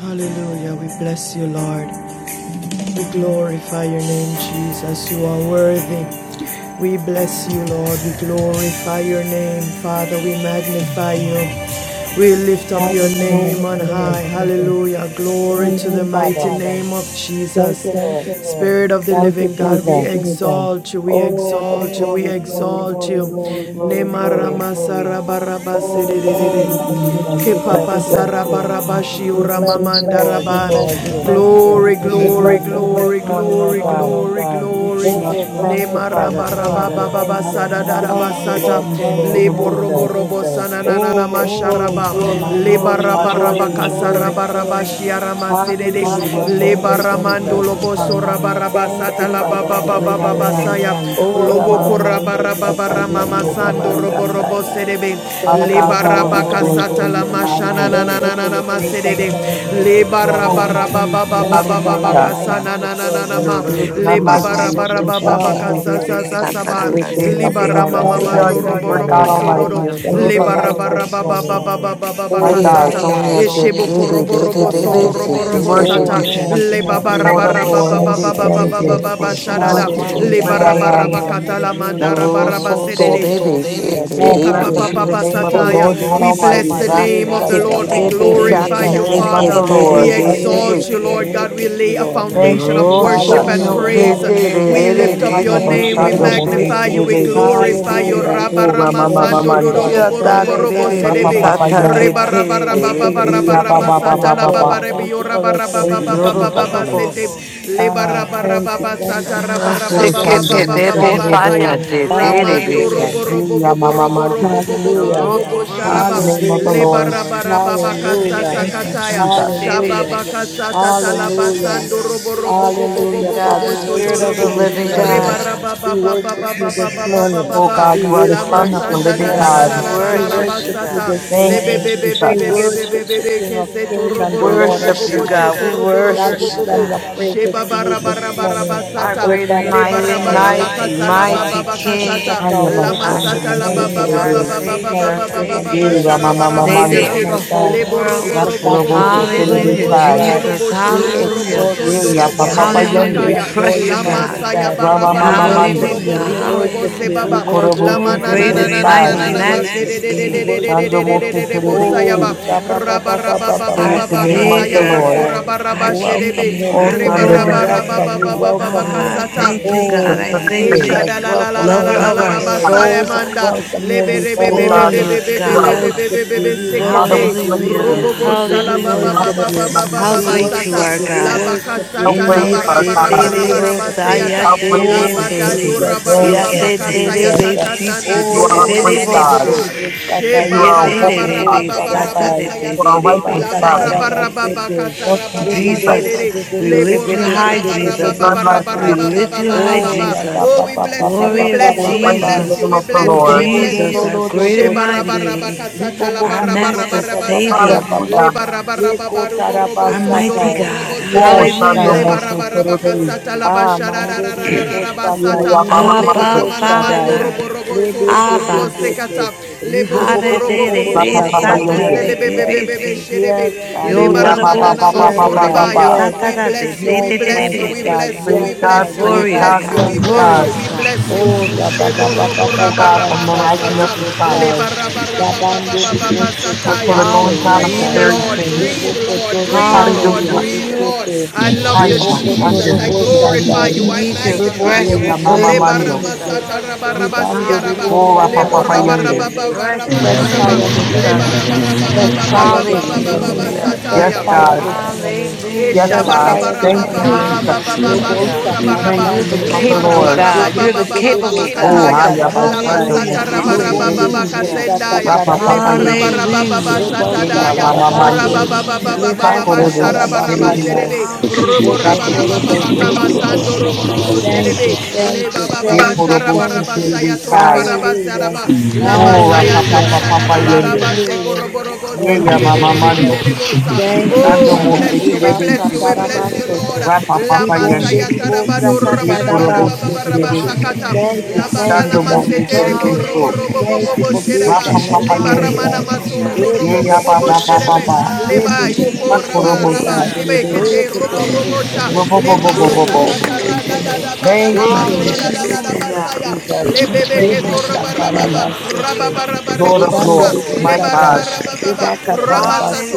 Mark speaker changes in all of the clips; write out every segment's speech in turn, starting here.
Speaker 1: Hallelujah. We bless you, Lord. We glorify your name, Jesus. You are worthy. We bless you, Lord. We glorify your name, Father. We magnify you. We lift up your
Speaker 2: Hallelujah,
Speaker 1: name on high.
Speaker 2: Jesus.
Speaker 1: Hallelujah. Glory
Speaker 2: Thank
Speaker 1: to the
Speaker 2: you,
Speaker 1: mighty
Speaker 2: Father.
Speaker 1: name of
Speaker 2: Thank
Speaker 1: Jesus.
Speaker 2: you, Lord.
Speaker 1: Spirit of the
Speaker 2: Thank you,
Speaker 1: living God, we
Speaker 2: Jesus.
Speaker 1: exalt you. We
Speaker 2: Oh,
Speaker 1: exalt you. We Oh,
Speaker 2: glory, glory,
Speaker 1: exalt you.
Speaker 2: glory, glory,
Speaker 1: glory, glory, glory, glory,
Speaker 2: glory, glory.
Speaker 1: Nemarama glory. sarabaraba Oh,
Speaker 2: Oh, thank
Speaker 1: sididididi.
Speaker 2: you,
Speaker 3: Hallelujah.
Speaker 2: Jesus. We
Speaker 1: Kepapa We
Speaker 2: bless
Speaker 1: bless
Speaker 2: you.
Speaker 3: Thank you,
Speaker 2: We
Speaker 3: Jesus.
Speaker 2: bless you, Lord. We bless you.
Speaker 3: We praise
Speaker 1: Glory,
Speaker 3: you,
Speaker 2: We
Speaker 3: Lord
Speaker 1: glory,
Speaker 2: bless
Speaker 3: God.
Speaker 2: you this
Speaker 1: glory,
Speaker 2: morning, oh
Speaker 1: glory,
Speaker 2: God.
Speaker 1: oh glory,
Speaker 3: We lift
Speaker 1: glory.
Speaker 3: you up.
Speaker 2: Oh, thank
Speaker 1: Le
Speaker 2: you, Father. Thank
Speaker 1: marabaraba
Speaker 2: you.
Speaker 1: baba
Speaker 3: We
Speaker 1: basada
Speaker 3: magnify
Speaker 1: dada
Speaker 3: you,
Speaker 2: Thank you,
Speaker 3: King of
Speaker 1: basata.
Speaker 2: Lord.
Speaker 3: Kings and
Speaker 2: Thank
Speaker 3: Lord
Speaker 2: you,
Speaker 1: Le
Speaker 3: of Lords, the
Speaker 2: Jesus.
Speaker 1: boroborobo sananana
Speaker 2: Oh, glory,
Speaker 1: masharaba.
Speaker 3: conquering
Speaker 2: glory,
Speaker 3: lion of
Speaker 1: Le
Speaker 3: the
Speaker 2: glory,
Speaker 3: tribe of
Speaker 1: barabaraba
Speaker 2: glory,
Speaker 3: Judah,
Speaker 2: glory.
Speaker 1: kasarabaraba shiarama
Speaker 3: who
Speaker 1: sedede.
Speaker 3: you
Speaker 2: Hallelujah.
Speaker 3: was
Speaker 1: Le
Speaker 3: and
Speaker 2: Thank you,
Speaker 3: is and still
Speaker 1: baramando
Speaker 3: is
Speaker 2: Jesus.
Speaker 3: to
Speaker 1: lobo
Speaker 3: come,
Speaker 1: sorabaraba
Speaker 2: Thank
Speaker 1: sata
Speaker 2: you,
Speaker 1: la
Speaker 2: Father.
Speaker 1: baba
Speaker 3: the
Speaker 1: baba
Speaker 2: Thank
Speaker 3: great
Speaker 1: baba
Speaker 2: you.
Speaker 3: I am.
Speaker 2: Oh,
Speaker 3: Father, we
Speaker 2: Ramande
Speaker 3: thank you for the
Speaker 2: Vibosata,
Speaker 3: day that you
Speaker 2: Yeko
Speaker 3: have made.
Speaker 2: Rabasatai.
Speaker 3: Father
Speaker 2: Thank
Speaker 1: Le
Speaker 2: you,
Speaker 3: God, we will
Speaker 2: Father.
Speaker 1: barabaka
Speaker 2: Thank
Speaker 3: rejoice
Speaker 1: sata
Speaker 2: you.
Speaker 3: and be glad in it.
Speaker 2: Thank you for your grace and your mercies
Speaker 1: Le
Speaker 2: this
Speaker 3: Oh,
Speaker 2: morning.
Speaker 3: we
Speaker 1: barabaraba
Speaker 3: praise
Speaker 1: baba
Speaker 3: you.
Speaker 2: Thank you for life.
Speaker 3: Hallelujah.
Speaker 2: Thank you for joy. Thank
Speaker 4: No, no,
Speaker 2: you
Speaker 3: There
Speaker 2: for
Speaker 3: is
Speaker 4: no,
Speaker 3: none
Speaker 4: no,
Speaker 2: peace.
Speaker 3: like
Speaker 4: so
Speaker 3: you,
Speaker 4: to the
Speaker 3: Jesus.
Speaker 4: baby,
Speaker 2: Oh, my
Speaker 4: baby,
Speaker 2: God.
Speaker 4: baby,
Speaker 2: Thank you
Speaker 4: sata,
Speaker 2: for
Speaker 4: the
Speaker 2: waking me up
Speaker 4: baby,
Speaker 2: in my
Speaker 4: baby,
Speaker 2: right
Speaker 3: Holy are
Speaker 4: baby.
Speaker 2: mind this
Speaker 3: you, Lord God
Speaker 2: morning.
Speaker 3: Almighty.
Speaker 4: Yo,
Speaker 2: Thank
Speaker 4: to
Speaker 2: you for
Speaker 4: the
Speaker 2: life this
Speaker 4: baby, so to.
Speaker 2: morning.
Speaker 3: My
Speaker 2: Oh,
Speaker 4: Eh,
Speaker 2: Rebe-
Speaker 3: God,
Speaker 4: Sonia de de de de de de
Speaker 2: Satai.
Speaker 4: bese
Speaker 3: we
Speaker 4: de de
Speaker 3: worship
Speaker 2: Oh,
Speaker 3: you,
Speaker 4: bese
Speaker 3: King of
Speaker 2: thank you,
Speaker 3: Kings
Speaker 2: thank
Speaker 3: and
Speaker 2: you,
Speaker 3: Lord of
Speaker 2: thank
Speaker 4: ye
Speaker 2: you,
Speaker 3: Lords.
Speaker 4: si
Speaker 2: thank
Speaker 4: de
Speaker 2: you,
Speaker 4: de
Speaker 2: thank
Speaker 4: de
Speaker 2: you.
Speaker 4: de poso
Speaker 3: We
Speaker 4: to
Speaker 3: worship
Speaker 4: de
Speaker 3: you, the
Speaker 2: Hallelujah,
Speaker 3: great I
Speaker 4: bese
Speaker 3: am.
Speaker 2: hallelujah, hallelujah.
Speaker 4: roso to
Speaker 2: Thank
Speaker 4: de
Speaker 2: you,
Speaker 4: bese
Speaker 2: Jesus.
Speaker 4: de
Speaker 3: Oh,
Speaker 4: de
Speaker 2: Thank
Speaker 3: blessed
Speaker 2: you.
Speaker 4: bese
Speaker 3: be the name of the
Speaker 2: Oh, re- re-
Speaker 3: Lord God
Speaker 2: re-
Speaker 1: we
Speaker 2: re- re-
Speaker 1: bless
Speaker 2: re-
Speaker 3: Almighty.
Speaker 1: the
Speaker 2: re- re-
Speaker 1: name
Speaker 4: rase
Speaker 1: of
Speaker 2: sa-
Speaker 1: the
Speaker 4: de
Speaker 2: da- da-
Speaker 4: que
Speaker 1: Lord. We
Speaker 4: de
Speaker 2: ba- yi- do-
Speaker 3: Praise
Speaker 2: do- do-
Speaker 3: the
Speaker 1: glorify
Speaker 4: besata
Speaker 1: you,
Speaker 2: do-
Speaker 1: you, in
Speaker 4: de
Speaker 1: the
Speaker 2: sa-
Speaker 3: name of
Speaker 2: ta.
Speaker 1: Father.
Speaker 4: de
Speaker 3: the
Speaker 1: name of
Speaker 4: de
Speaker 1: the We
Speaker 4: de
Speaker 3: Lord.
Speaker 1: Lord.
Speaker 2: I
Speaker 1: exalt
Speaker 4: bese
Speaker 2: worship
Speaker 1: you,
Speaker 2: you, I
Speaker 1: Lord God. We
Speaker 2: worship
Speaker 1: lay
Speaker 2: you,
Speaker 1: a
Speaker 2: Lord.
Speaker 3: Thank
Speaker 1: foundation
Speaker 3: you,
Speaker 1: of worship
Speaker 3: Jesus.
Speaker 1: and
Speaker 4: Rosoño
Speaker 2: Hallelujah,
Speaker 4: te
Speaker 1: praise.
Speaker 4: te re
Speaker 2: hallelujah.
Speaker 1: We
Speaker 4: re re
Speaker 1: lift
Speaker 2: Thank
Speaker 1: up
Speaker 2: you,
Speaker 4: be
Speaker 1: your
Speaker 3: Haya
Speaker 2: thank
Speaker 4: se
Speaker 2: you,
Speaker 1: name. We
Speaker 4: te
Speaker 3: bashando
Speaker 4: re
Speaker 2: thank
Speaker 3: mose
Speaker 4: be
Speaker 2: you.
Speaker 1: magnify
Speaker 4: si
Speaker 1: you. We
Speaker 4: te
Speaker 3: terebe.
Speaker 4: re te
Speaker 1: glorify
Speaker 4: te re
Speaker 1: you.
Speaker 2: Hallelujah.
Speaker 4: be
Speaker 1: Rabba
Speaker 3: Oh,
Speaker 4: se.
Speaker 1: Rama
Speaker 3: ramama
Speaker 2: Thank
Speaker 1: Sando
Speaker 2: you,
Speaker 3: mamando.
Speaker 1: Dodolo
Speaker 2: Father.
Speaker 4: Ya
Speaker 1: Boro
Speaker 4: ta
Speaker 2: Thank
Speaker 4: re
Speaker 1: Boro
Speaker 2: you,
Speaker 4: re
Speaker 1: Bo
Speaker 4: re
Speaker 2: thank
Speaker 4: be
Speaker 2: you,
Speaker 3: Rapa
Speaker 1: Sedebe.
Speaker 4: sa
Speaker 3: papa
Speaker 2: mighty
Speaker 4: ta
Speaker 3: yende.
Speaker 2: God.
Speaker 4: te
Speaker 1: Reba
Speaker 4: te
Speaker 1: Rabba
Speaker 4: re
Speaker 2: Thank
Speaker 4: re
Speaker 1: Rabba
Speaker 2: you
Speaker 4: re
Speaker 2: for
Speaker 1: Baba
Speaker 2: your
Speaker 4: be
Speaker 1: Rabba
Speaker 3: Yeah,
Speaker 2: peace.
Speaker 4: se.
Speaker 3: ba
Speaker 2: Thank
Speaker 1: Rama
Speaker 3: ba
Speaker 2: you
Speaker 3: ba
Speaker 2: for your
Speaker 1: Sata
Speaker 3: ba
Speaker 1: La
Speaker 3: ba
Speaker 2: joy.
Speaker 3: ba.
Speaker 1: Baba Rebi
Speaker 2: Thank
Speaker 1: Yo
Speaker 2: you for
Speaker 1: Rabba Rabba
Speaker 3: Thank
Speaker 1: Baba
Speaker 3: you,
Speaker 4: Yo
Speaker 2: restoration
Speaker 4: ro
Speaker 1: Baba
Speaker 2: this
Speaker 4: ro
Speaker 3: Jesus.
Speaker 1: Baba
Speaker 4: ro
Speaker 2: morning.
Speaker 4: po.
Speaker 1: Sete. Leba
Speaker 2: Ah,
Speaker 1: Rabba
Speaker 2: thank
Speaker 1: Rabba
Speaker 2: you,
Speaker 1: Baba
Speaker 2: thank
Speaker 1: Sata
Speaker 2: you,
Speaker 1: Rabba
Speaker 4: La
Speaker 2: thank you,
Speaker 1: Rabba
Speaker 3: Oh,
Speaker 4: se
Speaker 2: thank
Speaker 1: Baba
Speaker 4: que
Speaker 2: you
Speaker 3: shando
Speaker 4: te
Speaker 2: for
Speaker 1: Baba
Speaker 4: te
Speaker 3: mose
Speaker 1: Baba
Speaker 2: strength.
Speaker 4: bo
Speaker 1: Baba
Speaker 4: sa
Speaker 1: Saya.
Speaker 4: ta
Speaker 3: terebe.
Speaker 4: te te re be
Speaker 1: Ramando Robo
Speaker 4: se.
Speaker 2: Hallelujah.
Speaker 1: Robo
Speaker 3: Yeah,
Speaker 1: Bobo
Speaker 3: mama
Speaker 1: Robo
Speaker 3: mando.
Speaker 1: Robo Bobo
Speaker 4: No
Speaker 2: Hallelujah.
Speaker 4: ro
Speaker 1: Bobo
Speaker 4: to ro
Speaker 1: Bobo
Speaker 3: Praise
Speaker 4: ro
Speaker 3: the
Speaker 1: Karaba,
Speaker 4: to
Speaker 3: name of the
Speaker 4: bo
Speaker 2: Hallelujah.
Speaker 4: se.
Speaker 3: Lord.
Speaker 4: Ya te te
Speaker 1: Lebarabarababakasa
Speaker 4: re
Speaker 2: Hallelujah.
Speaker 4: be
Speaker 3: Thank
Speaker 4: sa
Speaker 3: you,
Speaker 4: ta
Speaker 1: Sakataya,
Speaker 4: te
Speaker 3: Jesus.
Speaker 4: te re re
Speaker 2: Hallelujah.
Speaker 4: re be.
Speaker 1: Shababakasa
Speaker 4: Oh,
Speaker 2: Hallelujah.
Speaker 1: Tatalabasando Robo
Speaker 4: Spirit
Speaker 1: Robo
Speaker 4: of the
Speaker 1: Bobo
Speaker 4: living
Speaker 2: Hallelujah,
Speaker 1: Bobo
Speaker 2: God.
Speaker 1: Bobo
Speaker 2: We
Speaker 4: God,
Speaker 1: Soto
Speaker 4: Spirit
Speaker 2: worship
Speaker 4: of
Speaker 1: Robo,
Speaker 4: the
Speaker 2: you this
Speaker 4: living God,
Speaker 2: morning. We worship you this morning.
Speaker 3: Oh
Speaker 1: Rebarababababababababababa,
Speaker 3: God,
Speaker 2: We
Speaker 3: you are the
Speaker 2: worship
Speaker 1: Lama
Speaker 3: Son
Speaker 2: you
Speaker 3: of the
Speaker 4: worship
Speaker 2: this
Speaker 1: Sanda
Speaker 4: you,
Speaker 1: da
Speaker 3: Living
Speaker 1: da
Speaker 4: God.
Speaker 1: da
Speaker 2: morning.
Speaker 1: da
Speaker 4: We
Speaker 3: God.
Speaker 1: da
Speaker 2: We
Speaker 1: da la
Speaker 4: worship
Speaker 2: worship
Speaker 4: you,
Speaker 2: you
Speaker 4: God.
Speaker 1: Basata,
Speaker 2: this
Speaker 3: Thank you,
Speaker 2: morning.
Speaker 3: Jesus.
Speaker 2: We worship the
Speaker 1: Lebebebebebebebebebe
Speaker 2: King of
Speaker 1: Keseto
Speaker 2: Kings
Speaker 4: We
Speaker 2: and
Speaker 1: Robo
Speaker 2: the
Speaker 1: Robo
Speaker 2: Lord
Speaker 1: Bobo
Speaker 2: of
Speaker 4: worship you,
Speaker 1: Bobo Soto
Speaker 2: Lords.
Speaker 4: God. We
Speaker 1: Robo Robo
Speaker 2: God,
Speaker 4: worship
Speaker 2: we
Speaker 4: you,
Speaker 1: Bobo Bobo,
Speaker 2: send the
Speaker 4: God.
Speaker 2: praises to you this morning.
Speaker 4: Our
Speaker 1: Shebabarabarabasata,
Speaker 2: Oh
Speaker 4: great
Speaker 2: God,
Speaker 4: and
Speaker 2: accept
Speaker 4: mighty
Speaker 2: our worship,
Speaker 4: mighty,
Speaker 1: Lebarabarabakasa
Speaker 2: oh
Speaker 1: La
Speaker 2: God.
Speaker 1: Baba
Speaker 4: mighty King,
Speaker 2: Accept our
Speaker 3: Haya
Speaker 1: Bakasata, lama
Speaker 2: worship
Speaker 4: our
Speaker 3: bashando
Speaker 2: this
Speaker 1: sata
Speaker 3: mose
Speaker 1: la ba
Speaker 2: morning
Speaker 1: ba
Speaker 4: Savior,
Speaker 2: and
Speaker 1: ba
Speaker 2: as
Speaker 4: our
Speaker 3: terebe.
Speaker 1: ba
Speaker 2: a
Speaker 1: ba ba
Speaker 2: sweet
Speaker 1: ba
Speaker 4: Savior,
Speaker 1: ba
Speaker 4: our
Speaker 2: smelling
Speaker 1: ba ba ba
Speaker 2: savor
Speaker 1: ba
Speaker 2: unto
Speaker 1: ba
Speaker 3: Ye
Speaker 4: Savior,
Speaker 2: your
Speaker 1: shara
Speaker 3: Rama
Speaker 1: ba ra
Speaker 3: Mama
Speaker 1: ba
Speaker 4: Savior
Speaker 2: nostrils,
Speaker 1: sete
Speaker 3: Mando.
Speaker 4: of
Speaker 2: my
Speaker 4: the whole
Speaker 1: le
Speaker 2: God.
Speaker 1: bo ro
Speaker 2: We
Speaker 4: world.
Speaker 1: bo
Speaker 2: shall
Speaker 1: ro bo
Speaker 2: back
Speaker 1: bo
Speaker 3: Yakurobo
Speaker 2: you
Speaker 1: bo bo
Speaker 2: this
Speaker 3: si
Speaker 1: bo bo
Speaker 3: terebe
Speaker 1: bo
Speaker 2: morning,
Speaker 1: bo
Speaker 4: Hallelujah,
Speaker 2: oh
Speaker 3: sai.
Speaker 1: soto
Speaker 2: God.
Speaker 1: lo bo
Speaker 4: Jesus.
Speaker 1: shoro
Speaker 2: We
Speaker 1: bo ro bo
Speaker 4: Hallelujah.
Speaker 2: exalt you
Speaker 3: Ye
Speaker 1: sondo
Speaker 2: this
Speaker 3: ya
Speaker 1: ro bo ro bo
Speaker 2: morning.
Speaker 3: papa
Speaker 4: Hallelujah.
Speaker 3: yende.
Speaker 2: We
Speaker 4: We
Speaker 1: sakaya
Speaker 2: adore
Speaker 4: trust
Speaker 2: you,
Speaker 4: you,
Speaker 1: lama
Speaker 4: God.
Speaker 2: mighty
Speaker 1: saya
Speaker 2: God.
Speaker 1: ba ra
Speaker 3: Rama
Speaker 1: ba
Speaker 2: We
Speaker 1: ra
Speaker 3: Mama
Speaker 1: ba
Speaker 2: worship
Speaker 3: Mando.
Speaker 1: solo bo
Speaker 2: you.
Speaker 4: Hallelujah.
Speaker 1: ro
Speaker 2: We
Speaker 1: bo ro bo
Speaker 2: worship
Speaker 1: se
Speaker 2: you.
Speaker 1: ba
Speaker 4: Hallelujah.
Speaker 2: We
Speaker 3: Ye
Speaker 1: ba
Speaker 2: worship
Speaker 3: korobo
Speaker 4: Oh,
Speaker 1: lama
Speaker 3: si
Speaker 2: you.
Speaker 1: na
Speaker 2: We
Speaker 1: na
Speaker 4: great
Speaker 1: na
Speaker 3: terebe
Speaker 1: na
Speaker 4: and
Speaker 2: worship
Speaker 1: na na
Speaker 2: you.
Speaker 3: sai.
Speaker 4: mighty,
Speaker 1: na
Speaker 2: We
Speaker 1: na ma
Speaker 2: worship
Speaker 1: se
Speaker 2: you.
Speaker 1: de
Speaker 4: matchless
Speaker 1: de de
Speaker 2: We
Speaker 1: de
Speaker 4: King,
Speaker 1: de de de
Speaker 2: worship
Speaker 3: Shando
Speaker 1: de de
Speaker 2: you.
Speaker 3: mo
Speaker 1: de
Speaker 3: se
Speaker 1: de de bo
Speaker 3: terebe
Speaker 1: saya ba
Speaker 3: si.
Speaker 2: Oh, ga ba
Speaker 1: ra
Speaker 2: ba
Speaker 1: ba
Speaker 2: ba
Speaker 1: ra
Speaker 2: ba
Speaker 1: ba
Speaker 2: ba
Speaker 1: ba
Speaker 2: ba
Speaker 1: ba
Speaker 2: ba
Speaker 4: our
Speaker 1: ba
Speaker 3: Praise the
Speaker 1: ba
Speaker 2: sa
Speaker 1: ka
Speaker 2: sa.
Speaker 3: name of
Speaker 2: We
Speaker 1: saya
Speaker 3: the
Speaker 2: both
Speaker 1: ka
Speaker 4: Savior,
Speaker 3: Lord.
Speaker 1: sura
Speaker 2: sigh.
Speaker 1: ba ra
Speaker 4: our
Speaker 1: ba she de be
Speaker 2: Welcome,
Speaker 4: King,
Speaker 2: Holy
Speaker 3: Oh,
Speaker 4: our
Speaker 1: re ba
Speaker 3: Shando
Speaker 2: Spirit.
Speaker 1: ra
Speaker 3: mo
Speaker 1: ba
Speaker 3: se
Speaker 4: Lord.
Speaker 1: ra ba
Speaker 2: Welcome.
Speaker 1: ba ba
Speaker 2: We
Speaker 3: terebe.
Speaker 1: ba ba ba
Speaker 2: welcome
Speaker 1: ka
Speaker 2: you.
Speaker 4: Ah, I
Speaker 3: Thank
Speaker 4: thank
Speaker 3: you,
Speaker 1: sata
Speaker 4: you, God.
Speaker 3: Jesus,
Speaker 2: Oh,
Speaker 4: I
Speaker 3: for this
Speaker 4: thank
Speaker 3: day.
Speaker 4: you,
Speaker 2: Jesus.
Speaker 1: Shada la la la
Speaker 2: Welcome,
Speaker 1: la
Speaker 4: lover
Speaker 1: la
Speaker 3: Thank
Speaker 2: Holy
Speaker 1: la
Speaker 4: of
Speaker 3: you,
Speaker 4: our
Speaker 1: la
Speaker 3: Lord
Speaker 2: Spirit.
Speaker 3: God.
Speaker 4: souls. I
Speaker 1: basalemanda
Speaker 4: th-
Speaker 2: Welcome, Holy
Speaker 1: lebere be
Speaker 3: Oh,
Speaker 1: be be
Speaker 2: Spirit.
Speaker 3: God,
Speaker 1: be
Speaker 3: we
Speaker 4: Glorious
Speaker 3: lift you
Speaker 1: be be
Speaker 2: We
Speaker 1: be
Speaker 3: up.
Speaker 4: God.
Speaker 1: be
Speaker 2: worship
Speaker 1: be be
Speaker 2: you.
Speaker 1: be
Speaker 2: We
Speaker 3: Father,
Speaker 1: sekete
Speaker 3: we
Speaker 2: worship you.
Speaker 3: praise
Speaker 2: We
Speaker 4: Hallelujah.
Speaker 3: you.
Speaker 1: robobo
Speaker 2: worship you.
Speaker 1: sala
Speaker 2: We
Speaker 1: ba ba ba
Speaker 3: God,
Speaker 4: Hallelujah.
Speaker 2: worship
Speaker 3: there
Speaker 1: ba
Speaker 3: is
Speaker 1: ba
Speaker 2: you.
Speaker 1: ba
Speaker 3: none like
Speaker 4: How
Speaker 2: We
Speaker 1: ba
Speaker 3: you.
Speaker 4: great you
Speaker 1: sata
Speaker 2: worship
Speaker 4: are,
Speaker 2: you, we
Speaker 1: la
Speaker 4: God.
Speaker 2: worship you, we
Speaker 3: How
Speaker 1: bakasata
Speaker 4: In
Speaker 1: la
Speaker 3: great is
Speaker 4: this
Speaker 1: bara
Speaker 3: our
Speaker 2: worship
Speaker 4: te
Speaker 1: bara
Speaker 2: you,
Speaker 3: God.
Speaker 2: we
Speaker 1: bara bara
Speaker 4: debo
Speaker 2: worship you.
Speaker 1: basayata
Speaker 3: How great
Speaker 4: sayate
Speaker 1: la
Speaker 3: is
Speaker 2: Oh,
Speaker 3: his
Speaker 4: bese.
Speaker 3: name.
Speaker 1: badadura
Speaker 2: Jesus,
Speaker 1: bara
Speaker 3: Thank
Speaker 1: ba
Speaker 3: you,
Speaker 2: Jesus,
Speaker 4: Yate
Speaker 3: Jesus.
Speaker 4: te
Speaker 2: Jesus.
Speaker 1: bakasayata
Speaker 4: debe
Speaker 3: You
Speaker 2: Oh,
Speaker 3: are
Speaker 1: nananduru
Speaker 3: a great God.
Speaker 4: siti
Speaker 1: robobo
Speaker 2: Ramamamande, Sata,
Speaker 1: she
Speaker 3: You
Speaker 1: ba
Speaker 3: are a
Speaker 2: Yebo,
Speaker 1: bara
Speaker 3: holy
Speaker 1: bara ba
Speaker 2: Bobo,
Speaker 3: God.
Speaker 4: Yetetererebe,
Speaker 1: bara
Speaker 2: Shadabai.
Speaker 3: You
Speaker 1: basayata
Speaker 3: are a
Speaker 5: Oh,
Speaker 2: Le
Speaker 5: my
Speaker 2: pas
Speaker 4: satatetererebe,
Speaker 3: righteous
Speaker 1: la bara
Speaker 3: God.
Speaker 2: cara
Speaker 1: bara
Speaker 2: pas
Speaker 4: sayarebe,
Speaker 1: ba
Speaker 4: say,
Speaker 2: kecil,
Speaker 3: Thank
Speaker 1: bakasara
Speaker 3: you,
Speaker 2: le
Speaker 1: bara
Speaker 2: le
Speaker 3: Jesus.
Speaker 2: le le
Speaker 3: There
Speaker 4: Jesus,
Speaker 1: basere
Speaker 2: le le
Speaker 4: we
Speaker 2: le
Speaker 1: le
Speaker 2: le
Speaker 4: lift you
Speaker 1: bara
Speaker 2: le
Speaker 4: high,
Speaker 2: le le le le
Speaker 3: is
Speaker 2: le
Speaker 4: Jesus.
Speaker 2: le
Speaker 3: none
Speaker 5: short
Speaker 3: like
Speaker 4: We
Speaker 2: satai.
Speaker 3: you.
Speaker 4: lift you high,
Speaker 2: Oh, apa
Speaker 4: Jesus.
Speaker 1: Oh,
Speaker 2: apa
Speaker 1: we
Speaker 2: apa
Speaker 1: bless
Speaker 2: apa
Speaker 1: you, we
Speaker 5: time.
Speaker 2: apa
Speaker 3: Oh,
Speaker 4: Glorious
Speaker 1: bless
Speaker 2: apa
Speaker 1: you,
Speaker 2: apa
Speaker 1: we
Speaker 3: praise
Speaker 2: apa.
Speaker 3: the
Speaker 1: bless
Speaker 4: Jesus.
Speaker 1: you,
Speaker 3: name
Speaker 1: we
Speaker 3: of the
Speaker 1: bless you,
Speaker 2: Lopo
Speaker 1: we
Speaker 3: Lord.
Speaker 2: kole
Speaker 1: bless
Speaker 4: Jesus,
Speaker 1: you.
Speaker 4: our
Speaker 2: lolo
Speaker 4: great and
Speaker 5: Your
Speaker 1: Sheba
Speaker 4: mighty
Speaker 1: raba
Speaker 2: tosote.
Speaker 1: raba
Speaker 4: King,
Speaker 5: praise,
Speaker 2: Lipo
Speaker 1: kasata
Speaker 5: the
Speaker 1: la
Speaker 4: our
Speaker 2: lipo
Speaker 1: bara
Speaker 2: lipo
Speaker 1: bara
Speaker 2: lipo lipo
Speaker 4: Master
Speaker 1: bara
Speaker 2: lipo lipo
Speaker 1: basata
Speaker 4: Savior,
Speaker 2: lipo lipo.
Speaker 1: le
Speaker 3: Hallelujah.
Speaker 1: bara
Speaker 2: Le
Speaker 1: bara
Speaker 5: Lord,
Speaker 1: bara rubo
Speaker 2: kotara
Speaker 1: robo
Speaker 2: pas
Speaker 4: our
Speaker 5: glory
Speaker 6: Thank
Speaker 5: to
Speaker 1: sondo
Speaker 4: mighty
Speaker 2: satai.
Speaker 1: robo
Speaker 5: you.
Speaker 1: robo
Speaker 4: God.
Speaker 3: Oh,
Speaker 1: sedebe
Speaker 2: Yes,
Speaker 3: Shando
Speaker 2: sir.
Speaker 1: le
Speaker 4: Hallelujah.
Speaker 1: bara
Speaker 3: Mose
Speaker 5: your
Speaker 1: bara
Speaker 3: Terebe.
Speaker 5: word.
Speaker 1: kasata
Speaker 5: Your
Speaker 1: la
Speaker 2: Ah,
Speaker 5: word is
Speaker 1: bashara ra ra
Speaker 2: mandiri
Speaker 1: ra
Speaker 2: do
Speaker 6: you,
Speaker 5: praise.
Speaker 2: pos satai.
Speaker 3: Yeah,
Speaker 2: Ipo
Speaker 3: Mama
Speaker 5: Hallelujah.
Speaker 2: lipo lipo
Speaker 4: Abba,
Speaker 3: Mando.
Speaker 5: Glory
Speaker 1: mando
Speaker 2: satai.
Speaker 5: and
Speaker 4: Father.
Speaker 1: robo robo
Speaker 5: honor
Speaker 2: Le
Speaker 5: is
Speaker 1: so
Speaker 5: unto
Speaker 2: bete
Speaker 1: robo
Speaker 5: your
Speaker 2: bete
Speaker 1: robo
Speaker 4: Abba.
Speaker 5: name.
Speaker 2: bete.
Speaker 1: sekata le
Speaker 2: Ipo
Speaker 1: robo
Speaker 2: lipo lipo
Speaker 4: Hallelujah.
Speaker 1: robo
Speaker 5: God
Speaker 1: robo
Speaker 2: lipo
Speaker 1: robo
Speaker 3: Rapa
Speaker 1: robo
Speaker 3: Papa
Speaker 2: satai.
Speaker 1: robo
Speaker 3: Yende.
Speaker 2: Yes,
Speaker 5: bless
Speaker 1: selebe
Speaker 2: boss. Yes,
Speaker 5: him.
Speaker 2: God.
Speaker 4: Yo
Speaker 3: Yeah,
Speaker 2: Yes,
Speaker 3: Papa
Speaker 4: Todabo
Speaker 2: God.
Speaker 3: Papa
Speaker 2: Yes,
Speaker 5: Glory
Speaker 4: Soto
Speaker 3: Papa
Speaker 4: de
Speaker 2: God.
Speaker 4: be
Speaker 5: to your
Speaker 1: Rabaya.
Speaker 5: name.
Speaker 3: Papa.
Speaker 2: Yes.
Speaker 1: We
Speaker 4: Satata de
Speaker 1: bless you,
Speaker 4: de
Speaker 1: we
Speaker 2: Yes,
Speaker 4: de de de
Speaker 1: bless you,
Speaker 4: de
Speaker 5: God,
Speaker 2: mighty
Speaker 1: we
Speaker 5: your
Speaker 4: se.
Speaker 2: God.
Speaker 1: bless
Speaker 5: name is
Speaker 1: you,
Speaker 3: Praise
Speaker 1: we
Speaker 2: Yes,
Speaker 1: bless
Speaker 3: God,
Speaker 5: great
Speaker 1: you,
Speaker 5: and
Speaker 2: mighty
Speaker 1: we
Speaker 3: praise
Speaker 5: great
Speaker 2: God.
Speaker 4: Glorious
Speaker 1: bless
Speaker 3: God,
Speaker 1: you,
Speaker 4: God,
Speaker 1: we
Speaker 2: Yes,
Speaker 3: praise
Speaker 1: bless
Speaker 5: praise.
Speaker 2: Lord.
Speaker 1: you,
Speaker 3: God.
Speaker 4: glorious
Speaker 1: we
Speaker 4: God.
Speaker 1: bless you.
Speaker 5: Hallelujah.
Speaker 2: Oh,
Speaker 1: Shebo robo
Speaker 3: Oh
Speaker 1: raba
Speaker 3: God,
Speaker 2: Rababababababa,
Speaker 5: Word,
Speaker 3: from
Speaker 1: rama
Speaker 3: the rising
Speaker 2: Satari
Speaker 3: of
Speaker 5: word,
Speaker 1: masata.
Speaker 3: the sun
Speaker 2: Bosai,
Speaker 5: word,
Speaker 1: Leba raba
Speaker 2: Labande de rabababababababashakaribosai.
Speaker 5: word, word.
Speaker 3: until
Speaker 1: sataya.
Speaker 3: the going down of the
Speaker 1: Breathe,
Speaker 2: Labandeliboshekekerebesakai.
Speaker 5: Hallelujah.
Speaker 3: very
Speaker 4: Hallelujah.
Speaker 1: Lord,
Speaker 3: same.
Speaker 1: breathe, Lord, breathe,
Speaker 5: Oh, yes,
Speaker 1: Lord,
Speaker 3: Hallelujah.
Speaker 5: your
Speaker 1: breathe,
Speaker 4: Hallelujah.
Speaker 1: Lord.
Speaker 2: Lebokotoroboshekekekepe.
Speaker 1: I love
Speaker 5: name.
Speaker 1: you,
Speaker 3: Haya
Speaker 5: Glory
Speaker 3: Bashando
Speaker 1: Jesus. I
Speaker 3: Mose
Speaker 4: We
Speaker 1: glorify
Speaker 2: Ribokotoroboshandai.
Speaker 3: Terebe.
Speaker 1: you. I
Speaker 4: need your
Speaker 1: magnify you.
Speaker 4: fresh
Speaker 3: Yeah,
Speaker 5: Hallelujah.
Speaker 3: Mama
Speaker 4: wind,
Speaker 1: Leba
Speaker 3: Mando.
Speaker 1: rama
Speaker 2: Lebokoroboshekekepe.
Speaker 4: Jesus.
Speaker 1: sata
Speaker 5: God, you
Speaker 1: raba
Speaker 5: are
Speaker 1: raba
Speaker 5: worthy.
Speaker 1: siya
Speaker 5: Your
Speaker 1: raba.
Speaker 3: Oh,
Speaker 5: word
Speaker 3: Rapa
Speaker 4: Hallelujah.
Speaker 1: Lebo
Speaker 4: We
Speaker 3: Papa
Speaker 4: need
Speaker 5: praise.
Speaker 4: your
Speaker 3: Yende.
Speaker 2: Ribandeliboshakarabasete.
Speaker 4: fresh
Speaker 2: Fresh
Speaker 4: wind,
Speaker 2: fire this
Speaker 4: Jesus.
Speaker 2: morning.
Speaker 5: Hallelujah.
Speaker 2: Fresh fire this
Speaker 5: Hallelujah.
Speaker 2: morning.
Speaker 4: Hallelujah.
Speaker 7: Hallelujah.
Speaker 2: Fresh
Speaker 3: Yes,
Speaker 1: sataya.
Speaker 2: fire
Speaker 3: God.
Speaker 2: this
Speaker 7: Hallelujah.
Speaker 2: morning.
Speaker 3: Yes,
Speaker 1: Kesha
Speaker 2: Fresh
Speaker 4: Hallelujah.
Speaker 7: Glory
Speaker 3: God.
Speaker 7: to
Speaker 2: fire this
Speaker 3: Thank
Speaker 7: God.
Speaker 3: you,
Speaker 2: morning.
Speaker 3: Jesus.
Speaker 1: barababababababababa
Speaker 2: Lobo
Speaker 8: Thank
Speaker 4: Hallelujah.
Speaker 1: sura
Speaker 3: Praise
Speaker 1: baraba
Speaker 3: the
Speaker 4: You're the
Speaker 3: name
Speaker 1: le
Speaker 3: of
Speaker 2: Satarabasete,
Speaker 7: Jesus.
Speaker 3: the
Speaker 4: capable
Speaker 3: Lord.
Speaker 4: God. You're the
Speaker 1: barabababababababa
Speaker 2: Rebebebebebe
Speaker 4: capable
Speaker 5: hallelujah,
Speaker 3: Oh,
Speaker 4: God.
Speaker 7: Jesus.
Speaker 1: kataya
Speaker 3: Haya
Speaker 1: la
Speaker 7: Jesus.
Speaker 3: Bashando
Speaker 2: sakatarabasai.
Speaker 4: Hallelujah.
Speaker 3: Mose
Speaker 1: basata
Speaker 7: Jesus.
Speaker 2: Lobonde
Speaker 3: Terebe.
Speaker 1: rabarabababa
Speaker 2: libo
Speaker 4: Hallelujah.
Speaker 1: kasendaya
Speaker 3: Rapa
Speaker 1: le
Speaker 3: Papa
Speaker 2: sakatarabasete.
Speaker 3: Yende.
Speaker 1: barabarabababa
Speaker 4: Hallelujah.
Speaker 2: Lebo
Speaker 3: Yeya
Speaker 1: satadaya
Speaker 3: Mama
Speaker 2: sakarabase.
Speaker 3: Mando.
Speaker 6: Jesus.
Speaker 4: Hallelujah.
Speaker 7: Jesus.
Speaker 2: Leba
Speaker 1: rabababababababa
Speaker 4: Master
Speaker 3: Hakorobo Si
Speaker 4: King.
Speaker 1: sharabaraba
Speaker 3: Terebe.
Speaker 2: sakarabakanai.
Speaker 1: sedebe
Speaker 7: Jesus.
Speaker 4: Hallelujah.
Speaker 2: Libo
Speaker 1: robo
Speaker 2: kotorobo
Speaker 3: Shan-
Speaker 1: rabarabababa
Speaker 7: Jesus.
Speaker 1: kamasando
Speaker 2: setetete.
Speaker 1: robo
Speaker 4: Hallelujah.
Speaker 1: robo
Speaker 7: Jesus.
Speaker 2: Thank
Speaker 1: sedebe
Speaker 2: you,
Speaker 4: Hallelujah.
Speaker 2: thank
Speaker 1: le
Speaker 2: you,
Speaker 3: Ye
Speaker 1: babababa
Speaker 2: thank you,
Speaker 3: Korobo Si
Speaker 2: thank you.
Speaker 3: Terebe
Speaker 1: Rabasaya tora
Speaker 3: Sai.
Speaker 4: Let
Speaker 7: Jesus.
Speaker 4: the
Speaker 1: barabasa
Speaker 2: Hallelujah.
Speaker 1: raba
Speaker 4: day give
Speaker 1: la
Speaker 3: Oh,
Speaker 4: of
Speaker 1: masaya
Speaker 3: Rapa
Speaker 4: your
Speaker 2: Hallelujah.
Speaker 3: Papa Papa Yende.
Speaker 4: unfailing love
Speaker 2: Hallelujah.
Speaker 1: koroborobo
Speaker 4: towards
Speaker 2: Thank
Speaker 3: Yeya
Speaker 2: you,
Speaker 4: us.
Speaker 3: Mama
Speaker 2: Jesus.
Speaker 3: Mando.
Speaker 4: God.
Speaker 1: bosa.
Speaker 2: Thank you,
Speaker 1: Oh,
Speaker 3: Sando
Speaker 1: we
Speaker 4: Hallelujah.
Speaker 2: Father.
Speaker 1: bless
Speaker 3: Mose
Speaker 1: you, we
Speaker 2: Riba
Speaker 3: Terebe
Speaker 1: bless you,
Speaker 3: Si.
Speaker 1: we bless you,
Speaker 4: Hallelujah.
Speaker 1: Lord.
Speaker 2: satarabasoto.
Speaker 3: Rapa
Speaker 1: La
Speaker 3: Papa Yende.
Speaker 2: Ribonde
Speaker 1: masaya
Speaker 2: ribo
Speaker 1: tarabado
Speaker 3: Ye
Speaker 1: raba
Speaker 3: Korobo Si
Speaker 2: sakatarabasote.
Speaker 3: Terebe.
Speaker 1: sakata.
Speaker 2: Thank you,
Speaker 1: La
Speaker 4: Hallelujah.
Speaker 1: baka
Speaker 2: thank
Speaker 1: la
Speaker 3: Sando
Speaker 2: you, Daddy.
Speaker 3: Mose
Speaker 2: Thank
Speaker 3: Terebe
Speaker 2: you.
Speaker 3: So.
Speaker 2: Thank
Speaker 4: Hallelujah.
Speaker 2: you for grace
Speaker 1: sheraba.
Speaker 3: Rapa
Speaker 2: and
Speaker 3: Papa
Speaker 2: mercy,
Speaker 1: Liba
Speaker 2: oh
Speaker 3: Yende,
Speaker 1: ramana
Speaker 2: God.
Speaker 4: Hallelujah.
Speaker 2: Great
Speaker 3: Ye
Speaker 2: is
Speaker 3: ya
Speaker 2: your
Speaker 3: ba ba ba
Speaker 4: Our
Speaker 3: ba
Speaker 2: faithfulness.
Speaker 3: ba,
Speaker 4: God,
Speaker 2: Great
Speaker 4: our
Speaker 1: Leba
Speaker 2: is your
Speaker 4: King,
Speaker 1: yoko
Speaker 4: our
Speaker 1: raba
Speaker 2: faithfulness,
Speaker 3: Pakorobo
Speaker 1: raba
Speaker 3: Si
Speaker 2: God.
Speaker 4: Savior, our
Speaker 1: sibe
Speaker 3: Telebe,
Speaker 4: strong
Speaker 2: Great
Speaker 1: kete
Speaker 2: is your
Speaker 1: robo
Speaker 4: tower.
Speaker 1: robo
Speaker 2: faithfulness.
Speaker 3: Robo bo
Speaker 1: leba
Speaker 3: bo
Speaker 6: Oh,
Speaker 3: bo
Speaker 2: Great
Speaker 3: bo
Speaker 6: my
Speaker 2: is
Speaker 3: bo.
Speaker 2: your
Speaker 1: we bless
Speaker 7: Shake
Speaker 4: Hallelujah.
Speaker 7: again,
Speaker 2: faithfulness.
Speaker 3: Thank
Speaker 2: Great
Speaker 3: you,
Speaker 2: is
Speaker 7: Renge
Speaker 2: your
Speaker 3: Jesus.
Speaker 7: shakeke,
Speaker 2: faithfulness,
Speaker 4: Hallelujah.
Speaker 2: Jesus.
Speaker 3: We praise you,
Speaker 2: Lebo
Speaker 3: King of
Speaker 7: shakeke,
Speaker 3: Kings,
Speaker 2: satarabasete.
Speaker 3: Lord of
Speaker 2: Ibande
Speaker 3: Lords,
Speaker 2: lebo
Speaker 3: my
Speaker 2: satai.
Speaker 3: God,
Speaker 7: shakeke,
Speaker 2: Iba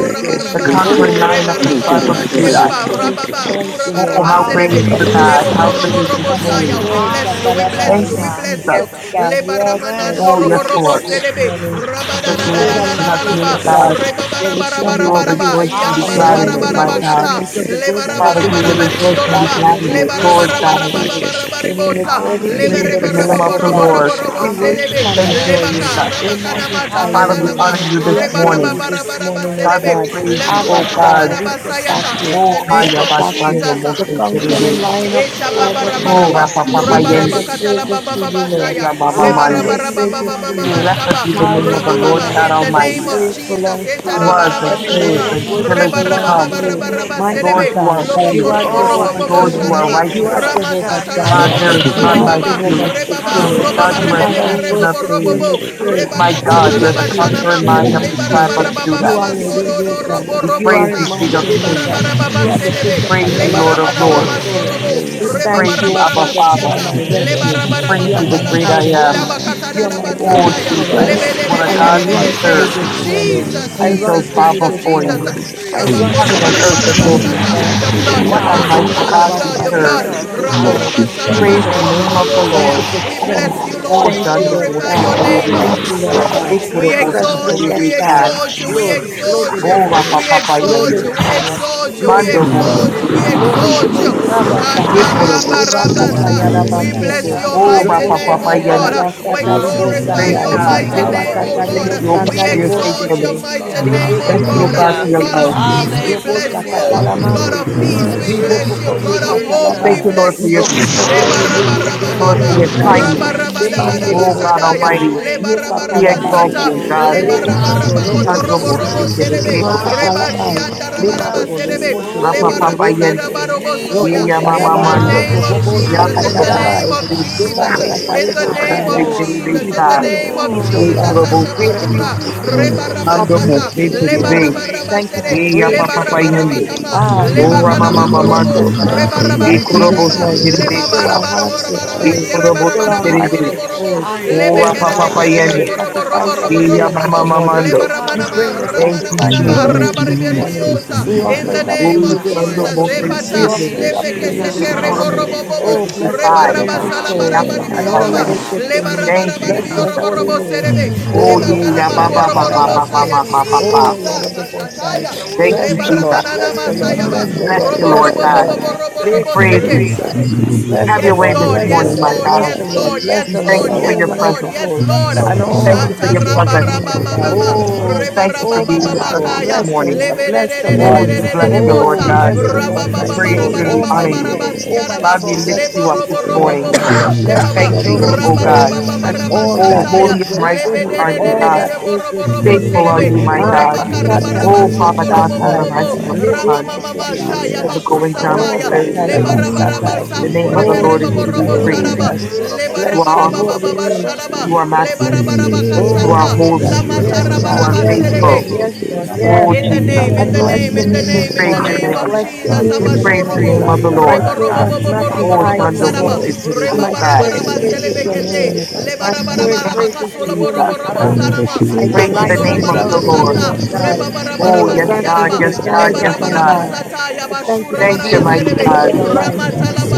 Speaker 7: rege
Speaker 3: the
Speaker 7: shakeke,
Speaker 3: conquering lion of
Speaker 2: Oh,
Speaker 3: the tribe
Speaker 2: thank
Speaker 3: of
Speaker 2: you,
Speaker 7: rage
Speaker 2: thank
Speaker 3: Judah.
Speaker 2: you,
Speaker 7: shakeke,
Speaker 2: thank you,
Speaker 7: shakeke,
Speaker 2: thank you,
Speaker 3: Oh,
Speaker 2: Lord.
Speaker 3: how great is our God,
Speaker 2: Lebo
Speaker 3: how
Speaker 4: Hallelujah.
Speaker 3: great is
Speaker 2: kone,
Speaker 3: his name.
Speaker 2: sataribo,
Speaker 1: you, we bless
Speaker 3: Thank
Speaker 2: satalabai.
Speaker 1: you, we
Speaker 3: you,
Speaker 4: Hallelujah.
Speaker 1: bless you.
Speaker 3: Jesus.
Speaker 2: Yes, God. Yes, Lord. We
Speaker 1: Lebaramanando
Speaker 4: Bless
Speaker 3: Oh,
Speaker 4: you,
Speaker 3: yes,
Speaker 1: robo
Speaker 2: worship
Speaker 1: robo
Speaker 2: you
Speaker 3: Lord.
Speaker 6: Lord.
Speaker 2: this
Speaker 4: Jesus.
Speaker 1: sedebe.
Speaker 2: morning
Speaker 3: This is the
Speaker 2: in
Speaker 3: day
Speaker 2: spirit
Speaker 3: that
Speaker 2: and
Speaker 4: Bless
Speaker 2: in
Speaker 3: you
Speaker 4: you,
Speaker 3: have
Speaker 2: truth,
Speaker 1: Rabadadadadadadadaba.
Speaker 3: made,
Speaker 2: O
Speaker 3: God,
Speaker 2: God.
Speaker 4: Jesus.
Speaker 2: There is
Speaker 3: and
Speaker 2: none
Speaker 3: we will
Speaker 2: like you.
Speaker 1: Rebabarabarabaraba.
Speaker 3: rejoice and be
Speaker 2: From the
Speaker 3: glad in it,
Speaker 2: rising of
Speaker 3: my
Speaker 7: rambrogo
Speaker 1: Yarabarabaraba
Speaker 4: Hallelujah.
Speaker 2: the
Speaker 3: God.
Speaker 2: sun
Speaker 1: kata.
Speaker 2: until
Speaker 7: shakeke,
Speaker 2: the going down of
Speaker 3: Father,
Speaker 2: the
Speaker 3: we will
Speaker 2: same,
Speaker 7: rage
Speaker 3: rejoice and be
Speaker 2: God,
Speaker 1: Lebarabarabarabaribioraba.
Speaker 2: your
Speaker 3: glad
Speaker 2: name
Speaker 3: in
Speaker 7: shakeke,
Speaker 2: is
Speaker 3: it,
Speaker 2: worthy
Speaker 3: Lord
Speaker 2: to be
Speaker 3: God.
Speaker 2: praised.
Speaker 7: rage
Speaker 2: Your name
Speaker 7: shakeke,
Speaker 2: is
Speaker 1: Lebarabarabarabarabaribaribosa.
Speaker 2: worthy to be
Speaker 3: Praise
Speaker 7: renge
Speaker 3: the
Speaker 2: lifted
Speaker 3: name
Speaker 4: Hallelujah.
Speaker 2: up,
Speaker 7: de
Speaker 3: of
Speaker 2: O
Speaker 3: the
Speaker 2: God.
Speaker 7: brogo
Speaker 3: Lord.
Speaker 1: Leberebaraboroboroborobo
Speaker 2: We
Speaker 7: shakeke,
Speaker 2: worship
Speaker 1: sedebe.
Speaker 2: and
Speaker 3: Thank you,
Speaker 4: Hallelujah.
Speaker 2: adore you.
Speaker 1: Lebaka
Speaker 3: Jesus.
Speaker 2: We
Speaker 1: rabakana
Speaker 2: magnify your
Speaker 3: Father, we
Speaker 1: matatadala.
Speaker 2: name.
Speaker 3: honor
Speaker 4: Hallelujah.
Speaker 3: you this
Speaker 2: We adore
Speaker 4: Hallelujah.
Speaker 2: you
Speaker 3: morning.
Speaker 2: this
Speaker 1: Rebarabarabaraba
Speaker 2: morning, O
Speaker 3: God,
Speaker 1: sedebe.
Speaker 3: we
Speaker 2: God.
Speaker 3: praise you,
Speaker 2: Abba,
Speaker 3: oh
Speaker 2: Father,
Speaker 3: God.
Speaker 2: we
Speaker 1: Lemamakurabarabaraba
Speaker 2: step back
Speaker 1: sayata.
Speaker 2: you.
Speaker 1: In the
Speaker 3: Oh,
Speaker 2: We
Speaker 1: name
Speaker 3: haya
Speaker 2: step
Speaker 1: of
Speaker 2: back you
Speaker 3: bastando
Speaker 1: Jesus.
Speaker 2: the
Speaker 3: mose
Speaker 9: Hallelujah,
Speaker 2: conquering
Speaker 7: rambrogo
Speaker 3: terebe.
Speaker 2: lion
Speaker 7: shakeke,
Speaker 2: of the
Speaker 1: Esha
Speaker 2: tribe
Speaker 1: baba
Speaker 5: Glorify
Speaker 2: of
Speaker 5: your
Speaker 1: raba
Speaker 9: Hallelujah.
Speaker 7: renge
Speaker 3: Oh,
Speaker 1: raba.
Speaker 2: Judah.
Speaker 5: name,
Speaker 3: rapa
Speaker 5: Holy
Speaker 3: papa
Speaker 2: We
Speaker 7: shakeke.
Speaker 1: Raba
Speaker 2: send
Speaker 1: raba
Speaker 5: Spirit.
Speaker 2: the
Speaker 3: yende.
Speaker 9: Jesus,
Speaker 1: katala
Speaker 2: praises
Speaker 1: baba
Speaker 2: to
Speaker 9: I
Speaker 2: you,
Speaker 1: baba
Speaker 9: pass
Speaker 2: Lord.
Speaker 9: it
Speaker 1: saya.
Speaker 3: Yeya
Speaker 5: Lift
Speaker 9: through.
Speaker 3: mama
Speaker 2: We
Speaker 5: it
Speaker 1: Leba
Speaker 5: up,
Speaker 2: send
Speaker 1: raba
Speaker 9: I
Speaker 3: mando.
Speaker 2: the
Speaker 1: raba
Speaker 9: keep
Speaker 1: baba
Speaker 9: it
Speaker 2: praises
Speaker 5: up,
Speaker 2: to
Speaker 1: baba
Speaker 9: up.
Speaker 2: you.
Speaker 4: Hallelujah.
Speaker 3: Blessed
Speaker 1: shaba.
Speaker 3: be the name of
Speaker 5: lift
Speaker 3: the
Speaker 1: Raba
Speaker 5: it, lift
Speaker 3: Lord
Speaker 1: baba.
Speaker 2: Hallelujah.
Speaker 9: Jesus,
Speaker 5: it,
Speaker 3: God
Speaker 1: In
Speaker 9: I
Speaker 1: the
Speaker 2: Every
Speaker 1: name
Speaker 3: Almighty,
Speaker 1: of
Speaker 9: pass
Speaker 4: Hallelujah.
Speaker 2: praise
Speaker 9: it
Speaker 5: lift
Speaker 9: through.
Speaker 1: Jesus.
Speaker 5: it,
Speaker 2: belongs
Speaker 9: I
Speaker 2: to
Speaker 3: who
Speaker 1: Eta
Speaker 9: keep
Speaker 2: you.
Speaker 1: raba
Speaker 3: was and
Speaker 1: raba
Speaker 2: Every
Speaker 3: is
Speaker 2: word
Speaker 1: saraba.
Speaker 9: it
Speaker 2: of
Speaker 3: and
Speaker 9: up.
Speaker 3: still
Speaker 2: worship
Speaker 3: is
Speaker 9: I
Speaker 1: Reba
Speaker 3: to
Speaker 7: Thank
Speaker 4: Hallelujah.
Speaker 1: raba
Speaker 2: belongs
Speaker 9: pass
Speaker 7: you,
Speaker 4: I
Speaker 2: to
Speaker 1: baba
Speaker 3: come.
Speaker 2: you.
Speaker 1: raba
Speaker 4: couldn't
Speaker 7: Lord.
Speaker 5: Worship
Speaker 1: raba
Speaker 7: We
Speaker 4: make
Speaker 9: it
Speaker 4: this
Speaker 2: Mighty
Speaker 3: Lord,
Speaker 9: through.
Speaker 4: up.
Speaker 1: serebe.
Speaker 7: worship
Speaker 9: I
Speaker 3: you
Speaker 2: God,
Speaker 3: are
Speaker 9: keep
Speaker 7: you.
Speaker 1: Lobo
Speaker 2: you
Speaker 9: it
Speaker 3: holy.
Speaker 2: are
Speaker 7: We
Speaker 1: korobo
Speaker 7: honor
Speaker 4: Oh,
Speaker 1: robo
Speaker 4: I
Speaker 2: Jehovah
Speaker 7: you.
Speaker 1: bobo
Speaker 9: up.
Speaker 3: Lord,
Speaker 9: I
Speaker 7: We
Speaker 3: you
Speaker 4: couldn't
Speaker 2: Shalom.
Speaker 3: are
Speaker 1: sharaba.
Speaker 4: make
Speaker 9: pass
Speaker 7: adore
Speaker 9: it
Speaker 2: You
Speaker 3: righteous.
Speaker 4: this
Speaker 2: are
Speaker 9: through.
Speaker 4: up.
Speaker 9: I keep it up. I
Speaker 7: you.
Speaker 1: Rama
Speaker 9: pass
Speaker 2: Jehovah
Speaker 4: God,
Speaker 9: it
Speaker 4: you're
Speaker 1: satala
Speaker 3: God,
Speaker 1: baba
Speaker 7: We
Speaker 9: through.
Speaker 2: Jireh.
Speaker 9: I
Speaker 4: so
Speaker 3: there
Speaker 7: give
Speaker 3: is
Speaker 4: good.
Speaker 1: raba
Speaker 5: an
Speaker 7: you
Speaker 2: You
Speaker 9: keep
Speaker 3: none
Speaker 4: I
Speaker 2: are
Speaker 3: like
Speaker 9: it up. I
Speaker 1: rebaba.
Speaker 4: c-
Speaker 9: pass
Speaker 2: Jehovah
Speaker 3: you.
Speaker 7: glory. We
Speaker 1: Rebaba
Speaker 7: give
Speaker 9: it
Speaker 2: Sitkinu.
Speaker 1: robo
Speaker 7: you
Speaker 3: God,
Speaker 2: And
Speaker 3: you are
Speaker 1: rebe
Speaker 3: the
Speaker 2: Father,
Speaker 7: honor.
Speaker 4: Hallelujah.
Speaker 2: we
Speaker 3: ancient
Speaker 1: rebo
Speaker 3: of
Speaker 2: worship
Speaker 1: robo
Speaker 2: you in
Speaker 3: days.
Speaker 2: the
Speaker 7: Blessed
Speaker 2: spirit.
Speaker 7: be the
Speaker 3: My
Speaker 1: Reba
Speaker 2: We
Speaker 7: name
Speaker 3: God,
Speaker 7: of
Speaker 3: you're
Speaker 2: worship
Speaker 3: the
Speaker 5: angel
Speaker 7: the
Speaker 2: you in
Speaker 1: Babashanama,
Speaker 3: conquering
Speaker 7: Lord.
Speaker 2: spirit
Speaker 3: lion
Speaker 2: and
Speaker 3: of
Speaker 2: in
Speaker 3: the
Speaker 5: of
Speaker 3: tribe
Speaker 2: truth.
Speaker 3: of
Speaker 5: bird
Speaker 3: Judah.
Speaker 2: You are
Speaker 1: Libarabarabarababa,
Speaker 2: a
Speaker 9: through.
Speaker 2: way
Speaker 7: Hallelujah.
Speaker 5: bird
Speaker 1: Sorodo,
Speaker 2: maker.
Speaker 1: Robo,
Speaker 7: Glory
Speaker 3: We
Speaker 9: I keep
Speaker 7: to
Speaker 2: You
Speaker 3: praise
Speaker 2: are a
Speaker 7: God.
Speaker 1: Robosa,
Speaker 3: you, King of
Speaker 9: it
Speaker 2: mountain
Speaker 7: Glory
Speaker 9: up.
Speaker 3: Kings.
Speaker 7: to
Speaker 2: mover.
Speaker 7: God.
Speaker 1: Libarabarababa,
Speaker 2: You are the
Speaker 3: We
Speaker 1: Sedebe,
Speaker 2: bishop
Speaker 9: In
Speaker 3: praise
Speaker 9: the
Speaker 2: and the
Speaker 3: you,
Speaker 9: name
Speaker 3: Lord
Speaker 2: lover
Speaker 5: solo
Speaker 9: of
Speaker 7: Glory,
Speaker 3: of
Speaker 2: of our
Speaker 3: Lords.
Speaker 1: Libaramanamama,
Speaker 5: hallelujah
Speaker 7: glory,
Speaker 9: Jesus,
Speaker 2: soul.
Speaker 1: Sorobo,
Speaker 9: in the
Speaker 2: We
Speaker 9: name
Speaker 3: We
Speaker 4: Hallelujah.
Speaker 9: of
Speaker 7: glory.
Speaker 2: thank
Speaker 3: praise
Speaker 2: you,
Speaker 3: you,
Speaker 2: O
Speaker 3: Abba
Speaker 2: God,
Speaker 9: Jesus,
Speaker 1: Rebabarabarabas.
Speaker 2: that you
Speaker 7: Hallelujah.
Speaker 2: are
Speaker 3: Father.
Speaker 9: in
Speaker 2: my
Speaker 9: the
Speaker 7: We
Speaker 9: name of
Speaker 2: refuge.
Speaker 3: We
Speaker 7: worship
Speaker 9: Jesus,
Speaker 3: praise
Speaker 2: You are
Speaker 3: you,
Speaker 7: you.
Speaker 3: the
Speaker 2: my
Speaker 9: Rabba
Speaker 8: you.
Speaker 3: great
Speaker 1: Lebarabarabakatalama,
Speaker 3: I
Speaker 2: hiding
Speaker 7: We
Speaker 3: am.
Speaker 2: place.
Speaker 9: Sekurubu
Speaker 7: honor
Speaker 2: You are my
Speaker 7: you.
Speaker 9: Sekiraba,
Speaker 8: I'm
Speaker 7: We
Speaker 4: Hallelujah.
Speaker 3: Oh,
Speaker 2: strong
Speaker 1: labakatadadabasataya,
Speaker 3: Jesus,
Speaker 2: tower,
Speaker 7: adore
Speaker 9: Rabba
Speaker 5: worship
Speaker 2: Lord.
Speaker 8: gonna
Speaker 5: and
Speaker 3: what
Speaker 5: praise
Speaker 3: a
Speaker 7: you.
Speaker 2: And I
Speaker 5: the
Speaker 3: God we
Speaker 2: run to
Speaker 1: lebededededededebeseya.
Speaker 2: you
Speaker 3: serve.
Speaker 7: The
Speaker 2: this
Speaker 9: Sekurubu
Speaker 4: Hallelujah.
Speaker 2: morning.
Speaker 5: Lord we worship
Speaker 1: Jesus,
Speaker 7: redeemed
Speaker 2: I
Speaker 7: of
Speaker 9: Sekaraba,
Speaker 2: run
Speaker 3: Angels
Speaker 1: Jesus,
Speaker 7: the
Speaker 2: to
Speaker 3: bow
Speaker 2: you
Speaker 1: Jesus,
Speaker 2: this
Speaker 5: worship
Speaker 3: before
Speaker 9: Yaba
Speaker 1: Jesus.
Speaker 3: you.
Speaker 2: morning.
Speaker 7: Lord
Speaker 9: Baba
Speaker 2: I
Speaker 5: praise we
Speaker 7: say
Speaker 3: In
Speaker 5: give
Speaker 2: run
Speaker 5: you
Speaker 3: heaven
Speaker 2: to
Speaker 9: Baba,
Speaker 3: and
Speaker 2: you
Speaker 5: praise
Speaker 7: so.
Speaker 2: this
Speaker 3: earth
Speaker 1: Shabakorabarabarabas.
Speaker 3: adore
Speaker 2: morning,
Speaker 9: Yaba
Speaker 2: O
Speaker 3: you.
Speaker 2: God.
Speaker 1: The
Speaker 5: hallelujah
Speaker 1: blood, the
Speaker 3: What
Speaker 9: Sekurubu
Speaker 3: a
Speaker 1: blood,
Speaker 7: Hallelujah.
Speaker 1: the
Speaker 3: mighty
Speaker 1: blood, the
Speaker 9: Sekiraba.
Speaker 5: hallelujah
Speaker 3: God
Speaker 2: Abba,
Speaker 3: we
Speaker 4: Hallelujah,
Speaker 1: blood, the
Speaker 9: In
Speaker 2: Father,
Speaker 9: the
Speaker 7: Blessed
Speaker 3: serve.
Speaker 1: blood.
Speaker 5: Lord
Speaker 2: thank
Speaker 9: name
Speaker 2: you
Speaker 5: you
Speaker 4: Jesus.
Speaker 9: of
Speaker 5: are
Speaker 2: for
Speaker 1: Rabba,
Speaker 2: joy.
Speaker 5: worthy
Speaker 1: rabba,
Speaker 7: Redeemer,
Speaker 5: you
Speaker 9: Jesus,
Speaker 5: are
Speaker 9: in
Speaker 2: Thank you
Speaker 1: salaba,
Speaker 5: worthy
Speaker 4: Hallelujah.
Speaker 3: Praise
Speaker 9: the
Speaker 7: Prince
Speaker 2: for
Speaker 3: the
Speaker 5: God
Speaker 7: of
Speaker 1: tolo,
Speaker 9: name
Speaker 2: peace.
Speaker 3: name
Speaker 9: of
Speaker 5: you are
Speaker 3: of
Speaker 1: borobo,
Speaker 3: the
Speaker 5: worthy
Speaker 7: Peace,
Speaker 4: Hallelujah.
Speaker 9: Jesus,
Speaker 2: Thank
Speaker 1: saya.
Speaker 2: you
Speaker 3: Lord.
Speaker 9: the
Speaker 2: for
Speaker 1: We
Speaker 9: blood, the
Speaker 1: bless
Speaker 2: strength.
Speaker 9: blood,
Speaker 1: you,
Speaker 7: Lily of
Speaker 9: the
Speaker 4: Hallelujah.
Speaker 1: Lord.
Speaker 3: Oh,
Speaker 7: the
Speaker 1: We
Speaker 9: blood,
Speaker 2: Thank
Speaker 5: Lord
Speaker 9: the
Speaker 2: you,
Speaker 5: you
Speaker 3: Shanda
Speaker 5: are
Speaker 9: blood,
Speaker 2: Lord
Speaker 7: Valley,
Speaker 3: Mose
Speaker 5: worthy
Speaker 1: glorify
Speaker 4: Hallelujah.
Speaker 2: God.
Speaker 1: your
Speaker 9: the blood of
Speaker 1: name.
Speaker 3: Terebe.
Speaker 5: praise
Speaker 2: Thank
Speaker 5: you are
Speaker 2: you,
Speaker 7: Light
Speaker 2: Lord
Speaker 9: Jesus,
Speaker 5: worthy
Speaker 7: and
Speaker 5: to
Speaker 2: God.
Speaker 5: be
Speaker 7: Morning
Speaker 9: Rabba
Speaker 1: We
Speaker 3: Yekuro Mose
Speaker 5: exalted
Speaker 4: Hallelujah.
Speaker 2: Fresh
Speaker 1: exalt
Speaker 7: Star,
Speaker 2: wind
Speaker 1: you,
Speaker 9: Sekurubu
Speaker 2: of
Speaker 3: Terebe
Speaker 1: we
Speaker 4: Matchless
Speaker 2: God.
Speaker 5: hallelujah
Speaker 3: Sai.
Speaker 4: King.
Speaker 1: exalt you,
Speaker 7: we
Speaker 9: Sekiraba.
Speaker 1: we
Speaker 5: Lord
Speaker 2: Blow,
Speaker 5: we lift
Speaker 2: blow
Speaker 7: worship
Speaker 1: exalt
Speaker 5: up
Speaker 4: Hallelujah.
Speaker 2: this
Speaker 5: your
Speaker 1: you,
Speaker 3: Oh,
Speaker 7: you,
Speaker 5: name
Speaker 9: Ridendele
Speaker 3: Rapa
Speaker 2: morning.
Speaker 1: we
Speaker 5: this
Speaker 9: be
Speaker 3: Papa
Speaker 2: Blow
Speaker 5: morning
Speaker 1: exalt
Speaker 2: this
Speaker 3: Yende.
Speaker 1: you,
Speaker 5: oh
Speaker 4: It's
Speaker 9: sukorobo,
Speaker 1: we
Speaker 5: God
Speaker 4: up
Speaker 2: morning.
Speaker 5: the
Speaker 1: exalt
Speaker 9: sukorobo
Speaker 1: you,
Speaker 2: Blow
Speaker 1: we
Speaker 5: glory
Speaker 4: field,
Speaker 2: this
Speaker 5: and
Speaker 3: Mando
Speaker 7: we
Speaker 5: honor
Speaker 9: seke.
Speaker 4: Lord,
Speaker 3: Mose
Speaker 4: in
Speaker 1: exalt
Speaker 7: honor
Speaker 2: morning.
Speaker 4: the
Speaker 1: you, we
Speaker 5: praises
Speaker 9: Ya
Speaker 3: Terebe
Speaker 7: you,
Speaker 4: beauty of
Speaker 9: ba
Speaker 2: Blow
Speaker 7: we
Speaker 2: this
Speaker 3: Si.
Speaker 9: ba
Speaker 1: exalt
Speaker 9: ba
Speaker 1: you.
Speaker 2: morning.
Speaker 7: adore
Speaker 9: ba
Speaker 4: holiness.
Speaker 2: Abba,
Speaker 9: ba
Speaker 7: you,
Speaker 9: ba
Speaker 2: Father.
Speaker 9: ba
Speaker 3: Yekuro
Speaker 9: ba.
Speaker 3: Mose
Speaker 7: we
Speaker 5: Mama
Speaker 2: Eba
Speaker 7: give
Speaker 9: You
Speaker 7: you
Speaker 4: Hallelujah.
Speaker 9: are
Speaker 1: Shatarabarabasa.
Speaker 2: kataya
Speaker 3: Terebe.
Speaker 1: We
Speaker 9: worthy,
Speaker 7: glory,
Speaker 9: Abba
Speaker 1: bless
Speaker 5: Bobo
Speaker 2: rabasete.
Speaker 4: Hallelujah.
Speaker 7: we
Speaker 1: your
Speaker 9: Father.
Speaker 3: Oh,
Speaker 7: give
Speaker 1: mighty
Speaker 5: Shake
Speaker 2: Robo
Speaker 5: and
Speaker 7: you
Speaker 3: Rapa
Speaker 9: You
Speaker 1: name,
Speaker 9: are
Speaker 3: Papa
Speaker 1: O
Speaker 2: shakata
Speaker 5: Baby
Speaker 7: honor.
Speaker 4: Hallelujah.
Speaker 3: Yende.
Speaker 1: God.
Speaker 9: worthy to
Speaker 1: We
Speaker 9: be
Speaker 2: rabasata
Speaker 5: Shika
Speaker 9: praised,
Speaker 2: ribo
Speaker 1: glorify
Speaker 3: Praise
Speaker 9: God.
Speaker 2: sandai.
Speaker 1: your
Speaker 4: Hallelujah.
Speaker 3: God.
Speaker 9: You
Speaker 7: Hallelujah,
Speaker 1: mighty
Speaker 9: are
Speaker 2: Leba
Speaker 1: name,
Speaker 5: Bobo
Speaker 1: O
Speaker 9: worthy
Speaker 2: kata
Speaker 9: to
Speaker 3: Thank
Speaker 1: God.
Speaker 4: Hallelujah.
Speaker 2: ribo
Speaker 9: be
Speaker 3: you, oh
Speaker 5: Shake
Speaker 7: hallelujah.
Speaker 3: God,
Speaker 5: and
Speaker 1: We
Speaker 2: sanda
Speaker 3: for your
Speaker 2: ribo
Speaker 9: exalted,
Speaker 5: Baby
Speaker 1: exalt your
Speaker 3: faithfulness.
Speaker 2: seke.
Speaker 9: Almighty
Speaker 1: mighty
Speaker 4: Hallelujah.
Speaker 9: God.
Speaker 5: Mama
Speaker 1: name,
Speaker 2: Lebe
Speaker 7: Jesus,
Speaker 9: I
Speaker 1: O
Speaker 5: Mama
Speaker 3: Thank
Speaker 9: honor
Speaker 3: you, oh
Speaker 2: kete
Speaker 1: God.
Speaker 9: your
Speaker 7: we
Speaker 3: God, for
Speaker 2: tere
Speaker 4: Hallelujah.
Speaker 3: your
Speaker 9: great
Speaker 5: Bobo
Speaker 1: God
Speaker 9: name,
Speaker 1: of
Speaker 3: love.
Speaker 7: praise
Speaker 2: besa.
Speaker 1: peace,
Speaker 7: you,
Speaker 1: we
Speaker 5: Shake
Speaker 2: Robo
Speaker 5: and
Speaker 9: Jesus.
Speaker 1: bless
Speaker 9: You
Speaker 5: Baby
Speaker 9: are
Speaker 1: you.
Speaker 4: Hallelujah.
Speaker 7: we
Speaker 2: shakata
Speaker 8: make
Speaker 9: worthy to
Speaker 1: God of
Speaker 9: be
Speaker 2: lamaseke.
Speaker 7: glorify
Speaker 1: peace,
Speaker 5: Lord,
Speaker 8: you
Speaker 5: we
Speaker 7: your
Speaker 9: praised,
Speaker 1: we
Speaker 4: Bless
Speaker 2: Ribo
Speaker 9: Abba.
Speaker 5: worship
Speaker 4: your
Speaker 1: bless
Speaker 7: name,
Speaker 2: popo
Speaker 1: you.
Speaker 5: you,
Speaker 4: name,
Speaker 5: we
Speaker 2: ye
Speaker 1: God
Speaker 9: You
Speaker 1: of
Speaker 9: are
Speaker 5: worship
Speaker 7: we
Speaker 1: hope,
Speaker 4: Jesus,
Speaker 2: katalaba.
Speaker 9: worthy
Speaker 5: you,
Speaker 1: we
Speaker 3: Thank
Speaker 1: bless
Speaker 9: to
Speaker 3: you,
Speaker 1: you.
Speaker 5: Lord.
Speaker 9: be
Speaker 3: Lord, for your
Speaker 2: Ribo
Speaker 7: magnify
Speaker 4: in
Speaker 3: peace.
Speaker 9: exalted,
Speaker 5: We
Speaker 7: your
Speaker 2: kototo
Speaker 9: and
Speaker 4: all
Speaker 1: Sheba
Speaker 5: worship
Speaker 4: of
Speaker 9: I,
Speaker 2: ribo
Speaker 7: name,
Speaker 5: the
Speaker 1: raba
Speaker 4: the
Speaker 9: God.
Speaker 3: Thank
Speaker 5: Holy
Speaker 3: you,
Speaker 1: raba
Speaker 2: sekete
Speaker 4: earth.
Speaker 3: Lord,
Speaker 9: I
Speaker 3: for
Speaker 2: ribo
Speaker 5: Spirit.
Speaker 1: baba,
Speaker 7: we
Speaker 3: your
Speaker 7: give
Speaker 2: saya.
Speaker 9: exalt
Speaker 4: Bless
Speaker 5: Mama
Speaker 3: kindness.
Speaker 5: Mama
Speaker 1: raba
Speaker 9: your
Speaker 4: your
Speaker 7: you
Speaker 1: raba
Speaker 7: the
Speaker 9: name,
Speaker 1: daba
Speaker 4: name.
Speaker 5: Shake
Speaker 2: Sebande
Speaker 9: Abba
Speaker 5: and
Speaker 1: daba
Speaker 3: Oh
Speaker 2: ribo
Speaker 5: Baby
Speaker 7: highest
Speaker 3: God
Speaker 9: Father.
Speaker 1: sadaya,
Speaker 2: sata.
Speaker 5: Baby
Speaker 9: I
Speaker 3: Almighty,
Speaker 7: praise.
Speaker 1: leba
Speaker 2: Ye
Speaker 1: raba
Speaker 9: exalt
Speaker 3: we
Speaker 5: Bobo
Speaker 4: Hallelujah,
Speaker 1: raba
Speaker 9: your
Speaker 7: We
Speaker 2: katalaba
Speaker 5: Shake
Speaker 3: exalt
Speaker 7: give
Speaker 9: name,
Speaker 1: sata,
Speaker 2: sai.
Speaker 3: you,
Speaker 5: and
Speaker 7: you
Speaker 5: Baby
Speaker 3: God.
Speaker 1: leba
Speaker 9: Jehovah
Speaker 4: hallelujah,
Speaker 5: Baby
Speaker 2: Ribo
Speaker 1: raba
Speaker 9: Father.
Speaker 7: glory.
Speaker 2: koto
Speaker 1: raba
Speaker 3: We
Speaker 2: robo
Speaker 1: koto
Speaker 3: stand
Speaker 1: robo
Speaker 7: We
Speaker 3: almost
Speaker 9: Yaba
Speaker 2: sheke.
Speaker 1: robo
Speaker 3: taken
Speaker 7: give
Speaker 4: hallelujah,
Speaker 3: in the
Speaker 1: serebe,
Speaker 7: you
Speaker 2: Ribo
Speaker 3: name of
Speaker 9: sekorobo
Speaker 5: Shika
Speaker 7: honor.
Speaker 1: reba
Speaker 2: katalabai.
Speaker 5: Mama
Speaker 1: shianda
Speaker 9: sekeraba.
Speaker 7: We
Speaker 1: raba
Speaker 2: Leba
Speaker 1: raba
Speaker 3: mando.
Speaker 4: hallelujah.
Speaker 7: give
Speaker 9: In the
Speaker 2: kolo
Speaker 7: you
Speaker 1: serebe,
Speaker 9: name of
Speaker 2: kote
Speaker 3: Rapa
Speaker 1: leba
Speaker 4: Glory
Speaker 2: kete
Speaker 5: Mama
Speaker 3: Papa
Speaker 1: raba
Speaker 9: Jesus,
Speaker 7: praise.
Speaker 4: to
Speaker 9: in
Speaker 4: your
Speaker 3: Yende.
Speaker 9: the
Speaker 2: rebeke.
Speaker 1: raba
Speaker 5: Bobo
Speaker 1: robo
Speaker 9: name
Speaker 5: Shake
Speaker 9: of
Speaker 4: name.
Speaker 2: Robo
Speaker 3: Ye
Speaker 1: soya.
Speaker 3: ya
Speaker 5: and
Speaker 9: Jesus,
Speaker 5: Baby
Speaker 1: In
Speaker 2: sharabai.
Speaker 1: the
Speaker 9: I
Speaker 5: Baby
Speaker 9: will
Speaker 3: Mando.
Speaker 7: Hallelujah.
Speaker 2: Ribo
Speaker 1: name
Speaker 9: lift
Speaker 1: of
Speaker 9: up mine
Speaker 3: Ya
Speaker 9: eyes
Speaker 1: Jesus, in the
Speaker 9: unto
Speaker 6: Thank you.
Speaker 3: Korobo
Speaker 9: the
Speaker 7: Hallelujah.
Speaker 4: Hallelujah.
Speaker 1: name
Speaker 2: shakatarabai.
Speaker 1: of
Speaker 9: hills, uh,
Speaker 2: Seba
Speaker 9: from
Speaker 1: Jesus,
Speaker 9: whence
Speaker 2: sata
Speaker 4: Glorious
Speaker 1: in
Speaker 7: Glory
Speaker 6: Levelekete
Speaker 9: cometh
Speaker 2: ribo
Speaker 7: to
Speaker 5: Bobo
Speaker 1: the
Speaker 9: my
Speaker 7: the
Speaker 4: God,
Speaker 1: name
Speaker 5: Shake.
Speaker 9: help.
Speaker 1: of
Speaker 7: King
Speaker 2: sandai.
Speaker 7: of
Speaker 6: lodododoko
Speaker 9: Rabba
Speaker 3: Terebe
Speaker 4: glorious
Speaker 7: Kings
Speaker 1: Jesus,
Speaker 2: Peace,
Speaker 5: Lord,
Speaker 1: in
Speaker 7: and
Speaker 5: we
Speaker 1: the
Speaker 4: God,
Speaker 3: Sai.
Speaker 6: shekata
Speaker 7: the
Speaker 5: worship
Speaker 2: peace,
Speaker 1: name
Speaker 7: Lord
Speaker 1: of
Speaker 9: sekorobo
Speaker 5: you,
Speaker 7: of
Speaker 2: peace,
Speaker 5: we
Speaker 2: oh
Speaker 3: Ye
Speaker 5: worship
Speaker 4: glorious
Speaker 1: Jesus.
Speaker 2: God.
Speaker 9: seke,
Speaker 5: you,
Speaker 7: Lords.
Speaker 3: Korobo
Speaker 4: God,
Speaker 5: we
Speaker 2: Great
Speaker 5: worship
Speaker 6: lamahakata
Speaker 9: rabba
Speaker 2: peace
Speaker 3: Terebe.
Speaker 9: ba
Speaker 2: this
Speaker 5: you, we
Speaker 4: glorious
Speaker 9: ba
Speaker 5: worship
Speaker 1: reba
Speaker 2: morning.
Speaker 6: lodododoko
Speaker 4: God,
Speaker 9: ba
Speaker 7: Oh,
Speaker 5: you,
Speaker 9: ba
Speaker 1: raba
Speaker 5: we
Speaker 2: Have
Speaker 3: Mando
Speaker 9: ba
Speaker 7: blessed
Speaker 5: worship
Speaker 9: ba
Speaker 8: mine.
Speaker 2: mercy
Speaker 3: Mose
Speaker 5: you,
Speaker 6: shekete
Speaker 9: ba
Speaker 5: we
Speaker 2: this
Speaker 9: ba
Speaker 5: worship
Speaker 9: ba.
Speaker 2: morning.
Speaker 3: Terebe.
Speaker 5: you.
Speaker 7: Redeemer,
Speaker 4: glorious
Speaker 9: Ye
Speaker 2: Thank you for
Speaker 3: Ye
Speaker 1: Lebarabarabarabasede,
Speaker 4: God.
Speaker 3: ya
Speaker 9: korobo
Speaker 5: Bless
Speaker 2: grace this
Speaker 5: your
Speaker 7: Prince
Speaker 3: Papa
Speaker 7: of
Speaker 5: name.
Speaker 9: seke,
Speaker 2: morning.
Speaker 3: Yende.
Speaker 1: lebarabarabakama,
Speaker 8: Thank
Speaker 7: Peace,
Speaker 2: Ah,
Speaker 9: yaba
Speaker 3: O
Speaker 4: Hallelujah,
Speaker 3: Rama
Speaker 5: Hallelujah.
Speaker 9: sekorobo
Speaker 2: Yamandiri
Speaker 7: Lily of
Speaker 1: lebakalabakorobo,
Speaker 3: Mando.
Speaker 7: the
Speaker 9: sekeraba,
Speaker 2: Bosatai.
Speaker 5: Thank you.
Speaker 7: Valley,
Speaker 3: Ye
Speaker 2: Thank
Speaker 9: rabba
Speaker 2: you
Speaker 9: ba
Speaker 6: ohani
Speaker 2: this
Speaker 3: Korobo
Speaker 4: hallelujah,
Speaker 1: rebarabaribiyoraba,
Speaker 9: ba
Speaker 5: Thank
Speaker 9: ba ba
Speaker 2: morning.
Speaker 7: Light
Speaker 5: you,
Speaker 6: mahaka
Speaker 3: Terebe.
Speaker 7: and
Speaker 2: Fill
Speaker 9: ba
Speaker 5: Lord.
Speaker 2: our
Speaker 9: ba.
Speaker 7: Morning
Speaker 2: hearts with
Speaker 1: lebabarabarabarabaraba,
Speaker 5: Lord,
Speaker 3: Ye
Speaker 9: Ye
Speaker 7: Star.
Speaker 5: you
Speaker 2: praise.
Speaker 5: are
Speaker 3: Korobo
Speaker 5: worthy.
Speaker 2: Fill
Speaker 9: korobo
Speaker 2: our
Speaker 5: You are
Speaker 7: We
Speaker 2: hearts
Speaker 3: Terebe.
Speaker 5: worthy
Speaker 2: with
Speaker 5: to be
Speaker 9: sekorobo
Speaker 1: yerebarabarabariyorobo,
Speaker 2: praise.
Speaker 5: praised.
Speaker 9: seke,
Speaker 3: Oh,
Speaker 2: Oh
Speaker 3: Rapa
Speaker 2: God,
Speaker 3: Papa
Speaker 2: we
Speaker 4: hallelujah,
Speaker 5: You are
Speaker 9: rabba
Speaker 2: bring a
Speaker 9: ba
Speaker 3: Yende.
Speaker 5: worthy,
Speaker 9: ba
Speaker 1: lebekerebekerebekorobo,
Speaker 5: God. You
Speaker 9: ba
Speaker 5: are
Speaker 1: robo,
Speaker 2: sacrifice
Speaker 9: ba
Speaker 2: of
Speaker 1: robo,
Speaker 3: Ye
Speaker 9: ba
Speaker 3: ya
Speaker 1: robo,
Speaker 5: worthy.
Speaker 2: praise
Speaker 9: ba.
Speaker 2: this
Speaker 4: hallelujah,
Speaker 1: bobo,
Speaker 3: Mama
Speaker 7: give
Speaker 2: morning.
Speaker 9: Ye
Speaker 3: Mamando.
Speaker 2: We
Speaker 5: Hallelujah.
Speaker 2: bring
Speaker 1: lebaramanama,
Speaker 2: the
Speaker 3: Thank
Speaker 4: hallelujah,
Speaker 3: you,
Speaker 2: sacrifice
Speaker 1: ramanamanama,
Speaker 2: of
Speaker 5: Hallelujah.
Speaker 3: Jesus.
Speaker 6: ah
Speaker 2: praise
Speaker 7: you
Speaker 2: this
Speaker 5: Thank
Speaker 2: morning.
Speaker 5: you,
Speaker 1: rabariberibiyosa.
Speaker 2: We
Speaker 9: yeah,
Speaker 1: In
Speaker 5: Jesus.
Speaker 2: offer
Speaker 1: the
Speaker 6: ah
Speaker 2: it
Speaker 7: glory.
Speaker 9: Yalababa.
Speaker 2: up
Speaker 5: Thank
Speaker 2: to
Speaker 1: name
Speaker 3: We
Speaker 1: of
Speaker 6: ah
Speaker 2: you
Speaker 4: hallelujah.
Speaker 5: you,
Speaker 2: this
Speaker 3: Sando
Speaker 5: Lord.
Speaker 1: Jesus,
Speaker 2: morning.
Speaker 9: In the
Speaker 3: Moses
Speaker 4: In your
Speaker 2: We
Speaker 1: Epata,
Speaker 9: name
Speaker 5: Oh,
Speaker 9: of
Speaker 5: we
Speaker 7: Jesus,
Speaker 3: Living.
Speaker 2: offer
Speaker 4: name,
Speaker 7: we
Speaker 2: it
Speaker 5: bless
Speaker 2: up
Speaker 5: your
Speaker 2: to
Speaker 9: Jesus,
Speaker 2: you
Speaker 5: name.
Speaker 4: Jesus.
Speaker 7: praise
Speaker 5: We
Speaker 2: this
Speaker 1: Lepekesete,
Speaker 3: We
Speaker 7: your
Speaker 3: put
Speaker 5: bless
Speaker 1: Rebo,
Speaker 9: Rabba
Speaker 3: up
Speaker 5: your
Speaker 2: morning.
Speaker 1: Robo,
Speaker 7: name.
Speaker 5: name,
Speaker 1: Bobo,
Speaker 5: God.
Speaker 4: Hallelujah.
Speaker 2: Oh,
Speaker 5: We
Speaker 9: Sokorobo
Speaker 2: bless the
Speaker 3: Sai.
Speaker 2: Lord
Speaker 5: glorify
Speaker 7: We
Speaker 2: of
Speaker 5: your
Speaker 2: my
Speaker 9: Sekiraba,
Speaker 5: name,
Speaker 7: lift your
Speaker 5: Holy
Speaker 2: soul
Speaker 7: name
Speaker 2: and
Speaker 4: Hallelujah.
Speaker 7: on
Speaker 9: Rabba
Speaker 5: Spirit.
Speaker 3: Papa
Speaker 2: all
Speaker 9: Baba
Speaker 1: Rebarabasalabarabaribiyoraba,
Speaker 2: that
Speaker 7: high.
Speaker 2: is
Speaker 3: Yende.
Speaker 2: within me.
Speaker 9: Baba,
Speaker 3: Thank
Speaker 4: Hallelujah.
Speaker 3: you,
Speaker 7: You
Speaker 2: Bless
Speaker 5: Hallelujah.
Speaker 9: Yaba
Speaker 7: are
Speaker 2: your
Speaker 3: Jesus.
Speaker 1: lebarabarabaribiyorobo,
Speaker 2: holy
Speaker 7: King
Speaker 1: robo,
Speaker 5: Thank
Speaker 7: of
Speaker 9: Sokorobo
Speaker 2: name.
Speaker 1: serebe,
Speaker 7: Kings and
Speaker 2: Oh,
Speaker 3: Oh,
Speaker 9: Sakaraba,
Speaker 7: Lord
Speaker 1: leba-
Speaker 3: yeah,
Speaker 7: of
Speaker 3: yeah,
Speaker 5: God
Speaker 2: Robosha
Speaker 3: ba,
Speaker 7: Lords.
Speaker 3: ba,
Speaker 5: you
Speaker 9: Rabba
Speaker 3: ba,
Speaker 5: are
Speaker 3: ba,
Speaker 9: Baba
Speaker 3: ba,
Speaker 5: worthy.
Speaker 2: Katarabase.
Speaker 5: Worthy
Speaker 9: Baba,
Speaker 2: Oh, Lord
Speaker 1: Jesus,
Speaker 2: of the
Speaker 5: is
Speaker 9: Yakorobo
Speaker 2: Bosai.
Speaker 1: Ashashaya,
Speaker 5: your
Speaker 3: Thank
Speaker 9: Sokorobo
Speaker 5: worthy,
Speaker 2: Bless
Speaker 3: you,
Speaker 2: the
Speaker 5: God.
Speaker 3: Jesus.
Speaker 2: Lord,
Speaker 9: Sakaraba,
Speaker 1: Lebaramana
Speaker 2: bless the
Speaker 5: Worthy.
Speaker 2: Lord,
Speaker 9: Yaba
Speaker 1: Masayaba,
Speaker 2: bless
Speaker 3: We
Speaker 7: You are
Speaker 2: the
Speaker 7: the
Speaker 3: bless
Speaker 2: Lord,
Speaker 5: Hallelujah.
Speaker 3: you,
Speaker 1: Robo
Speaker 7: great
Speaker 2: bless
Speaker 9: Sakaraba,
Speaker 3: Lord
Speaker 1: Robo
Speaker 2: the
Speaker 9: the
Speaker 7: I
Speaker 2: Lord.
Speaker 9: blood,
Speaker 3: God.
Speaker 1: Bobo
Speaker 5: Thank
Speaker 9: the
Speaker 7: am,
Speaker 5: you,
Speaker 1: Robo
Speaker 9: blood,
Speaker 3: We
Speaker 5: God.
Speaker 2: Ble
Speaker 9: the
Speaker 1: Robo
Speaker 5: We
Speaker 9: blood,
Speaker 3: praise
Speaker 1: Seke
Speaker 5: worship
Speaker 9: the
Speaker 3: you.
Speaker 7: Prince
Speaker 9: blood,
Speaker 7: of
Speaker 9: the
Speaker 2: korabosai.
Speaker 9: blood,
Speaker 7: Peace,
Speaker 5: bless
Speaker 2: Bless
Speaker 3: Have
Speaker 2: the
Speaker 9: the
Speaker 3: your
Speaker 5: your
Speaker 1: Yes,
Speaker 3: way
Speaker 5: name.
Speaker 2: Lord,
Speaker 3: this
Speaker 9: blood,
Speaker 1: Lord.
Speaker 9: the
Speaker 2: bless
Speaker 7: Lily
Speaker 2: the
Speaker 9: blood,
Speaker 1: Yes,
Speaker 3: morning,
Speaker 7: of
Speaker 3: my
Speaker 9: the
Speaker 5: Lord,
Speaker 6: thank
Speaker 2: Lord,
Speaker 7: the
Speaker 6: you
Speaker 1: Lord.
Speaker 9: blood
Speaker 2: bless
Speaker 3: God.
Speaker 1: Yes,
Speaker 2: the
Speaker 9: of
Speaker 7: Valley,
Speaker 2: Lord,
Speaker 1: Lord.
Speaker 6: Jesus
Speaker 2: bless
Speaker 9: Jesus,
Speaker 3: We
Speaker 1: Yes,
Speaker 2: the
Speaker 9: the
Speaker 3: thank
Speaker 5: Worship
Speaker 2: Lord,
Speaker 1: Lord.
Speaker 3: you
Speaker 9: blood,
Speaker 3: for
Speaker 1: Yes,
Speaker 7: Bright
Speaker 2: oh
Speaker 9: the
Speaker 3: your
Speaker 2: my
Speaker 7: and
Speaker 9: blood,
Speaker 1: Lord.
Speaker 6: thank
Speaker 3: presence.
Speaker 6: you
Speaker 7: Morning
Speaker 1: Yes,
Speaker 2: soul,
Speaker 6: Lord
Speaker 9: the
Speaker 1: Lord.
Speaker 9: blood,
Speaker 2: and
Speaker 7: Star.
Speaker 9: the
Speaker 3: We thank
Speaker 2: all
Speaker 9: blood,
Speaker 3: you
Speaker 2: that
Speaker 3: for
Speaker 1: Shata
Speaker 9: the
Speaker 2: is
Speaker 3: your
Speaker 9: blood,
Speaker 1: raba
Speaker 3: presence.
Speaker 2: within
Speaker 9: the
Speaker 2: me.
Speaker 1: raba
Speaker 9: blood,
Speaker 6: thank
Speaker 1: ba
Speaker 6: you
Speaker 9: the blood,
Speaker 1: ba
Speaker 3: God.
Speaker 6: for
Speaker 1: ba.
Speaker 7: Hallelujah,
Speaker 9: the
Speaker 2: Oh,
Speaker 3: We
Speaker 9: blood,
Speaker 1: Reba
Speaker 6: praise
Speaker 3: thank
Speaker 9: the
Speaker 3: you
Speaker 1: raba
Speaker 3: for
Speaker 2: oh
Speaker 9: blood,
Speaker 1: ba
Speaker 2: my
Speaker 3: being
Speaker 6: Lord
Speaker 1: ba
Speaker 3: with
Speaker 1: ba
Speaker 3: us
Speaker 2: soul,
Speaker 3: this
Speaker 9: Rabba
Speaker 1: kaya.
Speaker 2: bless
Speaker 6: this
Speaker 2: the
Speaker 7: hallelujah.
Speaker 6: will
Speaker 3: morning.
Speaker 2: Lord,
Speaker 6: be
Speaker 1: Lebe re
Speaker 6: your
Speaker 9: Sikorobo
Speaker 2: bless
Speaker 1: re
Speaker 2: the
Speaker 1: re re
Speaker 6: holy
Speaker 1: re
Speaker 3: Oh,
Speaker 2: Lord.
Speaker 9: Sekir.
Speaker 1: re
Speaker 7: Glory
Speaker 3: you
Speaker 6: name
Speaker 1: re
Speaker 7: to
Speaker 1: re
Speaker 3: bless
Speaker 1: re
Speaker 3: your
Speaker 6: Jesus
Speaker 3: Lord
Speaker 2: Oh,
Speaker 1: bosa.
Speaker 7: your
Speaker 3: God.
Speaker 7: name,
Speaker 2: bless the
Speaker 1: Raba
Speaker 2: Lord,
Speaker 1: ba
Speaker 3: We
Speaker 6: you
Speaker 2: my
Speaker 1: ba ba
Speaker 6: are
Speaker 3: praise
Speaker 2: soul,
Speaker 1: raba
Speaker 3: you and we
Speaker 7: glory
Speaker 2: oh
Speaker 1: raba
Speaker 6: worthy
Speaker 1: ba
Speaker 7: to
Speaker 3: honor
Speaker 2: my
Speaker 6: God
Speaker 1: ba
Speaker 3: you.
Speaker 7: your
Speaker 6: you
Speaker 2: soul,
Speaker 6: are
Speaker 2: oh
Speaker 7: name.
Speaker 1: siara
Speaker 2: my
Speaker 6: worthy
Speaker 1: ba.
Speaker 3: God, we
Speaker 2: soul,
Speaker 3: lift
Speaker 9: Yakorobo
Speaker 1: Lebo
Speaker 2: blesses
Speaker 3: you up
Speaker 2: you
Speaker 7: Let
Speaker 3: this
Speaker 1: robo
Speaker 2: this
Speaker 7: the
Speaker 1: robo
Speaker 9: Sekeraba,
Speaker 1: bo
Speaker 3: morning.
Speaker 2: morning.
Speaker 1: bo bo
Speaker 9: in
Speaker 7: redeemed
Speaker 9: the
Speaker 2: Bless
Speaker 3: We
Speaker 7: of
Speaker 1: ba
Speaker 9: name
Speaker 2: the
Speaker 1: ba.
Speaker 9: of
Speaker 3: thank
Speaker 2: Lord,
Speaker 7: the
Speaker 3: you,
Speaker 2: oh
Speaker 3: Lord,
Speaker 2: my
Speaker 7: Lord
Speaker 3: oh
Speaker 1: Raba
Speaker 9: Jesus,
Speaker 7: say
Speaker 9: in
Speaker 2: soul,
Speaker 9: the
Speaker 1: raba
Speaker 3: God.
Speaker 7: so.
Speaker 1: ba ba
Speaker 9: name
Speaker 2: and
Speaker 9: of
Speaker 1: raba
Speaker 2: all
Speaker 3: Oh,
Speaker 9: Jesus.
Speaker 2: that
Speaker 3: holy
Speaker 1: sataya.
Speaker 2: is
Speaker 3: and
Speaker 1: Lebe
Speaker 3: righteous
Speaker 2: within
Speaker 1: re
Speaker 2: me,
Speaker 3: are
Speaker 1: re
Speaker 9: Rababababababababa,
Speaker 1: re
Speaker 3: you,
Speaker 1: re
Speaker 2: all
Speaker 3: God.
Speaker 1: re
Speaker 2: that
Speaker 1: re
Speaker 7: Hallelujah,
Speaker 1: bo
Speaker 2: is
Speaker 1: robo robo
Speaker 2: within me.
Speaker 3: Faithful are
Speaker 1: serebe.
Speaker 3: you, my
Speaker 9: Sekorobo
Speaker 2: Ah,
Speaker 3: God.
Speaker 1: Reba karaba
Speaker 7: hallelujah.
Speaker 2: bakata
Speaker 1: raba.
Speaker 9: Sekeraba,
Speaker 3: Oh,
Speaker 7: My
Speaker 2: ibo
Speaker 3: Father
Speaker 7: God,
Speaker 3: God, from the
Speaker 2: satai.
Speaker 7: my
Speaker 1: Bobo,
Speaker 9: Ikorobo
Speaker 1: bobo,
Speaker 3: rising of
Speaker 7: God,
Speaker 3: the
Speaker 1: Rama
Speaker 3: sun
Speaker 9: Sekorobo
Speaker 1: Mama
Speaker 2: Rebekete
Speaker 6: I
Speaker 2: de
Speaker 7: we
Speaker 9: Seka,
Speaker 3: until
Speaker 6: praise
Speaker 2: besat.
Speaker 3: the
Speaker 1: Masha,
Speaker 6: you
Speaker 7: worship
Speaker 9: Rabababababababababa,
Speaker 3: going
Speaker 7: and
Speaker 3: down of
Speaker 2: Oh,
Speaker 3: the
Speaker 1: Ataya,
Speaker 7: adore
Speaker 3: very
Speaker 7: you.
Speaker 3: same,
Speaker 1: lebarabaraba
Speaker 8: you.
Speaker 2: katalabasatai.
Speaker 6: To
Speaker 3: the
Speaker 7: We
Speaker 3: name
Speaker 1: sapure
Speaker 3: of the
Speaker 6: the
Speaker 7: bow
Speaker 2: Oh,
Speaker 7: at
Speaker 3: Lord is
Speaker 7: your
Speaker 3: to be
Speaker 6: glory
Speaker 2: Jesus,
Speaker 1: bereboborobo
Speaker 6: and the
Speaker 3: praised.
Speaker 9: Ikorobo
Speaker 7: throne,
Speaker 1: saraba,
Speaker 2: Jesus.
Speaker 6: honor, Lord.
Speaker 9: Sekorobo
Speaker 3: You
Speaker 2: Bless your
Speaker 3: are
Speaker 9: Seki,
Speaker 2: holy
Speaker 3: awesome.
Speaker 1: lebarabarabababa
Speaker 2: name.
Speaker 7: Jesus,
Speaker 9: Rabababababababa,
Speaker 1: sharaba,
Speaker 3: You are
Speaker 8: Thank
Speaker 7: Jesus,
Speaker 3: matchless.
Speaker 1: lebarabaraba
Speaker 3: You
Speaker 2: Oh,
Speaker 7: Jesus.
Speaker 3: are
Speaker 1: kasata,
Speaker 3: holy.
Speaker 2: Jesus.
Speaker 6: You
Speaker 7: You
Speaker 6: are
Speaker 2: Yes,
Speaker 6: worthy,
Speaker 3: You
Speaker 2: God.
Speaker 9: Ikorobo
Speaker 3: are
Speaker 7: alone
Speaker 1: amatarabaraba
Speaker 2: Yes,
Speaker 6: Jesus,
Speaker 7: are
Speaker 2: Lord.
Speaker 1: serebe.
Speaker 3: faithful.
Speaker 9: Sekorobo
Speaker 2: Yes, Lord.
Speaker 7: worthy.
Speaker 9: Sekiraba,
Speaker 2: Yes.
Speaker 3: Oh,
Speaker 1: In the
Speaker 9: in
Speaker 3: Jesus.
Speaker 9: the
Speaker 7: You
Speaker 1: name,
Speaker 2: I
Speaker 1: in
Speaker 9: name
Speaker 1: the
Speaker 9: of
Speaker 2: bless
Speaker 1: name,
Speaker 7: alone
Speaker 2: your
Speaker 1: in the
Speaker 2: name
Speaker 7: are
Speaker 3: We
Speaker 9: Jesus,
Speaker 2: this
Speaker 6: worthy
Speaker 1: name,
Speaker 6: of
Speaker 1: in
Speaker 3: praise
Speaker 1: the
Speaker 9: the
Speaker 3: your
Speaker 2: morning. I
Speaker 1: name
Speaker 7: holy.
Speaker 1: of
Speaker 9: blood,
Speaker 3: name.
Speaker 9: the
Speaker 2: bless your
Speaker 8: you.
Speaker 6: praise,
Speaker 1: Jesus,
Speaker 9: blood, the
Speaker 3: We
Speaker 2: name this
Speaker 7: You
Speaker 9: blood,
Speaker 3: praise
Speaker 7: are
Speaker 3: the
Speaker 9: the
Speaker 1: Abashorobo,
Speaker 7: the
Speaker 3: name
Speaker 2: morning.
Speaker 9: blood,
Speaker 3: of the
Speaker 9: the
Speaker 7: King
Speaker 2: My
Speaker 3: Lord.
Speaker 7: of
Speaker 2: soul
Speaker 9: blood.
Speaker 2: that
Speaker 7: kings and the
Speaker 3: Oh,
Speaker 7: Lord
Speaker 2: magnifies
Speaker 1: Reboroboboborobo
Speaker 7: of
Speaker 2: the
Speaker 3: Chando
Speaker 6: worthy
Speaker 3: Mose
Speaker 1: Saraba,
Speaker 2: Lord.
Speaker 6: to
Speaker 7: lords.
Speaker 2: And
Speaker 6: receive,
Speaker 3: Terebe
Speaker 2: my
Speaker 9: Yabasikurubuskaraba.
Speaker 3: Sai.
Speaker 2: spirit
Speaker 7: You
Speaker 9: In
Speaker 1: Rebabarabaraba
Speaker 9: the
Speaker 7: are
Speaker 2: praises
Speaker 9: name
Speaker 7: the
Speaker 2: your
Speaker 9: of
Speaker 7: Lord
Speaker 1: Selebekete,
Speaker 7: thy
Speaker 2: name.
Speaker 7: God,
Speaker 9: Jesus, the
Speaker 2: My
Speaker 7: thy
Speaker 6: worthy
Speaker 9: blood,
Speaker 2: spirit
Speaker 9: the
Speaker 6: to
Speaker 7: healer.
Speaker 1: Lebarabaraba
Speaker 3: Thank
Speaker 9: blood,
Speaker 3: you,
Speaker 2: praises
Speaker 9: the
Speaker 6: receive
Speaker 2: your
Speaker 9: blood.
Speaker 3: Jesus.
Speaker 2: name
Speaker 6: honor,
Speaker 2: this
Speaker 1: Kasoloborobo
Speaker 7: Oh,
Speaker 2: morning.
Speaker 1: Sarama,
Speaker 2: I
Speaker 3: Praise the
Speaker 2: delight
Speaker 7: Jesus,
Speaker 1: Lamandora
Speaker 3: name
Speaker 7: my
Speaker 3: of
Speaker 2: myself
Speaker 6: glory,
Speaker 3: the
Speaker 1: baraba
Speaker 2: in
Speaker 6: honor,
Speaker 2: you,
Speaker 3: Lord.
Speaker 6: and
Speaker 2: Lord
Speaker 7: Redeemer.
Speaker 2: God.
Speaker 6: praise.
Speaker 9: Rabababababababasikurubusiki.
Speaker 1: Reba bara
Speaker 6: And
Speaker 2: And
Speaker 1: bara
Speaker 2: you
Speaker 3: Oh,
Speaker 2: will
Speaker 3: yes,
Speaker 1: basi
Speaker 6: your
Speaker 2: grant
Speaker 7: Oh,
Speaker 2: me
Speaker 3: God,
Speaker 2: the
Speaker 1: araba,
Speaker 6: holy
Speaker 3: yes,
Speaker 7: blessed
Speaker 6: name,
Speaker 1: le
Speaker 3: God,
Speaker 2: desires of
Speaker 3: yes,
Speaker 1: bara
Speaker 6: Jesus.
Speaker 2: my
Speaker 1: bara
Speaker 3: God.
Speaker 2: heart.
Speaker 7: Redeemer,
Speaker 1: basata
Speaker 2: I thank you for
Speaker 3: Thank
Speaker 1: ya
Speaker 6: Thank
Speaker 7: Prince
Speaker 3: you,
Speaker 2: being
Speaker 6: you,
Speaker 9: Rababababababababasikurubuskaraba.
Speaker 7: of
Speaker 2: the
Speaker 3: mighty
Speaker 2: truth
Speaker 6: Jesus.
Speaker 3: God.
Speaker 2: and the
Speaker 7: Peace.
Speaker 2: light.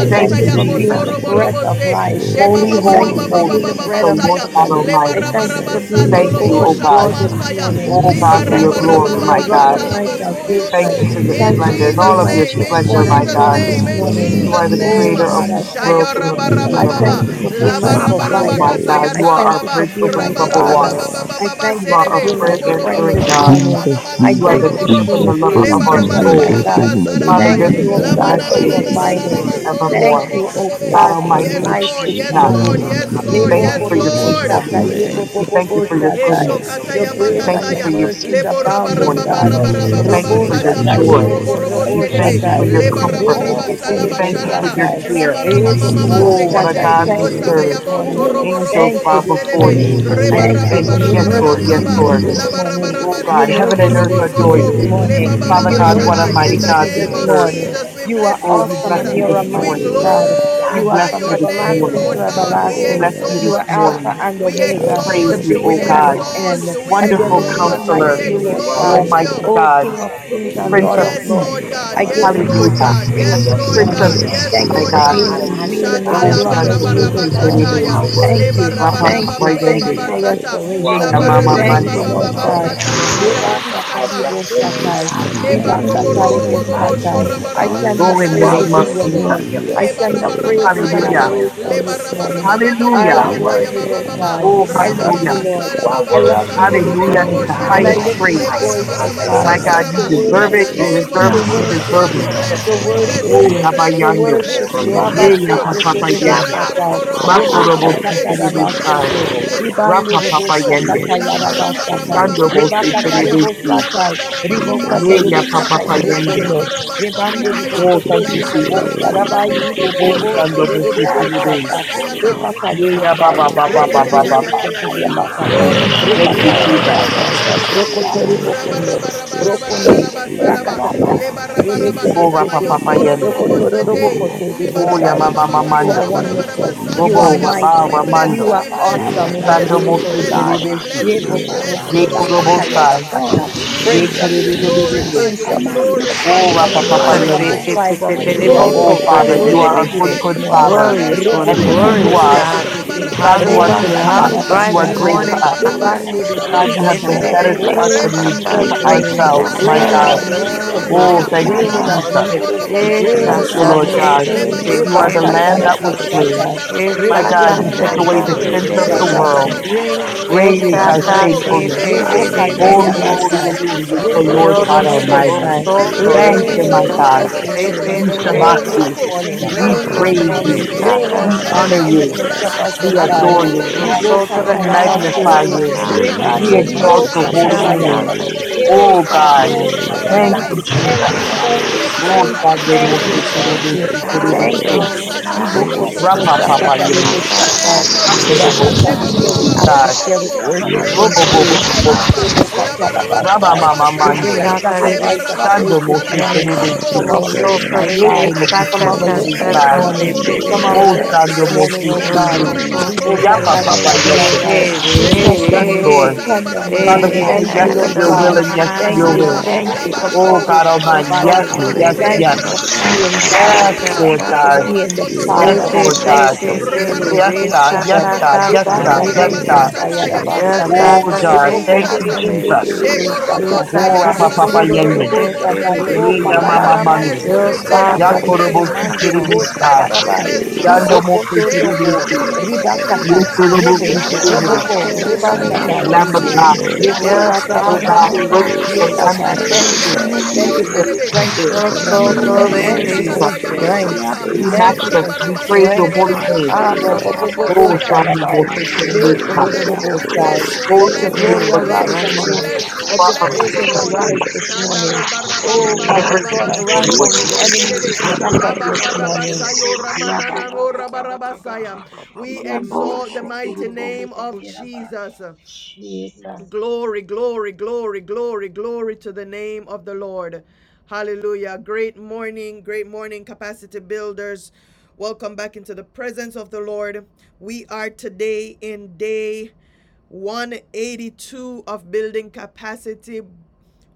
Speaker 2: I
Speaker 3: Thank
Speaker 2: thank you
Speaker 3: you,
Speaker 2: for
Speaker 7: to
Speaker 2: being
Speaker 3: Jesus.
Speaker 7: your
Speaker 2: the
Speaker 1: Yakosoro
Speaker 7: name.
Speaker 2: breath of
Speaker 1: Borobose,
Speaker 2: life.
Speaker 1: Sheba
Speaker 7: Glory
Speaker 3: Holy,
Speaker 2: I
Speaker 1: Baba
Speaker 7: to
Speaker 2: thank
Speaker 3: holy,
Speaker 2: you
Speaker 7: your
Speaker 1: Baba
Speaker 2: for
Speaker 1: Baba
Speaker 2: being
Speaker 3: holy
Speaker 2: the
Speaker 7: name.
Speaker 1: Baba
Speaker 3: is
Speaker 9: Ribendelebesukurubuskaraba.
Speaker 2: bread
Speaker 3: the
Speaker 6: Jesus,
Speaker 2: of
Speaker 3: Lord
Speaker 1: Basaya,
Speaker 3: God
Speaker 2: heaven.
Speaker 7: There is
Speaker 1: Eba
Speaker 2: I
Speaker 3: Almighty.
Speaker 7: none
Speaker 1: Raba
Speaker 2: thank you
Speaker 1: Raba
Speaker 2: for
Speaker 7: like
Speaker 3: We
Speaker 2: being
Speaker 6: Thank
Speaker 2: that
Speaker 1: Sato
Speaker 7: you,
Speaker 3: thank
Speaker 6: you,
Speaker 9: Rabasikurubusiki.
Speaker 3: you,
Speaker 1: Lobo
Speaker 3: oh
Speaker 7: Lord,
Speaker 6: Jesus.
Speaker 2: open
Speaker 3: God.
Speaker 2: door this
Speaker 1: Shasaya,
Speaker 2: morning.
Speaker 3: Oh
Speaker 7: none
Speaker 2: I
Speaker 3: God,
Speaker 1: Liba
Speaker 3: for
Speaker 2: thank
Speaker 3: your
Speaker 7: like
Speaker 1: Raba
Speaker 2: you for
Speaker 3: glory,
Speaker 9: Rabandelebesukuraba.
Speaker 2: being
Speaker 7: you.
Speaker 3: my
Speaker 2: the rock
Speaker 7: You
Speaker 2: of
Speaker 9: In
Speaker 3: God.
Speaker 9: the
Speaker 2: my
Speaker 9: name of
Speaker 7: alone
Speaker 3: We thank
Speaker 2: salvation.
Speaker 7: deserve
Speaker 3: you
Speaker 9: Jesus,
Speaker 3: for
Speaker 7: the
Speaker 3: your
Speaker 1: in
Speaker 2: Thank you
Speaker 3: splendor
Speaker 2: for
Speaker 3: and
Speaker 7: glory.
Speaker 1: Jesus,
Speaker 9: Yabasa
Speaker 3: all
Speaker 2: being
Speaker 3: of
Speaker 2: my
Speaker 3: your
Speaker 2: chief
Speaker 1: in
Speaker 3: splendor,
Speaker 7: You
Speaker 1: Jesus.
Speaker 3: my
Speaker 9: Karaboso
Speaker 2: cornerstone
Speaker 3: God.
Speaker 2: this
Speaker 1: Name
Speaker 7: alone
Speaker 1: in
Speaker 2: morning.
Speaker 3: You
Speaker 7: deserve
Speaker 3: are
Speaker 1: Jesus'
Speaker 3: the
Speaker 7: the
Speaker 1: name,
Speaker 2: Oh
Speaker 3: creator
Speaker 7: honor.
Speaker 3: of
Speaker 2: God, I
Speaker 3: this
Speaker 9: Ribeskerabeskeraba.
Speaker 2: thank
Speaker 3: world
Speaker 1: Shaya
Speaker 3: and
Speaker 2: you.
Speaker 3: of
Speaker 9: In
Speaker 1: Raba
Speaker 9: the
Speaker 3: this
Speaker 7: You
Speaker 1: Raba
Speaker 2: I
Speaker 9: name of
Speaker 3: universe.
Speaker 2: thank
Speaker 1: Baba,
Speaker 2: you
Speaker 6: Hallelujah.
Speaker 2: for
Speaker 7: alone
Speaker 2: being
Speaker 9: Jesus,
Speaker 2: my
Speaker 1: Laba
Speaker 7: deserve
Speaker 1: Raba
Speaker 6: Jesus.
Speaker 7: the
Speaker 3: Oh
Speaker 1: Raba
Speaker 2: provider.
Speaker 3: my God,
Speaker 2: I
Speaker 3: you
Speaker 7: praise.
Speaker 3: are
Speaker 1: Kasaya
Speaker 2: thank
Speaker 3: our
Speaker 2: you
Speaker 9: Wabasikidibusa.
Speaker 2: for
Speaker 3: bridge
Speaker 2: being
Speaker 3: over
Speaker 2: my
Speaker 6: Praise
Speaker 1: Raba
Speaker 6: your
Speaker 3: troubled
Speaker 1: raba
Speaker 6: name,
Speaker 2: father.
Speaker 1: ba
Speaker 3: water.
Speaker 1: ba ba
Speaker 7: Hallelujah,
Speaker 2: I
Speaker 6: Jesus.
Speaker 2: thank
Speaker 3: You
Speaker 2: you for
Speaker 3: are our
Speaker 1: serebe.
Speaker 2: being my
Speaker 3: prayer
Speaker 1: Robo robo
Speaker 2: friend
Speaker 6: Praise
Speaker 3: answering
Speaker 9: Rababababababababababa.
Speaker 1: bobo
Speaker 2: this
Speaker 7: hallelujah.
Speaker 3: God.
Speaker 2: morning.
Speaker 1: sanamana
Speaker 8: Jesus,
Speaker 2: I
Speaker 6: Jesus.
Speaker 3: You
Speaker 7: We
Speaker 1: manundo
Speaker 3: are
Speaker 2: thank
Speaker 8: Jesus,
Speaker 3: the
Speaker 2: you
Speaker 9: Rababababababababa.
Speaker 1: robo
Speaker 8: Jesus. Hey,
Speaker 2: for
Speaker 3: bishop
Speaker 2: being
Speaker 3: and
Speaker 1: robo.
Speaker 3: the
Speaker 7: worship
Speaker 2: the great
Speaker 3: lover
Speaker 7: and
Speaker 3: of
Speaker 1: Leba
Speaker 3: our
Speaker 8: I'm
Speaker 1: raba
Speaker 7: adore
Speaker 2: shepherd,
Speaker 8: so
Speaker 1: raba
Speaker 2: my
Speaker 3: soul.
Speaker 6: Eh.
Speaker 1: ba
Speaker 8: close
Speaker 7: you.
Speaker 8: to
Speaker 2: God.
Speaker 8: you, la, la, la, la,
Speaker 3: Father,
Speaker 2: Thank
Speaker 3: you're
Speaker 1: sadabaya.
Speaker 8: la,
Speaker 7: We
Speaker 8: la, la, la, la, la, la, la,
Speaker 3: the
Speaker 2: you, oh
Speaker 3: same
Speaker 1: Lama
Speaker 7: bow
Speaker 2: God,
Speaker 1: na
Speaker 8: la,
Speaker 6: Praise
Speaker 7: at
Speaker 2: for
Speaker 1: na
Speaker 6: your
Speaker 3: yesterday,
Speaker 1: na
Speaker 7: your
Speaker 1: na na
Speaker 9: Rabababababababa.
Speaker 3: today,
Speaker 1: na na
Speaker 3: and
Speaker 2: providing.
Speaker 7: throne.
Speaker 9: The blood,
Speaker 2: Thank
Speaker 3: forevermore.
Speaker 9: the
Speaker 1: robo
Speaker 7: With
Speaker 2: you,
Speaker 7: the
Speaker 2: oh
Speaker 1: serebe.
Speaker 7: fruit
Speaker 3: God
Speaker 7: of
Speaker 2: God,
Speaker 7: our
Speaker 2: for
Speaker 3: Almighty,
Speaker 1: Yes
Speaker 3: you
Speaker 2: life
Speaker 7: lips,
Speaker 1: Lord,
Speaker 3: change
Speaker 2: this
Speaker 7: we
Speaker 1: yes
Speaker 3: not.
Speaker 7: give
Speaker 2: morning.
Speaker 1: Lord,
Speaker 7: you
Speaker 1: yes
Speaker 3: We
Speaker 1: Lord,
Speaker 3: thank
Speaker 2: Lebo
Speaker 3: you
Speaker 7: praise.
Speaker 1: yes
Speaker 3: for your
Speaker 2: korobo
Speaker 1: Lord.
Speaker 3: faithfulness.
Speaker 2: shakai,
Speaker 6: name.
Speaker 2: lebo bo
Speaker 3: We
Speaker 2: bo
Speaker 7: Jesus,
Speaker 3: thank you
Speaker 2: bo
Speaker 3: for
Speaker 7: we
Speaker 3: your
Speaker 2: yeboboboboshatai.
Speaker 1: Yesho
Speaker 3: goodness.
Speaker 7: praise your
Speaker 9: blood,
Speaker 2: Your
Speaker 1: kataya
Speaker 9: the
Speaker 3: We
Speaker 2: grace
Speaker 7: name.
Speaker 9: blood,
Speaker 3: thank
Speaker 2: and
Speaker 9: the
Speaker 3: you
Speaker 2: your
Speaker 3: for
Speaker 1: bakasaya.
Speaker 9: blood,
Speaker 3: your
Speaker 9: the
Speaker 2: mercies
Speaker 3: peace
Speaker 1: Lebo
Speaker 9: blood,
Speaker 3: this
Speaker 1: raba
Speaker 2: abound,
Speaker 7: You
Speaker 2: O
Speaker 6: Your
Speaker 1: raba
Speaker 9: the
Speaker 3: morning.
Speaker 1: ba
Speaker 2: God.
Speaker 1: raba
Speaker 9: blood, the
Speaker 1: raba
Speaker 7: alone
Speaker 3: We
Speaker 6: my
Speaker 1: ba
Speaker 9: blood,
Speaker 3: thank
Speaker 1: ba
Speaker 3: you
Speaker 6: God,
Speaker 3: for
Speaker 7: deserve
Speaker 3: your
Speaker 7: the
Speaker 9: the
Speaker 2: Roboshata,
Speaker 1: ba
Speaker 3: joy.
Speaker 2: bo
Speaker 1: shoro
Speaker 9: blood.
Speaker 1: bo
Speaker 7: glory.
Speaker 2: bo
Speaker 1: robo
Speaker 3: We thank
Speaker 1: sedebe.
Speaker 3: you for
Speaker 7: You
Speaker 9: Rebendele
Speaker 2: yeboboboboshata.
Speaker 3: your
Speaker 9: be
Speaker 1: Leba raba
Speaker 3: comfort.
Speaker 7: alone
Speaker 1: raba
Speaker 9: socorro,
Speaker 1: sala
Speaker 3: We
Speaker 7: deserve
Speaker 1: ba
Speaker 3: thank
Speaker 7: the
Speaker 3: you for
Speaker 1: sharara.
Speaker 3: your
Speaker 7: honor.
Speaker 9: In the
Speaker 3: care.
Speaker 1: Raba
Speaker 9: name
Speaker 1: rama
Speaker 9: of
Speaker 1: mama
Speaker 7: You
Speaker 1: ma
Speaker 3: Oh,
Speaker 9: Jesus.
Speaker 3: what a
Speaker 6: I am
Speaker 1: sekete.
Speaker 7: alone
Speaker 3: God we
Speaker 2: Thank you
Speaker 7: deserve
Speaker 1: Osaba
Speaker 6: sorry,
Speaker 2: this
Speaker 3: serve.
Speaker 7: the
Speaker 9: In
Speaker 1: yabo
Speaker 9: the
Speaker 2: morning.
Speaker 1: toro
Speaker 9: name
Speaker 1: bo
Speaker 9: of
Speaker 7: praise.
Speaker 1: robo
Speaker 3: Angels
Speaker 1: bo
Speaker 2: Thank
Speaker 1: bo
Speaker 2: you
Speaker 3: bow
Speaker 9: Jesus,
Speaker 2: this
Speaker 9: in the
Speaker 3: before
Speaker 1: sedebe.
Speaker 3: you.
Speaker 2: morning.
Speaker 9: name of
Speaker 7: Praise
Speaker 6: I
Speaker 1: Reba
Speaker 7: and
Speaker 3: And,
Speaker 6: am
Speaker 2: Thank
Speaker 1: raba
Speaker 2: you
Speaker 9: Jesus.
Speaker 3: and
Speaker 1: ba
Speaker 2: for
Speaker 3: and
Speaker 2: new
Speaker 1: raba
Speaker 3: yes,
Speaker 6: sorry,
Speaker 7: worship
Speaker 1: raba
Speaker 3: Lord,
Speaker 7: and
Speaker 2: mercies
Speaker 8: la,
Speaker 3: yes,
Speaker 2: we
Speaker 1: saba.
Speaker 7: honor
Speaker 2: see
Speaker 9: Yamase
Speaker 3: Lord.
Speaker 7: be
Speaker 2: this
Speaker 1: Laba
Speaker 9: korobo
Speaker 7: unto
Speaker 1: raba
Speaker 2: morning.
Speaker 1: raba
Speaker 3: Oh
Speaker 7: you.
Speaker 2: New
Speaker 3: God,
Speaker 9: sakaraba,
Speaker 3: heaven and
Speaker 2: mercies
Speaker 3: earth
Speaker 2: we see
Speaker 7: Let
Speaker 3: adore
Speaker 2: this
Speaker 1: soto.
Speaker 3: you.
Speaker 7: the
Speaker 6: Lord, Lord,
Speaker 9: ribendelebe
Speaker 2: morning.
Speaker 1: Leba ba
Speaker 3: Father
Speaker 2: New
Speaker 1: ba
Speaker 7: redeemed
Speaker 3: God,
Speaker 7: of
Speaker 3: what a
Speaker 7: the
Speaker 9: sakoraba,
Speaker 2: mercies we
Speaker 3: mighty
Speaker 1: in the
Speaker 8: la,
Speaker 7: Lord
Speaker 3: God
Speaker 2: see
Speaker 3: we
Speaker 2: this
Speaker 1: name
Speaker 7: say
Speaker 1: of
Speaker 3: serve.
Speaker 9: rebeske
Speaker 7: so.
Speaker 2: morning.
Speaker 1: Jesus, we
Speaker 2: You
Speaker 1: bless
Speaker 2: are
Speaker 3: Oh,
Speaker 1: you,
Speaker 9: rebeskaraba.
Speaker 3: we
Speaker 2: awesome
Speaker 3: bless
Speaker 1: Lord.
Speaker 9: In
Speaker 6: how
Speaker 2: and
Speaker 9: the
Speaker 3: you
Speaker 2: you're
Speaker 3: this
Speaker 2: a
Speaker 9: name of
Speaker 1: We
Speaker 2: mighty
Speaker 3: morning.
Speaker 2: God.
Speaker 7: Hallelujah.
Speaker 9: Jesus,
Speaker 3: We
Speaker 2: You are
Speaker 1: glorify
Speaker 3: bless
Speaker 2: from
Speaker 1: your
Speaker 3: you
Speaker 9: yabase
Speaker 3: this
Speaker 1: name,
Speaker 2: everlasting
Speaker 3: morning.
Speaker 1: Lord
Speaker 2: to
Speaker 9: kerobo
Speaker 1: God.
Speaker 3: We
Speaker 1: We
Speaker 2: everlasting.
Speaker 3: bless you
Speaker 7: Hallelujah.
Speaker 9: sakorobo
Speaker 3: this
Speaker 2: You are
Speaker 1: exalt you.
Speaker 9: saka,
Speaker 2: Alpha
Speaker 3: morning.
Speaker 2: and
Speaker 1: We
Speaker 3: We
Speaker 2: Omega,
Speaker 3: praise
Speaker 2: the
Speaker 1: exalt
Speaker 7: Hallelujah.
Speaker 3: you,
Speaker 1: you.
Speaker 9: yebendelebe
Speaker 1: We
Speaker 3: O
Speaker 2: beginning and the
Speaker 3: God.
Speaker 9: sako. We
Speaker 1: exalt
Speaker 2: end.
Speaker 1: you. We
Speaker 6: God,
Speaker 2: And there
Speaker 9: magnify
Speaker 3: Wonderful
Speaker 2: is
Speaker 9: you,
Speaker 7: Glory,
Speaker 1: exalt
Speaker 2: none
Speaker 1: you.
Speaker 9: God.
Speaker 2: like
Speaker 1: We
Speaker 3: counselor,
Speaker 2: you, Lord
Speaker 7: glory,
Speaker 9: You are
Speaker 2: God.
Speaker 1: exalt you.
Speaker 9: worthy
Speaker 3: Almighty
Speaker 7: glory.
Speaker 9: of
Speaker 2: Oh,
Speaker 9: a
Speaker 3: God,
Speaker 2: King of
Speaker 9: Father to
Speaker 2: kings
Speaker 9: be
Speaker 2: and
Speaker 3: Prince
Speaker 2: Lord
Speaker 9: praised
Speaker 3: of
Speaker 2: of
Speaker 1: Yes,
Speaker 9: and to
Speaker 7: Jesus,
Speaker 3: Peace.
Speaker 2: lords.
Speaker 1: Lord
Speaker 9: be
Speaker 7: we
Speaker 6: Thank you,
Speaker 1: God.
Speaker 2: I
Speaker 7: honor
Speaker 1: Yes,
Speaker 2: give
Speaker 10: Jesus.
Speaker 9: exalted
Speaker 2: you
Speaker 9: and
Speaker 7: you.
Speaker 1: Lord
Speaker 9: I.
Speaker 3: Hallelujah.
Speaker 2: total
Speaker 1: God. Yes,
Speaker 2: praise
Speaker 9: I
Speaker 2: this
Speaker 9: honor
Speaker 1: Lord
Speaker 9: your
Speaker 3: Prince of
Speaker 9: great
Speaker 1: God.
Speaker 2: morning.
Speaker 3: Peace,
Speaker 9: name,
Speaker 7: Jesus,
Speaker 1: Yes,
Speaker 2: Thank
Speaker 7: we
Speaker 9: Baba.
Speaker 2: you
Speaker 3: my
Speaker 1: Lord
Speaker 2: for
Speaker 3: God.
Speaker 1: God.
Speaker 2: being
Speaker 9: I
Speaker 7: adore
Speaker 2: the wheel in
Speaker 7: you.
Speaker 2: the
Speaker 9: magnify
Speaker 1: Shata
Speaker 8: la,
Speaker 3: Oh,
Speaker 1: la
Speaker 2: middle
Speaker 9: your
Speaker 8: la,
Speaker 2: of the
Speaker 9: name,
Speaker 3: Shanto
Speaker 2: wheel this
Speaker 1: barabaraba
Speaker 3: Mese
Speaker 7: Oh,
Speaker 9: Jesus.
Speaker 8: la,
Speaker 2: morning.
Speaker 9: You
Speaker 1: sataya.
Speaker 3: Terebe,
Speaker 9: are
Speaker 2: Thank
Speaker 1: Le
Speaker 9: worthy,
Speaker 7: Jesus,
Speaker 2: you.
Speaker 9: God,
Speaker 3: Rapa
Speaker 9: to
Speaker 2: Thank
Speaker 3: Papa
Speaker 9: be
Speaker 2: you.
Speaker 7: Jesus,
Speaker 2: Thank you
Speaker 9: praised.
Speaker 3: Yende,
Speaker 1: barabarabababa
Speaker 2: for
Speaker 9: Uh,
Speaker 1: sata.
Speaker 7: Jesus.
Speaker 9: You are
Speaker 1: La
Speaker 3: Yega
Speaker 2: restoration.
Speaker 8: Thank
Speaker 3: Mama
Speaker 9: worthy
Speaker 7: There
Speaker 9: to
Speaker 2: Thank
Speaker 9: be
Speaker 2: you,
Speaker 7: is
Speaker 3: Mando.
Speaker 2: Lord
Speaker 7: none
Speaker 1: barabarabababa
Speaker 9: exalted,
Speaker 7: like
Speaker 2: God.
Speaker 9: and
Speaker 1: sata
Speaker 7: you,
Speaker 9: I,
Speaker 2: Leba
Speaker 1: rabaraba
Speaker 7: Lord.
Speaker 9: uh, I bless
Speaker 1: sakata.
Speaker 2: sataribo
Speaker 9: your
Speaker 7: There
Speaker 9: name,
Speaker 7: is
Speaker 2: satai.
Speaker 7: none
Speaker 9: Father.
Speaker 1: Eba
Speaker 2: Reba
Speaker 7: like
Speaker 9: I
Speaker 1: robo
Speaker 7: you.
Speaker 1: robo
Speaker 2: kataribo
Speaker 1: bobo
Speaker 9: glorify
Speaker 1: bo
Speaker 9: your
Speaker 2: satai.
Speaker 1: shora
Speaker 9: name,
Speaker 2: I
Speaker 9: God.
Speaker 2: send
Speaker 7: You
Speaker 2: the
Speaker 3: Go
Speaker 1: barabasanda
Speaker 3: in
Speaker 9: You
Speaker 3: the
Speaker 9: are
Speaker 7: are
Speaker 2: praises
Speaker 3: name
Speaker 7: the
Speaker 3: of
Speaker 2: to your
Speaker 9: worthy
Speaker 1: Bobo,
Speaker 9: from
Speaker 3: Jesus.
Speaker 2: name.
Speaker 9: the
Speaker 7: same
Speaker 2: I send
Speaker 9: uprising of
Speaker 2: the
Speaker 9: the
Speaker 7: yesterday,
Speaker 1: Lebarabaraba
Speaker 9: sun
Speaker 2: praises and
Speaker 9: unto the
Speaker 3: Hallelujah.
Speaker 1: Sayata,
Speaker 7: today, and
Speaker 9: going down
Speaker 2: adoration
Speaker 9: of
Speaker 2: this
Speaker 9: the
Speaker 7: forever.
Speaker 2: morning.
Speaker 9: same.
Speaker 1: Lebarabaraba
Speaker 2: I
Speaker 9: You
Speaker 3: Hallelujah.
Speaker 9: are
Speaker 7: You
Speaker 2: adore
Speaker 7: are
Speaker 1: Saya
Speaker 9: worthy
Speaker 2: you,
Speaker 7: the
Speaker 9: to
Speaker 1: Baba
Speaker 2: Lord
Speaker 9: be
Speaker 1: Baba,
Speaker 2: God.
Speaker 7: Alpha
Speaker 3: Oh,
Speaker 2: I
Speaker 7: and
Speaker 2: love
Speaker 9: glorified.
Speaker 7: the
Speaker 3: hallelujah.
Speaker 2: you,
Speaker 1: Rababa
Speaker 2: Lord.
Speaker 9: You
Speaker 1: Sada
Speaker 7: Omega,
Speaker 9: are
Speaker 2: I
Speaker 8: you.
Speaker 1: Baba
Speaker 2: love
Speaker 9: worthy to
Speaker 2: you
Speaker 7: the
Speaker 1: Sato
Speaker 9: be
Speaker 2: this
Speaker 1: Robo
Speaker 3: Hallelujah is
Speaker 1: Robo
Speaker 7: beginning
Speaker 2: morning.
Speaker 3: the
Speaker 7: and
Speaker 2: And
Speaker 1: Sherebe,
Speaker 2: I
Speaker 7: the
Speaker 3: highest
Speaker 9: magnified.
Speaker 2: lift
Speaker 7: end.
Speaker 3: praise.
Speaker 2: my
Speaker 6: Jesus.
Speaker 9: I was
Speaker 2: voice,
Speaker 9: glad
Speaker 2: oh
Speaker 9: when
Speaker 1: Lebarabaraba
Speaker 9: they
Speaker 2: God,
Speaker 3: My
Speaker 9: said
Speaker 3: God,
Speaker 7: Oh,
Speaker 3: you
Speaker 2: to
Speaker 9: unto
Speaker 1: Sandaraba.
Speaker 9: me,
Speaker 3: deserve
Speaker 9: Let
Speaker 1: In
Speaker 2: worship
Speaker 3: it.
Speaker 9: us
Speaker 1: the
Speaker 3: You
Speaker 9: go
Speaker 2: you,
Speaker 7: Jesus,
Speaker 1: name
Speaker 9: into
Speaker 1: of
Speaker 3: deserve
Speaker 9: the
Speaker 2: to
Speaker 6: Jesus,
Speaker 3: it. You
Speaker 9: house
Speaker 1: Jesus,
Speaker 7: Jesus,
Speaker 9: of
Speaker 2: worship
Speaker 7: you
Speaker 9: the
Speaker 3: deserve
Speaker 1: God,
Speaker 3: it.
Speaker 1: we
Speaker 2: you,
Speaker 7: are
Speaker 9: Lord.
Speaker 1: bless
Speaker 2: to
Speaker 1: you,
Speaker 7: our
Speaker 1: we bless
Speaker 2: worship
Speaker 1: you,
Speaker 3: Oh,
Speaker 7: peace.
Speaker 1: we
Speaker 2: you,
Speaker 9: Ribendele
Speaker 1: bless
Speaker 2: to
Speaker 1: you, we
Speaker 3: Yabayando.
Speaker 1: bless
Speaker 2: worship
Speaker 1: you,
Speaker 9: besokoro
Speaker 2: you.
Speaker 7: You
Speaker 1: we
Speaker 3: Ye
Speaker 2: Abba
Speaker 1: bless you.
Speaker 3: ya
Speaker 7: are
Speaker 9: bosaka.
Speaker 7: our
Speaker 2: seke te
Speaker 3: Papa
Speaker 2: de be
Speaker 3: Yende,
Speaker 7: worship,
Speaker 9: Yabasa
Speaker 2: satai.
Speaker 7: Lord. We
Speaker 2: Robo
Speaker 9: karaba.
Speaker 1: Shadabariborobobosa.
Speaker 3: Makorobo Si
Speaker 1: We
Speaker 2: shakata
Speaker 7: worship
Speaker 1: bless you, we
Speaker 9: Rebendele
Speaker 3: Terebe
Speaker 2: raba
Speaker 7: and
Speaker 1: bless
Speaker 3: Sai,
Speaker 1: you,
Speaker 2: sete.
Speaker 7: adore
Speaker 1: we
Speaker 9: besokoro
Speaker 1: bless
Speaker 7: you.
Speaker 1: you, we
Speaker 2: Ribande
Speaker 3: Rapa
Speaker 1: bless
Speaker 2: ribo
Speaker 9: bosekereba.
Speaker 3: Papa
Speaker 1: you.
Speaker 7: We
Speaker 3: Yende,
Speaker 2: sakata
Speaker 9: In
Speaker 1: La
Speaker 9: the
Speaker 7: exalt
Speaker 2: yaraba
Speaker 9: name of
Speaker 7: your
Speaker 1: barabara
Speaker 2: sata.
Speaker 1: baba
Speaker 9: Jesus,
Speaker 7: name
Speaker 1: baba
Speaker 3: Sandobo
Speaker 7: on
Speaker 2: Reba
Speaker 9: in
Speaker 3: Se
Speaker 9: the
Speaker 2: kata
Speaker 9: name
Speaker 1: saya,
Speaker 7: high.
Speaker 9: of
Speaker 3: Terebe
Speaker 2: ribo
Speaker 1: la
Speaker 3: Si,
Speaker 9: Jesus,
Speaker 2: satai.
Speaker 1: mandara
Speaker 6: for your
Speaker 9: in
Speaker 1: bara
Speaker 9: the
Speaker 2: Ribo
Speaker 1: baba
Speaker 9: mighty
Speaker 7: Jesus,
Speaker 1: baba
Speaker 2: kata
Speaker 3: Ye
Speaker 7: we
Speaker 3: ya
Speaker 2: ribo
Speaker 9: name
Speaker 1: sasa,
Speaker 9: of
Speaker 2: kata
Speaker 3: Papa
Speaker 2: ibo
Speaker 6: goodness.
Speaker 7: exalt
Speaker 3: Yende.
Speaker 9: Jesus,
Speaker 7: you.
Speaker 2: kono.
Speaker 6: Thank you for
Speaker 9: in the
Speaker 2: Rebande
Speaker 6: your
Speaker 9: name
Speaker 1: Rabarabarabasakataya,
Speaker 2: ribo
Speaker 7: We
Speaker 6: grace,
Speaker 3: Oh,
Speaker 9: of
Speaker 7: give
Speaker 2: koto
Speaker 3: thank you,
Speaker 7: you
Speaker 2: ibo
Speaker 9: Jesus,
Speaker 2: bo
Speaker 3: Jesus.
Speaker 9: in the
Speaker 7: glory.
Speaker 2: saraba
Speaker 1: Labarabarabasanto
Speaker 9: name
Speaker 7: We
Speaker 9: of
Speaker 2: ibo
Speaker 7: give
Speaker 2: bo
Speaker 1: Robobobo
Speaker 3: Oh,
Speaker 9: Jesus.
Speaker 2: bo
Speaker 7: you
Speaker 6: for your
Speaker 1: Soto
Speaker 6: love
Speaker 3: Sandobo
Speaker 7: honor.
Speaker 1: Lobo
Speaker 2: serede
Speaker 3: Se
Speaker 2: de be
Speaker 1: Robo
Speaker 6: kindness,
Speaker 3: Terebe,
Speaker 2: sata.
Speaker 9: Yabase koro
Speaker 7: We
Speaker 1: Rabasayata,
Speaker 6: for your
Speaker 3: Ye ya
Speaker 7: magnify
Speaker 3: Ba
Speaker 9: bosekoreba.
Speaker 2: Rekataribosai,
Speaker 3: Ba
Speaker 7: your
Speaker 3: Ba Ba
Speaker 9: In
Speaker 3: Ba
Speaker 9: the
Speaker 1: Ayaya.
Speaker 7: name.
Speaker 3: Ba
Speaker 9: name
Speaker 3: Ba.
Speaker 9: of
Speaker 6: pure
Speaker 2: Rokoterebekataya
Speaker 7: We
Speaker 9: Jesus,
Speaker 6: service
Speaker 2: Bakata,
Speaker 1: Yayayabasorama,
Speaker 9: in the
Speaker 7: glorify
Speaker 3: Thank
Speaker 6: of
Speaker 3: you,
Speaker 9: name
Speaker 7: your
Speaker 9: of
Speaker 3: Jesus.
Speaker 9: Jesus.
Speaker 7: name.
Speaker 2: Rekataribokatai,
Speaker 6: mind. God,
Speaker 1: edededededededededede.
Speaker 9: Yababa.
Speaker 7: Oh,
Speaker 2: Rokotorebokondo,
Speaker 7: blessed, blessed
Speaker 2: Rokonde,
Speaker 6: thank you
Speaker 1: Rabarabarabarabarabarabasaraba,
Speaker 7: Redeemer,
Speaker 6: for
Speaker 9: Yababa
Speaker 2: Rakataya,
Speaker 6: giving unto us all
Speaker 7: Prince
Speaker 3: Oh,
Speaker 7: of
Speaker 1: lebarabarabakata,
Speaker 6: things,
Speaker 3: Rapa
Speaker 6: Lord
Speaker 2: Rebeketete,
Speaker 3: Papa
Speaker 7: Peace,
Speaker 3: Yende.
Speaker 1: soroborobosete,
Speaker 9: ba
Speaker 7: Lily
Speaker 9: ba
Speaker 6: God,
Speaker 7: of
Speaker 2: Rokotorobokote
Speaker 6: all
Speaker 9: ba
Speaker 7: the
Speaker 3: Oh,
Speaker 6: things that
Speaker 2: Debosai.
Speaker 3: Yama
Speaker 7: Valley,
Speaker 6: pertain
Speaker 3: Mama
Speaker 9: Yebo
Speaker 2: You
Speaker 6: unto
Speaker 2: are
Speaker 3: Mando.
Speaker 7: Bright
Speaker 6: life
Speaker 2: wonderful.
Speaker 9: sokorobo
Speaker 7: and
Speaker 5: you,
Speaker 2: You are
Speaker 3: Robo
Speaker 1: libarabarabarabasataya.
Speaker 5: God.
Speaker 7: Morning
Speaker 9: seke.
Speaker 3: Raba
Speaker 5: Worship
Speaker 2: mighty.
Speaker 1: We
Speaker 6: and
Speaker 7: Star.
Speaker 9: Ya
Speaker 1: bless you,
Speaker 2: You
Speaker 3: Ramando.
Speaker 9: ba
Speaker 2: are
Speaker 1: we
Speaker 6: godliness,
Speaker 9: ba
Speaker 1: bless
Speaker 7: You
Speaker 9: ba
Speaker 1: you,
Speaker 9: ba
Speaker 6: Lord,
Speaker 1: we
Speaker 2: awesome
Speaker 7: are
Speaker 2: in
Speaker 9: ba
Speaker 2: your
Speaker 1: bless
Speaker 9: ba.
Speaker 1: you,
Speaker 5: you,
Speaker 2: ways,
Speaker 3: Sandobo
Speaker 1: we
Speaker 2: O
Speaker 3: Se
Speaker 5: praise.
Speaker 1: bless
Speaker 7: worthy.
Speaker 9: Ya
Speaker 1: you,
Speaker 2: God.
Speaker 1: we
Speaker 3: Terebe
Speaker 9: ba ba
Speaker 1: bless
Speaker 3: Si,
Speaker 6: that
Speaker 1: you,
Speaker 9: ba
Speaker 5: Praise,
Speaker 1: we
Speaker 6: we
Speaker 9: ba
Speaker 7: You
Speaker 6: may
Speaker 7: are
Speaker 1: bless
Speaker 9: ba
Speaker 6: walk
Speaker 1: you,
Speaker 3: Ye
Speaker 9: ba.
Speaker 5: hallelujah,
Speaker 6: in
Speaker 1: Lord.
Speaker 3: Korobo
Speaker 9: I
Speaker 7: holy.
Speaker 2: Yebokoroboshakataya
Speaker 6: integrity,
Speaker 3: Sai,
Speaker 9: exalt
Speaker 2: Bakata,
Speaker 5: you
Speaker 6: Lord,
Speaker 9: your name,
Speaker 5: are
Speaker 3: Ye
Speaker 6: before
Speaker 2: Prince
Speaker 7: Oh,
Speaker 2: of
Speaker 1: Jesus, we
Speaker 3: Terebe
Speaker 6: you,
Speaker 5: worthy,
Speaker 9: Jesus.
Speaker 2: Peace,
Speaker 3: Bebe
Speaker 1: glorify
Speaker 7: Jesus,
Speaker 3: Bebe.
Speaker 1: you,
Speaker 2: Prince
Speaker 9: I
Speaker 1: we
Speaker 2: of
Speaker 6: that
Speaker 5: praise,
Speaker 6: we
Speaker 2: Peace,
Speaker 6: may
Speaker 2: the
Speaker 9: magnify
Speaker 1: glorify
Speaker 7: Jesus,
Speaker 3: Oh,
Speaker 6: walk
Speaker 9: your
Speaker 1: you, we
Speaker 3: Rapa
Speaker 6: in
Speaker 2: conquering
Speaker 9: great
Speaker 3: Papa
Speaker 9: name,
Speaker 7: Jesus.
Speaker 2: lion
Speaker 1: glorify
Speaker 2: of the
Speaker 3: Yende.
Speaker 9: God.
Speaker 6: godliness
Speaker 1: We
Speaker 2: tribe
Speaker 5: praise,
Speaker 2: of
Speaker 1: glorify
Speaker 9: I
Speaker 6: before you,
Speaker 2: Judah.
Speaker 7: Oh,
Speaker 3: Oh,
Speaker 6: Jesus.
Speaker 9: glorify
Speaker 2: I
Speaker 3: Father,
Speaker 9: your
Speaker 3: you
Speaker 2: worship
Speaker 3: are a
Speaker 9: name.
Speaker 2: you
Speaker 3: good,
Speaker 2: this
Speaker 3: good
Speaker 1: you,
Speaker 9: King of
Speaker 2: morning.
Speaker 1: Lord.
Speaker 3: Father.
Speaker 7: shakeke.
Speaker 9: King
Speaker 5: praise,
Speaker 9: and
Speaker 4: Glorious
Speaker 6: Oh,
Speaker 9: Lord
Speaker 3: That
Speaker 4: one,
Speaker 9: of
Speaker 3: is
Speaker 1: Araramasaya.
Speaker 3: who
Speaker 9: Lord, I
Speaker 3: you
Speaker 4: glorious
Speaker 2: Robobobobo
Speaker 6: Father,
Speaker 3: are.
Speaker 7: Ramboroko
Speaker 9: shall
Speaker 4: God.
Speaker 9: back
Speaker 5: praise,
Speaker 2: sekete.
Speaker 9: you.
Speaker 7: shakeke.
Speaker 3: God, you are
Speaker 9: Oh
Speaker 2: Riba
Speaker 3: good
Speaker 9: God,
Speaker 4: Hallelujah.
Speaker 3: to
Speaker 9: I
Speaker 6: I
Speaker 3: us.
Speaker 4: Holly
Speaker 1: Lebarabarabasana-na-na-na-na-ma.
Speaker 7: Eke
Speaker 5: praise,
Speaker 3: You
Speaker 4: bright
Speaker 6: worship
Speaker 3: are
Speaker 4: and
Speaker 9: magnify
Speaker 3: great
Speaker 6: you.
Speaker 9: you,
Speaker 2: katarabasatai.
Speaker 7: shakeke.
Speaker 4: morning
Speaker 5: praise,
Speaker 3: to us.
Speaker 4: star.
Speaker 2: Lebande
Speaker 9: Jesus. Uh,
Speaker 3: God, you have
Speaker 5: you are
Speaker 9: you
Speaker 3: been
Speaker 2: ribosatai.
Speaker 5: the
Speaker 9: are
Speaker 3: better
Speaker 1: Libarabarabasioroborobosherebe.
Speaker 7: shakeke.
Speaker 3: to
Speaker 5: praise,
Speaker 6: I
Speaker 3: us
Speaker 9: worthy to
Speaker 3: than
Speaker 2: Rain,
Speaker 6: honor
Speaker 5: you are
Speaker 9: be
Speaker 3: we've
Speaker 6: your
Speaker 5: the
Speaker 3: been
Speaker 7: We
Speaker 2: Jesus,
Speaker 3: to
Speaker 9: praised
Speaker 6: name,
Speaker 5: praise,
Speaker 9: and to
Speaker 7: bless
Speaker 9: be
Speaker 2: rain.
Speaker 6: God.
Speaker 7: your
Speaker 3: ourselves, my
Speaker 7: name,
Speaker 2: Rain
Speaker 5: hallelujah,
Speaker 2: in
Speaker 9: exalted
Speaker 3: God.
Speaker 2: our
Speaker 7: Lord.
Speaker 9: and
Speaker 2: midst
Speaker 7: We
Speaker 9: higher.
Speaker 6: I
Speaker 2: today.
Speaker 7: bless
Speaker 5: hallelujah,
Speaker 3: Oh,
Speaker 1: Rebarabarabarabasalamarararararabasaya.
Speaker 7: your
Speaker 6: praise
Speaker 3: thank
Speaker 6: your
Speaker 3: you,
Speaker 2: Rain in
Speaker 7: name.
Speaker 4: Adonai.
Speaker 3: Jesus.
Speaker 2: our
Speaker 6: holy
Speaker 9: Yabasi
Speaker 5: Jesus,
Speaker 6: name,
Speaker 2: midst.
Speaker 5: you are
Speaker 9: Korobo
Speaker 7: We
Speaker 6: Lord.
Speaker 4: Yes,
Speaker 2: Rain
Speaker 5: worthy,
Speaker 3: Thank
Speaker 7: thank
Speaker 2: in
Speaker 3: you,
Speaker 7: you,
Speaker 2: our
Speaker 9: Seteraba.
Speaker 3: Lord
Speaker 1: Lamandoroborobobobobobosoto.
Speaker 3: God.
Speaker 7: Lord,
Speaker 2: midst.
Speaker 9: In the
Speaker 7: for
Speaker 6: You
Speaker 9: name
Speaker 5: you are
Speaker 3: You
Speaker 6: are
Speaker 1: Lebababa.
Speaker 9: of
Speaker 7: another
Speaker 3: are
Speaker 2: Riba
Speaker 3: the
Speaker 5: worthy,
Speaker 7: day
Speaker 6: God.
Speaker 7: in
Speaker 3: lamb
Speaker 5: God,
Speaker 7: your
Speaker 1: Kabayo.
Speaker 9: Jesus
Speaker 3: that
Speaker 5: you
Speaker 3: was
Speaker 5: are worthy
Speaker 3: slain.
Speaker 5: to
Speaker 2: katarabasatai.
Speaker 7: presence.
Speaker 5: be
Speaker 4: Yes, Yo
Speaker 3: My
Speaker 5: praised,
Speaker 9: in
Speaker 3: God,
Speaker 9: the
Speaker 3: you
Speaker 7: Thank
Speaker 3: take
Speaker 7: you
Speaker 3: away
Speaker 1: Yondarabarabariyotalabasa.
Speaker 9: mighty
Speaker 3: the
Speaker 7: for
Speaker 5: hallelujah,
Speaker 9: name
Speaker 7: your
Speaker 3: sins
Speaker 9: of
Speaker 3: of the
Speaker 5: you
Speaker 9: Jesus.
Speaker 7: faithfulness.
Speaker 3: world.
Speaker 6: You are
Speaker 5: are
Speaker 2: Rain,
Speaker 6: God,
Speaker 5: worthy
Speaker 6: and
Speaker 3: Great
Speaker 5: to be
Speaker 3: is
Speaker 2: Jesus,
Speaker 3: thy
Speaker 7: Thank you
Speaker 5: glorified,
Speaker 1: Lebarabarabasioroborobobosobo.
Speaker 2: rain.
Speaker 7: for your
Speaker 6: like
Speaker 3: faithfulness.
Speaker 5: Holy
Speaker 9: Labasekerebosokoraba.
Speaker 7: brand
Speaker 2: Libo
Speaker 7: new
Speaker 5: Spirit,
Speaker 9: In the
Speaker 3: Holy,
Speaker 1: Lebarabarabababasoroboroborebe.
Speaker 9: name
Speaker 3: holy,
Speaker 9: of
Speaker 2: katayabasai.
Speaker 7: mercies.
Speaker 3: holy is
Speaker 9: Jesus.
Speaker 3: the
Speaker 6: there,
Speaker 9: uh,
Speaker 7: Oh
Speaker 3: Lord
Speaker 4: no
Speaker 2: Rebekete
Speaker 3: God
Speaker 7: God,
Speaker 9: In
Speaker 4: no
Speaker 9: the
Speaker 7: we
Speaker 4: no
Speaker 9: name
Speaker 3: Almighty.
Speaker 9: of
Speaker 2: rebesai.
Speaker 7: thank you,
Speaker 4: bolso
Speaker 9: Jesus.
Speaker 7: we
Speaker 3: Thank
Speaker 2: Rain,
Speaker 3: you,
Speaker 4: torere
Speaker 7: honor
Speaker 3: my
Speaker 7: you,
Speaker 3: God.
Speaker 4: sata
Speaker 2: Jesus,
Speaker 7: we
Speaker 4: te
Speaker 5: we
Speaker 7: adore
Speaker 2: rain.
Speaker 4: te
Speaker 5: worship
Speaker 3: We
Speaker 4: te
Speaker 6: there
Speaker 7: you.
Speaker 1: Lebarabarabasatolobobobobobobobo
Speaker 5: you,
Speaker 4: te
Speaker 6: is
Speaker 5: we
Speaker 3: shabak
Speaker 6: no
Speaker 2: Rain
Speaker 5: worship
Speaker 9: Ribesekerebosokoraba.
Speaker 4: te.
Speaker 3: you.
Speaker 2: this
Speaker 6: one
Speaker 5: you,
Speaker 6: like
Speaker 9: In
Speaker 2: morning,
Speaker 5: we
Speaker 9: the
Speaker 7: We
Speaker 3: We
Speaker 4: Yo
Speaker 2: rain
Speaker 9: mighty
Speaker 5: praise,
Speaker 2: this
Speaker 9: name
Speaker 7: thank
Speaker 3: praise
Speaker 4: sotere
Speaker 9: of
Speaker 5: we
Speaker 4: be
Speaker 2: morning,
Speaker 7: you,
Speaker 3: you.
Speaker 9: Jesus,
Speaker 5: praise,
Speaker 2: rain
Speaker 7: Lord.
Speaker 9: I
Speaker 2: in the
Speaker 4: sata.
Speaker 3: We
Speaker 2: mud,
Speaker 6: you.
Speaker 3: honor
Speaker 6: Not
Speaker 7: Thank
Speaker 9: magnify
Speaker 2: in
Speaker 5: Abba,
Speaker 2: the
Speaker 3: you.
Speaker 7: you,
Speaker 9: you,
Speaker 6: only
Speaker 2: midst
Speaker 6: are
Speaker 2: of
Speaker 9: God.
Speaker 7: God,
Speaker 6: you
Speaker 2: us,
Speaker 3: We
Speaker 2: oh
Speaker 7: that
Speaker 6: God,
Speaker 9: I
Speaker 7: you
Speaker 6: but
Speaker 2: God.
Speaker 3: adore you.
Speaker 6: you
Speaker 4: Yo
Speaker 9: glorify
Speaker 7: alone
Speaker 2: Libo
Speaker 9: you,
Speaker 7: are
Speaker 3: We
Speaker 4: sotere
Speaker 7: God.
Speaker 9: Father. I
Speaker 3: magnify
Speaker 9: lift
Speaker 2: katalabasete,
Speaker 9: up
Speaker 3: you.
Speaker 9: your
Speaker 7: You
Speaker 9: name
Speaker 5: We give you
Speaker 9: and
Speaker 2: riba
Speaker 4: Adonai.
Speaker 3: We
Speaker 9: I,
Speaker 7: alone
Speaker 5: praise,
Speaker 6: are
Speaker 9: God.
Speaker 3: exalt
Speaker 2: nedibo
Speaker 3: your
Speaker 5: give you
Speaker 7: deserve
Speaker 3: holy
Speaker 6: holy.
Speaker 9: You
Speaker 7: the
Speaker 5: praise,
Speaker 4: Yo
Speaker 5: give
Speaker 9: are the
Speaker 2: sakataya.
Speaker 3: name.
Speaker 5: you
Speaker 4: sata
Speaker 7: glory.
Speaker 5: praise.
Speaker 9: sustainer.
Speaker 2: Yeah,
Speaker 3: Oh
Speaker 5: Hallelujah.
Speaker 2: God.
Speaker 9: You
Speaker 3: God,
Speaker 9: are
Speaker 7: You
Speaker 9: the
Speaker 2: Yes, God.
Speaker 9: giver of
Speaker 6: You are holy. You
Speaker 3: thank
Speaker 6: are
Speaker 7: alone
Speaker 2: Thank
Speaker 5: Thank you,
Speaker 3: you,
Speaker 9: life.
Speaker 2: you.
Speaker 9: uh,
Speaker 6: holy.
Speaker 7: deserve
Speaker 2: Thank
Speaker 3: Jesus.
Speaker 7: the
Speaker 2: you.
Speaker 9: You
Speaker 5: Give
Speaker 9: are the
Speaker 2: Thank you.
Speaker 5: you
Speaker 9: way
Speaker 7: praise.
Speaker 3: Oh,
Speaker 2: Thank
Speaker 5: praise,
Speaker 2: you.
Speaker 9: maker.
Speaker 6: You are
Speaker 5: give
Speaker 3: Padre,
Speaker 5: you
Speaker 2: Thank
Speaker 3: Mose,
Speaker 9: Oh,
Speaker 7: There
Speaker 2: you.
Speaker 7: is
Speaker 5: praise.
Speaker 6: righteous.
Speaker 9: Robo
Speaker 7: none
Speaker 2: Thank
Speaker 3: Terebe,
Speaker 2: you.
Speaker 3: Si,
Speaker 7: like you,
Speaker 9: Sokorobo
Speaker 3: Terebe,
Speaker 2: Thank
Speaker 7: Lord.
Speaker 5: Lord,
Speaker 2: you.
Speaker 3: So.
Speaker 5: we bless your
Speaker 9: Sekiraba.
Speaker 4: Adonai.
Speaker 5: name.
Speaker 2: Liboko
Speaker 7: There
Speaker 5: We
Speaker 9: I
Speaker 7: is
Speaker 9: give
Speaker 5: bless
Speaker 2: rebo
Speaker 9: you
Speaker 7: none
Speaker 3: Rapa,
Speaker 5: your name.
Speaker 3: Papa,
Speaker 7: like
Speaker 4: Yo
Speaker 2: sakata
Speaker 9: praise,
Speaker 3: Yende.
Speaker 2: rebo
Speaker 9: God.
Speaker 7: you.
Speaker 1: in
Speaker 4: sata
Speaker 1: the
Speaker 9: I
Speaker 5: Hallelujah.
Speaker 2: sakai.
Speaker 4: ta.
Speaker 1: name
Speaker 9: give
Speaker 1: of
Speaker 9: you
Speaker 7: You
Speaker 6: You are
Speaker 1: Jesus,
Speaker 6: the
Speaker 3: Akorobo,
Speaker 9: glory,
Speaker 6: God
Speaker 3: Si,
Speaker 2: Ribakata.
Speaker 7: alone
Speaker 6: of
Speaker 2: We
Speaker 9: my
Speaker 1: Leba
Speaker 7: are
Speaker 2: fill
Speaker 6: all
Speaker 5: Lord,
Speaker 2: the
Speaker 5: we
Speaker 3: Terebe,
Speaker 1: Baba
Speaker 9: God.
Speaker 7: God.
Speaker 5: give
Speaker 3: Sai.
Speaker 1: Korobo
Speaker 9: I
Speaker 2: atmosphere
Speaker 9: give
Speaker 2: with
Speaker 6: creation.
Speaker 1: Robo,
Speaker 9: you
Speaker 5: you
Speaker 9: honor,
Speaker 2: worship
Speaker 5: praise,
Speaker 7: You
Speaker 2: and
Speaker 3: Robo,
Speaker 7: are
Speaker 9: God.
Speaker 4: Yo
Speaker 3: Bo,
Speaker 7: God
Speaker 3: Bo,
Speaker 2: praise.
Speaker 3: Bo,
Speaker 9: I
Speaker 3: Bo,
Speaker 4: sata
Speaker 3: Bo.
Speaker 6: You are
Speaker 7: Almighty.
Speaker 2: Rebokata
Speaker 9: magnify your
Speaker 6: almighty,
Speaker 9: great
Speaker 3: Raba,
Speaker 9: name,
Speaker 2: labasai.
Speaker 3: Mama,
Speaker 2: We
Speaker 6: creator
Speaker 9: Jesus.
Speaker 2: bring
Speaker 3: Mando.
Speaker 2: a
Speaker 7: faithful
Speaker 6: of
Speaker 4: asata
Speaker 9: I
Speaker 6: heaven
Speaker 2: sacrifice
Speaker 6: and
Speaker 4: rebes.
Speaker 2: of
Speaker 6: earth.
Speaker 9: exalt
Speaker 2: praise
Speaker 3: Chando,
Speaker 5: Lord.
Speaker 2: this
Speaker 3: Mose,
Speaker 9: you,
Speaker 2: morning
Speaker 3: Terebe,
Speaker 7: out
Speaker 9: Rababa
Speaker 2: from
Speaker 3: Si.
Speaker 4: Yo
Speaker 7: of
Speaker 2: our
Speaker 7: the
Speaker 2: lips,
Speaker 9: Sekoro
Speaker 5: Your
Speaker 2: I
Speaker 7: womb.
Speaker 4: sotere
Speaker 3: Ye,
Speaker 5: name,
Speaker 2: God.
Speaker 1: in
Speaker 4: be
Speaker 3: Terebe,
Speaker 1: the
Speaker 2: From
Speaker 3: Si,
Speaker 5: the
Speaker 4: sata
Speaker 1: name
Speaker 7: You
Speaker 9: Bosekiraba,
Speaker 1: of
Speaker 7: are
Speaker 2: our
Speaker 6: There
Speaker 4: ta
Speaker 3: Terebe,
Speaker 7: the
Speaker 2: lips
Speaker 6: is
Speaker 9: in
Speaker 4: ta
Speaker 9: the
Speaker 2: this
Speaker 6: no
Speaker 1: Jesus, she
Speaker 3: Sai.
Speaker 4: ta
Speaker 6: one
Speaker 9: name
Speaker 7: Alpha
Speaker 5: Lord,
Speaker 9: of
Speaker 1: borro
Speaker 4: te
Speaker 2: morning.
Speaker 7: and
Speaker 1: borro
Speaker 6: like
Speaker 4: te
Speaker 7: the
Speaker 6: you,
Speaker 4: te
Speaker 2: From
Speaker 1: borro
Speaker 9: Jesus.
Speaker 2: our
Speaker 6: God.
Speaker 3: Oh,
Speaker 2: lips
Speaker 7: Omega,
Speaker 2: this
Speaker 3: Chando,
Speaker 1: borosaya,
Speaker 5: great
Speaker 3: Mose,
Speaker 2: morning,
Speaker 7: the
Speaker 2: oh
Speaker 4: Yo
Speaker 2: God.
Speaker 5: praise.
Speaker 9: Rebebebebebe
Speaker 3: Terebe.
Speaker 4: so
Speaker 7: beginning. and
Speaker 4: so
Speaker 1: labarabarabab borro borro
Speaker 3: Yapa,
Speaker 4: baby,
Speaker 2: Libokata
Speaker 9: Sekoro
Speaker 1: borro
Speaker 3: Papa,
Speaker 6: You
Speaker 3: Yende.
Speaker 6: sit
Speaker 7: You
Speaker 1: boroskoto,
Speaker 2: labasakai.
Speaker 6: on
Speaker 7: are
Speaker 9: Bosekaraba,
Speaker 6: your
Speaker 5: Give
Speaker 2: We
Speaker 1: she
Speaker 5: you
Speaker 9: In the
Speaker 2: trust
Speaker 6: throne,
Speaker 1: borro
Speaker 3: Yes,
Speaker 2: in
Speaker 9: name
Speaker 7: faithful.
Speaker 2: you.
Speaker 6: God,
Speaker 1: borro
Speaker 9: of
Speaker 2: We
Speaker 5: praise,
Speaker 3: Lord.
Speaker 4: baby,
Speaker 2: depend
Speaker 9: Jesus,
Speaker 2: on
Speaker 5: Lord.
Speaker 2: you.
Speaker 3: Father,
Speaker 7: You
Speaker 3: we
Speaker 5: Worship,
Speaker 7: are
Speaker 4: hey
Speaker 3: say
Speaker 2: Thank
Speaker 1: borosarabarabaselebe,
Speaker 3: yes
Speaker 2: you,
Speaker 9: Yabasi
Speaker 3: to
Speaker 2: Lord
Speaker 3: your
Speaker 7: worthy.
Speaker 5: Lord.
Speaker 3: will
Speaker 1: labarabasa,
Speaker 2: God.
Speaker 4: Adonai.
Speaker 3: and
Speaker 6: and you
Speaker 3: yes to
Speaker 9: Kurubosiki,
Speaker 2: Thank
Speaker 6: see
Speaker 5: Worship,
Speaker 3: your
Speaker 2: you.
Speaker 7: You
Speaker 3: way.
Speaker 7: are
Speaker 6: yourself,
Speaker 2: Thank you
Speaker 5: give
Speaker 6: God.
Speaker 2: for
Speaker 5: you
Speaker 9: Rababa
Speaker 3: Oh
Speaker 7: holy.
Speaker 5: glory,
Speaker 1: labarabarababaraba,
Speaker 9: Baba
Speaker 2: always
Speaker 3: God
Speaker 4: Yo
Speaker 3: Almighty,
Speaker 9: Baba
Speaker 5: praise.
Speaker 4: so
Speaker 3: yes,
Speaker 2: providing.
Speaker 7: You
Speaker 4: so
Speaker 9: Baba,
Speaker 3: yes,
Speaker 5: Lord,
Speaker 4: baby,
Speaker 6: You
Speaker 2: Thank
Speaker 5: your
Speaker 3: yes,
Speaker 2: you
Speaker 4: sa
Speaker 6: take
Speaker 7: alone
Speaker 2: for
Speaker 6: such
Speaker 4: sa
Speaker 5: name,
Speaker 7: deserve
Speaker 2: being
Speaker 7: the
Speaker 4: sa
Speaker 9: Yababa
Speaker 4: sa
Speaker 2: God.
Speaker 6: care,
Speaker 9: Baba
Speaker 3: yes,
Speaker 4: sa
Speaker 1: rebarabarabarabababababa,
Speaker 7: glory.
Speaker 9: Baba
Speaker 2: Thank
Speaker 3: Lord
Speaker 4: sa
Speaker 2: you for
Speaker 3: God,
Speaker 6: Lord.
Speaker 4: baby.
Speaker 5: Lord,
Speaker 2: being
Speaker 9: Baba,
Speaker 2: the
Speaker 7: You
Speaker 5: your
Speaker 1: warabarabaskoto
Speaker 5: name is
Speaker 3: yes,
Speaker 1: solo
Speaker 4: Hey,
Speaker 2: Father.
Speaker 1: solo
Speaker 5: great.
Speaker 9: Yababa
Speaker 4: hey,
Speaker 3: Lord
Speaker 7: alone
Speaker 1: solo
Speaker 2: Thank
Speaker 4: hey,
Speaker 1: solo,
Speaker 3: God,
Speaker 2: you for
Speaker 4: hey,
Speaker 7: deserve
Speaker 9: Baba
Speaker 2: being
Speaker 4: hey,
Speaker 2: a
Speaker 7: the
Speaker 5: Hallelujah.
Speaker 2: good,
Speaker 3: yes,
Speaker 9: Baba
Speaker 2: good
Speaker 4: baby,
Speaker 7: honor.
Speaker 3: God,
Speaker 4: sa
Speaker 3: yes,
Speaker 2: shepherd.
Speaker 6: Thank
Speaker 4: sa
Speaker 9: Yana
Speaker 3: God,
Speaker 4: sa
Speaker 1: rebarababababababababa,
Speaker 9: ba
Speaker 3: yes,
Speaker 6: you.
Speaker 9: ba
Speaker 4: sa
Speaker 7: You
Speaker 3: God,
Speaker 9: ba
Speaker 2: Rebasata,
Speaker 9: ba
Speaker 3: yes,
Speaker 4: baby,
Speaker 1: rabarabasaya.
Speaker 9: ba
Speaker 4: say.
Speaker 7: alone
Speaker 3: God.
Speaker 5: Your
Speaker 2: rebosaya,
Speaker 7: deserve
Speaker 1: In
Speaker 7: the
Speaker 9: Ye
Speaker 1: the
Speaker 4: Yes,
Speaker 6: Thank you
Speaker 2: rabasata.
Speaker 6: for
Speaker 4: sa
Speaker 1: name
Speaker 9: Yabababababa.
Speaker 1: of
Speaker 3: Oh
Speaker 4: sa
Speaker 7: praise.
Speaker 6: being my
Speaker 3: God,
Speaker 4: baby,
Speaker 3: thank
Speaker 2: Ribokote,
Speaker 4: sa
Speaker 1: Jesus,
Speaker 3: you,
Speaker 6: Father.
Speaker 4: sa
Speaker 9: Yekorobosekeraba.
Speaker 4: baby.
Speaker 3: Jesus.
Speaker 9: In
Speaker 2: rebekete,
Speaker 9: the
Speaker 1: she
Speaker 9: name
Speaker 7: Hallelujah
Speaker 9: of
Speaker 1: borro
Speaker 7: to the
Speaker 4: Yes,
Speaker 2: rebosata.
Speaker 7: King
Speaker 4: sa
Speaker 3: Oh
Speaker 1: borosaya,
Speaker 7: of
Speaker 4: sa
Speaker 3: Rapa
Speaker 9: Jesus.
Speaker 3: Papa
Speaker 4: baby,
Speaker 7: Kings.
Speaker 9: In
Speaker 4: say,
Speaker 9: the
Speaker 3: Yende,
Speaker 1: borro
Speaker 4: say,
Speaker 9: name
Speaker 4: say,
Speaker 9: of
Speaker 2: Ribokorodododobosata,
Speaker 1: boroserebe,
Speaker 4: baby,
Speaker 3: Ye
Speaker 4: say.
Speaker 6: Thank you,
Speaker 9: Jesus.
Speaker 3: Yama
Speaker 7: Hallelujah
Speaker 1: father we
Speaker 7: to the
Speaker 3: Mando,
Speaker 2: ribokatalamase.
Speaker 1: you,
Speaker 4: Yo
Speaker 1: we
Speaker 7: Lord
Speaker 9: Ye
Speaker 7: of
Speaker 1: bless
Speaker 4: sa
Speaker 1: you,
Speaker 4: sa
Speaker 1: we
Speaker 5: Lord,
Speaker 1: bless
Speaker 7: Lords.
Speaker 4: baby,
Speaker 2: Labakaturia
Speaker 3: Yakorobo
Speaker 1: you, we
Speaker 4: sa
Speaker 2: mande,
Speaker 1: bless
Speaker 4: sa.
Speaker 1: you,
Speaker 3: Kiterebe
Speaker 1: we bless
Speaker 2: ribosata,
Speaker 3: God,
Speaker 9: Yebosokorobosekeraba.
Speaker 1: you,
Speaker 5: we
Speaker 1: we
Speaker 2: raba.
Speaker 6: Lord
Speaker 9: In
Speaker 1: bless
Speaker 5: worship
Speaker 9: the
Speaker 5: you,
Speaker 6: Jesus.
Speaker 9: name
Speaker 7: Hallelujah.
Speaker 1: you.
Speaker 3: Shando
Speaker 9: of
Speaker 5: God.
Speaker 3: Mose
Speaker 2: Ribokoto
Speaker 1: Shebo
Speaker 9: Jesus.
Speaker 3: Terebe,
Speaker 2: robo.
Speaker 9: In
Speaker 1: robo
Speaker 9: the
Speaker 3: si.
Speaker 7: You are
Speaker 1: robo
Speaker 9: name of
Speaker 7: God
Speaker 3: Ye
Speaker 1: koraba
Speaker 2: Ribakata,
Speaker 9: Jesus.
Speaker 1: raba.
Speaker 7: most
Speaker 3: Korobo
Speaker 6: Thank you,
Speaker 7: high.
Speaker 5: Praise.
Speaker 2: rebe,
Speaker 9: Ya
Speaker 6: Lord
Speaker 1: Laba
Speaker 4: Yo
Speaker 9: ba
Speaker 1: raba
Speaker 9: ba
Speaker 3: Kiterebe,
Speaker 4: sa
Speaker 1: raba
Speaker 9: ba
Speaker 4: sa
Speaker 2: roboko,
Speaker 7: There
Speaker 9: ba
Speaker 7: is
Speaker 1: sata
Speaker 9: ba
Speaker 7: none
Speaker 5: Thank
Speaker 1: laba
Speaker 9: ba
Speaker 5: you.
Speaker 4: baby,
Speaker 9: ba
Speaker 2: rebasata,
Speaker 9: ba.
Speaker 7: above
Speaker 4: sa.
Speaker 3: Lamb of
Speaker 2: ibo.
Speaker 7: you,
Speaker 1: shorabaya.
Speaker 3: God,
Speaker 7: Lord.
Speaker 1: Laba
Speaker 6: Redeemer.
Speaker 7: There
Speaker 9: Yababababababa.
Speaker 1: raba
Speaker 4: Yes,
Speaker 7: is
Speaker 1: raba
Speaker 4: sa
Speaker 3: oh
Speaker 7: none
Speaker 3: God,
Speaker 4: sa
Speaker 1: sato
Speaker 2: Rebokatalamande.
Speaker 7: like
Speaker 4: sa.
Speaker 1: ro
Speaker 3: worthy
Speaker 1: ro
Speaker 5: are
Speaker 7: you.
Speaker 1: ro
Speaker 3: is
Speaker 1: ro
Speaker 3: the
Speaker 7: There
Speaker 1: ro
Speaker 7: is
Speaker 2: Yekata,
Speaker 9: Yabosokorobosekeraba.
Speaker 3: Lamb
Speaker 7: none
Speaker 1: shanana.
Speaker 5: worthy,
Speaker 2: thank
Speaker 9: In
Speaker 2: you.
Speaker 9: the
Speaker 1: Daraba
Speaker 5: you
Speaker 7: beside
Speaker 1: di
Speaker 5: are
Speaker 9: name
Speaker 2: Thank
Speaker 9: of
Speaker 1: Dios
Speaker 2: you
Speaker 5: worthy,
Speaker 3: of
Speaker 7: you.
Speaker 2: for
Speaker 1: sedebe.
Speaker 6: Thank you
Speaker 9: Jesus.
Speaker 2: strength
Speaker 3: God.
Speaker 6: for
Speaker 2: this
Speaker 4: Yo
Speaker 1: Liba
Speaker 5: you
Speaker 7: Let
Speaker 9: In
Speaker 5: are
Speaker 9: the
Speaker 4: so
Speaker 1: raba
Speaker 7: the
Speaker 2: morning.
Speaker 5: worthy,
Speaker 1: raba
Speaker 9: name
Speaker 4: to
Speaker 3: Thank
Speaker 9: of
Speaker 6: saving.
Speaker 4: de
Speaker 1: baba
Speaker 3: you,
Speaker 2: Thank
Speaker 4: de
Speaker 2: you
Speaker 7: redeemed
Speaker 9: Jesus.
Speaker 2: for
Speaker 7: of
Speaker 3: Jesus.
Speaker 4: de
Speaker 1: sakata
Speaker 7: the
Speaker 1: ya
Speaker 4: de.
Speaker 1: baba
Speaker 2: strength.
Speaker 7: Lord
Speaker 1: basa.
Speaker 7: say
Speaker 3: We
Speaker 5: hallelujah,
Speaker 9: Yabese
Speaker 2: Thank
Speaker 1: Laba
Speaker 2: you
Speaker 3: matchless.
Speaker 7: so.
Speaker 2: for
Speaker 1: raba
Speaker 9: kirebo
Speaker 3: We
Speaker 1: raba
Speaker 3: praise your
Speaker 2: strength.
Speaker 1: sederere
Speaker 3: holy
Speaker 9: sukuraba
Speaker 1: bo
Speaker 3: name.
Speaker 2: Ah,
Speaker 1: shondo
Speaker 6: Hallelujah,
Speaker 2: bo,
Speaker 1: robo
Speaker 2: bo,
Speaker 9: raba
Speaker 7: Hallelujah.
Speaker 2: bo,
Speaker 9: ba
Speaker 2: bo,
Speaker 1: robo
Speaker 6: Jesus.
Speaker 2: bo,
Speaker 9: ba
Speaker 3: Oh,
Speaker 1: saya.
Speaker 9: ba
Speaker 3: Shandu,
Speaker 9: ba
Speaker 3: Mose,
Speaker 2: shadabai.
Speaker 9: ba ba ba
Speaker 2: Le,
Speaker 1: Jesus, we
Speaker 3: Teresa.
Speaker 1: bless
Speaker 2: korododo,
Speaker 7: Hallelujah.
Speaker 9: ya
Speaker 1: you,
Speaker 9: ba
Speaker 1: we
Speaker 9: ba
Speaker 6: Hallelujah,
Speaker 2: shai.
Speaker 9: ba
Speaker 1: bless
Speaker 6: Holy
Speaker 7: Glory,
Speaker 1: you, we
Speaker 5: hallelujah.
Speaker 9: ba
Speaker 3: Holy,
Speaker 2: Let
Speaker 9: ba
Speaker 2: your
Speaker 1: bless
Speaker 3: you
Speaker 1: you,
Speaker 9: ba
Speaker 4: Eh,
Speaker 7: glory,
Speaker 1: we
Speaker 2: glory
Speaker 6: Father.
Speaker 9: ba
Speaker 3: Lord, you
Speaker 4: we
Speaker 2: arise
Speaker 5: You
Speaker 1: bless you,
Speaker 5: are
Speaker 4: bless
Speaker 1: we
Speaker 7: glory.
Speaker 2: among
Speaker 9: ya
Speaker 4: you.
Speaker 2: us.
Speaker 9: ba
Speaker 5: worthy to
Speaker 1: bless you,
Speaker 9: ba
Speaker 1: we
Speaker 2: Let
Speaker 5: be
Speaker 3: are
Speaker 9: ba
Speaker 2: your
Speaker 3: our
Speaker 9: ba
Speaker 1: bless you,
Speaker 3: King
Speaker 5: praised,
Speaker 9: ba
Speaker 2: praises
Speaker 5: you
Speaker 3: of
Speaker 5: are
Speaker 1: Lord.
Speaker 9: ba
Speaker 3: Kings.
Speaker 5: worthy,
Speaker 2: arise this
Speaker 7: Hallelujah.
Speaker 6: Hallelujah,
Speaker 9: ya
Speaker 1: Nanda
Speaker 6: my
Speaker 9: ba
Speaker 2: morning.
Speaker 5: worthy,
Speaker 1: raba
Speaker 9: ba
Speaker 5: you are
Speaker 9: ba
Speaker 1: raba
Speaker 9: ba
Speaker 2: Oh
Speaker 5: worthy,
Speaker 1: baba
Speaker 2: God,
Speaker 9: ba
Speaker 7: Glory
Speaker 2: let
Speaker 1: baba
Speaker 3: Celebrate
Speaker 9: ba
Speaker 7: to
Speaker 1: baba
Speaker 2: God
Speaker 3: you
Speaker 7: the King
Speaker 3: this
Speaker 2: arise
Speaker 1: soro
Speaker 9: ye
Speaker 7: of
Speaker 3: morning.
Speaker 2: and the
Speaker 6: Yeshua.
Speaker 1: borobo
Speaker 5: hallelujah,
Speaker 7: Kings
Speaker 9: korebo
Speaker 7: and
Speaker 2: enemy
Speaker 7: to
Speaker 1: shedede.
Speaker 2: be
Speaker 5: hallelujah.
Speaker 7: the
Speaker 6: Okush.
Speaker 5: The
Speaker 7: Lord
Speaker 2: scattered
Speaker 7: of
Speaker 9: sukurbo
Speaker 1: Laba
Speaker 2: this
Speaker 1: karaba
Speaker 7: Lords.
Speaker 9: seke
Speaker 2: morning.
Speaker 1: sayo
Speaker 5: Holy
Speaker 9: ya ba
Speaker 5: Spirit,
Speaker 1: ramanana
Speaker 9: ba ba
Speaker 1: raba
Speaker 9: ba ba
Speaker 1: raba
Speaker 9: ba ba
Speaker 5: Kabababashi,
Speaker 6: Ah, Rabba
Speaker 1: We
Speaker 9: ya
Speaker 6: Baba
Speaker 9: bo
Speaker 6: Baka
Speaker 1: exalt the mighty
Speaker 6: Shekete.
Speaker 9: sukurbo
Speaker 5: Imakobobo,
Speaker 1: name of
Speaker 9: sekiraba
Speaker 1: Jesus
Speaker 9: Jesus
Speaker 1: praise. Glory, glory, glory, glory, glory to the name of the Lord. Hallelujah. Great morning, great morning, capacity builders. Welcome back into the presence of the Lord. We are today in day 182 of building capacity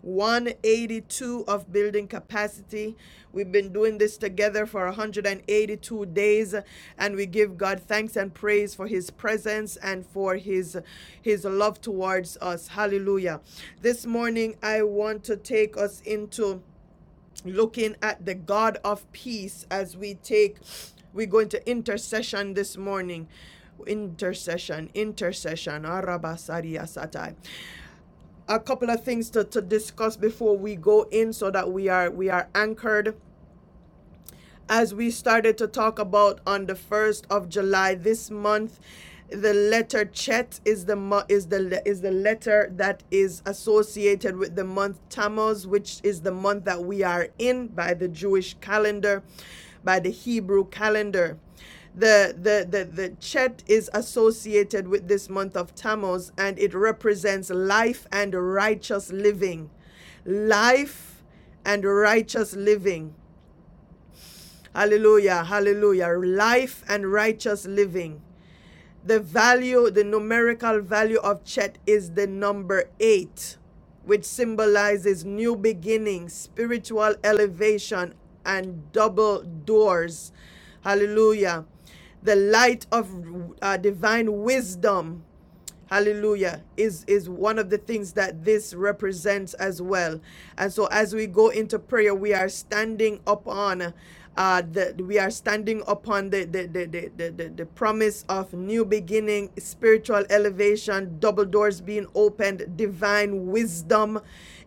Speaker 1: 182 of building capacity. We've been doing this together for 182 days and we give God thanks and praise for his presence and for his his love towards us. Hallelujah. This morning I want to take us into looking at the God of peace as we take we go into intercession this morning intercession intercession Arabasaria a couple of things to, to discuss before we go in so that we are we are anchored as we started to talk about on the 1st of July this month the letter Chet is the is the is the letter that is associated with the month Tammuz which is the month that we are in by the Jewish calendar by the Hebrew calendar the the the the Chet is associated with this month of Tammuz and it represents life and righteous living life and righteous living Hallelujah, hallelujah. Life and righteous living. The value, the numerical value of Chet is the number eight, which symbolizes new beginnings, spiritual elevation, and double doors. Hallelujah. The light of uh, divine wisdom Hallelujah is is one of the things that this represents as well. And so as we go into prayer, we are standing upon uh the we are standing upon the the the the, the, the, the promise of new beginning, spiritual elevation, double doors being opened, divine wisdom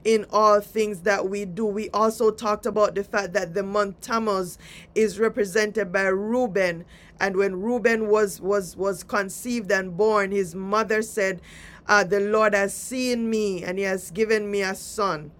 Speaker 1: in all things that we do. We also talked about the fact that the month Tammuz is represented by Reuben and when Reuben was was was conceived and born, his mother said, uh, "The Lord has seen me, and He has given me a son."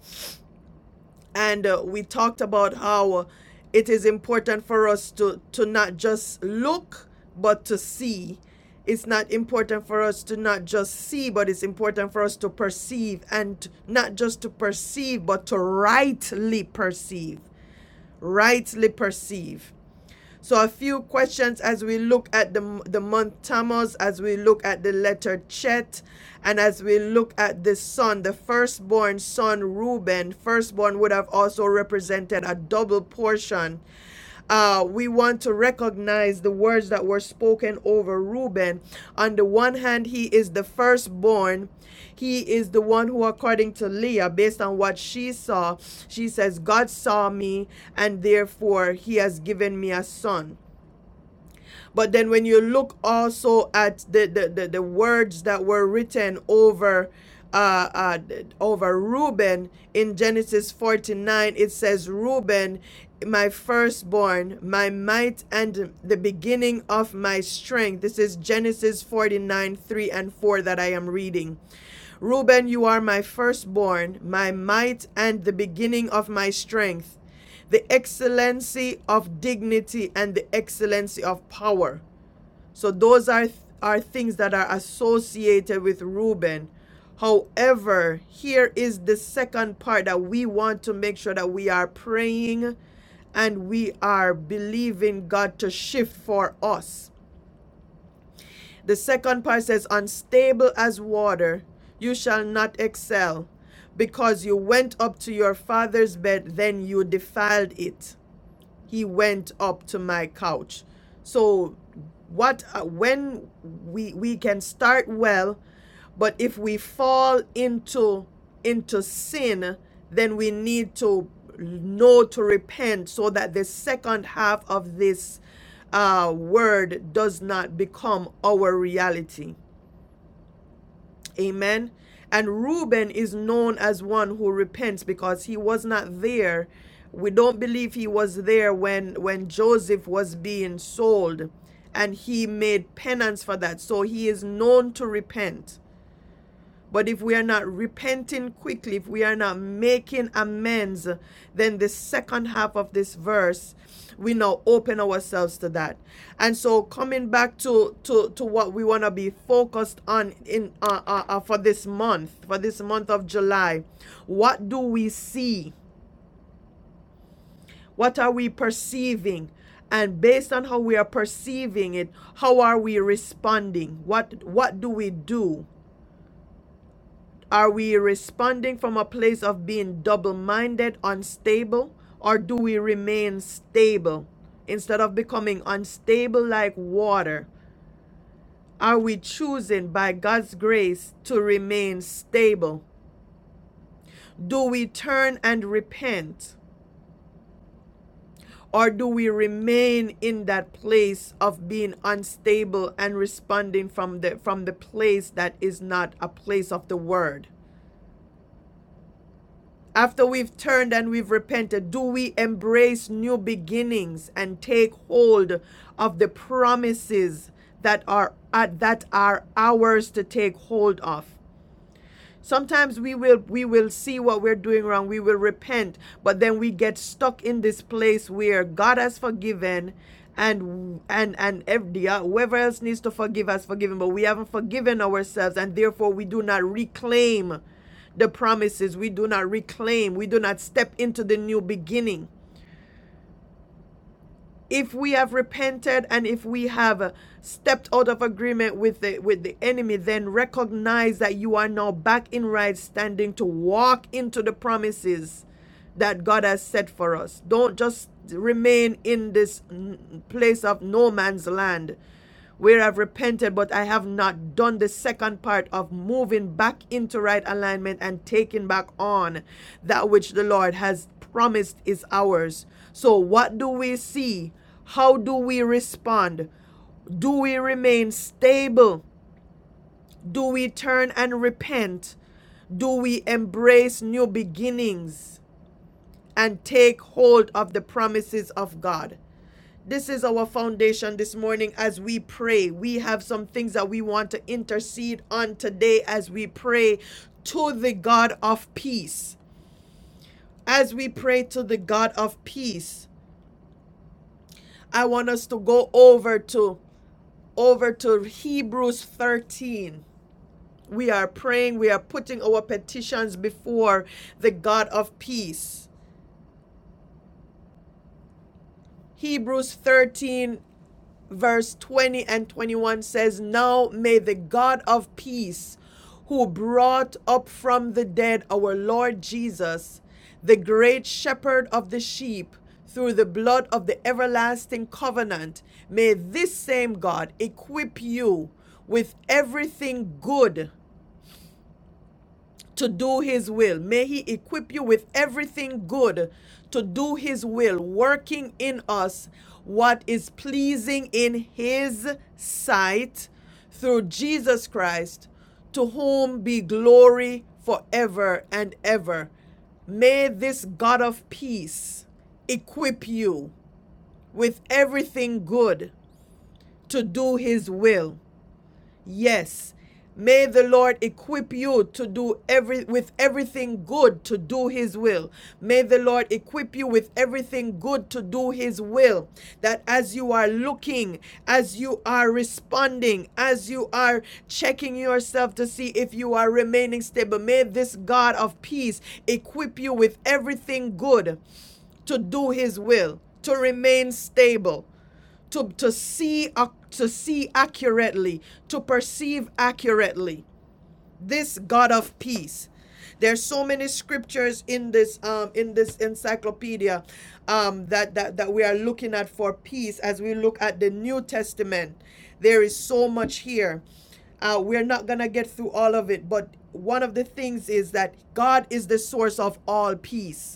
Speaker 1: And uh, we talked about how it is important for us to to not just look, but to see. It's not important for us to not just see, but it's important for us to perceive, and not just to perceive, but to rightly perceive. Rightly perceive so a few questions as we look at the the month Tammuz, as we look at the letter Chet, and as we look at the son, the firstborn son Reuben, firstborn would have also represented a double portion uh, we want to to recognize the words that were spoken over Reuben. On the one hand, he is the firstborn. He is the one who, according to Leah, based on what she saw, she says, God saw me, and therefore he has given me a son. But then when you look also at the, the, the, the words that were written over uh, uh, over Reuben in Genesis 49, it says, Reuben, my firstborn, my might, and the beginning of my strength. This is Genesis 49, 3 and 4 that I am reading. Reuben, you are my firstborn, my might, and the beginning of my strength the excellency of dignity and the excellency of power. So those are are things that are associated with Reuben. However, here is the second part that we want to make sure that we are praying and we are believing God to shift for us. The second part says, Unstable as water, you shall not excel, because you went up to your father's bed, then you defiled it he went up to my couch. So what uh, when we we can start well, but if we fall into into sin, then we need to know to repent so that the second half of this uh, word does not become our reality. Amen. And Reuben is known as one who repents because he was not there. We don't believe he was there when, when Joseph was being sold and he made penance for that. So he is known to repent. But if we are not repenting quickly, if we are not making amends, then the second half of this verse, we now open ourselves to that. And so coming back to to, to what we want to be focused on in uh, uh, uh, for this month, for this month of July, what do we see? What are we perceiving? And based on how we are perceiving it, how are we responding? What what do we do? Are we responding from a place of being double minded, unstable, or do we remain stable? Instead of becoming unstable like water, are we choosing by God's grace to remain stable? Do we turn and repent? Or do we remain in that place of being unstable and responding from the from the place that is not a place of the word? After we've turned and we've repented, do we embrace new beginnings and take hold of the promises that are uh, that are ours to take hold of? Sometimes we will we will see what we're doing wrong, we will repent, but then we get stuck in this place where God has forgiven and and and every, whoever else needs to forgive has forgiven, but we haven't forgiven ourselves and therefore we do not reclaim the promises. We do not reclaim. We do not step into the new beginning if we have repented and if we have uh, stepped out of agreement with the with the enemy then recognize that you are now back in right standing to walk into the promises that God has set for us don't just remain in this mm, place of no man's land where I've repented, but I have not done the second part of moving back into right alignment and taking back on that which the Lord has promised is ours. So, what do we see? How do we respond? Do we remain stable? Do we turn and repent? Do we embrace new beginnings and take hold of the promises of God? This is our foundation this morning as we pray. We have some things that we want to intercede on today as we pray to the God of peace. As we pray to the God of peace, I want us to go over to over to Hebrews 13. We are praying, we are putting our petitions before the God of peace. Hebrews 13 verse 20 and 21 says, Now may the God of peace, who brought up from the dead our Lord Jesus, the great shepherd of the sheep, through the blood of the everlasting covenant, may this same God equip you with everything good to do his will. May he equip you with everything good to do his will, working in us what is pleasing in his sight through Jesus Christ, to whom be glory forever and ever. May this God of peace equip you with everything good to do his will Yes. May the Lord equip you to do every with everything good to do his will. May the Lord equip you with everything good to do his will. That as you are looking, as you are responding, as you are checking yourself to see if you are remaining stable, may this God of peace equip you with everything good to do his will, to remain stable to, to see ac- to see accurately, to perceive accurately. This God of peace. There's so many scriptures in this um, in this encyclopedia um, that, that that we are looking at for peace as we look at the New Testament. There is so much here. Uh, we're not gonna get through all of it, but one of the things is that God is the source of all peace.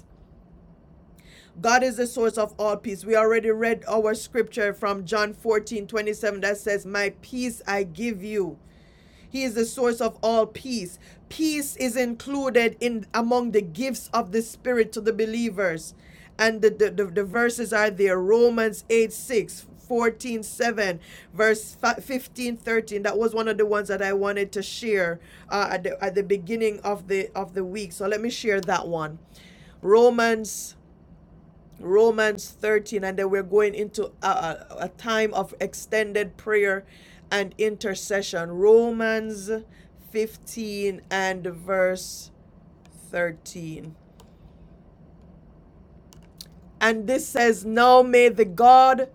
Speaker 1: God is the source of all peace. We already read our scripture from John 14:27 that says, My peace I give you. He is the source of all peace. Peace is included in among the gifts of the Spirit to the believers. And the, the, the, the verses are there Romans 8 6, fourteen seven, verse 15:13. That was one of the ones that I wanted to share uh, at, the, at the beginning of the, of the week. So let me share that one. Romans Romans 13, and then we're going into a, a, a time of extended prayer and intercession. Romans 15 and verse 13. And this says, Now may the God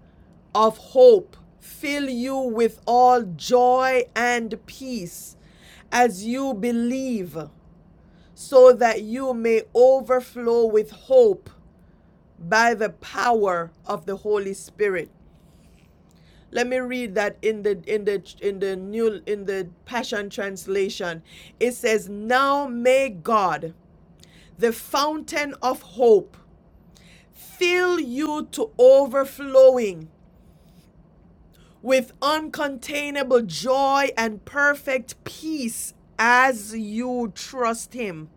Speaker 1: of hope fill you with all joy and peace as you believe, so that you may overflow with hope by the power of the Holy Spirit. Let me read that in the in the in the new in the Passion translation. It says, "Now may God, the fountain of hope, fill you to overflowing with uncontainable joy and perfect peace as you trust him."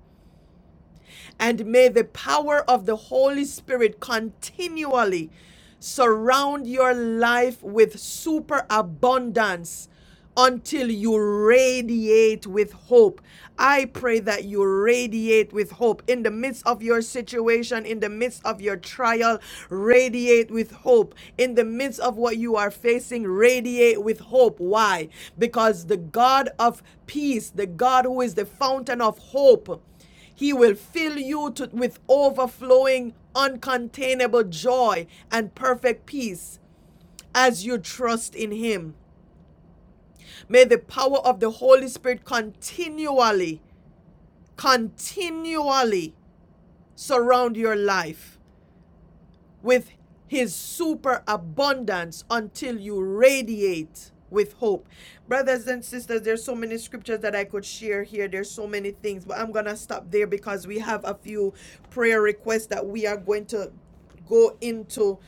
Speaker 1: And may the power of the Holy Spirit continually surround your life with super abundance until you radiate with hope. I pray that you radiate with hope in the midst of your situation, in the midst of your trial, radiate with hope. In the midst of what you are facing, radiate with hope. Why? Because the God of peace, the God who is the fountain of hope, he will fill you to, with overflowing, uncontainable joy and perfect peace as you trust in Him. May the power of the Holy Spirit continually, continually surround your life with his superabundance until you radiate with hope. Brothers and sisters, there's so many scriptures that I could share here. There's so many things, but I'm going to stop there because we have a few prayer requests that we are going to go into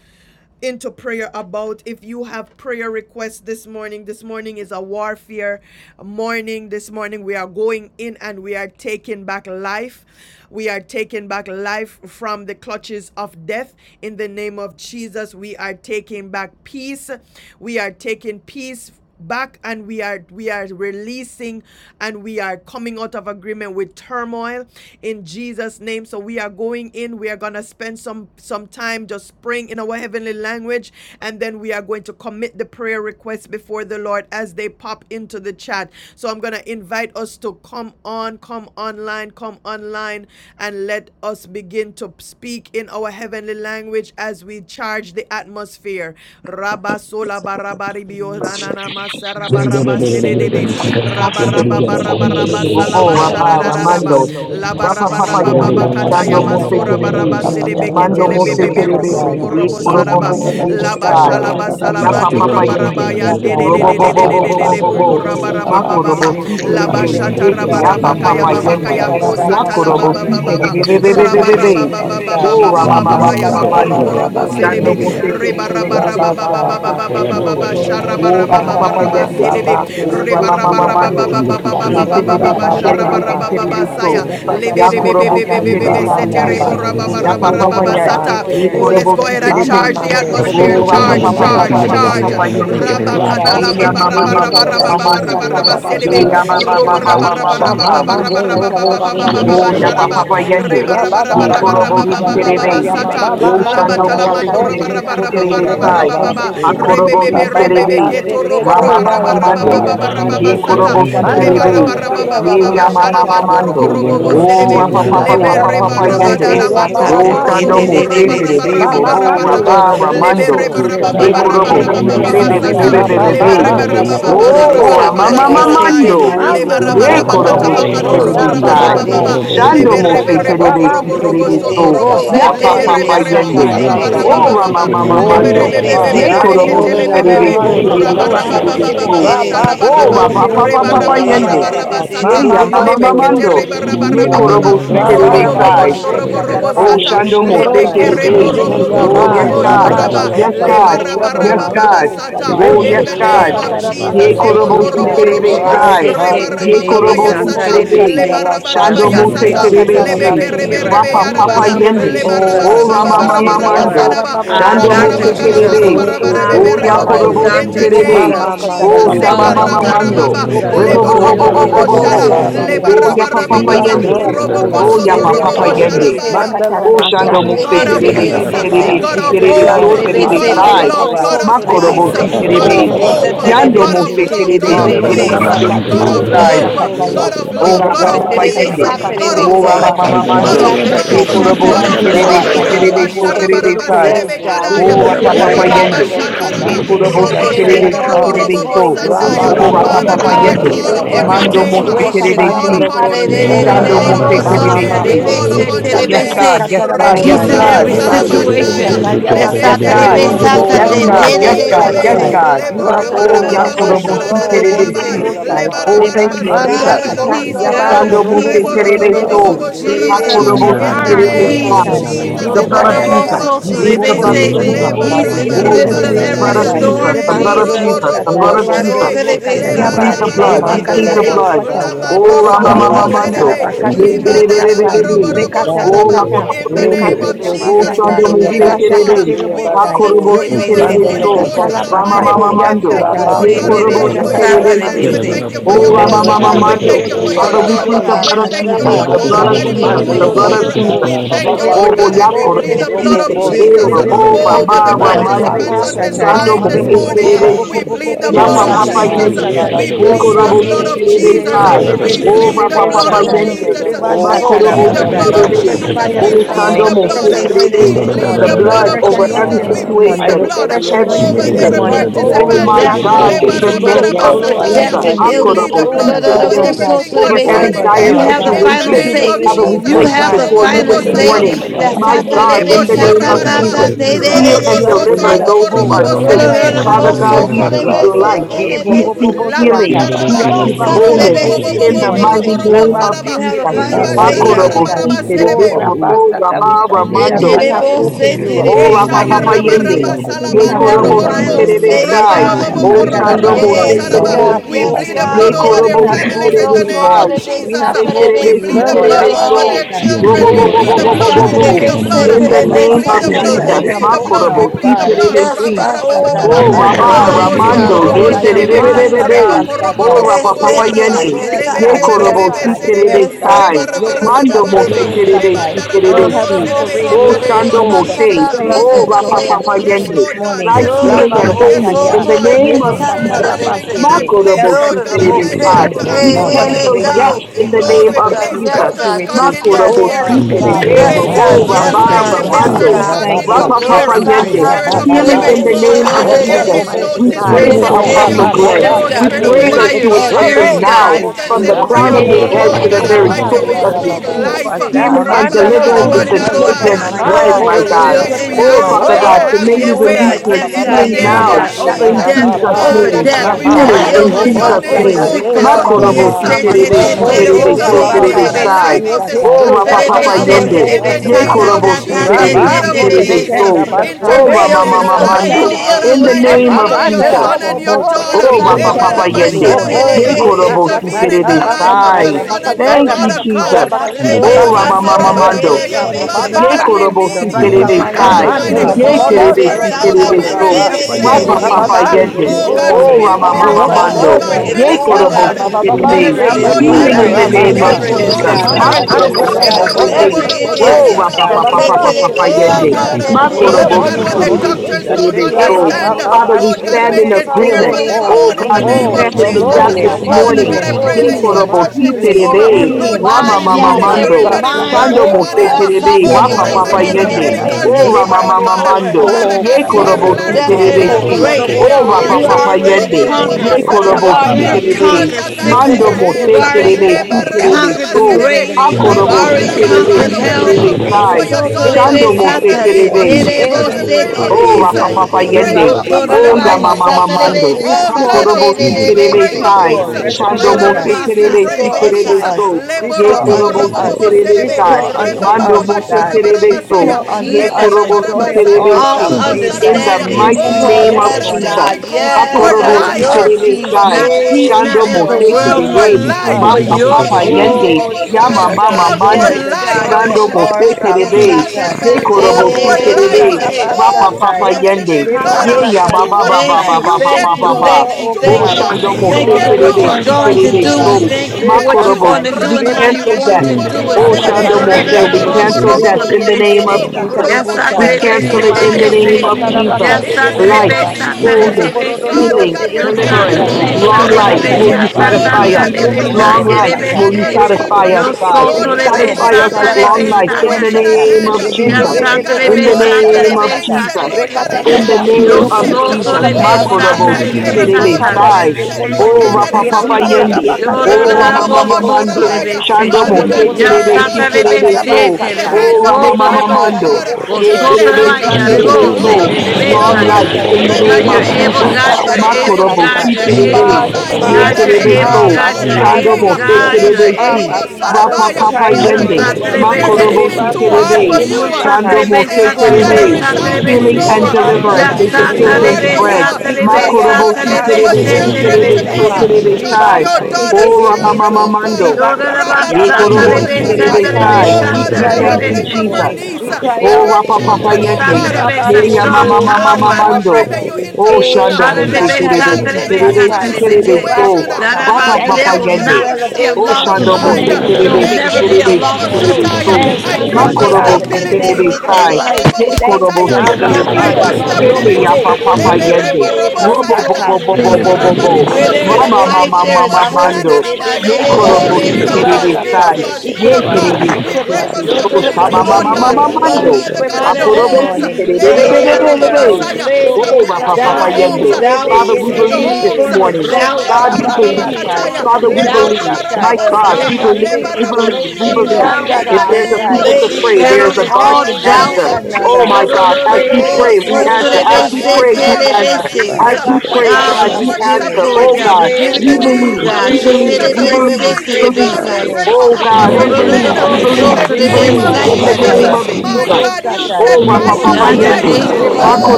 Speaker 1: into prayer about if you have prayer requests this morning this morning is a warfare morning this morning we are going in and we are taking back life we are taking back life from the clutches of death in the name of Jesus we are taking back peace we are taking peace back and we are we are releasing and we are coming out of agreement with turmoil in Jesus name so we are going in we are going to spend some some time just praying in our heavenly language and then we are going to commit the prayer requests before the Lord as they pop into the chat so I'm going to invite us to come on come online come online and let us begin to speak in our heavenly language as we charge the atmosphere. Rabba sola barabari
Speaker 11: Or
Speaker 7: Worship, worship,
Speaker 1: ranana masara baraba sedebe. Rabba rabba
Speaker 3: Hakorobo Siterebe
Speaker 1: rabba salaba
Speaker 3: Robo Raba
Speaker 1: sharada rabba.
Speaker 3: Ramando
Speaker 1: La
Speaker 3: Rapa
Speaker 1: baraba
Speaker 3: Papa
Speaker 1: rabba baba
Speaker 3: Yende
Speaker 12: Mama
Speaker 2: Ramakatari
Speaker 1: kataya
Speaker 3: Shando
Speaker 2: Bosa
Speaker 3: Mose
Speaker 1: basura
Speaker 2: Kateri
Speaker 3: Terebe
Speaker 1: baraba
Speaker 2: Rebese
Speaker 1: sedebe
Speaker 7: um,
Speaker 3: Mando
Speaker 2: Keteri
Speaker 3: Mose
Speaker 1: bebe
Speaker 2: Rebesa
Speaker 3: Terebe
Speaker 1: robo
Speaker 7: worship,
Speaker 2: Tai.
Speaker 1: robo
Speaker 3: Ye
Speaker 1: robo
Speaker 3: Kurobo
Speaker 2: Robo
Speaker 1: saraba.
Speaker 2: Bobo
Speaker 12: Mandala
Speaker 2: Bobo
Speaker 3: Siterebe
Speaker 1: La
Speaker 7: worship,
Speaker 3: Sai
Speaker 12: Bustaya
Speaker 2: Shakateri
Speaker 1: bashalaba
Speaker 2: Rebese
Speaker 12: Baba
Speaker 3: Yapa
Speaker 1: salamando
Speaker 3: Papa
Speaker 1: rabba
Speaker 2: Keteri
Speaker 7: worship,
Speaker 3: Yende
Speaker 1: rabba ya
Speaker 2: Rebesa
Speaker 1: de de
Speaker 2: Tai.
Speaker 1: de
Speaker 12: La
Speaker 3: Robo
Speaker 1: de de de
Speaker 3: Bobo
Speaker 12: Baba
Speaker 1: de
Speaker 5: worship,
Speaker 2: Ibo
Speaker 1: de
Speaker 3: Bobo
Speaker 5: you,
Speaker 1: de
Speaker 12: Baba
Speaker 7: worship,
Speaker 2: Kondo
Speaker 3: Bobo
Speaker 2: Rodo
Speaker 1: buku
Speaker 5: worship,
Speaker 3: Bo
Speaker 1: rabba
Speaker 2: Bose
Speaker 1: rabba baba
Speaker 5: you,
Speaker 2: Keteri
Speaker 3: Makorobo
Speaker 1: baba.
Speaker 5: praise,
Speaker 2: Rebese
Speaker 1: La
Speaker 12: Baba
Speaker 2: Keteri
Speaker 3: Siterebe
Speaker 5: praise,
Speaker 2: Rebesa
Speaker 3: Sete
Speaker 1: rabba
Speaker 2: Tai.
Speaker 1: rabba
Speaker 3: Yapa
Speaker 12: Mandala
Speaker 1: kaya
Speaker 3: Papa
Speaker 1: baba
Speaker 5: praise,
Speaker 2: Ibo
Speaker 3: Yende
Speaker 1: kaya
Speaker 5: you,
Speaker 12: Bustaya
Speaker 2: Kataraba
Speaker 5: praise,
Speaker 1: kosa tala
Speaker 2: Kateri
Speaker 5: you,
Speaker 12: Mama
Speaker 3: Yakorobo
Speaker 1: baba baba
Speaker 5: praise,
Speaker 12: Mandala
Speaker 1: baba.
Speaker 3: Siterebe
Speaker 2: Rebese
Speaker 11: things
Speaker 2: Bosa
Speaker 11: of
Speaker 5: you,
Speaker 1: Rabba
Speaker 2: Kateri
Speaker 11: peace be
Speaker 12: Bustaya
Speaker 2: Rebesa
Speaker 11: with
Speaker 1: baba
Speaker 5: praise,
Speaker 1: baba
Speaker 2: Tai.
Speaker 3: O
Speaker 1: baba
Speaker 8: Take
Speaker 3: Rama Mama
Speaker 12: Mama mandelo
Speaker 2: Iba
Speaker 1: bakaya
Speaker 12: bosa
Speaker 3: Mama
Speaker 5: we
Speaker 1: bakuro
Speaker 2: Kataraba
Speaker 3: Mando
Speaker 1: borobo
Speaker 2: Keteri
Speaker 3: Shando
Speaker 1: sedebe
Speaker 12: ya
Speaker 3: Mose
Speaker 2: Rebese
Speaker 1: reba
Speaker 3: Terebe
Speaker 2: Ketoro
Speaker 1: raba
Speaker 12: baba
Speaker 3: Siterebe
Speaker 1: baba
Speaker 2: Robosha.
Speaker 1: baba
Speaker 3: Siterebe
Speaker 1: baba
Speaker 2: Rebo
Speaker 12: baso
Speaker 3: So
Speaker 1: baba
Speaker 11: you.
Speaker 2: Kondo
Speaker 12: kote.
Speaker 2: Roboshe
Speaker 3: O
Speaker 1: sharabara baba
Speaker 3: Rapa
Speaker 11: Lamb
Speaker 1: baba
Speaker 11: of
Speaker 3: Papa
Speaker 2: Kataraba
Speaker 11: God
Speaker 3: Yende
Speaker 11: be
Speaker 1: sedebe
Speaker 2: Keteri
Speaker 12: Rabako
Speaker 3: O
Speaker 2: Rebe.
Speaker 11: glorified.
Speaker 1: reba
Speaker 3: Rama
Speaker 5: worship,
Speaker 12: soto
Speaker 3: Mama
Speaker 12: ya
Speaker 5: we
Speaker 2: Ribande
Speaker 5: worship,
Speaker 3: mando.
Speaker 12: baso
Speaker 1: baba baba
Speaker 5: we
Speaker 2: Ribosa
Speaker 12: kote
Speaker 3: Ye
Speaker 1: baba
Speaker 5: worship
Speaker 1: baba
Speaker 2: Taraba
Speaker 12: ya
Speaker 5: you.
Speaker 3: terebe
Speaker 1: baba
Speaker 3: si
Speaker 12: baba
Speaker 11: And
Speaker 2: Kataraba
Speaker 11: we
Speaker 3: terebe
Speaker 11: are
Speaker 3: si
Speaker 11: the other
Speaker 1: baba
Speaker 3: terebe
Speaker 11: Lamb
Speaker 12: Basita
Speaker 11: of
Speaker 1: saya
Speaker 3: so.
Speaker 11: God be
Speaker 5: Lord,
Speaker 12: Rabba
Speaker 1: lebe
Speaker 3: Ya
Speaker 11: blessed. And
Speaker 12: Sotokin.
Speaker 1: bebe
Speaker 3: korobo
Speaker 2: Rebokataramashata
Speaker 3: si
Speaker 1: bebe bebe
Speaker 3: terebe
Speaker 12: Rabba
Speaker 3: si
Speaker 1: sete
Speaker 2: Ibokanda.
Speaker 1: rebo
Speaker 12: baba
Speaker 11: the
Speaker 3: terebe.
Speaker 11: rising
Speaker 3: Ya
Speaker 11: of
Speaker 2: Leboko
Speaker 11: the
Speaker 3: papapa
Speaker 11: sun
Speaker 2: robo
Speaker 1: baba
Speaker 11: to
Speaker 3: ya.
Speaker 2: sheke
Speaker 1: sata
Speaker 11: the
Speaker 12: baso.
Speaker 11: birth
Speaker 3: Ye
Speaker 11: of
Speaker 2: tegere
Speaker 1: oh let's
Speaker 3: korobo
Speaker 1: go
Speaker 3: si
Speaker 11: the
Speaker 1: ahead and
Speaker 2: beseke.
Speaker 11: spirit.
Speaker 12: Mama
Speaker 1: charge
Speaker 3: terebe.
Speaker 1: the
Speaker 2: Robo
Speaker 11: The
Speaker 2: po po
Speaker 1: atmosphere
Speaker 3: O
Speaker 2: po
Speaker 11: name of
Speaker 2: po po
Speaker 1: charge
Speaker 11: the
Speaker 2: po
Speaker 1: charge
Speaker 11: Lord
Speaker 1: charge
Speaker 11: is
Speaker 1: charge.
Speaker 11: to
Speaker 3: rapapapapapapapapa
Speaker 2: satarabasta
Speaker 11: be
Speaker 2: tere
Speaker 3: yende.
Speaker 11: praised.
Speaker 2: robo
Speaker 3: Ye
Speaker 2: sai.
Speaker 1: Rabakatala
Speaker 11: We are
Speaker 3: ya
Speaker 11: The
Speaker 1: baba
Speaker 3: mama,
Speaker 1: raba
Speaker 11: Lamb of
Speaker 1: raba
Speaker 11: God is
Speaker 2: Lebokanda
Speaker 1: raba
Speaker 3: mama,
Speaker 11: to
Speaker 2: ribo
Speaker 1: baba
Speaker 3: mando.
Speaker 1: raba raba
Speaker 2: satarabasta
Speaker 1: sedebe.
Speaker 3: Ye ya
Speaker 2: tere
Speaker 3: ba
Speaker 9: ba
Speaker 3: ba ba
Speaker 2: robo
Speaker 1: Roba
Speaker 3: ba
Speaker 9: sekuru
Speaker 1: raba
Speaker 8: life
Speaker 3: ba
Speaker 9: bo
Speaker 3: ba
Speaker 1: raba
Speaker 2: sai.
Speaker 3: ba
Speaker 8: from
Speaker 1: raba
Speaker 3: ba.
Speaker 9: sikira
Speaker 11: be
Speaker 1: baba raba
Speaker 11: praised.
Speaker 2: Liboka
Speaker 1: raba
Speaker 12: mandelo
Speaker 1: baba
Speaker 12: boso
Speaker 2: talabaka
Speaker 1: baba
Speaker 2: tere
Speaker 8: the
Speaker 12: kote
Speaker 1: baba
Speaker 3: O
Speaker 5: praise,
Speaker 3: ya
Speaker 2: tere
Speaker 12: ya
Speaker 8: sea.
Speaker 1: sharaba.
Speaker 3: papa
Speaker 12: baba.
Speaker 5: praise,
Speaker 2: beseke
Speaker 3: yende,
Speaker 1: Reba
Speaker 5: Lord,
Speaker 2: tere
Speaker 12: Ba
Speaker 1: raba
Speaker 12: ba ba
Speaker 1: raba
Speaker 3: ye
Speaker 8: You
Speaker 2: besai.
Speaker 12: ba
Speaker 1: raba
Speaker 8: can
Speaker 12: ba
Speaker 1: raba
Speaker 3: korobo
Speaker 12: su
Speaker 8: only
Speaker 3: si
Speaker 12: tu
Speaker 8: see
Speaker 12: tu
Speaker 1: baba
Speaker 2: Libakata
Speaker 1: baba
Speaker 12: ya.
Speaker 3: terebe,
Speaker 1: sata.
Speaker 12: Ma
Speaker 2: yamande
Speaker 12: ma
Speaker 3: o
Speaker 12: ma
Speaker 2: riboka
Speaker 12: de
Speaker 1: Laba
Speaker 5: Lord,
Speaker 3: shando
Speaker 5: we
Speaker 12: lo
Speaker 5: lift
Speaker 12: bo
Speaker 3: mose
Speaker 1: talamando
Speaker 12: bo
Speaker 5: your
Speaker 1: raba
Speaker 2: tarabakate.
Speaker 12: su
Speaker 5: name,
Speaker 3: terebe
Speaker 1: raba
Speaker 3: si
Speaker 12: ku
Speaker 5: Holy
Speaker 1: raba
Speaker 12: tu
Speaker 2: Robo
Speaker 3: terebe
Speaker 12: ya
Speaker 2: po
Speaker 5: Spirit.
Speaker 1: raba
Speaker 12: ya
Speaker 2: po
Speaker 12: ba
Speaker 2: po
Speaker 3: sai,
Speaker 1: raba
Speaker 12: ba
Speaker 2: po
Speaker 1: baba.
Speaker 12: su
Speaker 3: ha
Speaker 2: sheke
Speaker 12: ya.
Speaker 2: tere
Speaker 3: korobo
Speaker 12: Ba
Speaker 1: Rebebebe
Speaker 3: si
Speaker 12: ba ba
Speaker 2: beseke
Speaker 1: rebebe
Speaker 12: ba
Speaker 3: terebe,
Speaker 2: tere
Speaker 12: se
Speaker 1: keto
Speaker 12: ke
Speaker 1: robo
Speaker 12: te
Speaker 2: besai.
Speaker 3: rama
Speaker 1: roba
Speaker 12: ya
Speaker 1: raba
Speaker 3: mama
Speaker 12: ya ba
Speaker 1: raba
Speaker 12: ba
Speaker 3: mando,
Speaker 12: ba
Speaker 1: baba
Speaker 2: Libokanda
Speaker 12: su
Speaker 1: baba
Speaker 12: ku
Speaker 2: ramande
Speaker 1: baba
Speaker 12: tu.
Speaker 3: ye
Speaker 2: ribo
Speaker 1: sata.
Speaker 3: korobo si
Speaker 12: Ma de
Speaker 1: Leba
Speaker 12: lo bo
Speaker 1: raba
Speaker 3: terebe,
Speaker 2: sakatarabasta
Speaker 12: sa
Speaker 2: te.
Speaker 1: raba
Speaker 12: ya
Speaker 1: baba
Speaker 12: ya
Speaker 3: ye
Speaker 12: ba
Speaker 1: baba.
Speaker 3: ya
Speaker 12: ku
Speaker 3: mama
Speaker 12: su tu
Speaker 11: I
Speaker 12: ya
Speaker 11: have
Speaker 1: Robo
Speaker 11: a
Speaker 12: ba
Speaker 3: mando,
Speaker 2: Rebakatarabaseke
Speaker 1: robo
Speaker 12: su.
Speaker 1: bo
Speaker 3: o
Speaker 1: sedebe.
Speaker 11: everlasting
Speaker 12: Me
Speaker 2: torororobo
Speaker 3: rapa
Speaker 12: su
Speaker 11: life.
Speaker 12: tu
Speaker 3: papa
Speaker 1: Lebe
Speaker 2: satai.
Speaker 12: ya
Speaker 11: And
Speaker 3: papa
Speaker 12: ba
Speaker 11: I
Speaker 1: reba
Speaker 3: papa
Speaker 12: su
Speaker 4: To
Speaker 11: must
Speaker 12: ku
Speaker 4: de
Speaker 1: raba da
Speaker 3: yende,
Speaker 12: tu
Speaker 4: de
Speaker 1: da
Speaker 2: Rebakate
Speaker 11: stand
Speaker 12: ya ba
Speaker 1: mando
Speaker 4: sapa
Speaker 12: ba
Speaker 3: o
Speaker 1: robo
Speaker 4: te
Speaker 12: ba
Speaker 11: the
Speaker 4: de
Speaker 1: robo
Speaker 2: rorororobo
Speaker 12: su
Speaker 3: shando
Speaker 11: stage.
Speaker 1: bo
Speaker 4: de
Speaker 12: ku
Speaker 1: ko
Speaker 9: in
Speaker 4: de
Speaker 2: sheke
Speaker 9: the
Speaker 4: de
Speaker 12: tu.
Speaker 3: mose
Speaker 1: raba
Speaker 4: de
Speaker 9: name of
Speaker 1: raba
Speaker 3: terebe
Speaker 4: se.
Speaker 12: Ma ma
Speaker 1: raba
Speaker 2: terebekete.
Speaker 12: ma
Speaker 9: Jesus
Speaker 3: robo
Speaker 1: raba.
Speaker 4: Yo
Speaker 12: de
Speaker 9: la
Speaker 12: lo
Speaker 4: to
Speaker 12: bo
Speaker 3: raba
Speaker 4: de
Speaker 9: ba
Speaker 8: Thank
Speaker 4: de
Speaker 12: su
Speaker 4: bo
Speaker 12: ku
Speaker 2: Rubobobobobo
Speaker 6: Ashekush.
Speaker 1: Lebe
Speaker 9: sikira
Speaker 4: so
Speaker 3: ramando,
Speaker 12: tu.
Speaker 1: reba
Speaker 4: to
Speaker 9: ba
Speaker 2: sheke
Speaker 4: de
Speaker 1: raba
Speaker 12: Re
Speaker 3: ye
Speaker 8: Yekando,
Speaker 4: de
Speaker 12: be
Speaker 9: ra
Speaker 4: de
Speaker 1: raba
Speaker 12: be
Speaker 4: de
Speaker 2: tarabande
Speaker 9: ba
Speaker 12: be
Speaker 8: dada
Speaker 4: de
Speaker 3: korobo
Speaker 12: be
Speaker 8: do
Speaker 4: de
Speaker 3: si
Speaker 12: su
Speaker 4: de
Speaker 8: yada
Speaker 12: ku
Speaker 8: dam
Speaker 3: terebe
Speaker 4: se.
Speaker 8: dada
Speaker 12: tu
Speaker 8: di
Speaker 1: Babasata,
Speaker 2: ribokatarabasai.
Speaker 3: bebe
Speaker 12: ya
Speaker 8: yada
Speaker 3: bebe
Speaker 12: ba
Speaker 4: Ro
Speaker 8: wanda
Speaker 12: ba
Speaker 4: ro ro
Speaker 3: bebe,
Speaker 8: kere
Speaker 12: ba
Speaker 4: ro
Speaker 8: de de
Speaker 12: su
Speaker 4: bo
Speaker 12: ku
Speaker 4: so
Speaker 8: yada
Speaker 4: to de
Speaker 12: ro
Speaker 8: mama
Speaker 2: Rebakatarabasete
Speaker 1: Liberabarabarabara,
Speaker 9: Ikoroboto
Speaker 4: de
Speaker 12: bo
Speaker 3: o
Speaker 8: dada dada
Speaker 3: rama
Speaker 12: su
Speaker 4: sapa
Speaker 8: dada
Speaker 4: de
Speaker 12: ku.
Speaker 4: de
Speaker 3: mama
Speaker 2: rerebesai.
Speaker 8: dada
Speaker 4: se
Speaker 9: koroboseke.
Speaker 8: dada.
Speaker 4: de de
Speaker 3: mando,
Speaker 12: Ma
Speaker 4: de
Speaker 2: Ribande
Speaker 12: de
Speaker 4: se.
Speaker 8: Ye
Speaker 12: lo bo
Speaker 8: yada
Speaker 3: ye
Speaker 8: na
Speaker 4: Yo
Speaker 8: na
Speaker 12: su
Speaker 8: na
Speaker 4: to
Speaker 3: korobo
Speaker 12: ku
Speaker 4: de
Speaker 8: se
Speaker 4: de
Speaker 3: si
Speaker 8: yada
Speaker 12: tu
Speaker 4: bo
Speaker 2: ribosatarabasete
Speaker 12: ya
Speaker 8: wanda
Speaker 4: so
Speaker 3: terebe
Speaker 8: di
Speaker 12: ba
Speaker 4: to
Speaker 2: rororobo
Speaker 8: yada
Speaker 12: ba
Speaker 4: de
Speaker 3: sai.
Speaker 8: dada
Speaker 4: de
Speaker 8: dada
Speaker 12: su
Speaker 9: Rabababababababababa.
Speaker 1: Liberabarabarabarabarababa,
Speaker 2: shatai.
Speaker 4: de
Speaker 12: ku
Speaker 8: dada
Speaker 4: de de
Speaker 12: tu.
Speaker 3: Shando
Speaker 8: dada
Speaker 4: de
Speaker 3: mo
Speaker 8: dada
Speaker 3: se
Speaker 4: se.
Speaker 8: yada
Speaker 9: Yababase
Speaker 8: dada
Speaker 1: Liberebereboco
Speaker 3: terebe
Speaker 12: Rabba
Speaker 8: dam
Speaker 3: si
Speaker 1: Robo
Speaker 8: de
Speaker 4: Yo
Speaker 2: Ribokatarabaseke
Speaker 8: ke
Speaker 1: Robo
Speaker 4: se
Speaker 3: terebe
Speaker 8: yada
Speaker 9: koroboseke.
Speaker 8: dada
Speaker 4: de
Speaker 1: Soto
Speaker 3: so.
Speaker 8: dada
Speaker 12: Sokotoya
Speaker 1: Robo,
Speaker 4: bo
Speaker 8: dada
Speaker 12: Rabba
Speaker 3: Ya
Speaker 4: se
Speaker 2: tererebesata.
Speaker 5: Praise,
Speaker 3: pa
Speaker 8: yada
Speaker 4: de
Speaker 12: Baba
Speaker 4: de
Speaker 3: pa
Speaker 8: dada.
Speaker 5: praise,
Speaker 3: pa
Speaker 4: de
Speaker 9: Ribeseke
Speaker 8: Ye
Speaker 4: sapa
Speaker 3: yende.
Speaker 4: de
Speaker 12: Sokotoya
Speaker 9: roboto
Speaker 8: yendo
Speaker 4: de
Speaker 7: Thank
Speaker 12: Baba
Speaker 3: O
Speaker 4: se.
Speaker 2: Ribakatarabaseke
Speaker 12: Baba.
Speaker 8: wanda
Speaker 9: koroba.
Speaker 1: Libereberabarabarababa.
Speaker 8: ki
Speaker 3: rama
Speaker 8: se
Speaker 4: Yo
Speaker 3: mama
Speaker 8: yende di
Speaker 4: sapa
Speaker 9: Ribende
Speaker 12: Oh
Speaker 2: tererebeseke.
Speaker 3: mando.
Speaker 4: de
Speaker 8: yada
Speaker 4: de
Speaker 8: dada
Speaker 12: God,
Speaker 8: dada
Speaker 4: se.
Speaker 3: Ye
Speaker 9: rebese
Speaker 8: dada
Speaker 1: Liberebebebebebe,
Speaker 2: Roboko
Speaker 8: dada
Speaker 3: korobo
Speaker 4: Yo
Speaker 2: robo
Speaker 4: ro
Speaker 3: si
Speaker 8: dada.
Speaker 4: ro ro
Speaker 2: chande
Speaker 12: hallelujah,
Speaker 1: ketelebebebe,
Speaker 3: terebe
Speaker 4: ro
Speaker 9: koroboseke.
Speaker 3: si
Speaker 8: Yada
Speaker 4: ro ro
Speaker 8: dada
Speaker 3: terebe
Speaker 4: bo
Speaker 8: dada
Speaker 3: si
Speaker 4: so
Speaker 7: you.
Speaker 12: hallelujah.
Speaker 8: yada
Speaker 2: ribokatarabakate
Speaker 3: terebe
Speaker 4: to
Speaker 8: dada
Speaker 9: Rabasa
Speaker 4: de
Speaker 3: so.
Speaker 4: de
Speaker 1: rabarabababababa,
Speaker 8: dada.
Speaker 9: karaba.
Speaker 2: rebokoto.
Speaker 4: de de
Speaker 12: Rabba
Speaker 4: de
Speaker 3: O
Speaker 7: Architect
Speaker 1: sharabaraba,
Speaker 8: Shende
Speaker 4: se.
Speaker 8: di
Speaker 3: rapa
Speaker 2: Rokote
Speaker 3: pa
Speaker 8: yada
Speaker 3: pa pa pa
Speaker 8: dada
Speaker 12: Sokotoya
Speaker 4: Yeah,
Speaker 8: dada
Speaker 7: Lam
Speaker 4: they
Speaker 3: yende.
Speaker 8: dada
Speaker 12: Baba.
Speaker 4: did,
Speaker 8: dada.
Speaker 2: ribosatarabasata.
Speaker 4: they
Speaker 7: Robos
Speaker 4: did,
Speaker 9: Rebebebebebebebebe.
Speaker 3: Ye
Speaker 4: they
Speaker 2: Le
Speaker 1: rebarabarabarabasata,
Speaker 3: ya
Speaker 12: Mama
Speaker 4: did.
Speaker 3: mama
Speaker 2: bokororo
Speaker 3: mama
Speaker 2: robo
Speaker 7: and
Speaker 8: Ke
Speaker 3: mando.
Speaker 12: Mandelobo
Speaker 9: Yakoroboso
Speaker 2: shere
Speaker 8: shende
Speaker 2: bere
Speaker 8: di
Speaker 3: Ye
Speaker 8: yada
Speaker 12: Soya.
Speaker 4: Jesus,
Speaker 2: besete
Speaker 3: korobo
Speaker 8: wanda
Speaker 4: you're
Speaker 9: koroboseke.
Speaker 7: Architect
Speaker 3: si
Speaker 8: yada dada
Speaker 12: Rabba
Speaker 3: terebe
Speaker 8: yada
Speaker 2: rekataraman
Speaker 8: dada
Speaker 1: Robobobobo
Speaker 2: ge
Speaker 3: sai.
Speaker 12: Baba
Speaker 7: Robos
Speaker 8: dada
Speaker 1: shorobo
Speaker 2: ribosa
Speaker 8: yada dada
Speaker 1: robo
Speaker 3: Oh,
Speaker 2: karaba
Speaker 8: dada
Speaker 12: Sokoto.
Speaker 1: sata
Speaker 2: ye
Speaker 8: dada.
Speaker 3: Shando
Speaker 9: Rababababababa.
Speaker 5: praise,
Speaker 2: ribosa
Speaker 3: Mose
Speaker 2: kar
Speaker 1: lebeke
Speaker 8: Ye
Speaker 12: Roko
Speaker 8: yada
Speaker 5: praise.
Speaker 2: le
Speaker 1: rebo
Speaker 8: na
Speaker 3: Terebe.
Speaker 9: Yabaso
Speaker 8: na na se
Speaker 2: rekete
Speaker 1: robobo
Speaker 12: Sotoya
Speaker 8: yada
Speaker 3: Oh, yes,
Speaker 12: Ba.
Speaker 8: wanda
Speaker 7: Robos
Speaker 1: robobo
Speaker 9: koroboseke
Speaker 8: di
Speaker 2: ribeza
Speaker 3: God.
Speaker 9: raba.
Speaker 8: yada
Speaker 12: Rabba
Speaker 7: Robos
Speaker 8: dada
Speaker 1: shoraba
Speaker 2: karaba
Speaker 8: dada
Speaker 3: Yes,
Speaker 2: sata
Speaker 8: dada
Speaker 3: God.
Speaker 8: dada
Speaker 9: Rebende
Speaker 12: Yosotoya
Speaker 1: lebaraba
Speaker 3: Yes,
Speaker 2: ibokororo
Speaker 7: Lam
Speaker 8: dada.
Speaker 9: lebeso
Speaker 12: Mamanda.
Speaker 3: God.
Speaker 2: robo
Speaker 8: Yeah,
Speaker 1: sata
Speaker 7: Robos
Speaker 2: ushadae
Speaker 3: Oh,
Speaker 9: korobosa
Speaker 1: in
Speaker 3: yes,
Speaker 1: the
Speaker 9: karaba.
Speaker 2: riba
Speaker 3: God.
Speaker 12: Rekotoya
Speaker 1: name of
Speaker 9: In the
Speaker 2: karaba
Speaker 12: Basoya
Speaker 9: name
Speaker 3: Ye
Speaker 1: Jesus
Speaker 9: of
Speaker 1: ebo
Speaker 2: tekete
Speaker 3: Korobo
Speaker 2: ribe
Speaker 3: Si
Speaker 5: Yeah,
Speaker 12: Yasuga.
Speaker 9: Jesus,
Speaker 1: robo
Speaker 5: we
Speaker 2: ribe
Speaker 7: Robos
Speaker 3: Terebe
Speaker 2: ribe
Speaker 5: give big,
Speaker 7: and
Speaker 1: robobo
Speaker 2: ribe
Speaker 9: Yaba
Speaker 12: My
Speaker 2: ribe
Speaker 3: Sai.
Speaker 2: ribe ribe
Speaker 12: God, we give
Speaker 3: Ye
Speaker 1: rebaraba
Speaker 12: you
Speaker 2: robo po
Speaker 3: Korobo
Speaker 9: Sikirabusako,
Speaker 2: po
Speaker 3: Si
Speaker 12: praise.
Speaker 2: po po
Speaker 1: sata
Speaker 12: We
Speaker 7: Architect
Speaker 12: lift
Speaker 7: Architect
Speaker 3: Terebe.
Speaker 2: ushara
Speaker 9: Ribe
Speaker 12: you up.
Speaker 1: lebaraba
Speaker 12: We
Speaker 2: bastae
Speaker 3: Shando
Speaker 1: ya
Speaker 3: Mose
Speaker 2: riba
Speaker 12: magnify
Speaker 9: Sikirabusako,
Speaker 12: your
Speaker 3: Terebe
Speaker 2: karaba
Speaker 12: name,
Speaker 3: Si.
Speaker 4: the
Speaker 1: lebeke rebe
Speaker 2: sete
Speaker 4: healer,
Speaker 1: rebe
Speaker 3: Rapa
Speaker 1: ya
Speaker 12: Jesus.
Speaker 4: the
Speaker 2: riba
Speaker 3: Papa
Speaker 4: healer,
Speaker 2: mamane
Speaker 3: Yende.
Speaker 1: lebaraba
Speaker 12: Oh,
Speaker 4: Jesus,
Speaker 3: Oh,
Speaker 2: ribosa
Speaker 9: Rababa,
Speaker 5: big,
Speaker 3: Rama
Speaker 7: Robos
Speaker 4: Jesus,
Speaker 12: God,
Speaker 4: the
Speaker 2: ye
Speaker 3: Mama
Speaker 5: big,
Speaker 2: ba ba
Speaker 4: healer.
Speaker 2: ba
Speaker 3: Mando.
Speaker 7: Lam
Speaker 2: ba
Speaker 1: sadaba
Speaker 2: ba ba
Speaker 9: Yaba
Speaker 4: Uh,
Speaker 3: Shando
Speaker 1: raba
Speaker 2: sade do
Speaker 4: Dr.
Speaker 2: do
Speaker 3: Mose
Speaker 12: Rabasokotea,
Speaker 2: do do do
Speaker 4: Jesus,
Speaker 5: big, big, big, praise,
Speaker 3: Terebe.
Speaker 2: do
Speaker 7: Robos
Speaker 9: Yababababababa
Speaker 2: do do
Speaker 4: ah,
Speaker 2: do
Speaker 4: we
Speaker 1: rebe
Speaker 3: Oh, Ya
Speaker 9: sekorobo
Speaker 4: call
Speaker 1: rebobo
Speaker 4: on
Speaker 2: shadae
Speaker 4: you,
Speaker 3: Korobo
Speaker 9: seke
Speaker 1: in
Speaker 12: Rebekisokotea,
Speaker 3: Si
Speaker 4: Dr.
Speaker 1: the
Speaker 9: yaba
Speaker 3: Terebe.
Speaker 1: name
Speaker 4: Jesus.
Speaker 1: of
Speaker 2: ibokorobo
Speaker 12: Mama
Speaker 4: We
Speaker 3: Oh,
Speaker 1: Jesus
Speaker 2: karaba
Speaker 9: sekorobo
Speaker 7: Bring
Speaker 3: Shama
Speaker 4: call on
Speaker 3: Mama
Speaker 4: you,
Speaker 7: the
Speaker 2: karabaay.
Speaker 9: sokoroba
Speaker 4: Dr.
Speaker 3: Mando.
Speaker 12: Mandelobosaya,
Speaker 1: barababa
Speaker 5: praise, praise,
Speaker 4: Jesus.
Speaker 2: Riboko
Speaker 3: Rebo
Speaker 2: Robo
Speaker 1: lebo
Speaker 3: Bo Bo
Speaker 1: robo
Speaker 3: Bo
Speaker 4: You're
Speaker 9: rebebebe
Speaker 3: Bo
Speaker 4: the
Speaker 2: shakate
Speaker 3: Bo
Speaker 12: Rekotoya
Speaker 3: Bo
Speaker 2: riboko
Speaker 3: Bo.
Speaker 9: sokorobo
Speaker 3: Oh,
Speaker 2: tarabansata
Speaker 3: Ya
Speaker 9: sokoroba
Speaker 1: lebarabaraba
Speaker 12: Bababasokotea,
Speaker 3: Papa Yende.
Speaker 2: ribansike tete
Speaker 1: roboko
Speaker 3: Oh, ya
Speaker 1: soto
Speaker 2: ribe
Speaker 4: Rasete
Speaker 12: Rokosoya
Speaker 1: robo
Speaker 2: ribe
Speaker 9: rababababababa
Speaker 3: papa
Speaker 2: ribe ribe
Speaker 12: Ba,
Speaker 7: secretary
Speaker 2: ribe
Speaker 3: yende.
Speaker 2: ribe
Speaker 4: terebese.
Speaker 9: yekorobo
Speaker 2: shakata
Speaker 3: O
Speaker 4: Eu tô
Speaker 3: shando
Speaker 2: maskei
Speaker 3: mo
Speaker 9: sokorobo
Speaker 3: se
Speaker 1: God of
Speaker 2: ribe
Speaker 4: terebese,
Speaker 12: Mandelabosokotea
Speaker 9: seke
Speaker 3: terebe,
Speaker 2: ribe
Speaker 1: peace,
Speaker 3: si
Speaker 2: ribe
Speaker 7: Robos
Speaker 2: ribe
Speaker 12: Bababas,
Speaker 4: terebese.
Speaker 3: terebe,
Speaker 1: God
Speaker 2: ribe
Speaker 3: si
Speaker 1: of
Speaker 2: ribe
Speaker 4: Eu
Speaker 3: terebe,
Speaker 2: ribe
Speaker 9: yimberebe
Speaker 4: só
Speaker 1: hope,
Speaker 12: my
Speaker 3: so
Speaker 2: ribe ribe
Speaker 3: terebe,
Speaker 12: God,
Speaker 1: God
Speaker 4: terebese,
Speaker 12: we
Speaker 1: of
Speaker 9: sekerobo
Speaker 12: lift
Speaker 3: sai.
Speaker 7: Robos
Speaker 12: you
Speaker 1: love,
Speaker 9: soko
Speaker 2: bababababa
Speaker 1: God
Speaker 12: up,
Speaker 4: teregoso,
Speaker 1: of peace,
Speaker 12: God.
Speaker 3: Makorobo
Speaker 2: riboko ro
Speaker 3: si
Speaker 4: terebese.
Speaker 2: do do
Speaker 9: rabababa
Speaker 2: do
Speaker 1: God
Speaker 2: do
Speaker 1: of
Speaker 12: Oh,
Speaker 3: terebe.
Speaker 2: do
Speaker 12: Father
Speaker 1: hope, God
Speaker 12: God,
Speaker 2: shakete
Speaker 12: I
Speaker 9: sekorobo
Speaker 3: Yando
Speaker 7: Bring
Speaker 2: ribe
Speaker 5: praise,
Speaker 3: mo
Speaker 7: the
Speaker 12: please
Speaker 1: of
Speaker 2: ribe
Speaker 3: se
Speaker 12: this
Speaker 1: love,
Speaker 9: sakaraba
Speaker 3: terebe,
Speaker 1: God of
Speaker 3: si
Speaker 2: riboko
Speaker 12: morning,
Speaker 9: raba
Speaker 3: terebe,
Speaker 4: Yesaterebesiterebese.
Speaker 1: peace,
Speaker 2: taraba
Speaker 3: so
Speaker 12: God, we're
Speaker 2: kate
Speaker 1: God
Speaker 3: terebe,
Speaker 1: of
Speaker 12: calling
Speaker 2: ribe
Speaker 3: sai.
Speaker 9: rebeskerebe
Speaker 1: hope,
Speaker 12: upon
Speaker 2: shakata
Speaker 9: skaraba
Speaker 2: ya
Speaker 12: you.
Speaker 1: God
Speaker 4: Yororororoboso.
Speaker 1: of
Speaker 3: O
Speaker 1: love,
Speaker 2: riba
Speaker 7: secretary
Speaker 1: God
Speaker 3: rapa
Speaker 2: katta
Speaker 7: Robos
Speaker 1: of
Speaker 12: Lord
Speaker 3: papa
Speaker 2: katta
Speaker 9: ribendelebe
Speaker 1: peace.
Speaker 2: riba
Speaker 3: yende.
Speaker 12: Jesus,
Speaker 7: Thank
Speaker 2: koto
Speaker 1: God
Speaker 2: ro
Speaker 1: of
Speaker 2: do
Speaker 3: O
Speaker 9: sekoraba
Speaker 12: thou
Speaker 4: Yoseterebesaterebese.
Speaker 2: do
Speaker 3: rama
Speaker 1: hope,
Speaker 12: art the
Speaker 3: mama
Speaker 2: shakata
Speaker 1: God
Speaker 12: God
Speaker 3: mando.
Speaker 12: of
Speaker 2: ribo
Speaker 1: of
Speaker 9: rebebebe
Speaker 1: love,
Speaker 3: Ye
Speaker 2: shaka
Speaker 12: peace.
Speaker 3: korobo
Speaker 1: God
Speaker 3: si
Speaker 2: iban
Speaker 1: of
Speaker 12: Thou
Speaker 9: sekorobo
Speaker 3: terebe,
Speaker 2: ribo
Speaker 12: art
Speaker 1: joy,
Speaker 12: the
Speaker 3: si
Speaker 2: shaka
Speaker 12: God
Speaker 9: sakaraba
Speaker 12: of
Speaker 3: terebe,
Speaker 2: ibo
Speaker 3: so
Speaker 12: all
Speaker 4: Yasaterebesatataterebese.
Speaker 2: koto
Speaker 12: this
Speaker 2: ro
Speaker 3: terebe,
Speaker 2: do
Speaker 1: Rabasharabaraba
Speaker 3: sai.
Speaker 2: kote
Speaker 4: Yes, God,
Speaker 12: morning.
Speaker 4: we
Speaker 1: Serebekadaya,
Speaker 2: ribe
Speaker 4: know
Speaker 3: O
Speaker 4: you
Speaker 2: kete
Speaker 4: to
Speaker 3: rapa
Speaker 9: Rapapapapapapapa.
Speaker 4: be
Speaker 2: ribo
Speaker 4: the
Speaker 3: papa
Speaker 12: Oh, we
Speaker 4: God
Speaker 2: shaka
Speaker 4: of
Speaker 3: yende.
Speaker 12: bless
Speaker 2: ribo
Speaker 12: the
Speaker 4: peace.
Speaker 2: sana
Speaker 3: Ye
Speaker 12: name
Speaker 9: Yabasi
Speaker 4: And so
Speaker 3: korobo si
Speaker 12: Jesus,
Speaker 2: riboko
Speaker 4: today,
Speaker 9: korobo
Speaker 4: they
Speaker 12: oh
Speaker 3: terebe,
Speaker 8: Yandere
Speaker 2: shayara
Speaker 3: si
Speaker 12: God.
Speaker 4: wholeness,
Speaker 2: basote.
Speaker 9: sekera
Speaker 3: terebe, so.
Speaker 4: wholeness,
Speaker 9: pari
Speaker 2: Lobo
Speaker 12: Rabba
Speaker 3: O
Speaker 2: shoro
Speaker 4: wholeness.
Speaker 2: do
Speaker 12: Baba
Speaker 9: bendele
Speaker 3: rapa
Speaker 2: robo
Speaker 3: papa
Speaker 12: Soto
Speaker 4: Ah,
Speaker 2: seke
Speaker 9: busu
Speaker 3: yende.
Speaker 4: peace
Speaker 2: terebe
Speaker 1: call
Speaker 4: in
Speaker 1: upon
Speaker 9: korapa.
Speaker 4: every
Speaker 1: your
Speaker 2: seke.
Speaker 3: Mando
Speaker 1: name.
Speaker 3: mo
Speaker 12: Yabasto.
Speaker 3: se
Speaker 2: Rubo
Speaker 1: We
Speaker 3: terebe,
Speaker 4: situation.
Speaker 1: call
Speaker 2: katalama
Speaker 3: si.
Speaker 12: Mandelo
Speaker 4: Ah,
Speaker 1: upon
Speaker 9: Rapapapapa.
Speaker 2: seke.
Speaker 1: your name.
Speaker 2: Ribo
Speaker 1: We
Speaker 3: Shando
Speaker 12: Bostaya.
Speaker 1: call upon
Speaker 3: mo se
Speaker 2: katarabakai.
Speaker 12: Mama
Speaker 3: terebe,
Speaker 1: we
Speaker 3: si.
Speaker 2: Roko
Speaker 12: Mako
Speaker 1: call
Speaker 2: terebe
Speaker 1: upon
Speaker 3: Oh,
Speaker 1: your
Speaker 3: yes,
Speaker 2: kata
Speaker 9: Yababababababa.
Speaker 12: Sotoya.
Speaker 1: name.
Speaker 2: ribo
Speaker 3: God,
Speaker 4: Arerererererebosoterebeseterebese.
Speaker 3: yes, God,
Speaker 12: My
Speaker 3: yes,
Speaker 4: Peace
Speaker 9: Rebese
Speaker 2: katarabasai.
Speaker 8: Yeah,
Speaker 4: in
Speaker 1: Reboraba
Speaker 3: God.
Speaker 12: God,
Speaker 4: every
Speaker 2: Lebande
Speaker 9: kereboshako.
Speaker 2: ribo
Speaker 4: situation.
Speaker 1: salabandaya.
Speaker 2: sataya
Speaker 4: Yes,
Speaker 12: hallelujah.
Speaker 3: Yes,
Speaker 1: Lebende
Speaker 2: bakata.
Speaker 4: Saturday,
Speaker 3: God.
Speaker 9: Rebindelebese
Speaker 2: Leboko
Speaker 3: Yes,
Speaker 12: Robo,
Speaker 4: Saturday, Saturday,
Speaker 2: robo
Speaker 3: God.
Speaker 4: they
Speaker 1: reboroboboborobo
Speaker 4: they
Speaker 3: Yes,
Speaker 2: seke
Speaker 12: Robo,
Speaker 4: they
Speaker 3: God.
Speaker 4: they
Speaker 2: terebe
Speaker 3: Yes,
Speaker 1: serebe.
Speaker 4: say.
Speaker 2: sai.
Speaker 12: Koso.
Speaker 9: korobosakarabashi.
Speaker 3: God.
Speaker 2: Liba
Speaker 12: Rabo,
Speaker 3: Oh,
Speaker 1: Leborabarababa.
Speaker 9: In the
Speaker 12: Rabo,
Speaker 3: Yakorobo
Speaker 2: katarabasete.
Speaker 4: Yoradaboso,
Speaker 3: si
Speaker 9: name of
Speaker 12: Garo,
Speaker 3: terebe
Speaker 2: Lobonde
Speaker 3: si.
Speaker 12: Sokoto
Speaker 4: Torebese,
Speaker 9: Jesus,
Speaker 2: ribo
Speaker 9: in the
Speaker 2: sai.
Speaker 12: Yababa.
Speaker 3: Oh,
Speaker 9: name of
Speaker 3: thank you,
Speaker 5: praise.
Speaker 2: Lebando
Speaker 9: Jesus,
Speaker 2: reba
Speaker 12: Mandelo
Speaker 3: Jesus.
Speaker 4: God of
Speaker 2: kata
Speaker 9: in the
Speaker 4: peace,
Speaker 5: God
Speaker 2: yaba
Speaker 9: name
Speaker 12: Bostaya,
Speaker 4: God
Speaker 1: Lebarabarabasanananabasorobo.
Speaker 9: of
Speaker 3: Sando
Speaker 4: of
Speaker 5: worship
Speaker 2: korobo
Speaker 3: mose
Speaker 4: peace.
Speaker 9: Jesus,
Speaker 12: Jesus,
Speaker 9: in
Speaker 3: terebe
Speaker 9: the
Speaker 4: Yo
Speaker 2: kororororo.
Speaker 3: so.
Speaker 9: name
Speaker 5: you,
Speaker 4: so
Speaker 9: of
Speaker 5: worship
Speaker 9: Jesus.
Speaker 2: Derebe
Speaker 5: you.
Speaker 12: hallelujah.
Speaker 4: Jesus,
Speaker 3: Hakorobo
Speaker 4: you are
Speaker 3: si
Speaker 1: In
Speaker 2: yarabande
Speaker 9: Yea,
Speaker 1: the
Speaker 5: I'm
Speaker 12: We
Speaker 4: our
Speaker 9: be
Speaker 3: terebe
Speaker 2: ribo
Speaker 12: bless
Speaker 1: name
Speaker 9: sick,
Speaker 1: of
Speaker 4: peace.
Speaker 3: sai.
Speaker 12: the
Speaker 9: get
Speaker 2: sakai.
Speaker 9: a
Speaker 5: big,
Speaker 12: name,
Speaker 9: boss,
Speaker 1: Jesus,
Speaker 3: The
Speaker 2: Ribo
Speaker 1: in
Speaker 9: a
Speaker 1: the
Speaker 3: blood
Speaker 5: big,
Speaker 3: of
Speaker 5: big,
Speaker 9: quarter
Speaker 5: big,
Speaker 12: Father.
Speaker 1: name
Speaker 3: Jesus.
Speaker 2: katarabai.
Speaker 9: boost,
Speaker 1: of
Speaker 4: Yotoraboso,
Speaker 9: a
Speaker 3: We
Speaker 12: We
Speaker 3: plead
Speaker 2: Lebo
Speaker 3: the
Speaker 1: Jesus.
Speaker 9: caraba.
Speaker 3: blood
Speaker 12: praise
Speaker 3: of
Speaker 4: Torebese,
Speaker 12: your
Speaker 9: In the
Speaker 2: kororororo
Speaker 3: Jesus.
Speaker 12: name,
Speaker 2: bo
Speaker 9: name
Speaker 12: God.
Speaker 4: peace
Speaker 9: of
Speaker 12: We
Speaker 4: in
Speaker 2: seke
Speaker 4: the
Speaker 3: Oh,
Speaker 12: praise
Speaker 3: we
Speaker 9: Jesus.
Speaker 4: midst
Speaker 12: your
Speaker 4: of
Speaker 6: Benchu.
Speaker 3: plead
Speaker 2: terebe
Speaker 3: the
Speaker 12: name, O
Speaker 4: every
Speaker 3: blood of
Speaker 1: Lebarabarabasadaya.
Speaker 2: satai.
Speaker 12: Holy
Speaker 9: Rebe
Speaker 3: Jesus.
Speaker 4: storm,
Speaker 3: The
Speaker 9: sick,
Speaker 3: blood
Speaker 2: Rebando
Speaker 3: of
Speaker 9: get
Speaker 12: Spirit.
Speaker 9: a
Speaker 4: Jesus.
Speaker 2: robo
Speaker 3: Jesus.
Speaker 9: be
Speaker 3: The
Speaker 9: sick,
Speaker 2: sata,
Speaker 3: blood
Speaker 1: Leboroborobobo
Speaker 3: of
Speaker 4: Yo
Speaker 9: get a
Speaker 2: rebande
Speaker 4: so
Speaker 6: Nene.
Speaker 3: Jesus.
Speaker 9: ba-
Speaker 1: serebe.
Speaker 2: ribo
Speaker 9: a raba,
Speaker 3: We
Speaker 9: a
Speaker 6: Iwa.
Speaker 4: Torebesa,
Speaker 12: Robosokotoya,
Speaker 3: plead
Speaker 2: katayaba,
Speaker 3: the
Speaker 1: Lebarabakaraya.
Speaker 4: Torebese,
Speaker 3: blood.
Speaker 2: reba
Speaker 3: We plead
Speaker 2: kata
Speaker 12: Mamandolo
Speaker 3: the
Speaker 2: rebo
Speaker 3: blood.
Speaker 4: Torebese.
Speaker 2: kata,
Speaker 9: a
Speaker 12: Bosaya,
Speaker 4: Yo
Speaker 3: Oh,
Speaker 5: big,
Speaker 1: Amandoro.
Speaker 9: caraba.
Speaker 6: Lord.
Speaker 2: rokoto
Speaker 4: sa
Speaker 3: Rama,
Speaker 2: riba
Speaker 3: Mama
Speaker 2: kata
Speaker 9: Rebe
Speaker 8: Get
Speaker 3: Mando.
Speaker 4: Torebesa,
Speaker 2: raba kate
Speaker 3: Ye
Speaker 4: Torebese.
Speaker 9: sekere
Speaker 12: Yabakosataya,
Speaker 1: Liba
Speaker 2: rebo
Speaker 3: tere be, be,
Speaker 9: bara
Speaker 3: be,
Speaker 2: sata,
Speaker 3: be,
Speaker 9: ba
Speaker 3: be.
Speaker 9: ba
Speaker 5: God
Speaker 9: ba
Speaker 2: rekata
Speaker 9: ba
Speaker 12: Jesus.
Speaker 3: Oh,
Speaker 9: ba.
Speaker 1: saraba
Speaker 3: Rapa
Speaker 2: tatata,
Speaker 1: in
Speaker 3: Papa
Speaker 1: the
Speaker 9: Yaba
Speaker 3: Yende.
Speaker 4: Yo
Speaker 1: name of
Speaker 2: rekaturi
Speaker 5: worship,
Speaker 3: Mo
Speaker 9: sokoro
Speaker 1: Jesus,
Speaker 4: Torebese,
Speaker 9: bo
Speaker 3: Chando
Speaker 2: amasata,
Speaker 1: Spirit of
Speaker 3: Mo se
Speaker 2: riba
Speaker 9: sokoro
Speaker 4: Torebese.
Speaker 9: bo
Speaker 3: Rapapapayende. Oh, Shando Moseterebe.
Speaker 2: shakate
Speaker 6: Nene
Speaker 9: seke.
Speaker 2: rebo
Speaker 1: we
Speaker 4: Yo
Speaker 1: come
Speaker 6: Bebe.
Speaker 2: sai,
Speaker 12: Rubibibisokotoyabasokotoyabaso.
Speaker 4: se
Speaker 1: before
Speaker 3: Hakorobo
Speaker 9: Yaba ba
Speaker 2: rokone,
Speaker 1: this
Speaker 4: Torebese,
Speaker 9: ba
Speaker 3: be
Speaker 9: ba
Speaker 3: So.
Speaker 9: ba.
Speaker 1: Lord
Speaker 9: ba
Speaker 4: Torebese.
Speaker 1: God
Speaker 2: ikatala ikatalaba
Speaker 3: Rama,
Speaker 1: Almighty.
Speaker 12: Mandalababasia.
Speaker 2: katori
Speaker 9: Ya
Speaker 3: Ramamamamando.
Speaker 9: ba
Speaker 1: Thank
Speaker 4: We
Speaker 1: you,
Speaker 2: asata,
Speaker 9: ba
Speaker 1: Lord
Speaker 9: ba
Speaker 4: say
Speaker 1: God
Speaker 9: ba
Speaker 4: today,
Speaker 2: roko
Speaker 9: ba
Speaker 1: Almighty,
Speaker 3: Yekorobo Siterebe
Speaker 4: be
Speaker 3: Si.
Speaker 1: for your
Speaker 3: tere
Speaker 6: Kush.
Speaker 2: shakatala
Speaker 3: be
Speaker 4: Saturday,
Speaker 1: presence.
Speaker 12: Rabakosatoyabaso.
Speaker 9: Ye
Speaker 4: be
Speaker 3: si.
Speaker 1: We
Speaker 6: Rodo.
Speaker 2: masete,
Speaker 4: say.
Speaker 1: thank you
Speaker 9: korobo
Speaker 1: for
Speaker 3: Oh,
Speaker 1: your
Speaker 6: Kushi.
Speaker 3: Rama,
Speaker 2: rokoto
Speaker 4: Yes,
Speaker 2: do do do
Speaker 9: sokoroba.
Speaker 4: God,
Speaker 2: do
Speaker 4: we
Speaker 2: do
Speaker 3: Ramamamamando.
Speaker 2: do do
Speaker 9: Ra
Speaker 4: thank
Speaker 1: for
Speaker 6: Rana
Speaker 2: se
Speaker 9: ba
Speaker 4: you,
Speaker 1: your
Speaker 3: Father,
Speaker 2: do
Speaker 9: ba
Speaker 3: we
Speaker 2: do do,
Speaker 4: Lord
Speaker 1: love.
Speaker 9: ba
Speaker 3: plead the
Speaker 9: ba
Speaker 12: Mememekosotoyabababam.
Speaker 4: God.
Speaker 3: blood of
Speaker 4: This
Speaker 9: ba
Speaker 1: Thank
Speaker 9: ba.
Speaker 1: you,
Speaker 3: Jesus.
Speaker 4: today,
Speaker 2: ikararaba,
Speaker 1: Lord
Speaker 12: My
Speaker 3: The
Speaker 4: both
Speaker 1: God
Speaker 3: blood
Speaker 9: Ya
Speaker 3: of
Speaker 4: say
Speaker 12: God,
Speaker 9: ba
Speaker 1: Almighty,
Speaker 5: worship,
Speaker 1: for
Speaker 2: rokoto
Speaker 9: ba
Speaker 4: today,
Speaker 2: do
Speaker 3: Jesus.
Speaker 1: who
Speaker 2: do
Speaker 4: be
Speaker 3: The
Speaker 9: ba
Speaker 1: you
Speaker 2: do
Speaker 9: ba
Speaker 3: blood
Speaker 2: do
Speaker 4: say.
Speaker 1: are.
Speaker 3: of
Speaker 2: do
Speaker 9: ba
Speaker 5: worship,
Speaker 2: do
Speaker 9: ba.
Speaker 2: bo,
Speaker 3: Jesus.
Speaker 12: Mandalobosaya,
Speaker 6: Makushi.
Speaker 1: Thank you,
Speaker 2: rebe
Speaker 9: Ya
Speaker 4: Oh,
Speaker 2: be
Speaker 3: Oh,
Speaker 4: no,
Speaker 1: Lord
Speaker 9: ba
Speaker 2: be
Speaker 4: no,
Speaker 1: God,
Speaker 4: no,
Speaker 2: be be
Speaker 4: both
Speaker 2: be
Speaker 3: Yakoro
Speaker 12: Bababasokoto,
Speaker 6: Makada.
Speaker 2: be
Speaker 4: say
Speaker 1: the
Speaker 2: be
Speaker 9: sekorobo
Speaker 2: be,
Speaker 1: blood
Speaker 3: Mosite,
Speaker 4: today,
Speaker 6: Rodo.
Speaker 1: of
Speaker 4: be
Speaker 3: Rebe,
Speaker 2: rebe
Speaker 4: say.
Speaker 1: Jesus
Speaker 2: be
Speaker 9: sakaraba.
Speaker 6: Kushi.
Speaker 2: be be
Speaker 3: Robo,
Speaker 2: be
Speaker 12: Robobosokoto.
Speaker 9: In
Speaker 2: be
Speaker 9: the
Speaker 4: Oh,
Speaker 1: over
Speaker 2: be
Speaker 4: your
Speaker 2: be
Speaker 3: Rama,
Speaker 2: be
Speaker 6: Oh,
Speaker 9: name
Speaker 12: My
Speaker 6: take it
Speaker 9: of
Speaker 2: be
Speaker 4: blood
Speaker 2: be
Speaker 6: out,
Speaker 4: that
Speaker 2: be
Speaker 12: God,
Speaker 3: Ramande,
Speaker 12: in
Speaker 2: be
Speaker 1: us
Speaker 12: the
Speaker 1: on
Speaker 9: Jesus,
Speaker 4: passes
Speaker 1: this
Speaker 12: name
Speaker 2: sata,
Speaker 12: of
Speaker 4: all
Speaker 3: Shando
Speaker 9: Rabba
Speaker 1: line this
Speaker 6: Lord,
Speaker 3: Mosite,
Speaker 1: morning.
Speaker 3: Rebe,
Speaker 9: Sekiraba,
Speaker 12: Jesus,
Speaker 3: Si,
Speaker 1: We
Speaker 4: understanding.
Speaker 1: plead
Speaker 6: take
Speaker 1: the
Speaker 2: Robobobobobobobobobobo
Speaker 4: Yes,
Speaker 1: blood
Speaker 3: Yapa
Speaker 12: Lord
Speaker 1: of
Speaker 3: Papa
Speaker 2: shatai,
Speaker 4: Father,
Speaker 2: bo
Speaker 9: Rebeskeraba,
Speaker 12: God, the
Speaker 3: Yende,
Speaker 12: God
Speaker 2: shatai,
Speaker 5: praise,
Speaker 12: of
Speaker 1: we
Speaker 9: Skeraba,
Speaker 2: ibo
Speaker 4: Yes,
Speaker 1: plead
Speaker 3: Yakoro
Speaker 12: peace.
Speaker 5: praise,
Speaker 4: after
Speaker 2: seke.
Speaker 3: Mosite,
Speaker 4: they
Speaker 9: Rebe
Speaker 4: been
Speaker 3: Rebe,
Speaker 12: We
Speaker 4: said
Speaker 2: Rebe
Speaker 1: Jesus.
Speaker 2: be
Speaker 3: Sai,
Speaker 4: today
Speaker 2: be
Speaker 12: bless
Speaker 2: be
Speaker 5: praise,
Speaker 4: they be
Speaker 1: We
Speaker 9: Sekirabo,
Speaker 12: you
Speaker 2: be
Speaker 7: you.
Speaker 2: be
Speaker 3: Oh,
Speaker 12: this
Speaker 4: see.
Speaker 2: be
Speaker 1: plead the
Speaker 2: be
Speaker 3: Rapa
Speaker 1: blood
Speaker 3: Papa
Speaker 1: of
Speaker 9: Sokorabo,
Speaker 4: You're
Speaker 2: shatai.
Speaker 12: morning.
Speaker 3: Yende,
Speaker 4: the
Speaker 2: Leba
Speaker 4: devil,
Speaker 1: Jesus.
Speaker 9: Sakaraba,
Speaker 1: We
Speaker 12: Oh
Speaker 4: so
Speaker 1: plead
Speaker 3: Makoro
Speaker 8: Thank
Speaker 4: today
Speaker 12: God
Speaker 1: the
Speaker 3: Mosite,
Speaker 4: they
Speaker 1: blood
Speaker 2: sakarabasai.
Speaker 1: of
Speaker 4: say.
Speaker 1: Jesus.
Speaker 3: Rebe,
Speaker 2: Fresh
Speaker 9: Ribendelebe,
Speaker 12: Almighty,
Speaker 2: fire
Speaker 3: Oh,
Speaker 4: Yes,
Speaker 1: We
Speaker 2: this
Speaker 1: plead,
Speaker 4: after
Speaker 3: Shando
Speaker 12: cover
Speaker 2: morning.
Speaker 4: they
Speaker 12: us
Speaker 9: Sokoraba,
Speaker 4: been
Speaker 12: under
Speaker 2: Fresh
Speaker 3: Mosite,
Speaker 12: your
Speaker 4: said today
Speaker 9: Rabba,
Speaker 3: Rebe,
Speaker 2: anointing
Speaker 8: you.
Speaker 4: they
Speaker 12: blood.
Speaker 2: this
Speaker 4: they
Speaker 1: plead
Speaker 3: the
Speaker 4: they
Speaker 9: Baba,
Speaker 1: the
Speaker 2: morning.
Speaker 4: they
Speaker 1: blood
Speaker 4: they
Speaker 3: blood
Speaker 12: My
Speaker 1: of
Speaker 2: Fresh
Speaker 4: say.
Speaker 3: over
Speaker 5: praise.
Speaker 3: every
Speaker 9: Baba,
Speaker 2: anointing
Speaker 12: God,
Speaker 2: this
Speaker 6: it
Speaker 4: And
Speaker 6: out,
Speaker 4: they they
Speaker 9: Ya
Speaker 12: hide
Speaker 2: morning.
Speaker 3: situation,
Speaker 12: us
Speaker 9: ba
Speaker 4: they
Speaker 1: blood
Speaker 12: under
Speaker 2: Fresh
Speaker 9: ba
Speaker 6: take
Speaker 4: say
Speaker 12: your
Speaker 6: it
Speaker 3: every
Speaker 9: ba
Speaker 6: out.
Speaker 4: they
Speaker 1: over
Speaker 2: anointing
Speaker 9: ba
Speaker 4: speak
Speaker 2: this
Speaker 4: the
Speaker 9: ba.
Speaker 3: sickness,
Speaker 12: pavilion
Speaker 1: every
Speaker 12: this
Speaker 2: morning.
Speaker 4: blood
Speaker 9: Ya
Speaker 4: over
Speaker 2: Wind
Speaker 3: Oh
Speaker 9: ba
Speaker 2: of
Speaker 1: participant.
Speaker 3: my
Speaker 9: ba
Speaker 12: morning,
Speaker 4: death.
Speaker 2: God
Speaker 9: ba ba
Speaker 6: Sharodo
Speaker 3: God,
Speaker 2: blow,
Speaker 12: God.
Speaker 4: We
Speaker 3: in the
Speaker 4: speak
Speaker 9: ba.
Speaker 2: blow,
Speaker 3: name
Speaker 4: of
Speaker 6: Kushina
Speaker 3: of
Speaker 12: Lord
Speaker 9: Ya
Speaker 4: Over
Speaker 2: blow
Speaker 9: ba
Speaker 12: God
Speaker 6: Mahaka
Speaker 2: this
Speaker 1: Lebarabarabasatai.
Speaker 9: ba
Speaker 4: death
Speaker 3: Jesus,
Speaker 4: and
Speaker 12: Almighty,
Speaker 9: ba
Speaker 2: morning.
Speaker 1: We
Speaker 6: Parodo
Speaker 12: look
Speaker 9: ba
Speaker 1: plead
Speaker 4: illness.
Speaker 2: Ebo
Speaker 9: ba.
Speaker 1: the
Speaker 3: Hakodobo,
Speaker 12: into
Speaker 4: Oh,
Speaker 12: my
Speaker 1: blood
Speaker 4: the the
Speaker 6: Kushin
Speaker 1: over
Speaker 6: in
Speaker 12: life.
Speaker 4: devil,
Speaker 3: Sikirebe,
Speaker 9: Rebe
Speaker 2: katarabasatai.
Speaker 4: so
Speaker 1: everything
Speaker 6: Heke.
Speaker 4: today
Speaker 3: over
Speaker 4: they be
Speaker 9: sikere
Speaker 4: say.
Speaker 3: every
Speaker 2: Revive
Speaker 12: Oh
Speaker 9: bo
Speaker 2: us,
Speaker 1: concerning
Speaker 3: dire
Speaker 12: God
Speaker 4: You
Speaker 1: them
Speaker 2: my
Speaker 4: have the
Speaker 6: Kita
Speaker 2: God.
Speaker 9: sokoroba.
Speaker 1: in
Speaker 12: Almighty,
Speaker 1: the
Speaker 4: final
Speaker 3: situation.
Speaker 1: name
Speaker 12: whatever
Speaker 4: say.
Speaker 1: of
Speaker 2: Rejuvenate
Speaker 3: Father,
Speaker 2: us,
Speaker 9: Rebende
Speaker 3: we
Speaker 12: areas
Speaker 1: Jesus.
Speaker 4: You
Speaker 2: my
Speaker 12: that
Speaker 3: place it
Speaker 9: lebe
Speaker 4: have
Speaker 2: God.
Speaker 4: the
Speaker 3: before
Speaker 12: need
Speaker 6: Parodo
Speaker 1: Abaroborobosaya.
Speaker 3: you
Speaker 2: In
Speaker 3: this
Speaker 4: final
Speaker 2: the
Speaker 12: a
Speaker 2: name
Speaker 9: sokoraba.
Speaker 2: of
Speaker 4: say.
Speaker 6: Kushina.
Speaker 12: person,
Speaker 3: morning.
Speaker 9: In
Speaker 2: Jesus,
Speaker 9: the
Speaker 4: Yes,
Speaker 12: God,
Speaker 2: in
Speaker 3: My
Speaker 2: the
Speaker 9: name
Speaker 4: after
Speaker 9: of
Speaker 2: name
Speaker 4: they
Speaker 3: God,
Speaker 2: of
Speaker 12: bring
Speaker 4: been
Speaker 3: in
Speaker 12: it
Speaker 3: the
Speaker 12: to the
Speaker 9: Jesus,
Speaker 4: said,
Speaker 2: Jesus,
Speaker 3: name
Speaker 4: ta
Speaker 2: in
Speaker 9: in
Speaker 3: of
Speaker 2: the
Speaker 9: the
Speaker 4: ta
Speaker 2: name
Speaker 12: forefront,
Speaker 1: Leboshorabaraba.
Speaker 9: name
Speaker 2: of
Speaker 4: ta
Speaker 3: Jesus,
Speaker 9: of
Speaker 4: they they
Speaker 2: Jesus.
Speaker 12: Jesus.
Speaker 3: heal
Speaker 4: they
Speaker 9: Jesus,
Speaker 4: they
Speaker 3: and
Speaker 2: You are
Speaker 4: both
Speaker 2: the
Speaker 9: in the
Speaker 6: Denodo
Speaker 12: Bring
Speaker 3: deliver
Speaker 2: God
Speaker 12: it
Speaker 4: say.
Speaker 2: of
Speaker 12: up
Speaker 9: name
Speaker 3: those
Speaker 9: of
Speaker 12: so
Speaker 3: who
Speaker 2: hope.
Speaker 12: we
Speaker 3: are
Speaker 6: Kushina
Speaker 12: can
Speaker 4: You're
Speaker 3: sick.
Speaker 9: Jesus,
Speaker 2: You
Speaker 12: all
Speaker 2: are
Speaker 9: the
Speaker 2: the
Speaker 4: the
Speaker 12: see
Speaker 6: Mahaka
Speaker 9: blood,
Speaker 1: Roboboboboboserebe.
Speaker 2: God
Speaker 3: Father
Speaker 4: devil,
Speaker 2: of
Speaker 9: the
Speaker 12: it.
Speaker 3: God,
Speaker 4: so
Speaker 9: blood,
Speaker 2: hope.
Speaker 3: we
Speaker 9: the
Speaker 6: Parodo.
Speaker 4: today
Speaker 3: speak
Speaker 9: blood,
Speaker 12: Lord
Speaker 9: la
Speaker 3: life.
Speaker 12: God, as
Speaker 9: lava,
Speaker 2: Eh,
Speaker 12: you
Speaker 2: bo-
Speaker 4: they
Speaker 3: We
Speaker 12: hear
Speaker 2: bo-
Speaker 4: say.
Speaker 2: bo-
Speaker 3: speak
Speaker 12: the
Speaker 2: bo-
Speaker 9: sekorobo
Speaker 12: request,
Speaker 3: healing.
Speaker 4: You
Speaker 2: Satai.
Speaker 4: have
Speaker 12: God.
Speaker 9: seke,
Speaker 3: We
Speaker 2: You
Speaker 1: Lamandaraba.
Speaker 2: are the
Speaker 3: speak
Speaker 2: fountain
Speaker 6: Oh,
Speaker 9: yebe
Speaker 2: of
Speaker 12: That's
Speaker 3: wholeness
Speaker 12: what
Speaker 2: hope
Speaker 12: we're
Speaker 2: this
Speaker 3: in
Speaker 6: Sharona
Speaker 12: praying
Speaker 3: the
Speaker 9: sekorobo,
Speaker 12: for
Speaker 2: morning.
Speaker 12: this
Speaker 3: mighty
Speaker 6: Makashi
Speaker 3: name
Speaker 1: Robobobobobobokoroborobosaya.
Speaker 3: of
Speaker 9: sokorobo
Speaker 12: morning.
Speaker 4: the
Speaker 6: Kita
Speaker 3: Jesus.
Speaker 9: saka,
Speaker 4: final
Speaker 12: Not that
Speaker 4: say,
Speaker 12: we
Speaker 4: God.
Speaker 3: Hakodobo,
Speaker 12: want to
Speaker 9: rebende
Speaker 2: Labasteketetetebesai.
Speaker 12: just
Speaker 9: lebe
Speaker 12: look
Speaker 2: Oh,
Speaker 1: Libasharabaserebe.
Speaker 3: Sikirebe,
Speaker 12: what we
Speaker 3: Robo,
Speaker 9: sokorobo
Speaker 2: Rabasata, we
Speaker 6: Ora
Speaker 12: see,
Speaker 3: Rabba,
Speaker 8: Thank
Speaker 2: thank you that
Speaker 7: Oh,
Speaker 9: sakaraba,
Speaker 12: and
Speaker 3: Ramando.
Speaker 2: we
Speaker 12: not
Speaker 2: have
Speaker 12: that
Speaker 9: in the
Speaker 12: we
Speaker 2: hope in
Speaker 9: name
Speaker 12: see
Speaker 9: of
Speaker 2: you.
Speaker 12: what
Speaker 3: O
Speaker 12: makes
Speaker 1: Esh-
Speaker 2: We
Speaker 3: Rapa
Speaker 2: have
Speaker 9: Jesus, uh,
Speaker 3: Papa
Speaker 12: things
Speaker 2: hope
Speaker 12: of
Speaker 2: in
Speaker 6: namakatarudokosheketere
Speaker 3: Yende,
Speaker 4: Yeterebose-terebesa-terebese.
Speaker 2: you.
Speaker 12: God.
Speaker 2: We
Speaker 3: Ye
Speaker 4: You
Speaker 2: have
Speaker 9: in the
Speaker 1: Salabando
Speaker 4: have a
Speaker 12: In
Speaker 2: hope
Speaker 1: robo
Speaker 3: Korobo
Speaker 12: the
Speaker 9: mighty
Speaker 3: Si
Speaker 2: in
Speaker 1: robo,
Speaker 4: final
Speaker 2: you.
Speaker 9: name
Speaker 6: namakakasheketere.
Speaker 12: name
Speaker 9: of
Speaker 3: Terebe
Speaker 12: of
Speaker 4: say,
Speaker 1: rebo
Speaker 3: Sai,
Speaker 9: Jesus,
Speaker 1: bobo
Speaker 4: God.
Speaker 8: you.
Speaker 3: O
Speaker 12: Jesus,
Speaker 1: robo
Speaker 3: Shando
Speaker 1: robo
Speaker 3: Mo
Speaker 2: Rebasakatarabasai.
Speaker 3: Se
Speaker 9: Sabasikirabosa,
Speaker 4: Yes,
Speaker 1: saraba.
Speaker 2: We
Speaker 3: Terebe
Speaker 12: God,
Speaker 4: God.
Speaker 2: have
Speaker 1: We
Speaker 3: Si,
Speaker 12: I
Speaker 2: hope
Speaker 4: Yes,
Speaker 1: plead the
Speaker 2: in
Speaker 12: put
Speaker 4: God.
Speaker 2: you.
Speaker 1: blood
Speaker 3: Ye
Speaker 12: my
Speaker 1: over
Speaker 4: Yes.
Speaker 2: We
Speaker 1: the
Speaker 3: Korobo
Speaker 12: life
Speaker 2: have
Speaker 3: Si
Speaker 12: on
Speaker 2: hope in
Speaker 12: that.
Speaker 3: Terebe
Speaker 2: you,
Speaker 1: name
Speaker 6: Orebebebebekeshikatarudokoshenamakekere.
Speaker 3: Sai,
Speaker 2: Lord.
Speaker 1: of
Speaker 2: We
Speaker 9: Rababababababababa,
Speaker 2: have
Speaker 3: Ye
Speaker 1: Jesus.
Speaker 2: hope in
Speaker 3: Terebe
Speaker 2: you,
Speaker 3: Si
Speaker 12: Turn it
Speaker 2: Lord.
Speaker 1: blood
Speaker 3: Terebe
Speaker 1: over
Speaker 3: So,
Speaker 1: their
Speaker 12: around,
Speaker 4: Yosoterebesa-terebesi-terebese.
Speaker 2: Abasatai.
Speaker 9: Yabababababababa,
Speaker 12: God,
Speaker 1: children.
Speaker 3: Robo
Speaker 1: We
Speaker 12: in
Speaker 3: Bo
Speaker 2: Oh,
Speaker 12: the
Speaker 3: Bo Bo Bo
Speaker 12: name
Speaker 3: Bo
Speaker 12: of
Speaker 3: Bo Bo,
Speaker 2: Rabasatai.
Speaker 1: plead the
Speaker 12: Jesus.
Speaker 1: blood,
Speaker 2: Eh,
Speaker 3: in the
Speaker 2: ba- ba-
Speaker 9: Yabababababababa,
Speaker 2: ba-
Speaker 3: name
Speaker 2: ba-
Speaker 3: of
Speaker 12: My
Speaker 1: blood.
Speaker 2: Satai.
Speaker 3: Jesus,
Speaker 1: We
Speaker 2: We
Speaker 9: Baba,
Speaker 4: Yes,
Speaker 2: have
Speaker 1: plead
Speaker 3: Ma
Speaker 1: the
Speaker 2: hope in
Speaker 1: blood.
Speaker 12: God,
Speaker 1: We plead
Speaker 3: Korobo
Speaker 2: our
Speaker 9: Yebo
Speaker 3: Si
Speaker 1: the
Speaker 2: God.
Speaker 1: blood.
Speaker 3: Terebe
Speaker 9: sokoro
Speaker 4: Yes,
Speaker 1: Rabba
Speaker 3: Si,
Speaker 4: got
Speaker 1: rabba ba ba
Speaker 9: bosekera
Speaker 1: ba.
Speaker 4: over
Speaker 3: Oh,
Speaker 9: ba
Speaker 4: their
Speaker 2: Rebasatarabaste.
Speaker 3: Rabba,
Speaker 1: Robo
Speaker 4: minds,
Speaker 2: Robo
Speaker 4: Got
Speaker 1: koto
Speaker 3: Ramando, ye
Speaker 9: ribendele
Speaker 1: robo
Speaker 4: over
Speaker 2: Satai,
Speaker 9: be
Speaker 4: their
Speaker 2: Ribo
Speaker 1: shedebe.
Speaker 4: minds,
Speaker 9: sokoro
Speaker 1: Rebo
Speaker 3: terebebebebe.
Speaker 4: God.
Speaker 1: korobo
Speaker 3: Oh,
Speaker 9: bosekera
Speaker 2: Katalabasatai.
Speaker 1: robo.
Speaker 3: Rapa
Speaker 4: Yes,
Speaker 3: Papa
Speaker 4: se
Speaker 2: Yes,
Speaker 4: te
Speaker 9: bosekera
Speaker 2: God,
Speaker 4: le
Speaker 9: ba
Speaker 3: Yende,
Speaker 2: yes,
Speaker 1: Lebe
Speaker 4: besa,
Speaker 3: ye
Speaker 4: te
Speaker 2: God,
Speaker 4: le
Speaker 9: ribe
Speaker 1: rebe re-
Speaker 2: yes,
Speaker 3: korobo
Speaker 4: besa.
Speaker 3: si
Speaker 2: God,
Speaker 9: sokeba
Speaker 2: yes,
Speaker 3: terebe
Speaker 4: Yes,
Speaker 1: sedebe.
Speaker 9: ya
Speaker 2: God.
Speaker 4: se
Speaker 9: ba
Speaker 4: te
Speaker 1: Reba
Speaker 3: sai.
Speaker 4: le
Speaker 9: ba
Speaker 1: rabba
Speaker 9: ba
Speaker 2: Lobo
Speaker 1: rabba
Speaker 9: ba
Speaker 4: besi,
Speaker 1: ba
Speaker 3: Mando
Speaker 1: ba.
Speaker 4: te
Speaker 9: ba
Speaker 2: Satai,
Speaker 4: le
Speaker 9: ba
Speaker 3: mose
Speaker 2: Ribo
Speaker 9: ba
Speaker 4: besi.
Speaker 9: ba
Speaker 3: terebe
Speaker 2: Satai.
Speaker 3: si
Speaker 1: Lebanda rabba
Speaker 9: sokoro
Speaker 2: Oh,
Speaker 3: terebe
Speaker 4: Yoro
Speaker 2: help
Speaker 1: ribio
Speaker 4: de
Speaker 2: us
Speaker 3: si.
Speaker 2: to
Speaker 9: bosekera
Speaker 1: sedebe.
Speaker 4: boso,
Speaker 3: Oh,
Speaker 9: ba
Speaker 4: te
Speaker 2: radiate
Speaker 4: le
Speaker 2: with
Speaker 3: Shando
Speaker 2: hope.
Speaker 4: besa, ta
Speaker 3: mose.
Speaker 4: ta,
Speaker 9: ikoro
Speaker 4: te
Speaker 2: Fill
Speaker 9: bo
Speaker 2: us
Speaker 3: Oh,
Speaker 2: with
Speaker 4: le le
Speaker 3: Rapa
Speaker 2: joy
Speaker 9: sokoro
Speaker 4: le
Speaker 2: and
Speaker 3: Papa
Speaker 2: peace
Speaker 4: besi.
Speaker 1: In the name
Speaker 2: this
Speaker 3: Yende.
Speaker 1: Lord
Speaker 9: bosekera
Speaker 1: God.
Speaker 2: morning.
Speaker 3: Life,
Speaker 1: Yes,
Speaker 9: ra
Speaker 1: Lord
Speaker 9: ba
Speaker 4: Yore
Speaker 3: healing,
Speaker 1: God.
Speaker 2: Laba
Speaker 9: ba
Speaker 3: and
Speaker 4: robo
Speaker 9: ba ba
Speaker 3: wholeness
Speaker 2: Sataya,
Speaker 3: in the
Speaker 4: soto
Speaker 1: God,
Speaker 9: ba ba
Speaker 3: name
Speaker 4: rebe
Speaker 9: ba
Speaker 2: Yebo
Speaker 3: of
Speaker 1: Spirit
Speaker 4: sata
Speaker 1: of
Speaker 9: ya
Speaker 3: Jesus.
Speaker 1: the
Speaker 9: ba
Speaker 4: rebe
Speaker 1: Living
Speaker 9: ba
Speaker 4: se.
Speaker 1: God, I
Speaker 9: ba
Speaker 2: Katalabasete.
Speaker 1: pray,
Speaker 9: ba ba
Speaker 2: Help
Speaker 3: Makorobo
Speaker 2: us
Speaker 3: si
Speaker 9: ba
Speaker 4: Yore
Speaker 2: to
Speaker 1: God
Speaker 9: ba
Speaker 4: robo
Speaker 3: terebe
Speaker 2: remain
Speaker 1: Almighty,
Speaker 4: se.
Speaker 3: sai.
Speaker 12: my
Speaker 1: Dr.
Speaker 2: stable.
Speaker 4: Hey,
Speaker 9: ikoro
Speaker 12: God, my
Speaker 3: We
Speaker 2: Help
Speaker 1: Aminda
Speaker 12: God,
Speaker 4: hey,
Speaker 2: us
Speaker 12: my
Speaker 2: to
Speaker 4: hey,
Speaker 3: cancel
Speaker 9: bosekera
Speaker 1: for
Speaker 12: God.
Speaker 9: ba
Speaker 2: remain
Speaker 3: death
Speaker 4: God.
Speaker 1: you.
Speaker 3: in the
Speaker 2: stable
Speaker 9: ra
Speaker 2: and
Speaker 1: Lord,
Speaker 3: name
Speaker 4: Yes,
Speaker 2: to
Speaker 1: we
Speaker 9: ba
Speaker 3: of
Speaker 4: God.
Speaker 2: perceive
Speaker 1: ask
Speaker 4: Yes,
Speaker 3: Jesus.
Speaker 9: sekera
Speaker 1: Dr.
Speaker 4: God.
Speaker 1: Scott
Speaker 4: Yes,
Speaker 2: accurately.
Speaker 1: in
Speaker 9: bosekera
Speaker 4: God.
Speaker 3: Makorobo
Speaker 2: Oh
Speaker 4: Yes.
Speaker 2: my
Speaker 3: si
Speaker 12: Ma
Speaker 2: God,
Speaker 3: terebe
Speaker 12: ma
Speaker 9: ribendele
Speaker 2: in
Speaker 4: Yes,
Speaker 12: ma
Speaker 2: the
Speaker 9: be
Speaker 1: place,
Speaker 3: robo
Speaker 4: God.
Speaker 1: oh
Speaker 12: ma
Speaker 2: name of
Speaker 12: ma
Speaker 7: Thank
Speaker 4: Yes,
Speaker 7: you.
Speaker 12: so
Speaker 3: Rabba
Speaker 9: sokora
Speaker 4: God.
Speaker 12: so
Speaker 2: Jesus,
Speaker 12: so
Speaker 4: Yes,
Speaker 12: la
Speaker 3: Ramando.
Speaker 9: in
Speaker 2: we
Speaker 12: la
Speaker 9: the
Speaker 4: God.
Speaker 1: God,
Speaker 12: ba
Speaker 2: thank
Speaker 9: name
Speaker 1: in
Speaker 2: you.
Speaker 1: your
Speaker 12: ba
Speaker 3: Rapa
Speaker 9: of
Speaker 12: so
Speaker 4: Yo
Speaker 2: Help
Speaker 1: care.
Speaker 3: Papa
Speaker 12: so
Speaker 2: us,
Speaker 12: so
Speaker 2: oh
Speaker 3: Yende
Speaker 9: Jesus.
Speaker 12: la
Speaker 4: sata
Speaker 2: God,
Speaker 1: Spirit
Speaker 2: to
Speaker 12: ba
Speaker 4: te
Speaker 1: of
Speaker 2: do
Speaker 1: the
Speaker 12: ba
Speaker 4: te
Speaker 2: your
Speaker 3: healing
Speaker 12: ba
Speaker 1: Living,
Speaker 3: in
Speaker 4: be
Speaker 2: will.
Speaker 3: the
Speaker 4: se
Speaker 3: name
Speaker 4: re
Speaker 3: of
Speaker 9: In the
Speaker 4: re
Speaker 2: Equip
Speaker 12: Robo
Speaker 2: us,
Speaker 4: be
Speaker 1: there
Speaker 3: Jesus.
Speaker 9: mighty
Speaker 1: is
Speaker 12: bobo
Speaker 4: se.
Speaker 1: no
Speaker 9: name
Speaker 2: mighty
Speaker 3: We
Speaker 9: of
Speaker 1: distance
Speaker 2: God,
Speaker 3: pray
Speaker 9: Jesus,
Speaker 12: sekeke
Speaker 3: for
Speaker 4: Yes,
Speaker 12: ya
Speaker 2: with
Speaker 12: ya
Speaker 4: eh.
Speaker 2: every
Speaker 3: Apostle
Speaker 12: ba
Speaker 9: Abba
Speaker 12: ba
Speaker 2: good
Speaker 3: Glenn.
Speaker 12: ba
Speaker 4: Yes,
Speaker 1: Oh,
Speaker 3: We
Speaker 4: God.
Speaker 9: Sekiraba,
Speaker 1: Spirit of
Speaker 3: pray
Speaker 1: the
Speaker 4: Move
Speaker 2: thing,
Speaker 4: by
Speaker 3: that
Speaker 12: sekeke.
Speaker 2: with
Speaker 1: Living
Speaker 3: you
Speaker 4: your
Speaker 3: would
Speaker 9: Rebe
Speaker 1: God,
Speaker 3: touch
Speaker 1: there is
Speaker 3: him
Speaker 4: spirit,
Speaker 12: Robo
Speaker 1: no
Speaker 2: everything that
Speaker 3: now
Speaker 4: God.
Speaker 2: is
Speaker 9: Sekirabo,
Speaker 1: distance
Speaker 3: from
Speaker 12: sakoto
Speaker 3: the
Speaker 1: in
Speaker 2: good.
Speaker 4: Yo
Speaker 12: ya
Speaker 8: Thank
Speaker 3: crown
Speaker 12: mama
Speaker 1: prayer.
Speaker 3: of
Speaker 9: Sokorobo
Speaker 8: you.
Speaker 3: his
Speaker 4: soto
Speaker 2: In
Speaker 3: head
Speaker 12: melobo
Speaker 2: the
Speaker 1: Lord
Speaker 3: to
Speaker 9: Seki,
Speaker 4: rebe
Speaker 3: the
Speaker 1: God
Speaker 2: name
Speaker 3: very
Speaker 2: of
Speaker 12: sokoto
Speaker 1: Almighty,
Speaker 4: sata
Speaker 9: Rabba
Speaker 3: soles
Speaker 12: ya
Speaker 1: we
Speaker 4: te
Speaker 3: of
Speaker 12: ya
Speaker 2: Jesus,
Speaker 9: Baba
Speaker 3: his
Speaker 12: ba
Speaker 4: te
Speaker 1: speak
Speaker 12: ba.
Speaker 3: feet.
Speaker 9: Baba
Speaker 2: equip
Speaker 4: rebe
Speaker 1: life.
Speaker 2: us,
Speaker 4: se.
Speaker 12: Mama
Speaker 3: Healing
Speaker 9: Baba
Speaker 2: Abba
Speaker 3: and
Speaker 9: Baba,
Speaker 1: Rabba
Speaker 4: Move
Speaker 12: mandela
Speaker 3: deliverance
Speaker 12: bo
Speaker 3: is the
Speaker 4: according,
Speaker 9: Yaba
Speaker 2: Equip
Speaker 12: saya
Speaker 4: Lord
Speaker 2: us,
Speaker 1: Shabbaya.
Speaker 3: children's
Speaker 12: mama
Speaker 9: Baba
Speaker 4: God,
Speaker 2: my
Speaker 3: bread,
Speaker 4: to
Speaker 1: Oh,
Speaker 2: God.
Speaker 3: my
Speaker 1: God
Speaker 4: your
Speaker 12: makoto
Speaker 3: God.
Speaker 12: ya.
Speaker 4: will
Speaker 1: Almighty,
Speaker 2: Equip
Speaker 1: we
Speaker 4: and
Speaker 2: us,
Speaker 3: Oh,
Speaker 4: your
Speaker 2: my
Speaker 1: ask you,
Speaker 3: Father
Speaker 9: Sekorobo
Speaker 1: Lord, to
Speaker 4: way.
Speaker 3: God,
Speaker 2: God.
Speaker 12: Robo
Speaker 3: so
Speaker 1: have
Speaker 3: may you
Speaker 1: your
Speaker 4: Yes,
Speaker 2: Equip
Speaker 12: sokoto
Speaker 1: way
Speaker 3: release
Speaker 2: us
Speaker 9: Sakaraba,
Speaker 4: God.
Speaker 12: ya
Speaker 3: your
Speaker 2: this
Speaker 12: ba
Speaker 4: Yes,
Speaker 12: ba
Speaker 1: in
Speaker 12: ba
Speaker 4: God.
Speaker 1: the
Speaker 9: Rebe
Speaker 3: healing
Speaker 2: morning,
Speaker 4: Yes,
Speaker 1: name
Speaker 3: now
Speaker 1: of
Speaker 2: Abba
Speaker 4: God.
Speaker 12: sekeke ya
Speaker 9: Sekirabo,
Speaker 4: Over
Speaker 3: in
Speaker 2: Shatai,
Speaker 1: Jesus.
Speaker 12: ya
Speaker 4: death,
Speaker 12: ba
Speaker 2: Ibo
Speaker 3: Jesus'
Speaker 12: ba.
Speaker 9: Sokorobo,
Speaker 4: over
Speaker 1: Father
Speaker 3: name.
Speaker 4: death,
Speaker 1: God, we
Speaker 12: Mama
Speaker 4: over
Speaker 9: Rebe
Speaker 3: Healing
Speaker 1: call
Speaker 3: in
Speaker 12: mandelo
Speaker 1: upon
Speaker 4: illness,
Speaker 12: bo
Speaker 1: your
Speaker 2: Reba
Speaker 9: Ndelebe
Speaker 3: Jesus'
Speaker 4: over
Speaker 1: name,
Speaker 3: name.
Speaker 2: We
Speaker 12: sekeke
Speaker 1: Lord
Speaker 2: put
Speaker 1: God
Speaker 4: sickness.
Speaker 12: ya
Speaker 9: Sokoraba,
Speaker 2: on
Speaker 12: ba
Speaker 1: of.
Speaker 2: the
Speaker 12: ba
Speaker 2: whole
Speaker 3: Makorobo
Speaker 12: ba.
Speaker 4: Yes,
Speaker 9: in
Speaker 3: si
Speaker 9: the
Speaker 4: te
Speaker 2: armor
Speaker 4: te
Speaker 2: this
Speaker 9: name
Speaker 3: terebe
Speaker 9: of
Speaker 4: te
Speaker 1: Oh,
Speaker 3: si
Speaker 4: te
Speaker 1: God,
Speaker 4: de
Speaker 2: morning.
Speaker 1: in
Speaker 9: Jesus,
Speaker 12: Rokoto
Speaker 3: terebe
Speaker 4: vos
Speaker 12: ya
Speaker 3: so
Speaker 9: in
Speaker 12: ba
Speaker 2: Reba
Speaker 9: the
Speaker 12: ba
Speaker 4: soto
Speaker 3: terebe
Speaker 4: de
Speaker 9: name
Speaker 1: the
Speaker 12: ba.
Speaker 9: of
Speaker 4: bese.
Speaker 2: Kataraba
Speaker 3: sai.
Speaker 1: life of
Speaker 9: Jesus,
Speaker 1: the
Speaker 3: Oh,
Speaker 12: Yekeke
Speaker 4: Yo
Speaker 1: Scots
Speaker 9: in
Speaker 4: te
Speaker 3: Rapa
Speaker 12: ya
Speaker 2: Help
Speaker 4: de
Speaker 9: the
Speaker 12: mama
Speaker 2: us
Speaker 3: Papa
Speaker 2: to
Speaker 1: now,
Speaker 9: name
Speaker 4: bese,
Speaker 2: take
Speaker 9: of
Speaker 4: te
Speaker 3: Yende.
Speaker 12: mandelo
Speaker 4: de
Speaker 2: hold
Speaker 1: in
Speaker 12: bo
Speaker 1: the
Speaker 2: of the
Speaker 3: Ye
Speaker 9: Jesus,
Speaker 4: besa,
Speaker 1: name of
Speaker 9: in
Speaker 4: ta
Speaker 9: the
Speaker 12: soya.
Speaker 3: korobo
Speaker 2: promises
Speaker 4: ta
Speaker 3: si
Speaker 2: this
Speaker 9: name
Speaker 4: ta
Speaker 9: of
Speaker 4: te
Speaker 1: Jesus,
Speaker 2: morning.
Speaker 3: terebe
Speaker 4: te
Speaker 1: God
Speaker 9: Jesus,
Speaker 3: si
Speaker 1: of
Speaker 4: te
Speaker 2: We
Speaker 4: de
Speaker 3: terebe
Speaker 1: peace,
Speaker 12: Rabakosoto
Speaker 4: bese.
Speaker 9: Yebe
Speaker 2: contend
Speaker 3: so.
Speaker 12: ya
Speaker 2: for
Speaker 12: ba
Speaker 2: the
Speaker 3: Oh,
Speaker 4: Over
Speaker 2: promises.
Speaker 1: intervene
Speaker 9: Sekirabo
Speaker 3: Rama
Speaker 1: in
Speaker 4: illness,
Speaker 2: We
Speaker 3: Mama
Speaker 1: the
Speaker 12: ya
Speaker 4: over
Speaker 9: Sokoraba.
Speaker 1: lives,
Speaker 12: rababa.
Speaker 3: Mando.
Speaker 2: contend
Speaker 1: oh
Speaker 4: any
Speaker 2: for
Speaker 1: God
Speaker 4: illness,
Speaker 3: In the
Speaker 2: peace.
Speaker 1: Almighty,
Speaker 4: whatever
Speaker 9: Ribende
Speaker 3: name
Speaker 2: We
Speaker 12: Mama
Speaker 3: of
Speaker 4: it
Speaker 1: of
Speaker 4: is,
Speaker 1: your
Speaker 2: contend
Speaker 9: lebese
Speaker 3: Jesus.
Speaker 12: Mandelo
Speaker 4: God.
Speaker 1: son
Speaker 2: for
Speaker 1: and your
Speaker 2: hope.
Speaker 12: Boboa
Speaker 9: koraba.
Speaker 1: daughter.
Speaker 4: Yes,
Speaker 3: Oh,
Speaker 2: We
Speaker 4: ta
Speaker 12: Sekitu,
Speaker 3: Rapa
Speaker 4: ta
Speaker 1: Eba
Speaker 2: contend
Speaker 3: Papa
Speaker 4: ta
Speaker 2: for
Speaker 4: te
Speaker 9: Ribese
Speaker 4: te
Speaker 3: Yende.
Speaker 2: joy.
Speaker 4: te de
Speaker 12: Robo
Speaker 3: Ye
Speaker 9: tirebese
Speaker 4: bese.
Speaker 3: Korobo
Speaker 9: keraba.
Speaker 1: being
Speaker 2: Rebekete.
Speaker 1: in
Speaker 12: Sakataya
Speaker 1: the
Speaker 3: Siterebe
Speaker 2: Help us
Speaker 1: life of
Speaker 2: to
Speaker 3: Sai.
Speaker 12: Bakataya
Speaker 1: your
Speaker 2: embrace
Speaker 1: son
Speaker 2: new
Speaker 1: and your
Speaker 3: Thank
Speaker 12: Bakataya
Speaker 5: Hallelujah.
Speaker 3: you,
Speaker 1: daughter,
Speaker 2: beginnings.
Speaker 4: Yo
Speaker 1: God.
Speaker 12: Bakataya
Speaker 3: Jesus.
Speaker 2: Help
Speaker 4: sa
Speaker 2: us
Speaker 4: te
Speaker 5: God,
Speaker 9: Ribebebebebebebebebebe.
Speaker 4: de
Speaker 2: this
Speaker 12: Bakataya
Speaker 3: Oh,
Speaker 5: Worship,
Speaker 2: morning.
Speaker 4: besa,
Speaker 12: bakat
Speaker 3: Rama
Speaker 4: ta
Speaker 3: Mama
Speaker 2: Help
Speaker 4: ta
Speaker 1: Lebadabasoraba.
Speaker 5: worship,
Speaker 2: us
Speaker 4: te
Speaker 12: Bakasekete,
Speaker 3: Mando.
Speaker 2: this
Speaker 4: de de
Speaker 2: morning
Speaker 5: worship,
Speaker 2: to
Speaker 4: bese.
Speaker 1: Father
Speaker 2: move
Speaker 12: Yababa
Speaker 3: Ye
Speaker 1: God,
Speaker 2: back
Speaker 1: with
Speaker 9: Ibebebebebebebebe.
Speaker 2: into
Speaker 3: korobo
Speaker 2: the
Speaker 3: si
Speaker 12: Soko,
Speaker 8: He
Speaker 1: you,
Speaker 2: right
Speaker 8: helped
Speaker 3: terebe
Speaker 8: his
Speaker 1: Lord
Speaker 5: praise,
Speaker 1: God
Speaker 2: alignment,
Speaker 8: children.
Speaker 3: sai.
Speaker 2: oh
Speaker 4: Dorerebo
Speaker 1: Almighty.
Speaker 2: God.
Speaker 12: Mamandelo
Speaker 3: Ye
Speaker 9: Ibebebebebebe.
Speaker 4: soto
Speaker 1: Holy
Speaker 12: Boboa
Speaker 2: Help
Speaker 3: terebe
Speaker 4: rebe
Speaker 2: us
Speaker 5: praise,
Speaker 3: si
Speaker 1: Spirit,
Speaker 2: this
Speaker 1: Lord
Speaker 4: sata
Speaker 12: Sokoto
Speaker 1: God,
Speaker 3: terebe
Speaker 1: we,
Speaker 4: te
Speaker 2: morning.
Speaker 5: praise.
Speaker 3: so.
Speaker 12: Raba,
Speaker 1: we
Speaker 2: Help
Speaker 9: Ibebebebebebe.
Speaker 8: He
Speaker 2: us
Speaker 1: say,
Speaker 8: got
Speaker 2: to
Speaker 4: tererebe
Speaker 8: up
Speaker 3: Rapa
Speaker 8: and
Speaker 1: Holy,
Speaker 4: se.
Speaker 8: went
Speaker 2: remain
Speaker 8: to
Speaker 3: papa
Speaker 12: Rababa
Speaker 5: Hallelujah.
Speaker 8: see
Speaker 2: stable
Speaker 3: yende.
Speaker 8: the
Speaker 2: this
Speaker 1: oh God,
Speaker 12: Sekitu,
Speaker 4: Over
Speaker 9: Yabababababa.
Speaker 3: Oh
Speaker 1: speak,
Speaker 2: morning.
Speaker 4: it
Speaker 3: rama
Speaker 5: Thank
Speaker 2: Help
Speaker 4: all,
Speaker 3: mama
Speaker 2: us
Speaker 4: God.
Speaker 2: this
Speaker 1: Lord
Speaker 12: Robobo
Speaker 3: mando.
Speaker 9: Sekorobosha
Speaker 4: Over
Speaker 1: God,
Speaker 4: it
Speaker 2: morning.
Speaker 3: Ye
Speaker 5: you,
Speaker 9: koraba.
Speaker 1: minister,
Speaker 4: all,
Speaker 12: Sokoto,
Speaker 2: Help
Speaker 7: Thank
Speaker 5: Lord.
Speaker 3: korobo
Speaker 7: you.
Speaker 2: us
Speaker 1: Lord.
Speaker 4: God.
Speaker 3: si
Speaker 2: this
Speaker 1: The
Speaker 9: Ribese
Speaker 12: Yababa
Speaker 2: morning.
Speaker 3: terebe.
Speaker 4: Whatever it
Speaker 2: Abba
Speaker 4: is,
Speaker 1: Lord
Speaker 9: kerebasa
Speaker 12: Sekete,
Speaker 1: God
Speaker 3: Healing
Speaker 5: Hallelujah.
Speaker 4: whatever
Speaker 2: Father.
Speaker 3: in
Speaker 4: it
Speaker 9: karaba.
Speaker 3: the
Speaker 4: is,
Speaker 3: name of
Speaker 4: whatever
Speaker 12: Yarababa.
Speaker 5: Hallelujah.
Speaker 1: the
Speaker 4: it
Speaker 2: Reboko
Speaker 4: is,
Speaker 1: Holy
Speaker 2: robo
Speaker 3: Jesus.
Speaker 4: God.
Speaker 3: Ma
Speaker 12: Mama
Speaker 1: Spirit.
Speaker 5: You
Speaker 2: shakata
Speaker 5: are
Speaker 4: Yes,
Speaker 3: korobo
Speaker 12: Mandelo
Speaker 5: worthy,
Speaker 3: si
Speaker 1: shebo
Speaker 4: God.
Speaker 5: you are
Speaker 1: robo
Speaker 12: Boboa
Speaker 5: worthy,
Speaker 3: terebe.
Speaker 4: Whatever
Speaker 2: yarabasete.
Speaker 5: you
Speaker 1: robo
Speaker 5: are
Speaker 4: it
Speaker 9: Rababababababababababa.
Speaker 5: worthy,
Speaker 12: Sokoto,
Speaker 3: Oh
Speaker 4: is.
Speaker 1: saya
Speaker 5: God.
Speaker 2: Mighty
Speaker 3: rapa
Speaker 12: Yababa
Speaker 2: God,
Speaker 4: Just
Speaker 3: papa
Speaker 5: Word
Speaker 2: in
Speaker 4: say,
Speaker 2: the
Speaker 3: papa
Speaker 2: name
Speaker 3: papa
Speaker 2: of
Speaker 4: tererebe
Speaker 5: praise.
Speaker 1: Oh
Speaker 3: yende.
Speaker 4: sata
Speaker 12: Sekete,
Speaker 2: Jesus,
Speaker 1: God,
Speaker 4: te
Speaker 3: Ma
Speaker 12: my
Speaker 9: Yababababababababa.
Speaker 2: in the
Speaker 3: korobo si
Speaker 1: and
Speaker 2: name
Speaker 12: God,
Speaker 1: what the
Speaker 2: of
Speaker 9: Yebe
Speaker 4: tererebe
Speaker 3: terebe
Speaker 4: se.
Speaker 3: si
Speaker 1: doctors
Speaker 2: Jesus.
Speaker 1: don't
Speaker 3: terebe
Speaker 9: sekerebe
Speaker 2: In
Speaker 3: so.
Speaker 2: the
Speaker 1: understand,
Speaker 4: Dorerebo
Speaker 2: name
Speaker 9: sekeraba
Speaker 4: so-
Speaker 2: of
Speaker 3: Father, we
Speaker 1: Lord God,
Speaker 3: stand
Speaker 1: make
Speaker 2: Jesus.
Speaker 9: robo
Speaker 3: in
Speaker 4: yo
Speaker 2: In
Speaker 4: sata
Speaker 1: clear
Speaker 2: the
Speaker 3: agreement.
Speaker 1: for
Speaker 4: rebe
Speaker 2: name
Speaker 9: sukurobo
Speaker 1: them,
Speaker 2: of
Speaker 3: Oh
Speaker 4: sata
Speaker 1: Lord, in
Speaker 3: God,
Speaker 9: seke
Speaker 4: rebe
Speaker 3: we
Speaker 1: the
Speaker 2: Jesus.
Speaker 4: se
Speaker 1: name
Speaker 2: We
Speaker 1: of
Speaker 3: stand
Speaker 4: te
Speaker 3: in
Speaker 2: speak
Speaker 3: the
Speaker 9: raba
Speaker 4: rebo
Speaker 3: gap
Speaker 9: ba
Speaker 3: this
Speaker 2: healing,
Speaker 9: ba
Speaker 1: Jesus.
Speaker 9: ba
Speaker 4: sata te
Speaker 1: Father
Speaker 9: ba
Speaker 1: God,
Speaker 3: morning.
Speaker 1: I
Speaker 2: healing,
Speaker 9: ba ba
Speaker 1: pray
Speaker 3: Ye
Speaker 9: ba
Speaker 1: that
Speaker 4: tererebe
Speaker 1: you,
Speaker 2: healing,
Speaker 4: se.
Speaker 3: korobo si
Speaker 9: raba
Speaker 2: healing,
Speaker 9: ba
Speaker 4: over
Speaker 5: Worship,
Speaker 9: ba
Speaker 3: terebe.
Speaker 4: every
Speaker 9: ba ba ba
Speaker 1: Lord
Speaker 2: healing,
Speaker 1: God, that
Speaker 3: Rama
Speaker 9: ba
Speaker 1: it
Speaker 4: mind,
Speaker 9: ba
Speaker 3: mama
Speaker 4: God,
Speaker 2: healing.
Speaker 4: every
Speaker 3: mando.
Speaker 2: Ebo
Speaker 9: yebo
Speaker 1: is
Speaker 12: in
Speaker 5: worship,
Speaker 12: the
Speaker 4: mind.
Speaker 3: Shando
Speaker 1: working.
Speaker 12: name
Speaker 5: worship.
Speaker 9: sukurobo
Speaker 12: of
Speaker 3: Mose
Speaker 5: worship.
Speaker 2: satarabasai.
Speaker 4: Yes,
Speaker 3: Terebe,
Speaker 12: Jesus
Speaker 1: Oh God,
Speaker 9: sekeraba
Speaker 4: Saturday,
Speaker 2: Yebo
Speaker 3: Rapa
Speaker 12: Christ
Speaker 3: Papa
Speaker 12: of
Speaker 9: in the
Speaker 5: Hallelujah.
Speaker 2: korobo
Speaker 1: the
Speaker 3: Yende,
Speaker 9: name of
Speaker 2: satar.
Speaker 4: they
Speaker 12: Nazareth,
Speaker 5: God.
Speaker 1: medical
Speaker 3: O
Speaker 4: say,
Speaker 1: team,
Speaker 3: Rama
Speaker 9: Jesus
Speaker 1: Lord
Speaker 8: other.
Speaker 2: Rebande
Speaker 3: Mama
Speaker 5: Praise,
Speaker 2: ribo
Speaker 4: over
Speaker 9: in the
Speaker 3: Mando,
Speaker 5: praise,
Speaker 1: Father
Speaker 9: name
Speaker 12: oh
Speaker 9: of
Speaker 3: Ye
Speaker 1: God,
Speaker 8: Thank
Speaker 1: give
Speaker 4: sickness,
Speaker 12: God,
Speaker 3: Korobo
Speaker 5: praise.
Speaker 9: Jesus
Speaker 3: Si
Speaker 2: sakatayarabasete.
Speaker 12: oh
Speaker 1: it
Speaker 4: death,
Speaker 1: in
Speaker 12: God,
Speaker 9: in
Speaker 4: and
Speaker 3: Terebe
Speaker 9: the
Speaker 12: oh
Speaker 5: You
Speaker 4: the
Speaker 1: their
Speaker 5: are
Speaker 3: Si,
Speaker 9: name
Speaker 1: minds,
Speaker 12: God,
Speaker 9: of
Speaker 1: in
Speaker 5: worthy,
Speaker 4: grave.
Speaker 3: O
Speaker 2: Lobokorobo
Speaker 5: you
Speaker 1: their
Speaker 5: are
Speaker 1: hearts.
Speaker 9: Jesus
Speaker 5: worthy,
Speaker 3: Rapa
Speaker 4: You
Speaker 5: you are
Speaker 3: Papa
Speaker 2: serelebe
Speaker 9: in the
Speaker 5: worthy.
Speaker 4: already
Speaker 1: Lobo
Speaker 3: Yende,
Speaker 9: name of
Speaker 1: robo
Speaker 2: serelebe
Speaker 5: Praise,
Speaker 4: conquered.
Speaker 3: Ye
Speaker 9: Jesus
Speaker 4: You've
Speaker 5: worthy.
Speaker 3: Korobo
Speaker 1: saraba with
Speaker 3: Si
Speaker 1: their
Speaker 4: already
Speaker 9: yebe
Speaker 2: satayabababasoro.
Speaker 3: Terebe,
Speaker 1: fingers,
Speaker 4: conquered
Speaker 1: oh God, with
Speaker 9: sekerebo
Speaker 1: their
Speaker 4: sickness.
Speaker 3: Mando
Speaker 2: Robobobobo
Speaker 4: You've
Speaker 3: Mose
Speaker 9: sukuroba
Speaker 4: already
Speaker 3: Terebe Si
Speaker 9: raba
Speaker 2: shikatarabasai.
Speaker 1: baraba
Speaker 9: ba
Speaker 3: Terebe
Speaker 4: conquered
Speaker 9: ba
Speaker 4: the
Speaker 2: Heal
Speaker 3: So,
Speaker 9: ba
Speaker 2: it in
Speaker 9: ba
Speaker 2: the
Speaker 4: grave.
Speaker 3: Ha
Speaker 9: ba
Speaker 2: name
Speaker 1: serebe.
Speaker 2: of
Speaker 5: Hallelujah.
Speaker 6: Shikeshekeya
Speaker 4: You've
Speaker 3: Korobo Si
Speaker 4: already
Speaker 2: Jesus.
Speaker 1: Father,
Speaker 3: Terebe
Speaker 9: yekorobo
Speaker 4: conquered
Speaker 2: In
Speaker 3: Si
Speaker 2: the
Speaker 1: we pray
Speaker 2: name
Speaker 4: hell.
Speaker 2: of
Speaker 1: for
Speaker 3: Terebe
Speaker 9: sakaraba
Speaker 3: Sai,
Speaker 2: Jesus.
Speaker 9: in
Speaker 1: peace,
Speaker 9: the
Speaker 4: Nosotros
Speaker 2: In
Speaker 4: de
Speaker 2: the
Speaker 1: daughter.
Speaker 9: mighty
Speaker 3: Shando
Speaker 2: name
Speaker 9: name
Speaker 2: of
Speaker 9: of
Speaker 3: Mose
Speaker 4: besata de
Speaker 2: Jesus
Speaker 9: Jesus.
Speaker 3: Terebe,
Speaker 2: in
Speaker 1: Jesus,
Speaker 4: terebo
Speaker 2: the
Speaker 1: we
Speaker 4: se
Speaker 7: Shake
Speaker 2: name
Speaker 1: pray
Speaker 7: it,
Speaker 9: Rebes
Speaker 1: for
Speaker 2: of
Speaker 3: Oh,
Speaker 1: peace.
Speaker 3: Rapa
Speaker 9: kerebes
Speaker 2: Jesus.
Speaker 4: terebesai.
Speaker 3: Papa
Speaker 1: We
Speaker 2: Ba
Speaker 9: karaba.
Speaker 1: pray
Speaker 7: Ambroko
Speaker 2: Ba
Speaker 3: Yende.
Speaker 1: for
Speaker 2: Ba Ba
Speaker 4: Otoro
Speaker 1: peace. We
Speaker 4: de
Speaker 3: Oh,
Speaker 7: sekeke,
Speaker 1: pray.
Speaker 2: Ba Ba
Speaker 3: Yamama
Speaker 4: baisata
Speaker 9: Ribendelebes
Speaker 4: de
Speaker 2: Shatai,
Speaker 3: Mando.
Speaker 7: lobo
Speaker 1: Oh
Speaker 4: besata
Speaker 7: sekeke,
Speaker 9: koraba.
Speaker 4: de
Speaker 2: Restore
Speaker 1: God
Speaker 2: this
Speaker 3: Hakorobo
Speaker 1: of peace,
Speaker 9: Rabas
Speaker 2: morning.
Speaker 1: we
Speaker 3: Siterebe
Speaker 7: rake
Speaker 9: karaba.
Speaker 4: terebese.
Speaker 3: Sai.
Speaker 2: Restore,
Speaker 7: sekeke,
Speaker 6: mashaka.
Speaker 1: pray.
Speaker 3: Shando
Speaker 1: God
Speaker 4: Yoro de la
Speaker 1: of
Speaker 2: restoration.
Speaker 3: Mose
Speaker 9: Rebendelebes
Speaker 3: Terebe
Speaker 4: basata de
Speaker 2: Restore
Speaker 7: rabababababababa
Speaker 9: karaba.
Speaker 2: unto
Speaker 1: peace.
Speaker 3: Siterebe
Speaker 7: sekeke,
Speaker 4: besai.
Speaker 2: us.
Speaker 9: Raba ba
Speaker 3: So.
Speaker 1: Lebo
Speaker 9: ba
Speaker 3: Ye
Speaker 2: Restore
Speaker 4: Yasata
Speaker 9: ba
Speaker 1: robo
Speaker 4: de
Speaker 2: unto
Speaker 9: ba
Speaker 3: Korobo
Speaker 9: ba
Speaker 4: besai.
Speaker 1: bo bo
Speaker 2: us.
Speaker 4: De
Speaker 7: ambroko
Speaker 1: serebe
Speaker 9: ba
Speaker 3: Siterebe
Speaker 9: ba.
Speaker 3: Sai.
Speaker 2: Restore
Speaker 7: sekeke,
Speaker 2: unto
Speaker 1: ba
Speaker 4: terebese.
Speaker 1: ba ba
Speaker 3: Mando
Speaker 2: us,
Speaker 3: Mose
Speaker 9: Yokorobos
Speaker 2: God.
Speaker 9: the
Speaker 7: renge
Speaker 3: Terebe
Speaker 9: key
Speaker 3: So.
Speaker 7: sekeke,
Speaker 4: Your
Speaker 2: Restore
Speaker 9: in the
Speaker 2: unto
Speaker 3: Ye
Speaker 4: peace that
Speaker 1: Leba
Speaker 2: us
Speaker 9: name
Speaker 7: rake
Speaker 9: of
Speaker 2: the
Speaker 1: raba
Speaker 3: Korobo
Speaker 7: sekeke,
Speaker 2: joy of
Speaker 1: sando
Speaker 2: our
Speaker 3: Siterebe
Speaker 7: lobo
Speaker 9: Jesus.
Speaker 4: all
Speaker 3: Si.
Speaker 7: sekeke,
Speaker 3: In
Speaker 2: salvation.
Speaker 3: the
Speaker 9: In
Speaker 3: mighty
Speaker 4: understanding.
Speaker 9: the
Speaker 2: Restore
Speaker 3: name
Speaker 1: Oh
Speaker 9: mighty
Speaker 3: of
Speaker 2: this
Speaker 1: God
Speaker 4: Yes,
Speaker 9: name
Speaker 7: rabababababababa,
Speaker 9: of
Speaker 2: morning.
Speaker 1: Almighty,
Speaker 3: Jesus.
Speaker 1: we
Speaker 4: God.
Speaker 1: call
Speaker 9: Jesus,
Speaker 1: for
Speaker 4: Yes,
Speaker 2: Restore
Speaker 3: Hakorobo
Speaker 4: God.
Speaker 2: unto
Speaker 9: rebase
Speaker 1: life.
Speaker 4: Your
Speaker 2: us.
Speaker 3: Siterebe
Speaker 9: kera
Speaker 4: peace,
Speaker 3: Sai.
Speaker 4: not
Speaker 9: bosu
Speaker 4: peace,
Speaker 9: koraba,
Speaker 1: Robo
Speaker 4: not
Speaker 3: Shando
Speaker 2: Yes,
Speaker 4: as
Speaker 6: Ora
Speaker 4: the
Speaker 1: We
Speaker 2: Lord,
Speaker 3: Mose
Speaker 8: Thank
Speaker 1: call
Speaker 4: world
Speaker 1: for
Speaker 2: restore
Speaker 7: rake
Speaker 9: rabas
Speaker 3: Terebe.
Speaker 2: unto
Speaker 4: knows,
Speaker 1: life.
Speaker 7: sekeke,
Speaker 2: us.
Speaker 6: mamamakashasha.
Speaker 4: but
Speaker 3: Rapa
Speaker 9: karaba,
Speaker 4: your
Speaker 3: Papa
Speaker 4: peace.
Speaker 9: rebase
Speaker 3: Yende.
Speaker 2: Oh,
Speaker 9: kera
Speaker 7: rabababababababa
Speaker 4: Yes,
Speaker 1: we
Speaker 2: Jesus,
Speaker 9: bosu
Speaker 7: seke,
Speaker 2: the
Speaker 3: Yamama
Speaker 4: God.
Speaker 1: call for
Speaker 3: Mando.
Speaker 2: joy,
Speaker 9: kera
Speaker 4: Yes,
Speaker 2: the
Speaker 1: life.
Speaker 4: God.
Speaker 9: maraba,
Speaker 7: rake
Speaker 2: joy of
Speaker 3: Shando
Speaker 4: Yes.
Speaker 2: our
Speaker 9: raba
Speaker 3: Mose
Speaker 7: sekeke,
Speaker 9: ba ba
Speaker 4: Yes,
Speaker 8: you.
Speaker 3: Terebe.
Speaker 9: ba ba
Speaker 2: salvation
Speaker 3: Ye
Speaker 1: we
Speaker 7: rake
Speaker 9: ba ba
Speaker 1: call
Speaker 3: Korobo
Speaker 9: ba,
Speaker 1: for
Speaker 2: Oh,
Speaker 7: sekeke,
Speaker 1: life.
Speaker 3: Siterebe.
Speaker 7: rake
Speaker 9: yana ba ba
Speaker 3: Rapa
Speaker 7: sekeke,
Speaker 1: Oh
Speaker 9: ba,
Speaker 3: Papa
Speaker 2: Shadabasatai,
Speaker 4: Yes, we
Speaker 9: ya
Speaker 3: Yende.
Speaker 9: ba
Speaker 4: cry
Speaker 9: ba
Speaker 7: lobo
Speaker 1: God,
Speaker 4: out
Speaker 3: Ye
Speaker 9: ba ba
Speaker 3: ya ba
Speaker 1: do
Speaker 3: ba
Speaker 9: ba
Speaker 1: what
Speaker 3: ba
Speaker 9: ba
Speaker 1: only
Speaker 3: ba
Speaker 4: Thank
Speaker 9: ba
Speaker 3: ba
Speaker 2: Lebasataribosai,
Speaker 4: you,
Speaker 3: ba
Speaker 9: ba,
Speaker 1: you
Speaker 3: ba ba
Speaker 4: thank
Speaker 1: can
Speaker 3: ba
Speaker 4: you,
Speaker 7: sekeke,
Speaker 3: ba.
Speaker 2: restore,
Speaker 4: thank you,
Speaker 2: O
Speaker 1: do
Speaker 9: rebase
Speaker 3: Oh
Speaker 4: thank
Speaker 1: what
Speaker 2: God,
Speaker 9: kera
Speaker 4: you.
Speaker 3: Shando
Speaker 2: the
Speaker 1: only
Speaker 7: rake
Speaker 3: Mo
Speaker 1: you
Speaker 9: bosu
Speaker 4: Thank
Speaker 3: se
Speaker 4: you
Speaker 1: can
Speaker 7: sekeke,
Speaker 4: for
Speaker 1: do.
Speaker 2: joy of
Speaker 4: what
Speaker 9: koraba,
Speaker 3: terebe
Speaker 4: you're
Speaker 2: our
Speaker 3: si
Speaker 4: going
Speaker 1: Do
Speaker 4: to
Speaker 3: terebe
Speaker 9: rebase
Speaker 1: what
Speaker 4: do. We
Speaker 2: salvation.
Speaker 7: ambroko
Speaker 3: so.
Speaker 1: only
Speaker 9: kera
Speaker 4: thank
Speaker 1: you
Speaker 4: you
Speaker 9: bas
Speaker 4: for
Speaker 1: can
Speaker 4: what
Speaker 7: sekeke.
Speaker 4: you're
Speaker 9: karaba.
Speaker 3: Makorobo
Speaker 4: going
Speaker 2: Resatai,
Speaker 4: to
Speaker 3: si.
Speaker 9: In
Speaker 4: do
Speaker 3: We
Speaker 9: the
Speaker 4: and
Speaker 1: Rabba
Speaker 4: how
Speaker 9: name
Speaker 4: you're
Speaker 9: of
Speaker 3: cancel
Speaker 1: Shalaba
Speaker 4: going
Speaker 3: that.
Speaker 2: Rebokoto,
Speaker 4: to
Speaker 1: Robo
Speaker 4: do
Speaker 1: Robo
Speaker 9: Jesus,
Speaker 7: Brageseke,
Speaker 4: it.
Speaker 3: Oh
Speaker 7: Baba
Speaker 1: Serebe
Speaker 9: yaba
Speaker 3: Shando
Speaker 7: Baba
Speaker 3: Mo
Speaker 7: Baba
Speaker 3: se. We
Speaker 1: Lebo
Speaker 2: Ribakatarabakate,
Speaker 9: rabandele
Speaker 3: cancel
Speaker 1: Robo
Speaker 3: death
Speaker 7: Vasakeke,
Speaker 9: base
Speaker 3: in
Speaker 1: Robo
Speaker 3: the
Speaker 2: Rebekete
Speaker 3: name
Speaker 4: Yorororobosotobebese.
Speaker 3: of
Speaker 9: koraba
Speaker 1: Tolobo
Speaker 3: Jesus.
Speaker 1: Rabba
Speaker 4: Yes,
Speaker 7: Brengeseke,
Speaker 9: in the
Speaker 3: We
Speaker 2: Rebesataribosai,
Speaker 1: Rabba
Speaker 9: name
Speaker 6: Ebebebebekerebebekoshabababakabababakasha.
Speaker 9: of
Speaker 3: cancel it in
Speaker 2: Libande
Speaker 1: shalabaya.
Speaker 3: the
Speaker 9: Jesus,
Speaker 3: name
Speaker 7: Brakedede,
Speaker 4: rebese.
Speaker 9: in
Speaker 3: of
Speaker 9: the name of
Speaker 3: Jesus.
Speaker 4: Yes,
Speaker 2: Ribokatalabakate
Speaker 1: In the
Speaker 7: Brogeseke,
Speaker 9: Jesus.
Speaker 1: name
Speaker 3: Life,
Speaker 1: of
Speaker 2: Rebosata,
Speaker 4: atrebese,
Speaker 1: Jesus,
Speaker 3: wholeness,
Speaker 1: Father
Speaker 2: Libokorododo
Speaker 1: God,
Speaker 3: healing,
Speaker 7: Bakedede,
Speaker 4: Yes,
Speaker 7: Baba
Speaker 1: thank
Speaker 7: Baba
Speaker 9: Yabasikerebosokoraba,
Speaker 3: deliverance,
Speaker 1: you
Speaker 7: Baba
Speaker 1: now,
Speaker 2: Shedebesata,
Speaker 1: Lord
Speaker 6: Oh,
Speaker 9: In
Speaker 6: I
Speaker 3: long
Speaker 1: God
Speaker 9: the
Speaker 3: life
Speaker 9: name
Speaker 7: Vasake,
Speaker 9: of
Speaker 3: will
Speaker 6: power
Speaker 3: you
Speaker 1: Almighty. Oh
Speaker 6: life,
Speaker 3: satisfy
Speaker 2: Rekatayarabasete,
Speaker 9: Jesus.
Speaker 3: us.
Speaker 1: Father God,
Speaker 7: Brambro
Speaker 1: for
Speaker 9: Oh
Speaker 2: Rokoto
Speaker 3: Long
Speaker 1: Rosemary
Speaker 9: God,
Speaker 3: life
Speaker 7: Goseke,
Speaker 2: Robokatai,
Speaker 3: will
Speaker 1: and
Speaker 3: you
Speaker 1: her
Speaker 6: life,
Speaker 2: Rekete
Speaker 3: satisfy
Speaker 4: yerebese.
Speaker 9: Rabasikeraba,
Speaker 3: us,
Speaker 1: children.
Speaker 3: God.
Speaker 9: the
Speaker 2: Rebekete
Speaker 1: Lord
Speaker 6: life
Speaker 9: blood,
Speaker 1: God
Speaker 9: the
Speaker 7: Brengedede,
Speaker 1: Almighty,
Speaker 4: Yosotorebese,
Speaker 9: blood,
Speaker 3: Satisfy us
Speaker 9: the
Speaker 3: with
Speaker 9: blood,
Speaker 1: know
Speaker 7: Brageseke,
Speaker 1: the
Speaker 9: the
Speaker 2: Rebokorobokotaraba,
Speaker 3: long life
Speaker 9: blood,
Speaker 3: in
Speaker 9: the
Speaker 6: from
Speaker 3: the
Speaker 1: situation
Speaker 6: the
Speaker 2: Iborosata,
Speaker 1: at hand.
Speaker 3: name of
Speaker 9: blood,
Speaker 6: source,
Speaker 7: Baba
Speaker 9: the
Speaker 4: Ya
Speaker 6: Lord,
Speaker 3: Jesus.
Speaker 9: blood, the
Speaker 1: Father
Speaker 7: Baba
Speaker 6: from
Speaker 4: sata
Speaker 6: the
Speaker 9: blood
Speaker 1: God, we
Speaker 3: In
Speaker 9: of
Speaker 4: rebe
Speaker 3: the
Speaker 1: go
Speaker 6: source,
Speaker 4: sata
Speaker 7: Goseke,
Speaker 3: name
Speaker 9: Jesus,
Speaker 3: of
Speaker 4: rebe
Speaker 2: Rebebebebebeboshatarabakata.
Speaker 4: sata
Speaker 1: set,
Speaker 9: the
Speaker 3: Jesus.
Speaker 6: from the
Speaker 1: Lord
Speaker 4: rebe
Speaker 9: blood
Speaker 1: God,
Speaker 4: se.
Speaker 1: and
Speaker 9: of
Speaker 1: we
Speaker 3: In
Speaker 6: source we
Speaker 3: the
Speaker 1: ask,
Speaker 2: Rekatata.
Speaker 6: call
Speaker 7: Bakedede,
Speaker 3: name
Speaker 9: Jesus,
Speaker 4: Yo
Speaker 6: for
Speaker 3: of
Speaker 2: Rokote.
Speaker 4: soto
Speaker 9: the
Speaker 8: Thank
Speaker 6: life.
Speaker 3: Jesus.
Speaker 7: Brageseke,
Speaker 4: rebe
Speaker 9: blood
Speaker 1: oh
Speaker 9: of
Speaker 1: God
Speaker 3: Makorobo
Speaker 4: sata
Speaker 2: Brokatarabakata.
Speaker 1: Almighty,
Speaker 9: Jesus,
Speaker 4: rebe
Speaker 9: the
Speaker 1: every
Speaker 3: siterebe
Speaker 7: Brambro
Speaker 1: faulty
Speaker 4: sata
Speaker 2: Bibokata
Speaker 6: Ah,
Speaker 4: te
Speaker 9: blood.
Speaker 6: we
Speaker 3: sai.
Speaker 4: te
Speaker 7: Goseke,
Speaker 1: mindset,
Speaker 6: shall
Speaker 4: te
Speaker 1: Lord
Speaker 4: te
Speaker 2: ibokotoi.
Speaker 6: live
Speaker 3: Oh,
Speaker 4: te
Speaker 1: God,
Speaker 6: and not
Speaker 3: rapa
Speaker 4: rebe
Speaker 3: papa
Speaker 4: se.
Speaker 6: die.
Speaker 9: Ribe
Speaker 1: work.
Speaker 3: yende.
Speaker 4: Yo
Speaker 9: sikira
Speaker 2: Yebokatarabakate
Speaker 4: ra
Speaker 3: Oh,
Speaker 4: ra ra
Speaker 6: We
Speaker 3: Rama
Speaker 9: busu
Speaker 2: rebokata
Speaker 7: Bakedede,
Speaker 4: bo
Speaker 6: shall
Speaker 3: Mama
Speaker 9: kura
Speaker 6: live
Speaker 4: soto
Speaker 3: mando,
Speaker 6: and not
Speaker 2: rebosatai.
Speaker 4: rebe
Speaker 9: karaba.
Speaker 7: Brageseke,
Speaker 4: se.
Speaker 6: die.
Speaker 3: Shando
Speaker 1: Father,
Speaker 3: mo
Speaker 2: Libando
Speaker 9: The blood
Speaker 4: Ya
Speaker 9: of
Speaker 2: rebosanda
Speaker 1: turn,
Speaker 3: siterebe
Speaker 6: We
Speaker 1: Lord
Speaker 7: Baba
Speaker 4: sata
Speaker 6: shall
Speaker 1: God
Speaker 9: Jesus,
Speaker 4: rebe
Speaker 6: live
Speaker 1: Almighty,
Speaker 9: the
Speaker 3: siterebe
Speaker 7: Baba
Speaker 6: and not
Speaker 9: blood,
Speaker 4: se
Speaker 1: the
Speaker 3: so.
Speaker 9: the
Speaker 4: te
Speaker 9: blood,
Speaker 6: die
Speaker 2: rebosatarabasatai.
Speaker 4: rebo
Speaker 9: the
Speaker 3: Oh,
Speaker 1: hand of
Speaker 7: Goseke,
Speaker 3: Rama
Speaker 9: blood.
Speaker 4: soto
Speaker 3: Mama
Speaker 6: to
Speaker 9: Ya
Speaker 4: rebo.
Speaker 2: Lebakata
Speaker 3: mando,
Speaker 9: ba
Speaker 7: Blanket,
Speaker 1: God,
Speaker 6: proclaim
Speaker 9: ba
Speaker 6: the
Speaker 4: Bo
Speaker 9: ba
Speaker 3: Ye
Speaker 9: ba
Speaker 2: yebokoso.
Speaker 1: turn
Speaker 6: works
Speaker 1: the
Speaker 4: soto
Speaker 9: ba
Speaker 6: of
Speaker 9: ba
Speaker 3: terebe
Speaker 1: hand
Speaker 4: reba
Speaker 6: the
Speaker 1: of
Speaker 9: ba
Speaker 4: ya
Speaker 6: Lord.
Speaker 9: ba.
Speaker 2: Ribande
Speaker 1: Lord God,
Speaker 3: siterebe
Speaker 1: the
Speaker 4: rebo
Speaker 9: Ya
Speaker 1: heart
Speaker 4: se
Speaker 3: so.
Speaker 9: ba
Speaker 1: of
Speaker 4: de
Speaker 2: ribosai.
Speaker 9: ba
Speaker 1: these
Speaker 6: Yes,
Speaker 4: rebe
Speaker 9: ba
Speaker 6: Lord.
Speaker 3: Long
Speaker 9: ba.
Speaker 4: sa
Speaker 1: children.
Speaker 3: life
Speaker 4: ya.
Speaker 2: Libakata
Speaker 3: in
Speaker 9: Tear
Speaker 3: the
Speaker 9: the
Speaker 1: Rebo
Speaker 4: God,
Speaker 3: name
Speaker 2: yebokoto
Speaker 4: you're
Speaker 3: of
Speaker 9: water
Speaker 5: Hallelujah.
Speaker 4: able.
Speaker 3: Jesus.
Speaker 4: God,
Speaker 9: busu
Speaker 2: yibosata
Speaker 4: you're
Speaker 9: kura
Speaker 4: able.
Speaker 5: Hallelujah. We lift
Speaker 3: Makorobo
Speaker 9: busa
Speaker 4: God,
Speaker 2: rimasatai.
Speaker 4: you're
Speaker 3: siterebe.
Speaker 4: able.
Speaker 2: Father,
Speaker 9: Destroy
Speaker 5: your
Speaker 9: the
Speaker 3: Ye
Speaker 1: Even
Speaker 4: God,
Speaker 5: name.
Speaker 9: plot
Speaker 2: Father,
Speaker 1: as
Speaker 4: you're
Speaker 1: you
Speaker 9: of
Speaker 3: terebe
Speaker 9: plan
Speaker 4: able.
Speaker 9: of
Speaker 1: turn the
Speaker 3: so.
Speaker 2: Abba,
Speaker 9: the
Speaker 4: God,
Speaker 1: heart
Speaker 4: you're
Speaker 1: of the
Speaker 9: enemy.
Speaker 3: Shando
Speaker 2: Father,
Speaker 1: king.
Speaker 4: able.
Speaker 3: mo
Speaker 2: this
Speaker 9: Ribe
Speaker 4: God,
Speaker 2: morning.
Speaker 4: you're
Speaker 3: siterebe
Speaker 9: sikira
Speaker 3: si.
Speaker 2: Abba,
Speaker 9: busu
Speaker 4: able.
Speaker 2: Father,
Speaker 9: kura
Speaker 3: rapa
Speaker 5: Hallelujah.
Speaker 2: we
Speaker 3: papa
Speaker 9: busa
Speaker 2: cry
Speaker 1: Father,
Speaker 9: ka.
Speaker 2: out
Speaker 5: Lord,
Speaker 3: yende.
Speaker 2: this
Speaker 5: you
Speaker 1: Is
Speaker 5: are
Speaker 2: morning.
Speaker 9: Ribe
Speaker 1: there
Speaker 5: worthy.
Speaker 4: You're
Speaker 3: Makorobo
Speaker 9: ndele
Speaker 5: You
Speaker 1: anything
Speaker 2: Reba
Speaker 5: are
Speaker 1: too
Speaker 8: you.
Speaker 9: busu
Speaker 5: worthy
Speaker 1: hard
Speaker 2: sata
Speaker 5: to be
Speaker 3: siterebe.
Speaker 1: for you?
Speaker 9: kura
Speaker 2: yebo
Speaker 9: ba.
Speaker 5: praised.
Speaker 2: satai.
Speaker 1: We
Speaker 3: Shando
Speaker 5: God. You
Speaker 4: Saturday,
Speaker 5: are
Speaker 4: Saturday,
Speaker 2: We
Speaker 9: Raba
Speaker 3: Mose
Speaker 1: say,
Speaker 5: worthy,
Speaker 1: oh
Speaker 2: cry
Speaker 1: God,
Speaker 2: out
Speaker 4: Saturday,
Speaker 1: a
Speaker 3: Terebe.
Speaker 2: this
Speaker 5: God.
Speaker 9: basa
Speaker 2: morning.
Speaker 1: resounding
Speaker 3: Healing
Speaker 4: Saturday.
Speaker 3: and
Speaker 1: no.
Speaker 9: karaba.
Speaker 2: Reba
Speaker 3: deliverance
Speaker 4: Ya
Speaker 2: sata,
Speaker 9: Ya
Speaker 3: is the
Speaker 9: ba
Speaker 1: Too
Speaker 5: Hallelujah.
Speaker 9: ba
Speaker 2: ribo
Speaker 3: children's
Speaker 1: hard
Speaker 9: ba
Speaker 4: satarebe
Speaker 1: for
Speaker 9: ba
Speaker 2: sata.
Speaker 1: you.
Speaker 3: bread.
Speaker 9: ba
Speaker 2: We
Speaker 9: ba.
Speaker 4: satarebe
Speaker 2: cry
Speaker 1: Touch,
Speaker 9: ba
Speaker 5: Bless your
Speaker 2: out
Speaker 9: ba.
Speaker 3: Makorobo
Speaker 1: Lord
Speaker 3: Si
Speaker 5: name,
Speaker 1: God,
Speaker 5: God.
Speaker 4: satarebe
Speaker 2: abasa
Speaker 1: our
Speaker 9: Yobo
Speaker 3: Terebe,
Speaker 2: te
Speaker 5: Bless
Speaker 3: Si
Speaker 5: your name,
Speaker 1: children
Speaker 2: rebo
Speaker 4: seterebe
Speaker 3: Terebe,
Speaker 4: se.
Speaker 5: God.
Speaker 3: So
Speaker 9: sokorobo
Speaker 2: sata.
Speaker 1: today.
Speaker 3: Terebe
Speaker 9: seke,
Speaker 2: Riba
Speaker 3: Sai.
Speaker 1: Your
Speaker 2: sate
Speaker 3: O
Speaker 1: daughters.
Speaker 9: ribendelebe
Speaker 2: rebeketo.
Speaker 3: Ramamamamando.
Speaker 2: Riba
Speaker 9: sokoraba,
Speaker 4: Yoraraba
Speaker 1: Rabba,
Speaker 2: kataya
Speaker 3: Ye
Speaker 5: holy
Speaker 1: rabba,
Speaker 5: name.
Speaker 3: Korobo
Speaker 2: bandedi
Speaker 3: Si
Speaker 4: satarebe
Speaker 9: ribeskerebe
Speaker 3: Terebe
Speaker 1: satire.
Speaker 2: bokatai.
Speaker 4: satarebe
Speaker 3: Sai.
Speaker 9: skaraba,
Speaker 1: Oh
Speaker 2: We
Speaker 1: Father
Speaker 3: We
Speaker 2: cry
Speaker 1: God,
Speaker 5: Be-
Speaker 3: thank
Speaker 2: out
Speaker 1: we
Speaker 4: satarebe
Speaker 3: you,
Speaker 1: pray
Speaker 2: this
Speaker 1: for
Speaker 4: se.
Speaker 3: Jesus.
Speaker 2: morning.
Speaker 9: ribendelebe
Speaker 1: Bernice
Speaker 2: We
Speaker 9: raba,
Speaker 2: cry
Speaker 1: and
Speaker 3: Oh,
Speaker 2: out
Speaker 9: ba,
Speaker 1: her,
Speaker 2: in
Speaker 3: Rapa
Speaker 9: ba,
Speaker 8: Thank
Speaker 3: Papa
Speaker 2: worship.
Speaker 1: oh
Speaker 9: ba,
Speaker 2: We
Speaker 3: Yende.
Speaker 9: ba,
Speaker 5: Lord,
Speaker 1: God.
Speaker 4: Satarebe
Speaker 5: you
Speaker 9: ba,
Speaker 5: are
Speaker 4: is
Speaker 2: baba
Speaker 5: the
Speaker 4: a
Speaker 9: ba.
Speaker 3: Ye ya
Speaker 9: Yes,
Speaker 4: strong
Speaker 3: Mama
Speaker 9: yes,
Speaker 2: soto.
Speaker 9: yes,
Speaker 3: Mama
Speaker 1: Lord,
Speaker 2: We
Speaker 9: yes,
Speaker 4: tower.
Speaker 2: bow
Speaker 9: yes,
Speaker 3: Mamando.
Speaker 1: pray
Speaker 9: yes,
Speaker 1: that
Speaker 2: before
Speaker 5: giver
Speaker 9: yes,
Speaker 2: you.
Speaker 1: you
Speaker 9: yes.
Speaker 3: Oh,
Speaker 1: intervene.
Speaker 2: E
Speaker 9: Sema
Speaker 3: Shando Mose
Speaker 1: Lord
Speaker 9: sepo
Speaker 2: basata
Speaker 1: God
Speaker 3: Terebe Si
Speaker 2: yibo
Speaker 1: Almighty,
Speaker 3: Terebe
Speaker 9: sokorobo
Speaker 3: Si
Speaker 2: katai.
Speaker 5: of
Speaker 3: Terebe
Speaker 4: Ha-da-da-ba-sa-ta-da-ba-sa-ta-da-ba-sa. sa
Speaker 9: seke,
Speaker 2: Leba
Speaker 3: So.
Speaker 5: the God.
Speaker 4: da
Speaker 2: sata.
Speaker 4: da
Speaker 1: in-
Speaker 4: ba
Speaker 3: Rapa
Speaker 1: Lord
Speaker 2: Thank
Speaker 1: God,
Speaker 9: rabandelebe
Speaker 4: There
Speaker 3: Papa
Speaker 2: you
Speaker 1: I
Speaker 4: will
Speaker 2: for new
Speaker 3: Yende.
Speaker 4: not be
Speaker 9: sokorobo
Speaker 4: a
Speaker 3: Oh,
Speaker 1: soundness
Speaker 4: loss
Speaker 1: of
Speaker 9: seke
Speaker 2: elevations.
Speaker 4: of
Speaker 3: Shando
Speaker 9: raba,
Speaker 1: mind.
Speaker 4: hope.
Speaker 3: Mose
Speaker 2: Thank you for
Speaker 4: There'll
Speaker 2: new
Speaker 3: Terebe Si
Speaker 4: never be a
Speaker 2: beginnings
Speaker 3: Terebe
Speaker 9: ribeskerebe
Speaker 2: this
Speaker 3: Si
Speaker 4: loss of
Speaker 2: morning.
Speaker 9: skaraba,
Speaker 4: hope.
Speaker 3: Terebe So.
Speaker 4: Yes,
Speaker 2: Thank you,
Speaker 4: sa
Speaker 1: I pray
Speaker 4: ta
Speaker 2: Lord
Speaker 1: for
Speaker 4: da ba
Speaker 9: ribendelebe
Speaker 2: God.
Speaker 3: Makorobo Si
Speaker 4: sa ta
Speaker 9: yaba,
Speaker 2: Thank
Speaker 3: Terebe
Speaker 2: you
Speaker 1: stability.
Speaker 2: for
Speaker 9: rabo
Speaker 3: Sai.
Speaker 2: life.
Speaker 3: Ye
Speaker 9: sokorobo
Speaker 2: Thank
Speaker 3: Korobo
Speaker 2: you,
Speaker 4: There
Speaker 3: Si
Speaker 9: seke
Speaker 4: will
Speaker 2: Abba
Speaker 1: We
Speaker 4: not
Speaker 5: Lord,
Speaker 1: pray
Speaker 3: Terebe.
Speaker 9: raba,
Speaker 4: be a
Speaker 1: for
Speaker 2: Father.
Speaker 4: loss of
Speaker 3: Kepe
Speaker 1: stability.
Speaker 2: Roko
Speaker 4: hope.
Speaker 3: Yapa
Speaker 2: terebe
Speaker 9: yabandelebe
Speaker 3: Papa
Speaker 4: ye
Speaker 5: you are the
Speaker 4: te
Speaker 3: Yende.
Speaker 4: te
Speaker 2: ketere
Speaker 4: de
Speaker 5: Lord, you are the giver
Speaker 9: sokoraba.
Speaker 4: bo
Speaker 5: You
Speaker 3: Robo Bo
Speaker 4: so ta
Speaker 2: basata.
Speaker 3: Bo
Speaker 9: In the
Speaker 3: Bo Bo
Speaker 9: name
Speaker 3: Bo
Speaker 9: of
Speaker 3: Bo
Speaker 2: Lebando
Speaker 3: Bo.
Speaker 4: Where
Speaker 2: dobo
Speaker 9: Jesus.
Speaker 4: there is
Speaker 3: Rama
Speaker 2: boshandai.
Speaker 4: life,
Speaker 3: Mama
Speaker 4: there is
Speaker 3: Mama
Speaker 2: Libaka
Speaker 4: hope.
Speaker 3: Mando.
Speaker 2: terebe
Speaker 4: ya
Speaker 5: are
Speaker 4: da
Speaker 3: Ye
Speaker 4: da da
Speaker 2: satai.
Speaker 4: da
Speaker 1: Oh,
Speaker 3: Korobo
Speaker 4: ba
Speaker 3: Si
Speaker 1: Spirit
Speaker 4: sa
Speaker 1: of
Speaker 2: Riba
Speaker 4: ta
Speaker 1: God,
Speaker 3: Terebe
Speaker 1: Spirit
Speaker 3: Sai.
Speaker 1: of
Speaker 2: satai.
Speaker 4: da
Speaker 1: God,
Speaker 9: Yabaondelebe,
Speaker 1: Spirit
Speaker 3: Ye
Speaker 2: Equip
Speaker 1: of
Speaker 2: us.
Speaker 1: God.
Speaker 5: the
Speaker 3: terebe si
Speaker 1: We
Speaker 2: Equip
Speaker 1: pray
Speaker 2: us.
Speaker 1: for
Speaker 9: yabiskelebe
Speaker 3: terebe
Speaker 4: your
Speaker 3: so
Speaker 4: daughter,
Speaker 2: Equip
Speaker 4: we
Speaker 9: skaraba,
Speaker 2: us
Speaker 1: stability,
Speaker 3: shama
Speaker 2: this
Speaker 1: Lord
Speaker 3: mama
Speaker 1: God.
Speaker 4: plead your
Speaker 3: mama
Speaker 2: morning.
Speaker 9: rube
Speaker 1: Oh,
Speaker 4: blood.
Speaker 3: mando.
Speaker 1: Father
Speaker 2: Equip
Speaker 1: God,
Speaker 9: sekere
Speaker 4: Ha,
Speaker 1: in
Speaker 2: us
Speaker 1: the
Speaker 4: da,
Speaker 2: this
Speaker 4: da,
Speaker 3: Akorobo
Speaker 1: homes,
Speaker 4: da, da.
Speaker 3: si
Speaker 9: bosuku,
Speaker 2: morning.
Speaker 4: We
Speaker 3: terebe
Speaker 9: na
Speaker 3: be
Speaker 4: lay
Speaker 9: na
Speaker 4: it
Speaker 3: be be
Speaker 9: na
Speaker 3: be
Speaker 9: na
Speaker 4: down,
Speaker 2: Yes,
Speaker 3: be
Speaker 9: na
Speaker 4: God.
Speaker 9: na
Speaker 2: Lord.
Speaker 4: We
Speaker 9: na
Speaker 4: lay
Speaker 3: Oh,
Speaker 9: sukuru
Speaker 2: Lobo
Speaker 1: stability
Speaker 3: Rapa
Speaker 1: in the
Speaker 3: Papa
Speaker 4: down
Speaker 2: satai.
Speaker 9: bosekere
Speaker 4: any
Speaker 1: homes,
Speaker 9: ba,
Speaker 3: Yende.
Speaker 4: doubt,
Speaker 3: Father,
Speaker 2: Rebeke
Speaker 1: peace
Speaker 3: we
Speaker 9: rube
Speaker 1: in the
Speaker 3: believe
Speaker 4: any
Speaker 3: this
Speaker 9: sekere
Speaker 2: tetete.
Speaker 1: homes,
Speaker 4: form of
Speaker 3: morning.
Speaker 5: giver
Speaker 4: doubt,
Speaker 9: bosekere
Speaker 3: God,
Speaker 9: ba,
Speaker 3: we believe.
Speaker 4: any
Speaker 9: rube
Speaker 2: Rosnarabasatai.
Speaker 1: Lebarabarababataya,
Speaker 4: form
Speaker 3: Father,
Speaker 5: Holy
Speaker 4: of
Speaker 3: we
Speaker 9: sekere
Speaker 2: Lebo
Speaker 4: doubt
Speaker 3: believe.
Speaker 5: Spirit.
Speaker 9: bosaka,
Speaker 2: satai.
Speaker 3: My
Speaker 4: or
Speaker 3: God,
Speaker 1: lebarabarababataya,
Speaker 3: we
Speaker 9: raba
Speaker 2: Reba
Speaker 9: ba
Speaker 3: believe.
Speaker 4: unbelief.
Speaker 7: Second,
Speaker 3: We
Speaker 9: ba
Speaker 4: We
Speaker 9: ba
Speaker 2: sekete.
Speaker 3: believe.
Speaker 4: lay
Speaker 3: We
Speaker 4: it
Speaker 7: Glory,
Speaker 1: lebarabaribiondo.
Speaker 3: believe.
Speaker 4: down,
Speaker 2: Riganda
Speaker 1: In
Speaker 3: If
Speaker 1: the
Speaker 4: God.
Speaker 7: glory,
Speaker 4: We
Speaker 3: there's
Speaker 7: glory.
Speaker 9: ba ba ba ba,
Speaker 3: a
Speaker 1: name
Speaker 9: raba
Speaker 2: Libosai.
Speaker 1: of
Speaker 3: people
Speaker 9: ba
Speaker 3: to
Speaker 4: lay
Speaker 2: We
Speaker 9: ba
Speaker 3: pray,
Speaker 9: ba
Speaker 7: Bagesakeke.
Speaker 1: Jesus,
Speaker 3: there
Speaker 2: pray
Speaker 3: is
Speaker 9: ba ba
Speaker 4: down
Speaker 3: a
Speaker 2: this
Speaker 3: God
Speaker 1: in
Speaker 3: to
Speaker 1: the
Speaker 4: all
Speaker 2: morning
Speaker 9: ba,
Speaker 2: one
Speaker 4: doubt
Speaker 1: name
Speaker 3: answer.
Speaker 2: for
Speaker 9: raba
Speaker 1: of
Speaker 9: ba ba ba
Speaker 3: Oh
Speaker 2: another.
Speaker 9: ba
Speaker 1: Jesus,
Speaker 3: my
Speaker 9: ba
Speaker 4: Ah,
Speaker 7: Brengededededogesakeke.
Speaker 2: We
Speaker 3: God,
Speaker 9: ba,
Speaker 3: as we
Speaker 2: pray this
Speaker 1: call
Speaker 3: pray,
Speaker 1: for
Speaker 3: we
Speaker 2: morning,
Speaker 3: answer.
Speaker 2: oh
Speaker 1: life,
Speaker 3: As
Speaker 2: God,
Speaker 3: we
Speaker 1: we
Speaker 2: one
Speaker 3: pray,
Speaker 2: for
Speaker 3: you
Speaker 1: call for
Speaker 2: another.
Speaker 3: answer.
Speaker 9: Ra ba ba ba
Speaker 3: As
Speaker 1: peace,
Speaker 2: Leba
Speaker 3: we
Speaker 9: ba
Speaker 5: That
Speaker 1: we
Speaker 3: pray,
Speaker 5: we may
Speaker 1: call
Speaker 4: we
Speaker 3: God,
Speaker 9: ba.
Speaker 1: for
Speaker 5: abound
Speaker 3: you
Speaker 9: ba
Speaker 4: just
Speaker 5: in
Speaker 4: give it,
Speaker 2: katarabasete.
Speaker 3: answer.
Speaker 5: hope,
Speaker 4: Lord
Speaker 1: ability
Speaker 3: Oh
Speaker 2: We
Speaker 5: for
Speaker 4: God. We
Speaker 3: God,
Speaker 4: give
Speaker 2: pray,
Speaker 1: in
Speaker 4: it
Speaker 3: we
Speaker 1: the
Speaker 4: to
Speaker 2: Lord.
Speaker 9: Yeah,
Speaker 5: you
Speaker 1: name
Speaker 9: ba,
Speaker 4: you,
Speaker 2: We
Speaker 3: believe.
Speaker 9: ba,
Speaker 5: will
Speaker 1: of
Speaker 4: God.
Speaker 3: We
Speaker 9: ba. ba.
Speaker 4: God,
Speaker 2: pray,
Speaker 3: believe.
Speaker 2: we
Speaker 5: hear
Speaker 3: We
Speaker 2: pray,
Speaker 1: Jesus.
Speaker 2: we
Speaker 3: believe. We
Speaker 2: pray
Speaker 1: Mighty
Speaker 2: this
Speaker 3: believe.
Speaker 1: God, we pray
Speaker 2: morning.
Speaker 1: for
Speaker 3: Oh
Speaker 1: a
Speaker 2: We
Speaker 3: God, we
Speaker 2: pray this
Speaker 3: believe,
Speaker 1: Glenn
Speaker 3: we
Speaker 2: morning.
Speaker 1: in the
Speaker 3: believe,
Speaker 2: We
Speaker 3: we
Speaker 2: pray
Speaker 1: name of
Speaker 3: believe
Speaker 2: one
Speaker 5: it,
Speaker 3: in
Speaker 2: for
Speaker 3: the
Speaker 1: Jesus.
Speaker 5: Lord,
Speaker 3: name
Speaker 2: another.
Speaker 3: of
Speaker 9: Yabasa
Speaker 5: of
Speaker 1: My
Speaker 3: Jesus.
Speaker 5: faith
Speaker 2: Lobo
Speaker 5: to
Speaker 1: God,
Speaker 5: be
Speaker 1: you
Speaker 9: Korabasa
Speaker 2: satai,
Speaker 5: lifted
Speaker 3: Oh
Speaker 1: said
Speaker 5: up,
Speaker 9: Karaba
Speaker 5: O
Speaker 3: Rapa
Speaker 2: lebo
Speaker 7: Oh,
Speaker 3: Papa
Speaker 5: God,
Speaker 4: you're
Speaker 2: sata,
Speaker 7: glory,
Speaker 1: stripes.
Speaker 9: Rebe
Speaker 3: Yende,
Speaker 4: able.
Speaker 2: reba
Speaker 7: glory,
Speaker 9: Bendelebe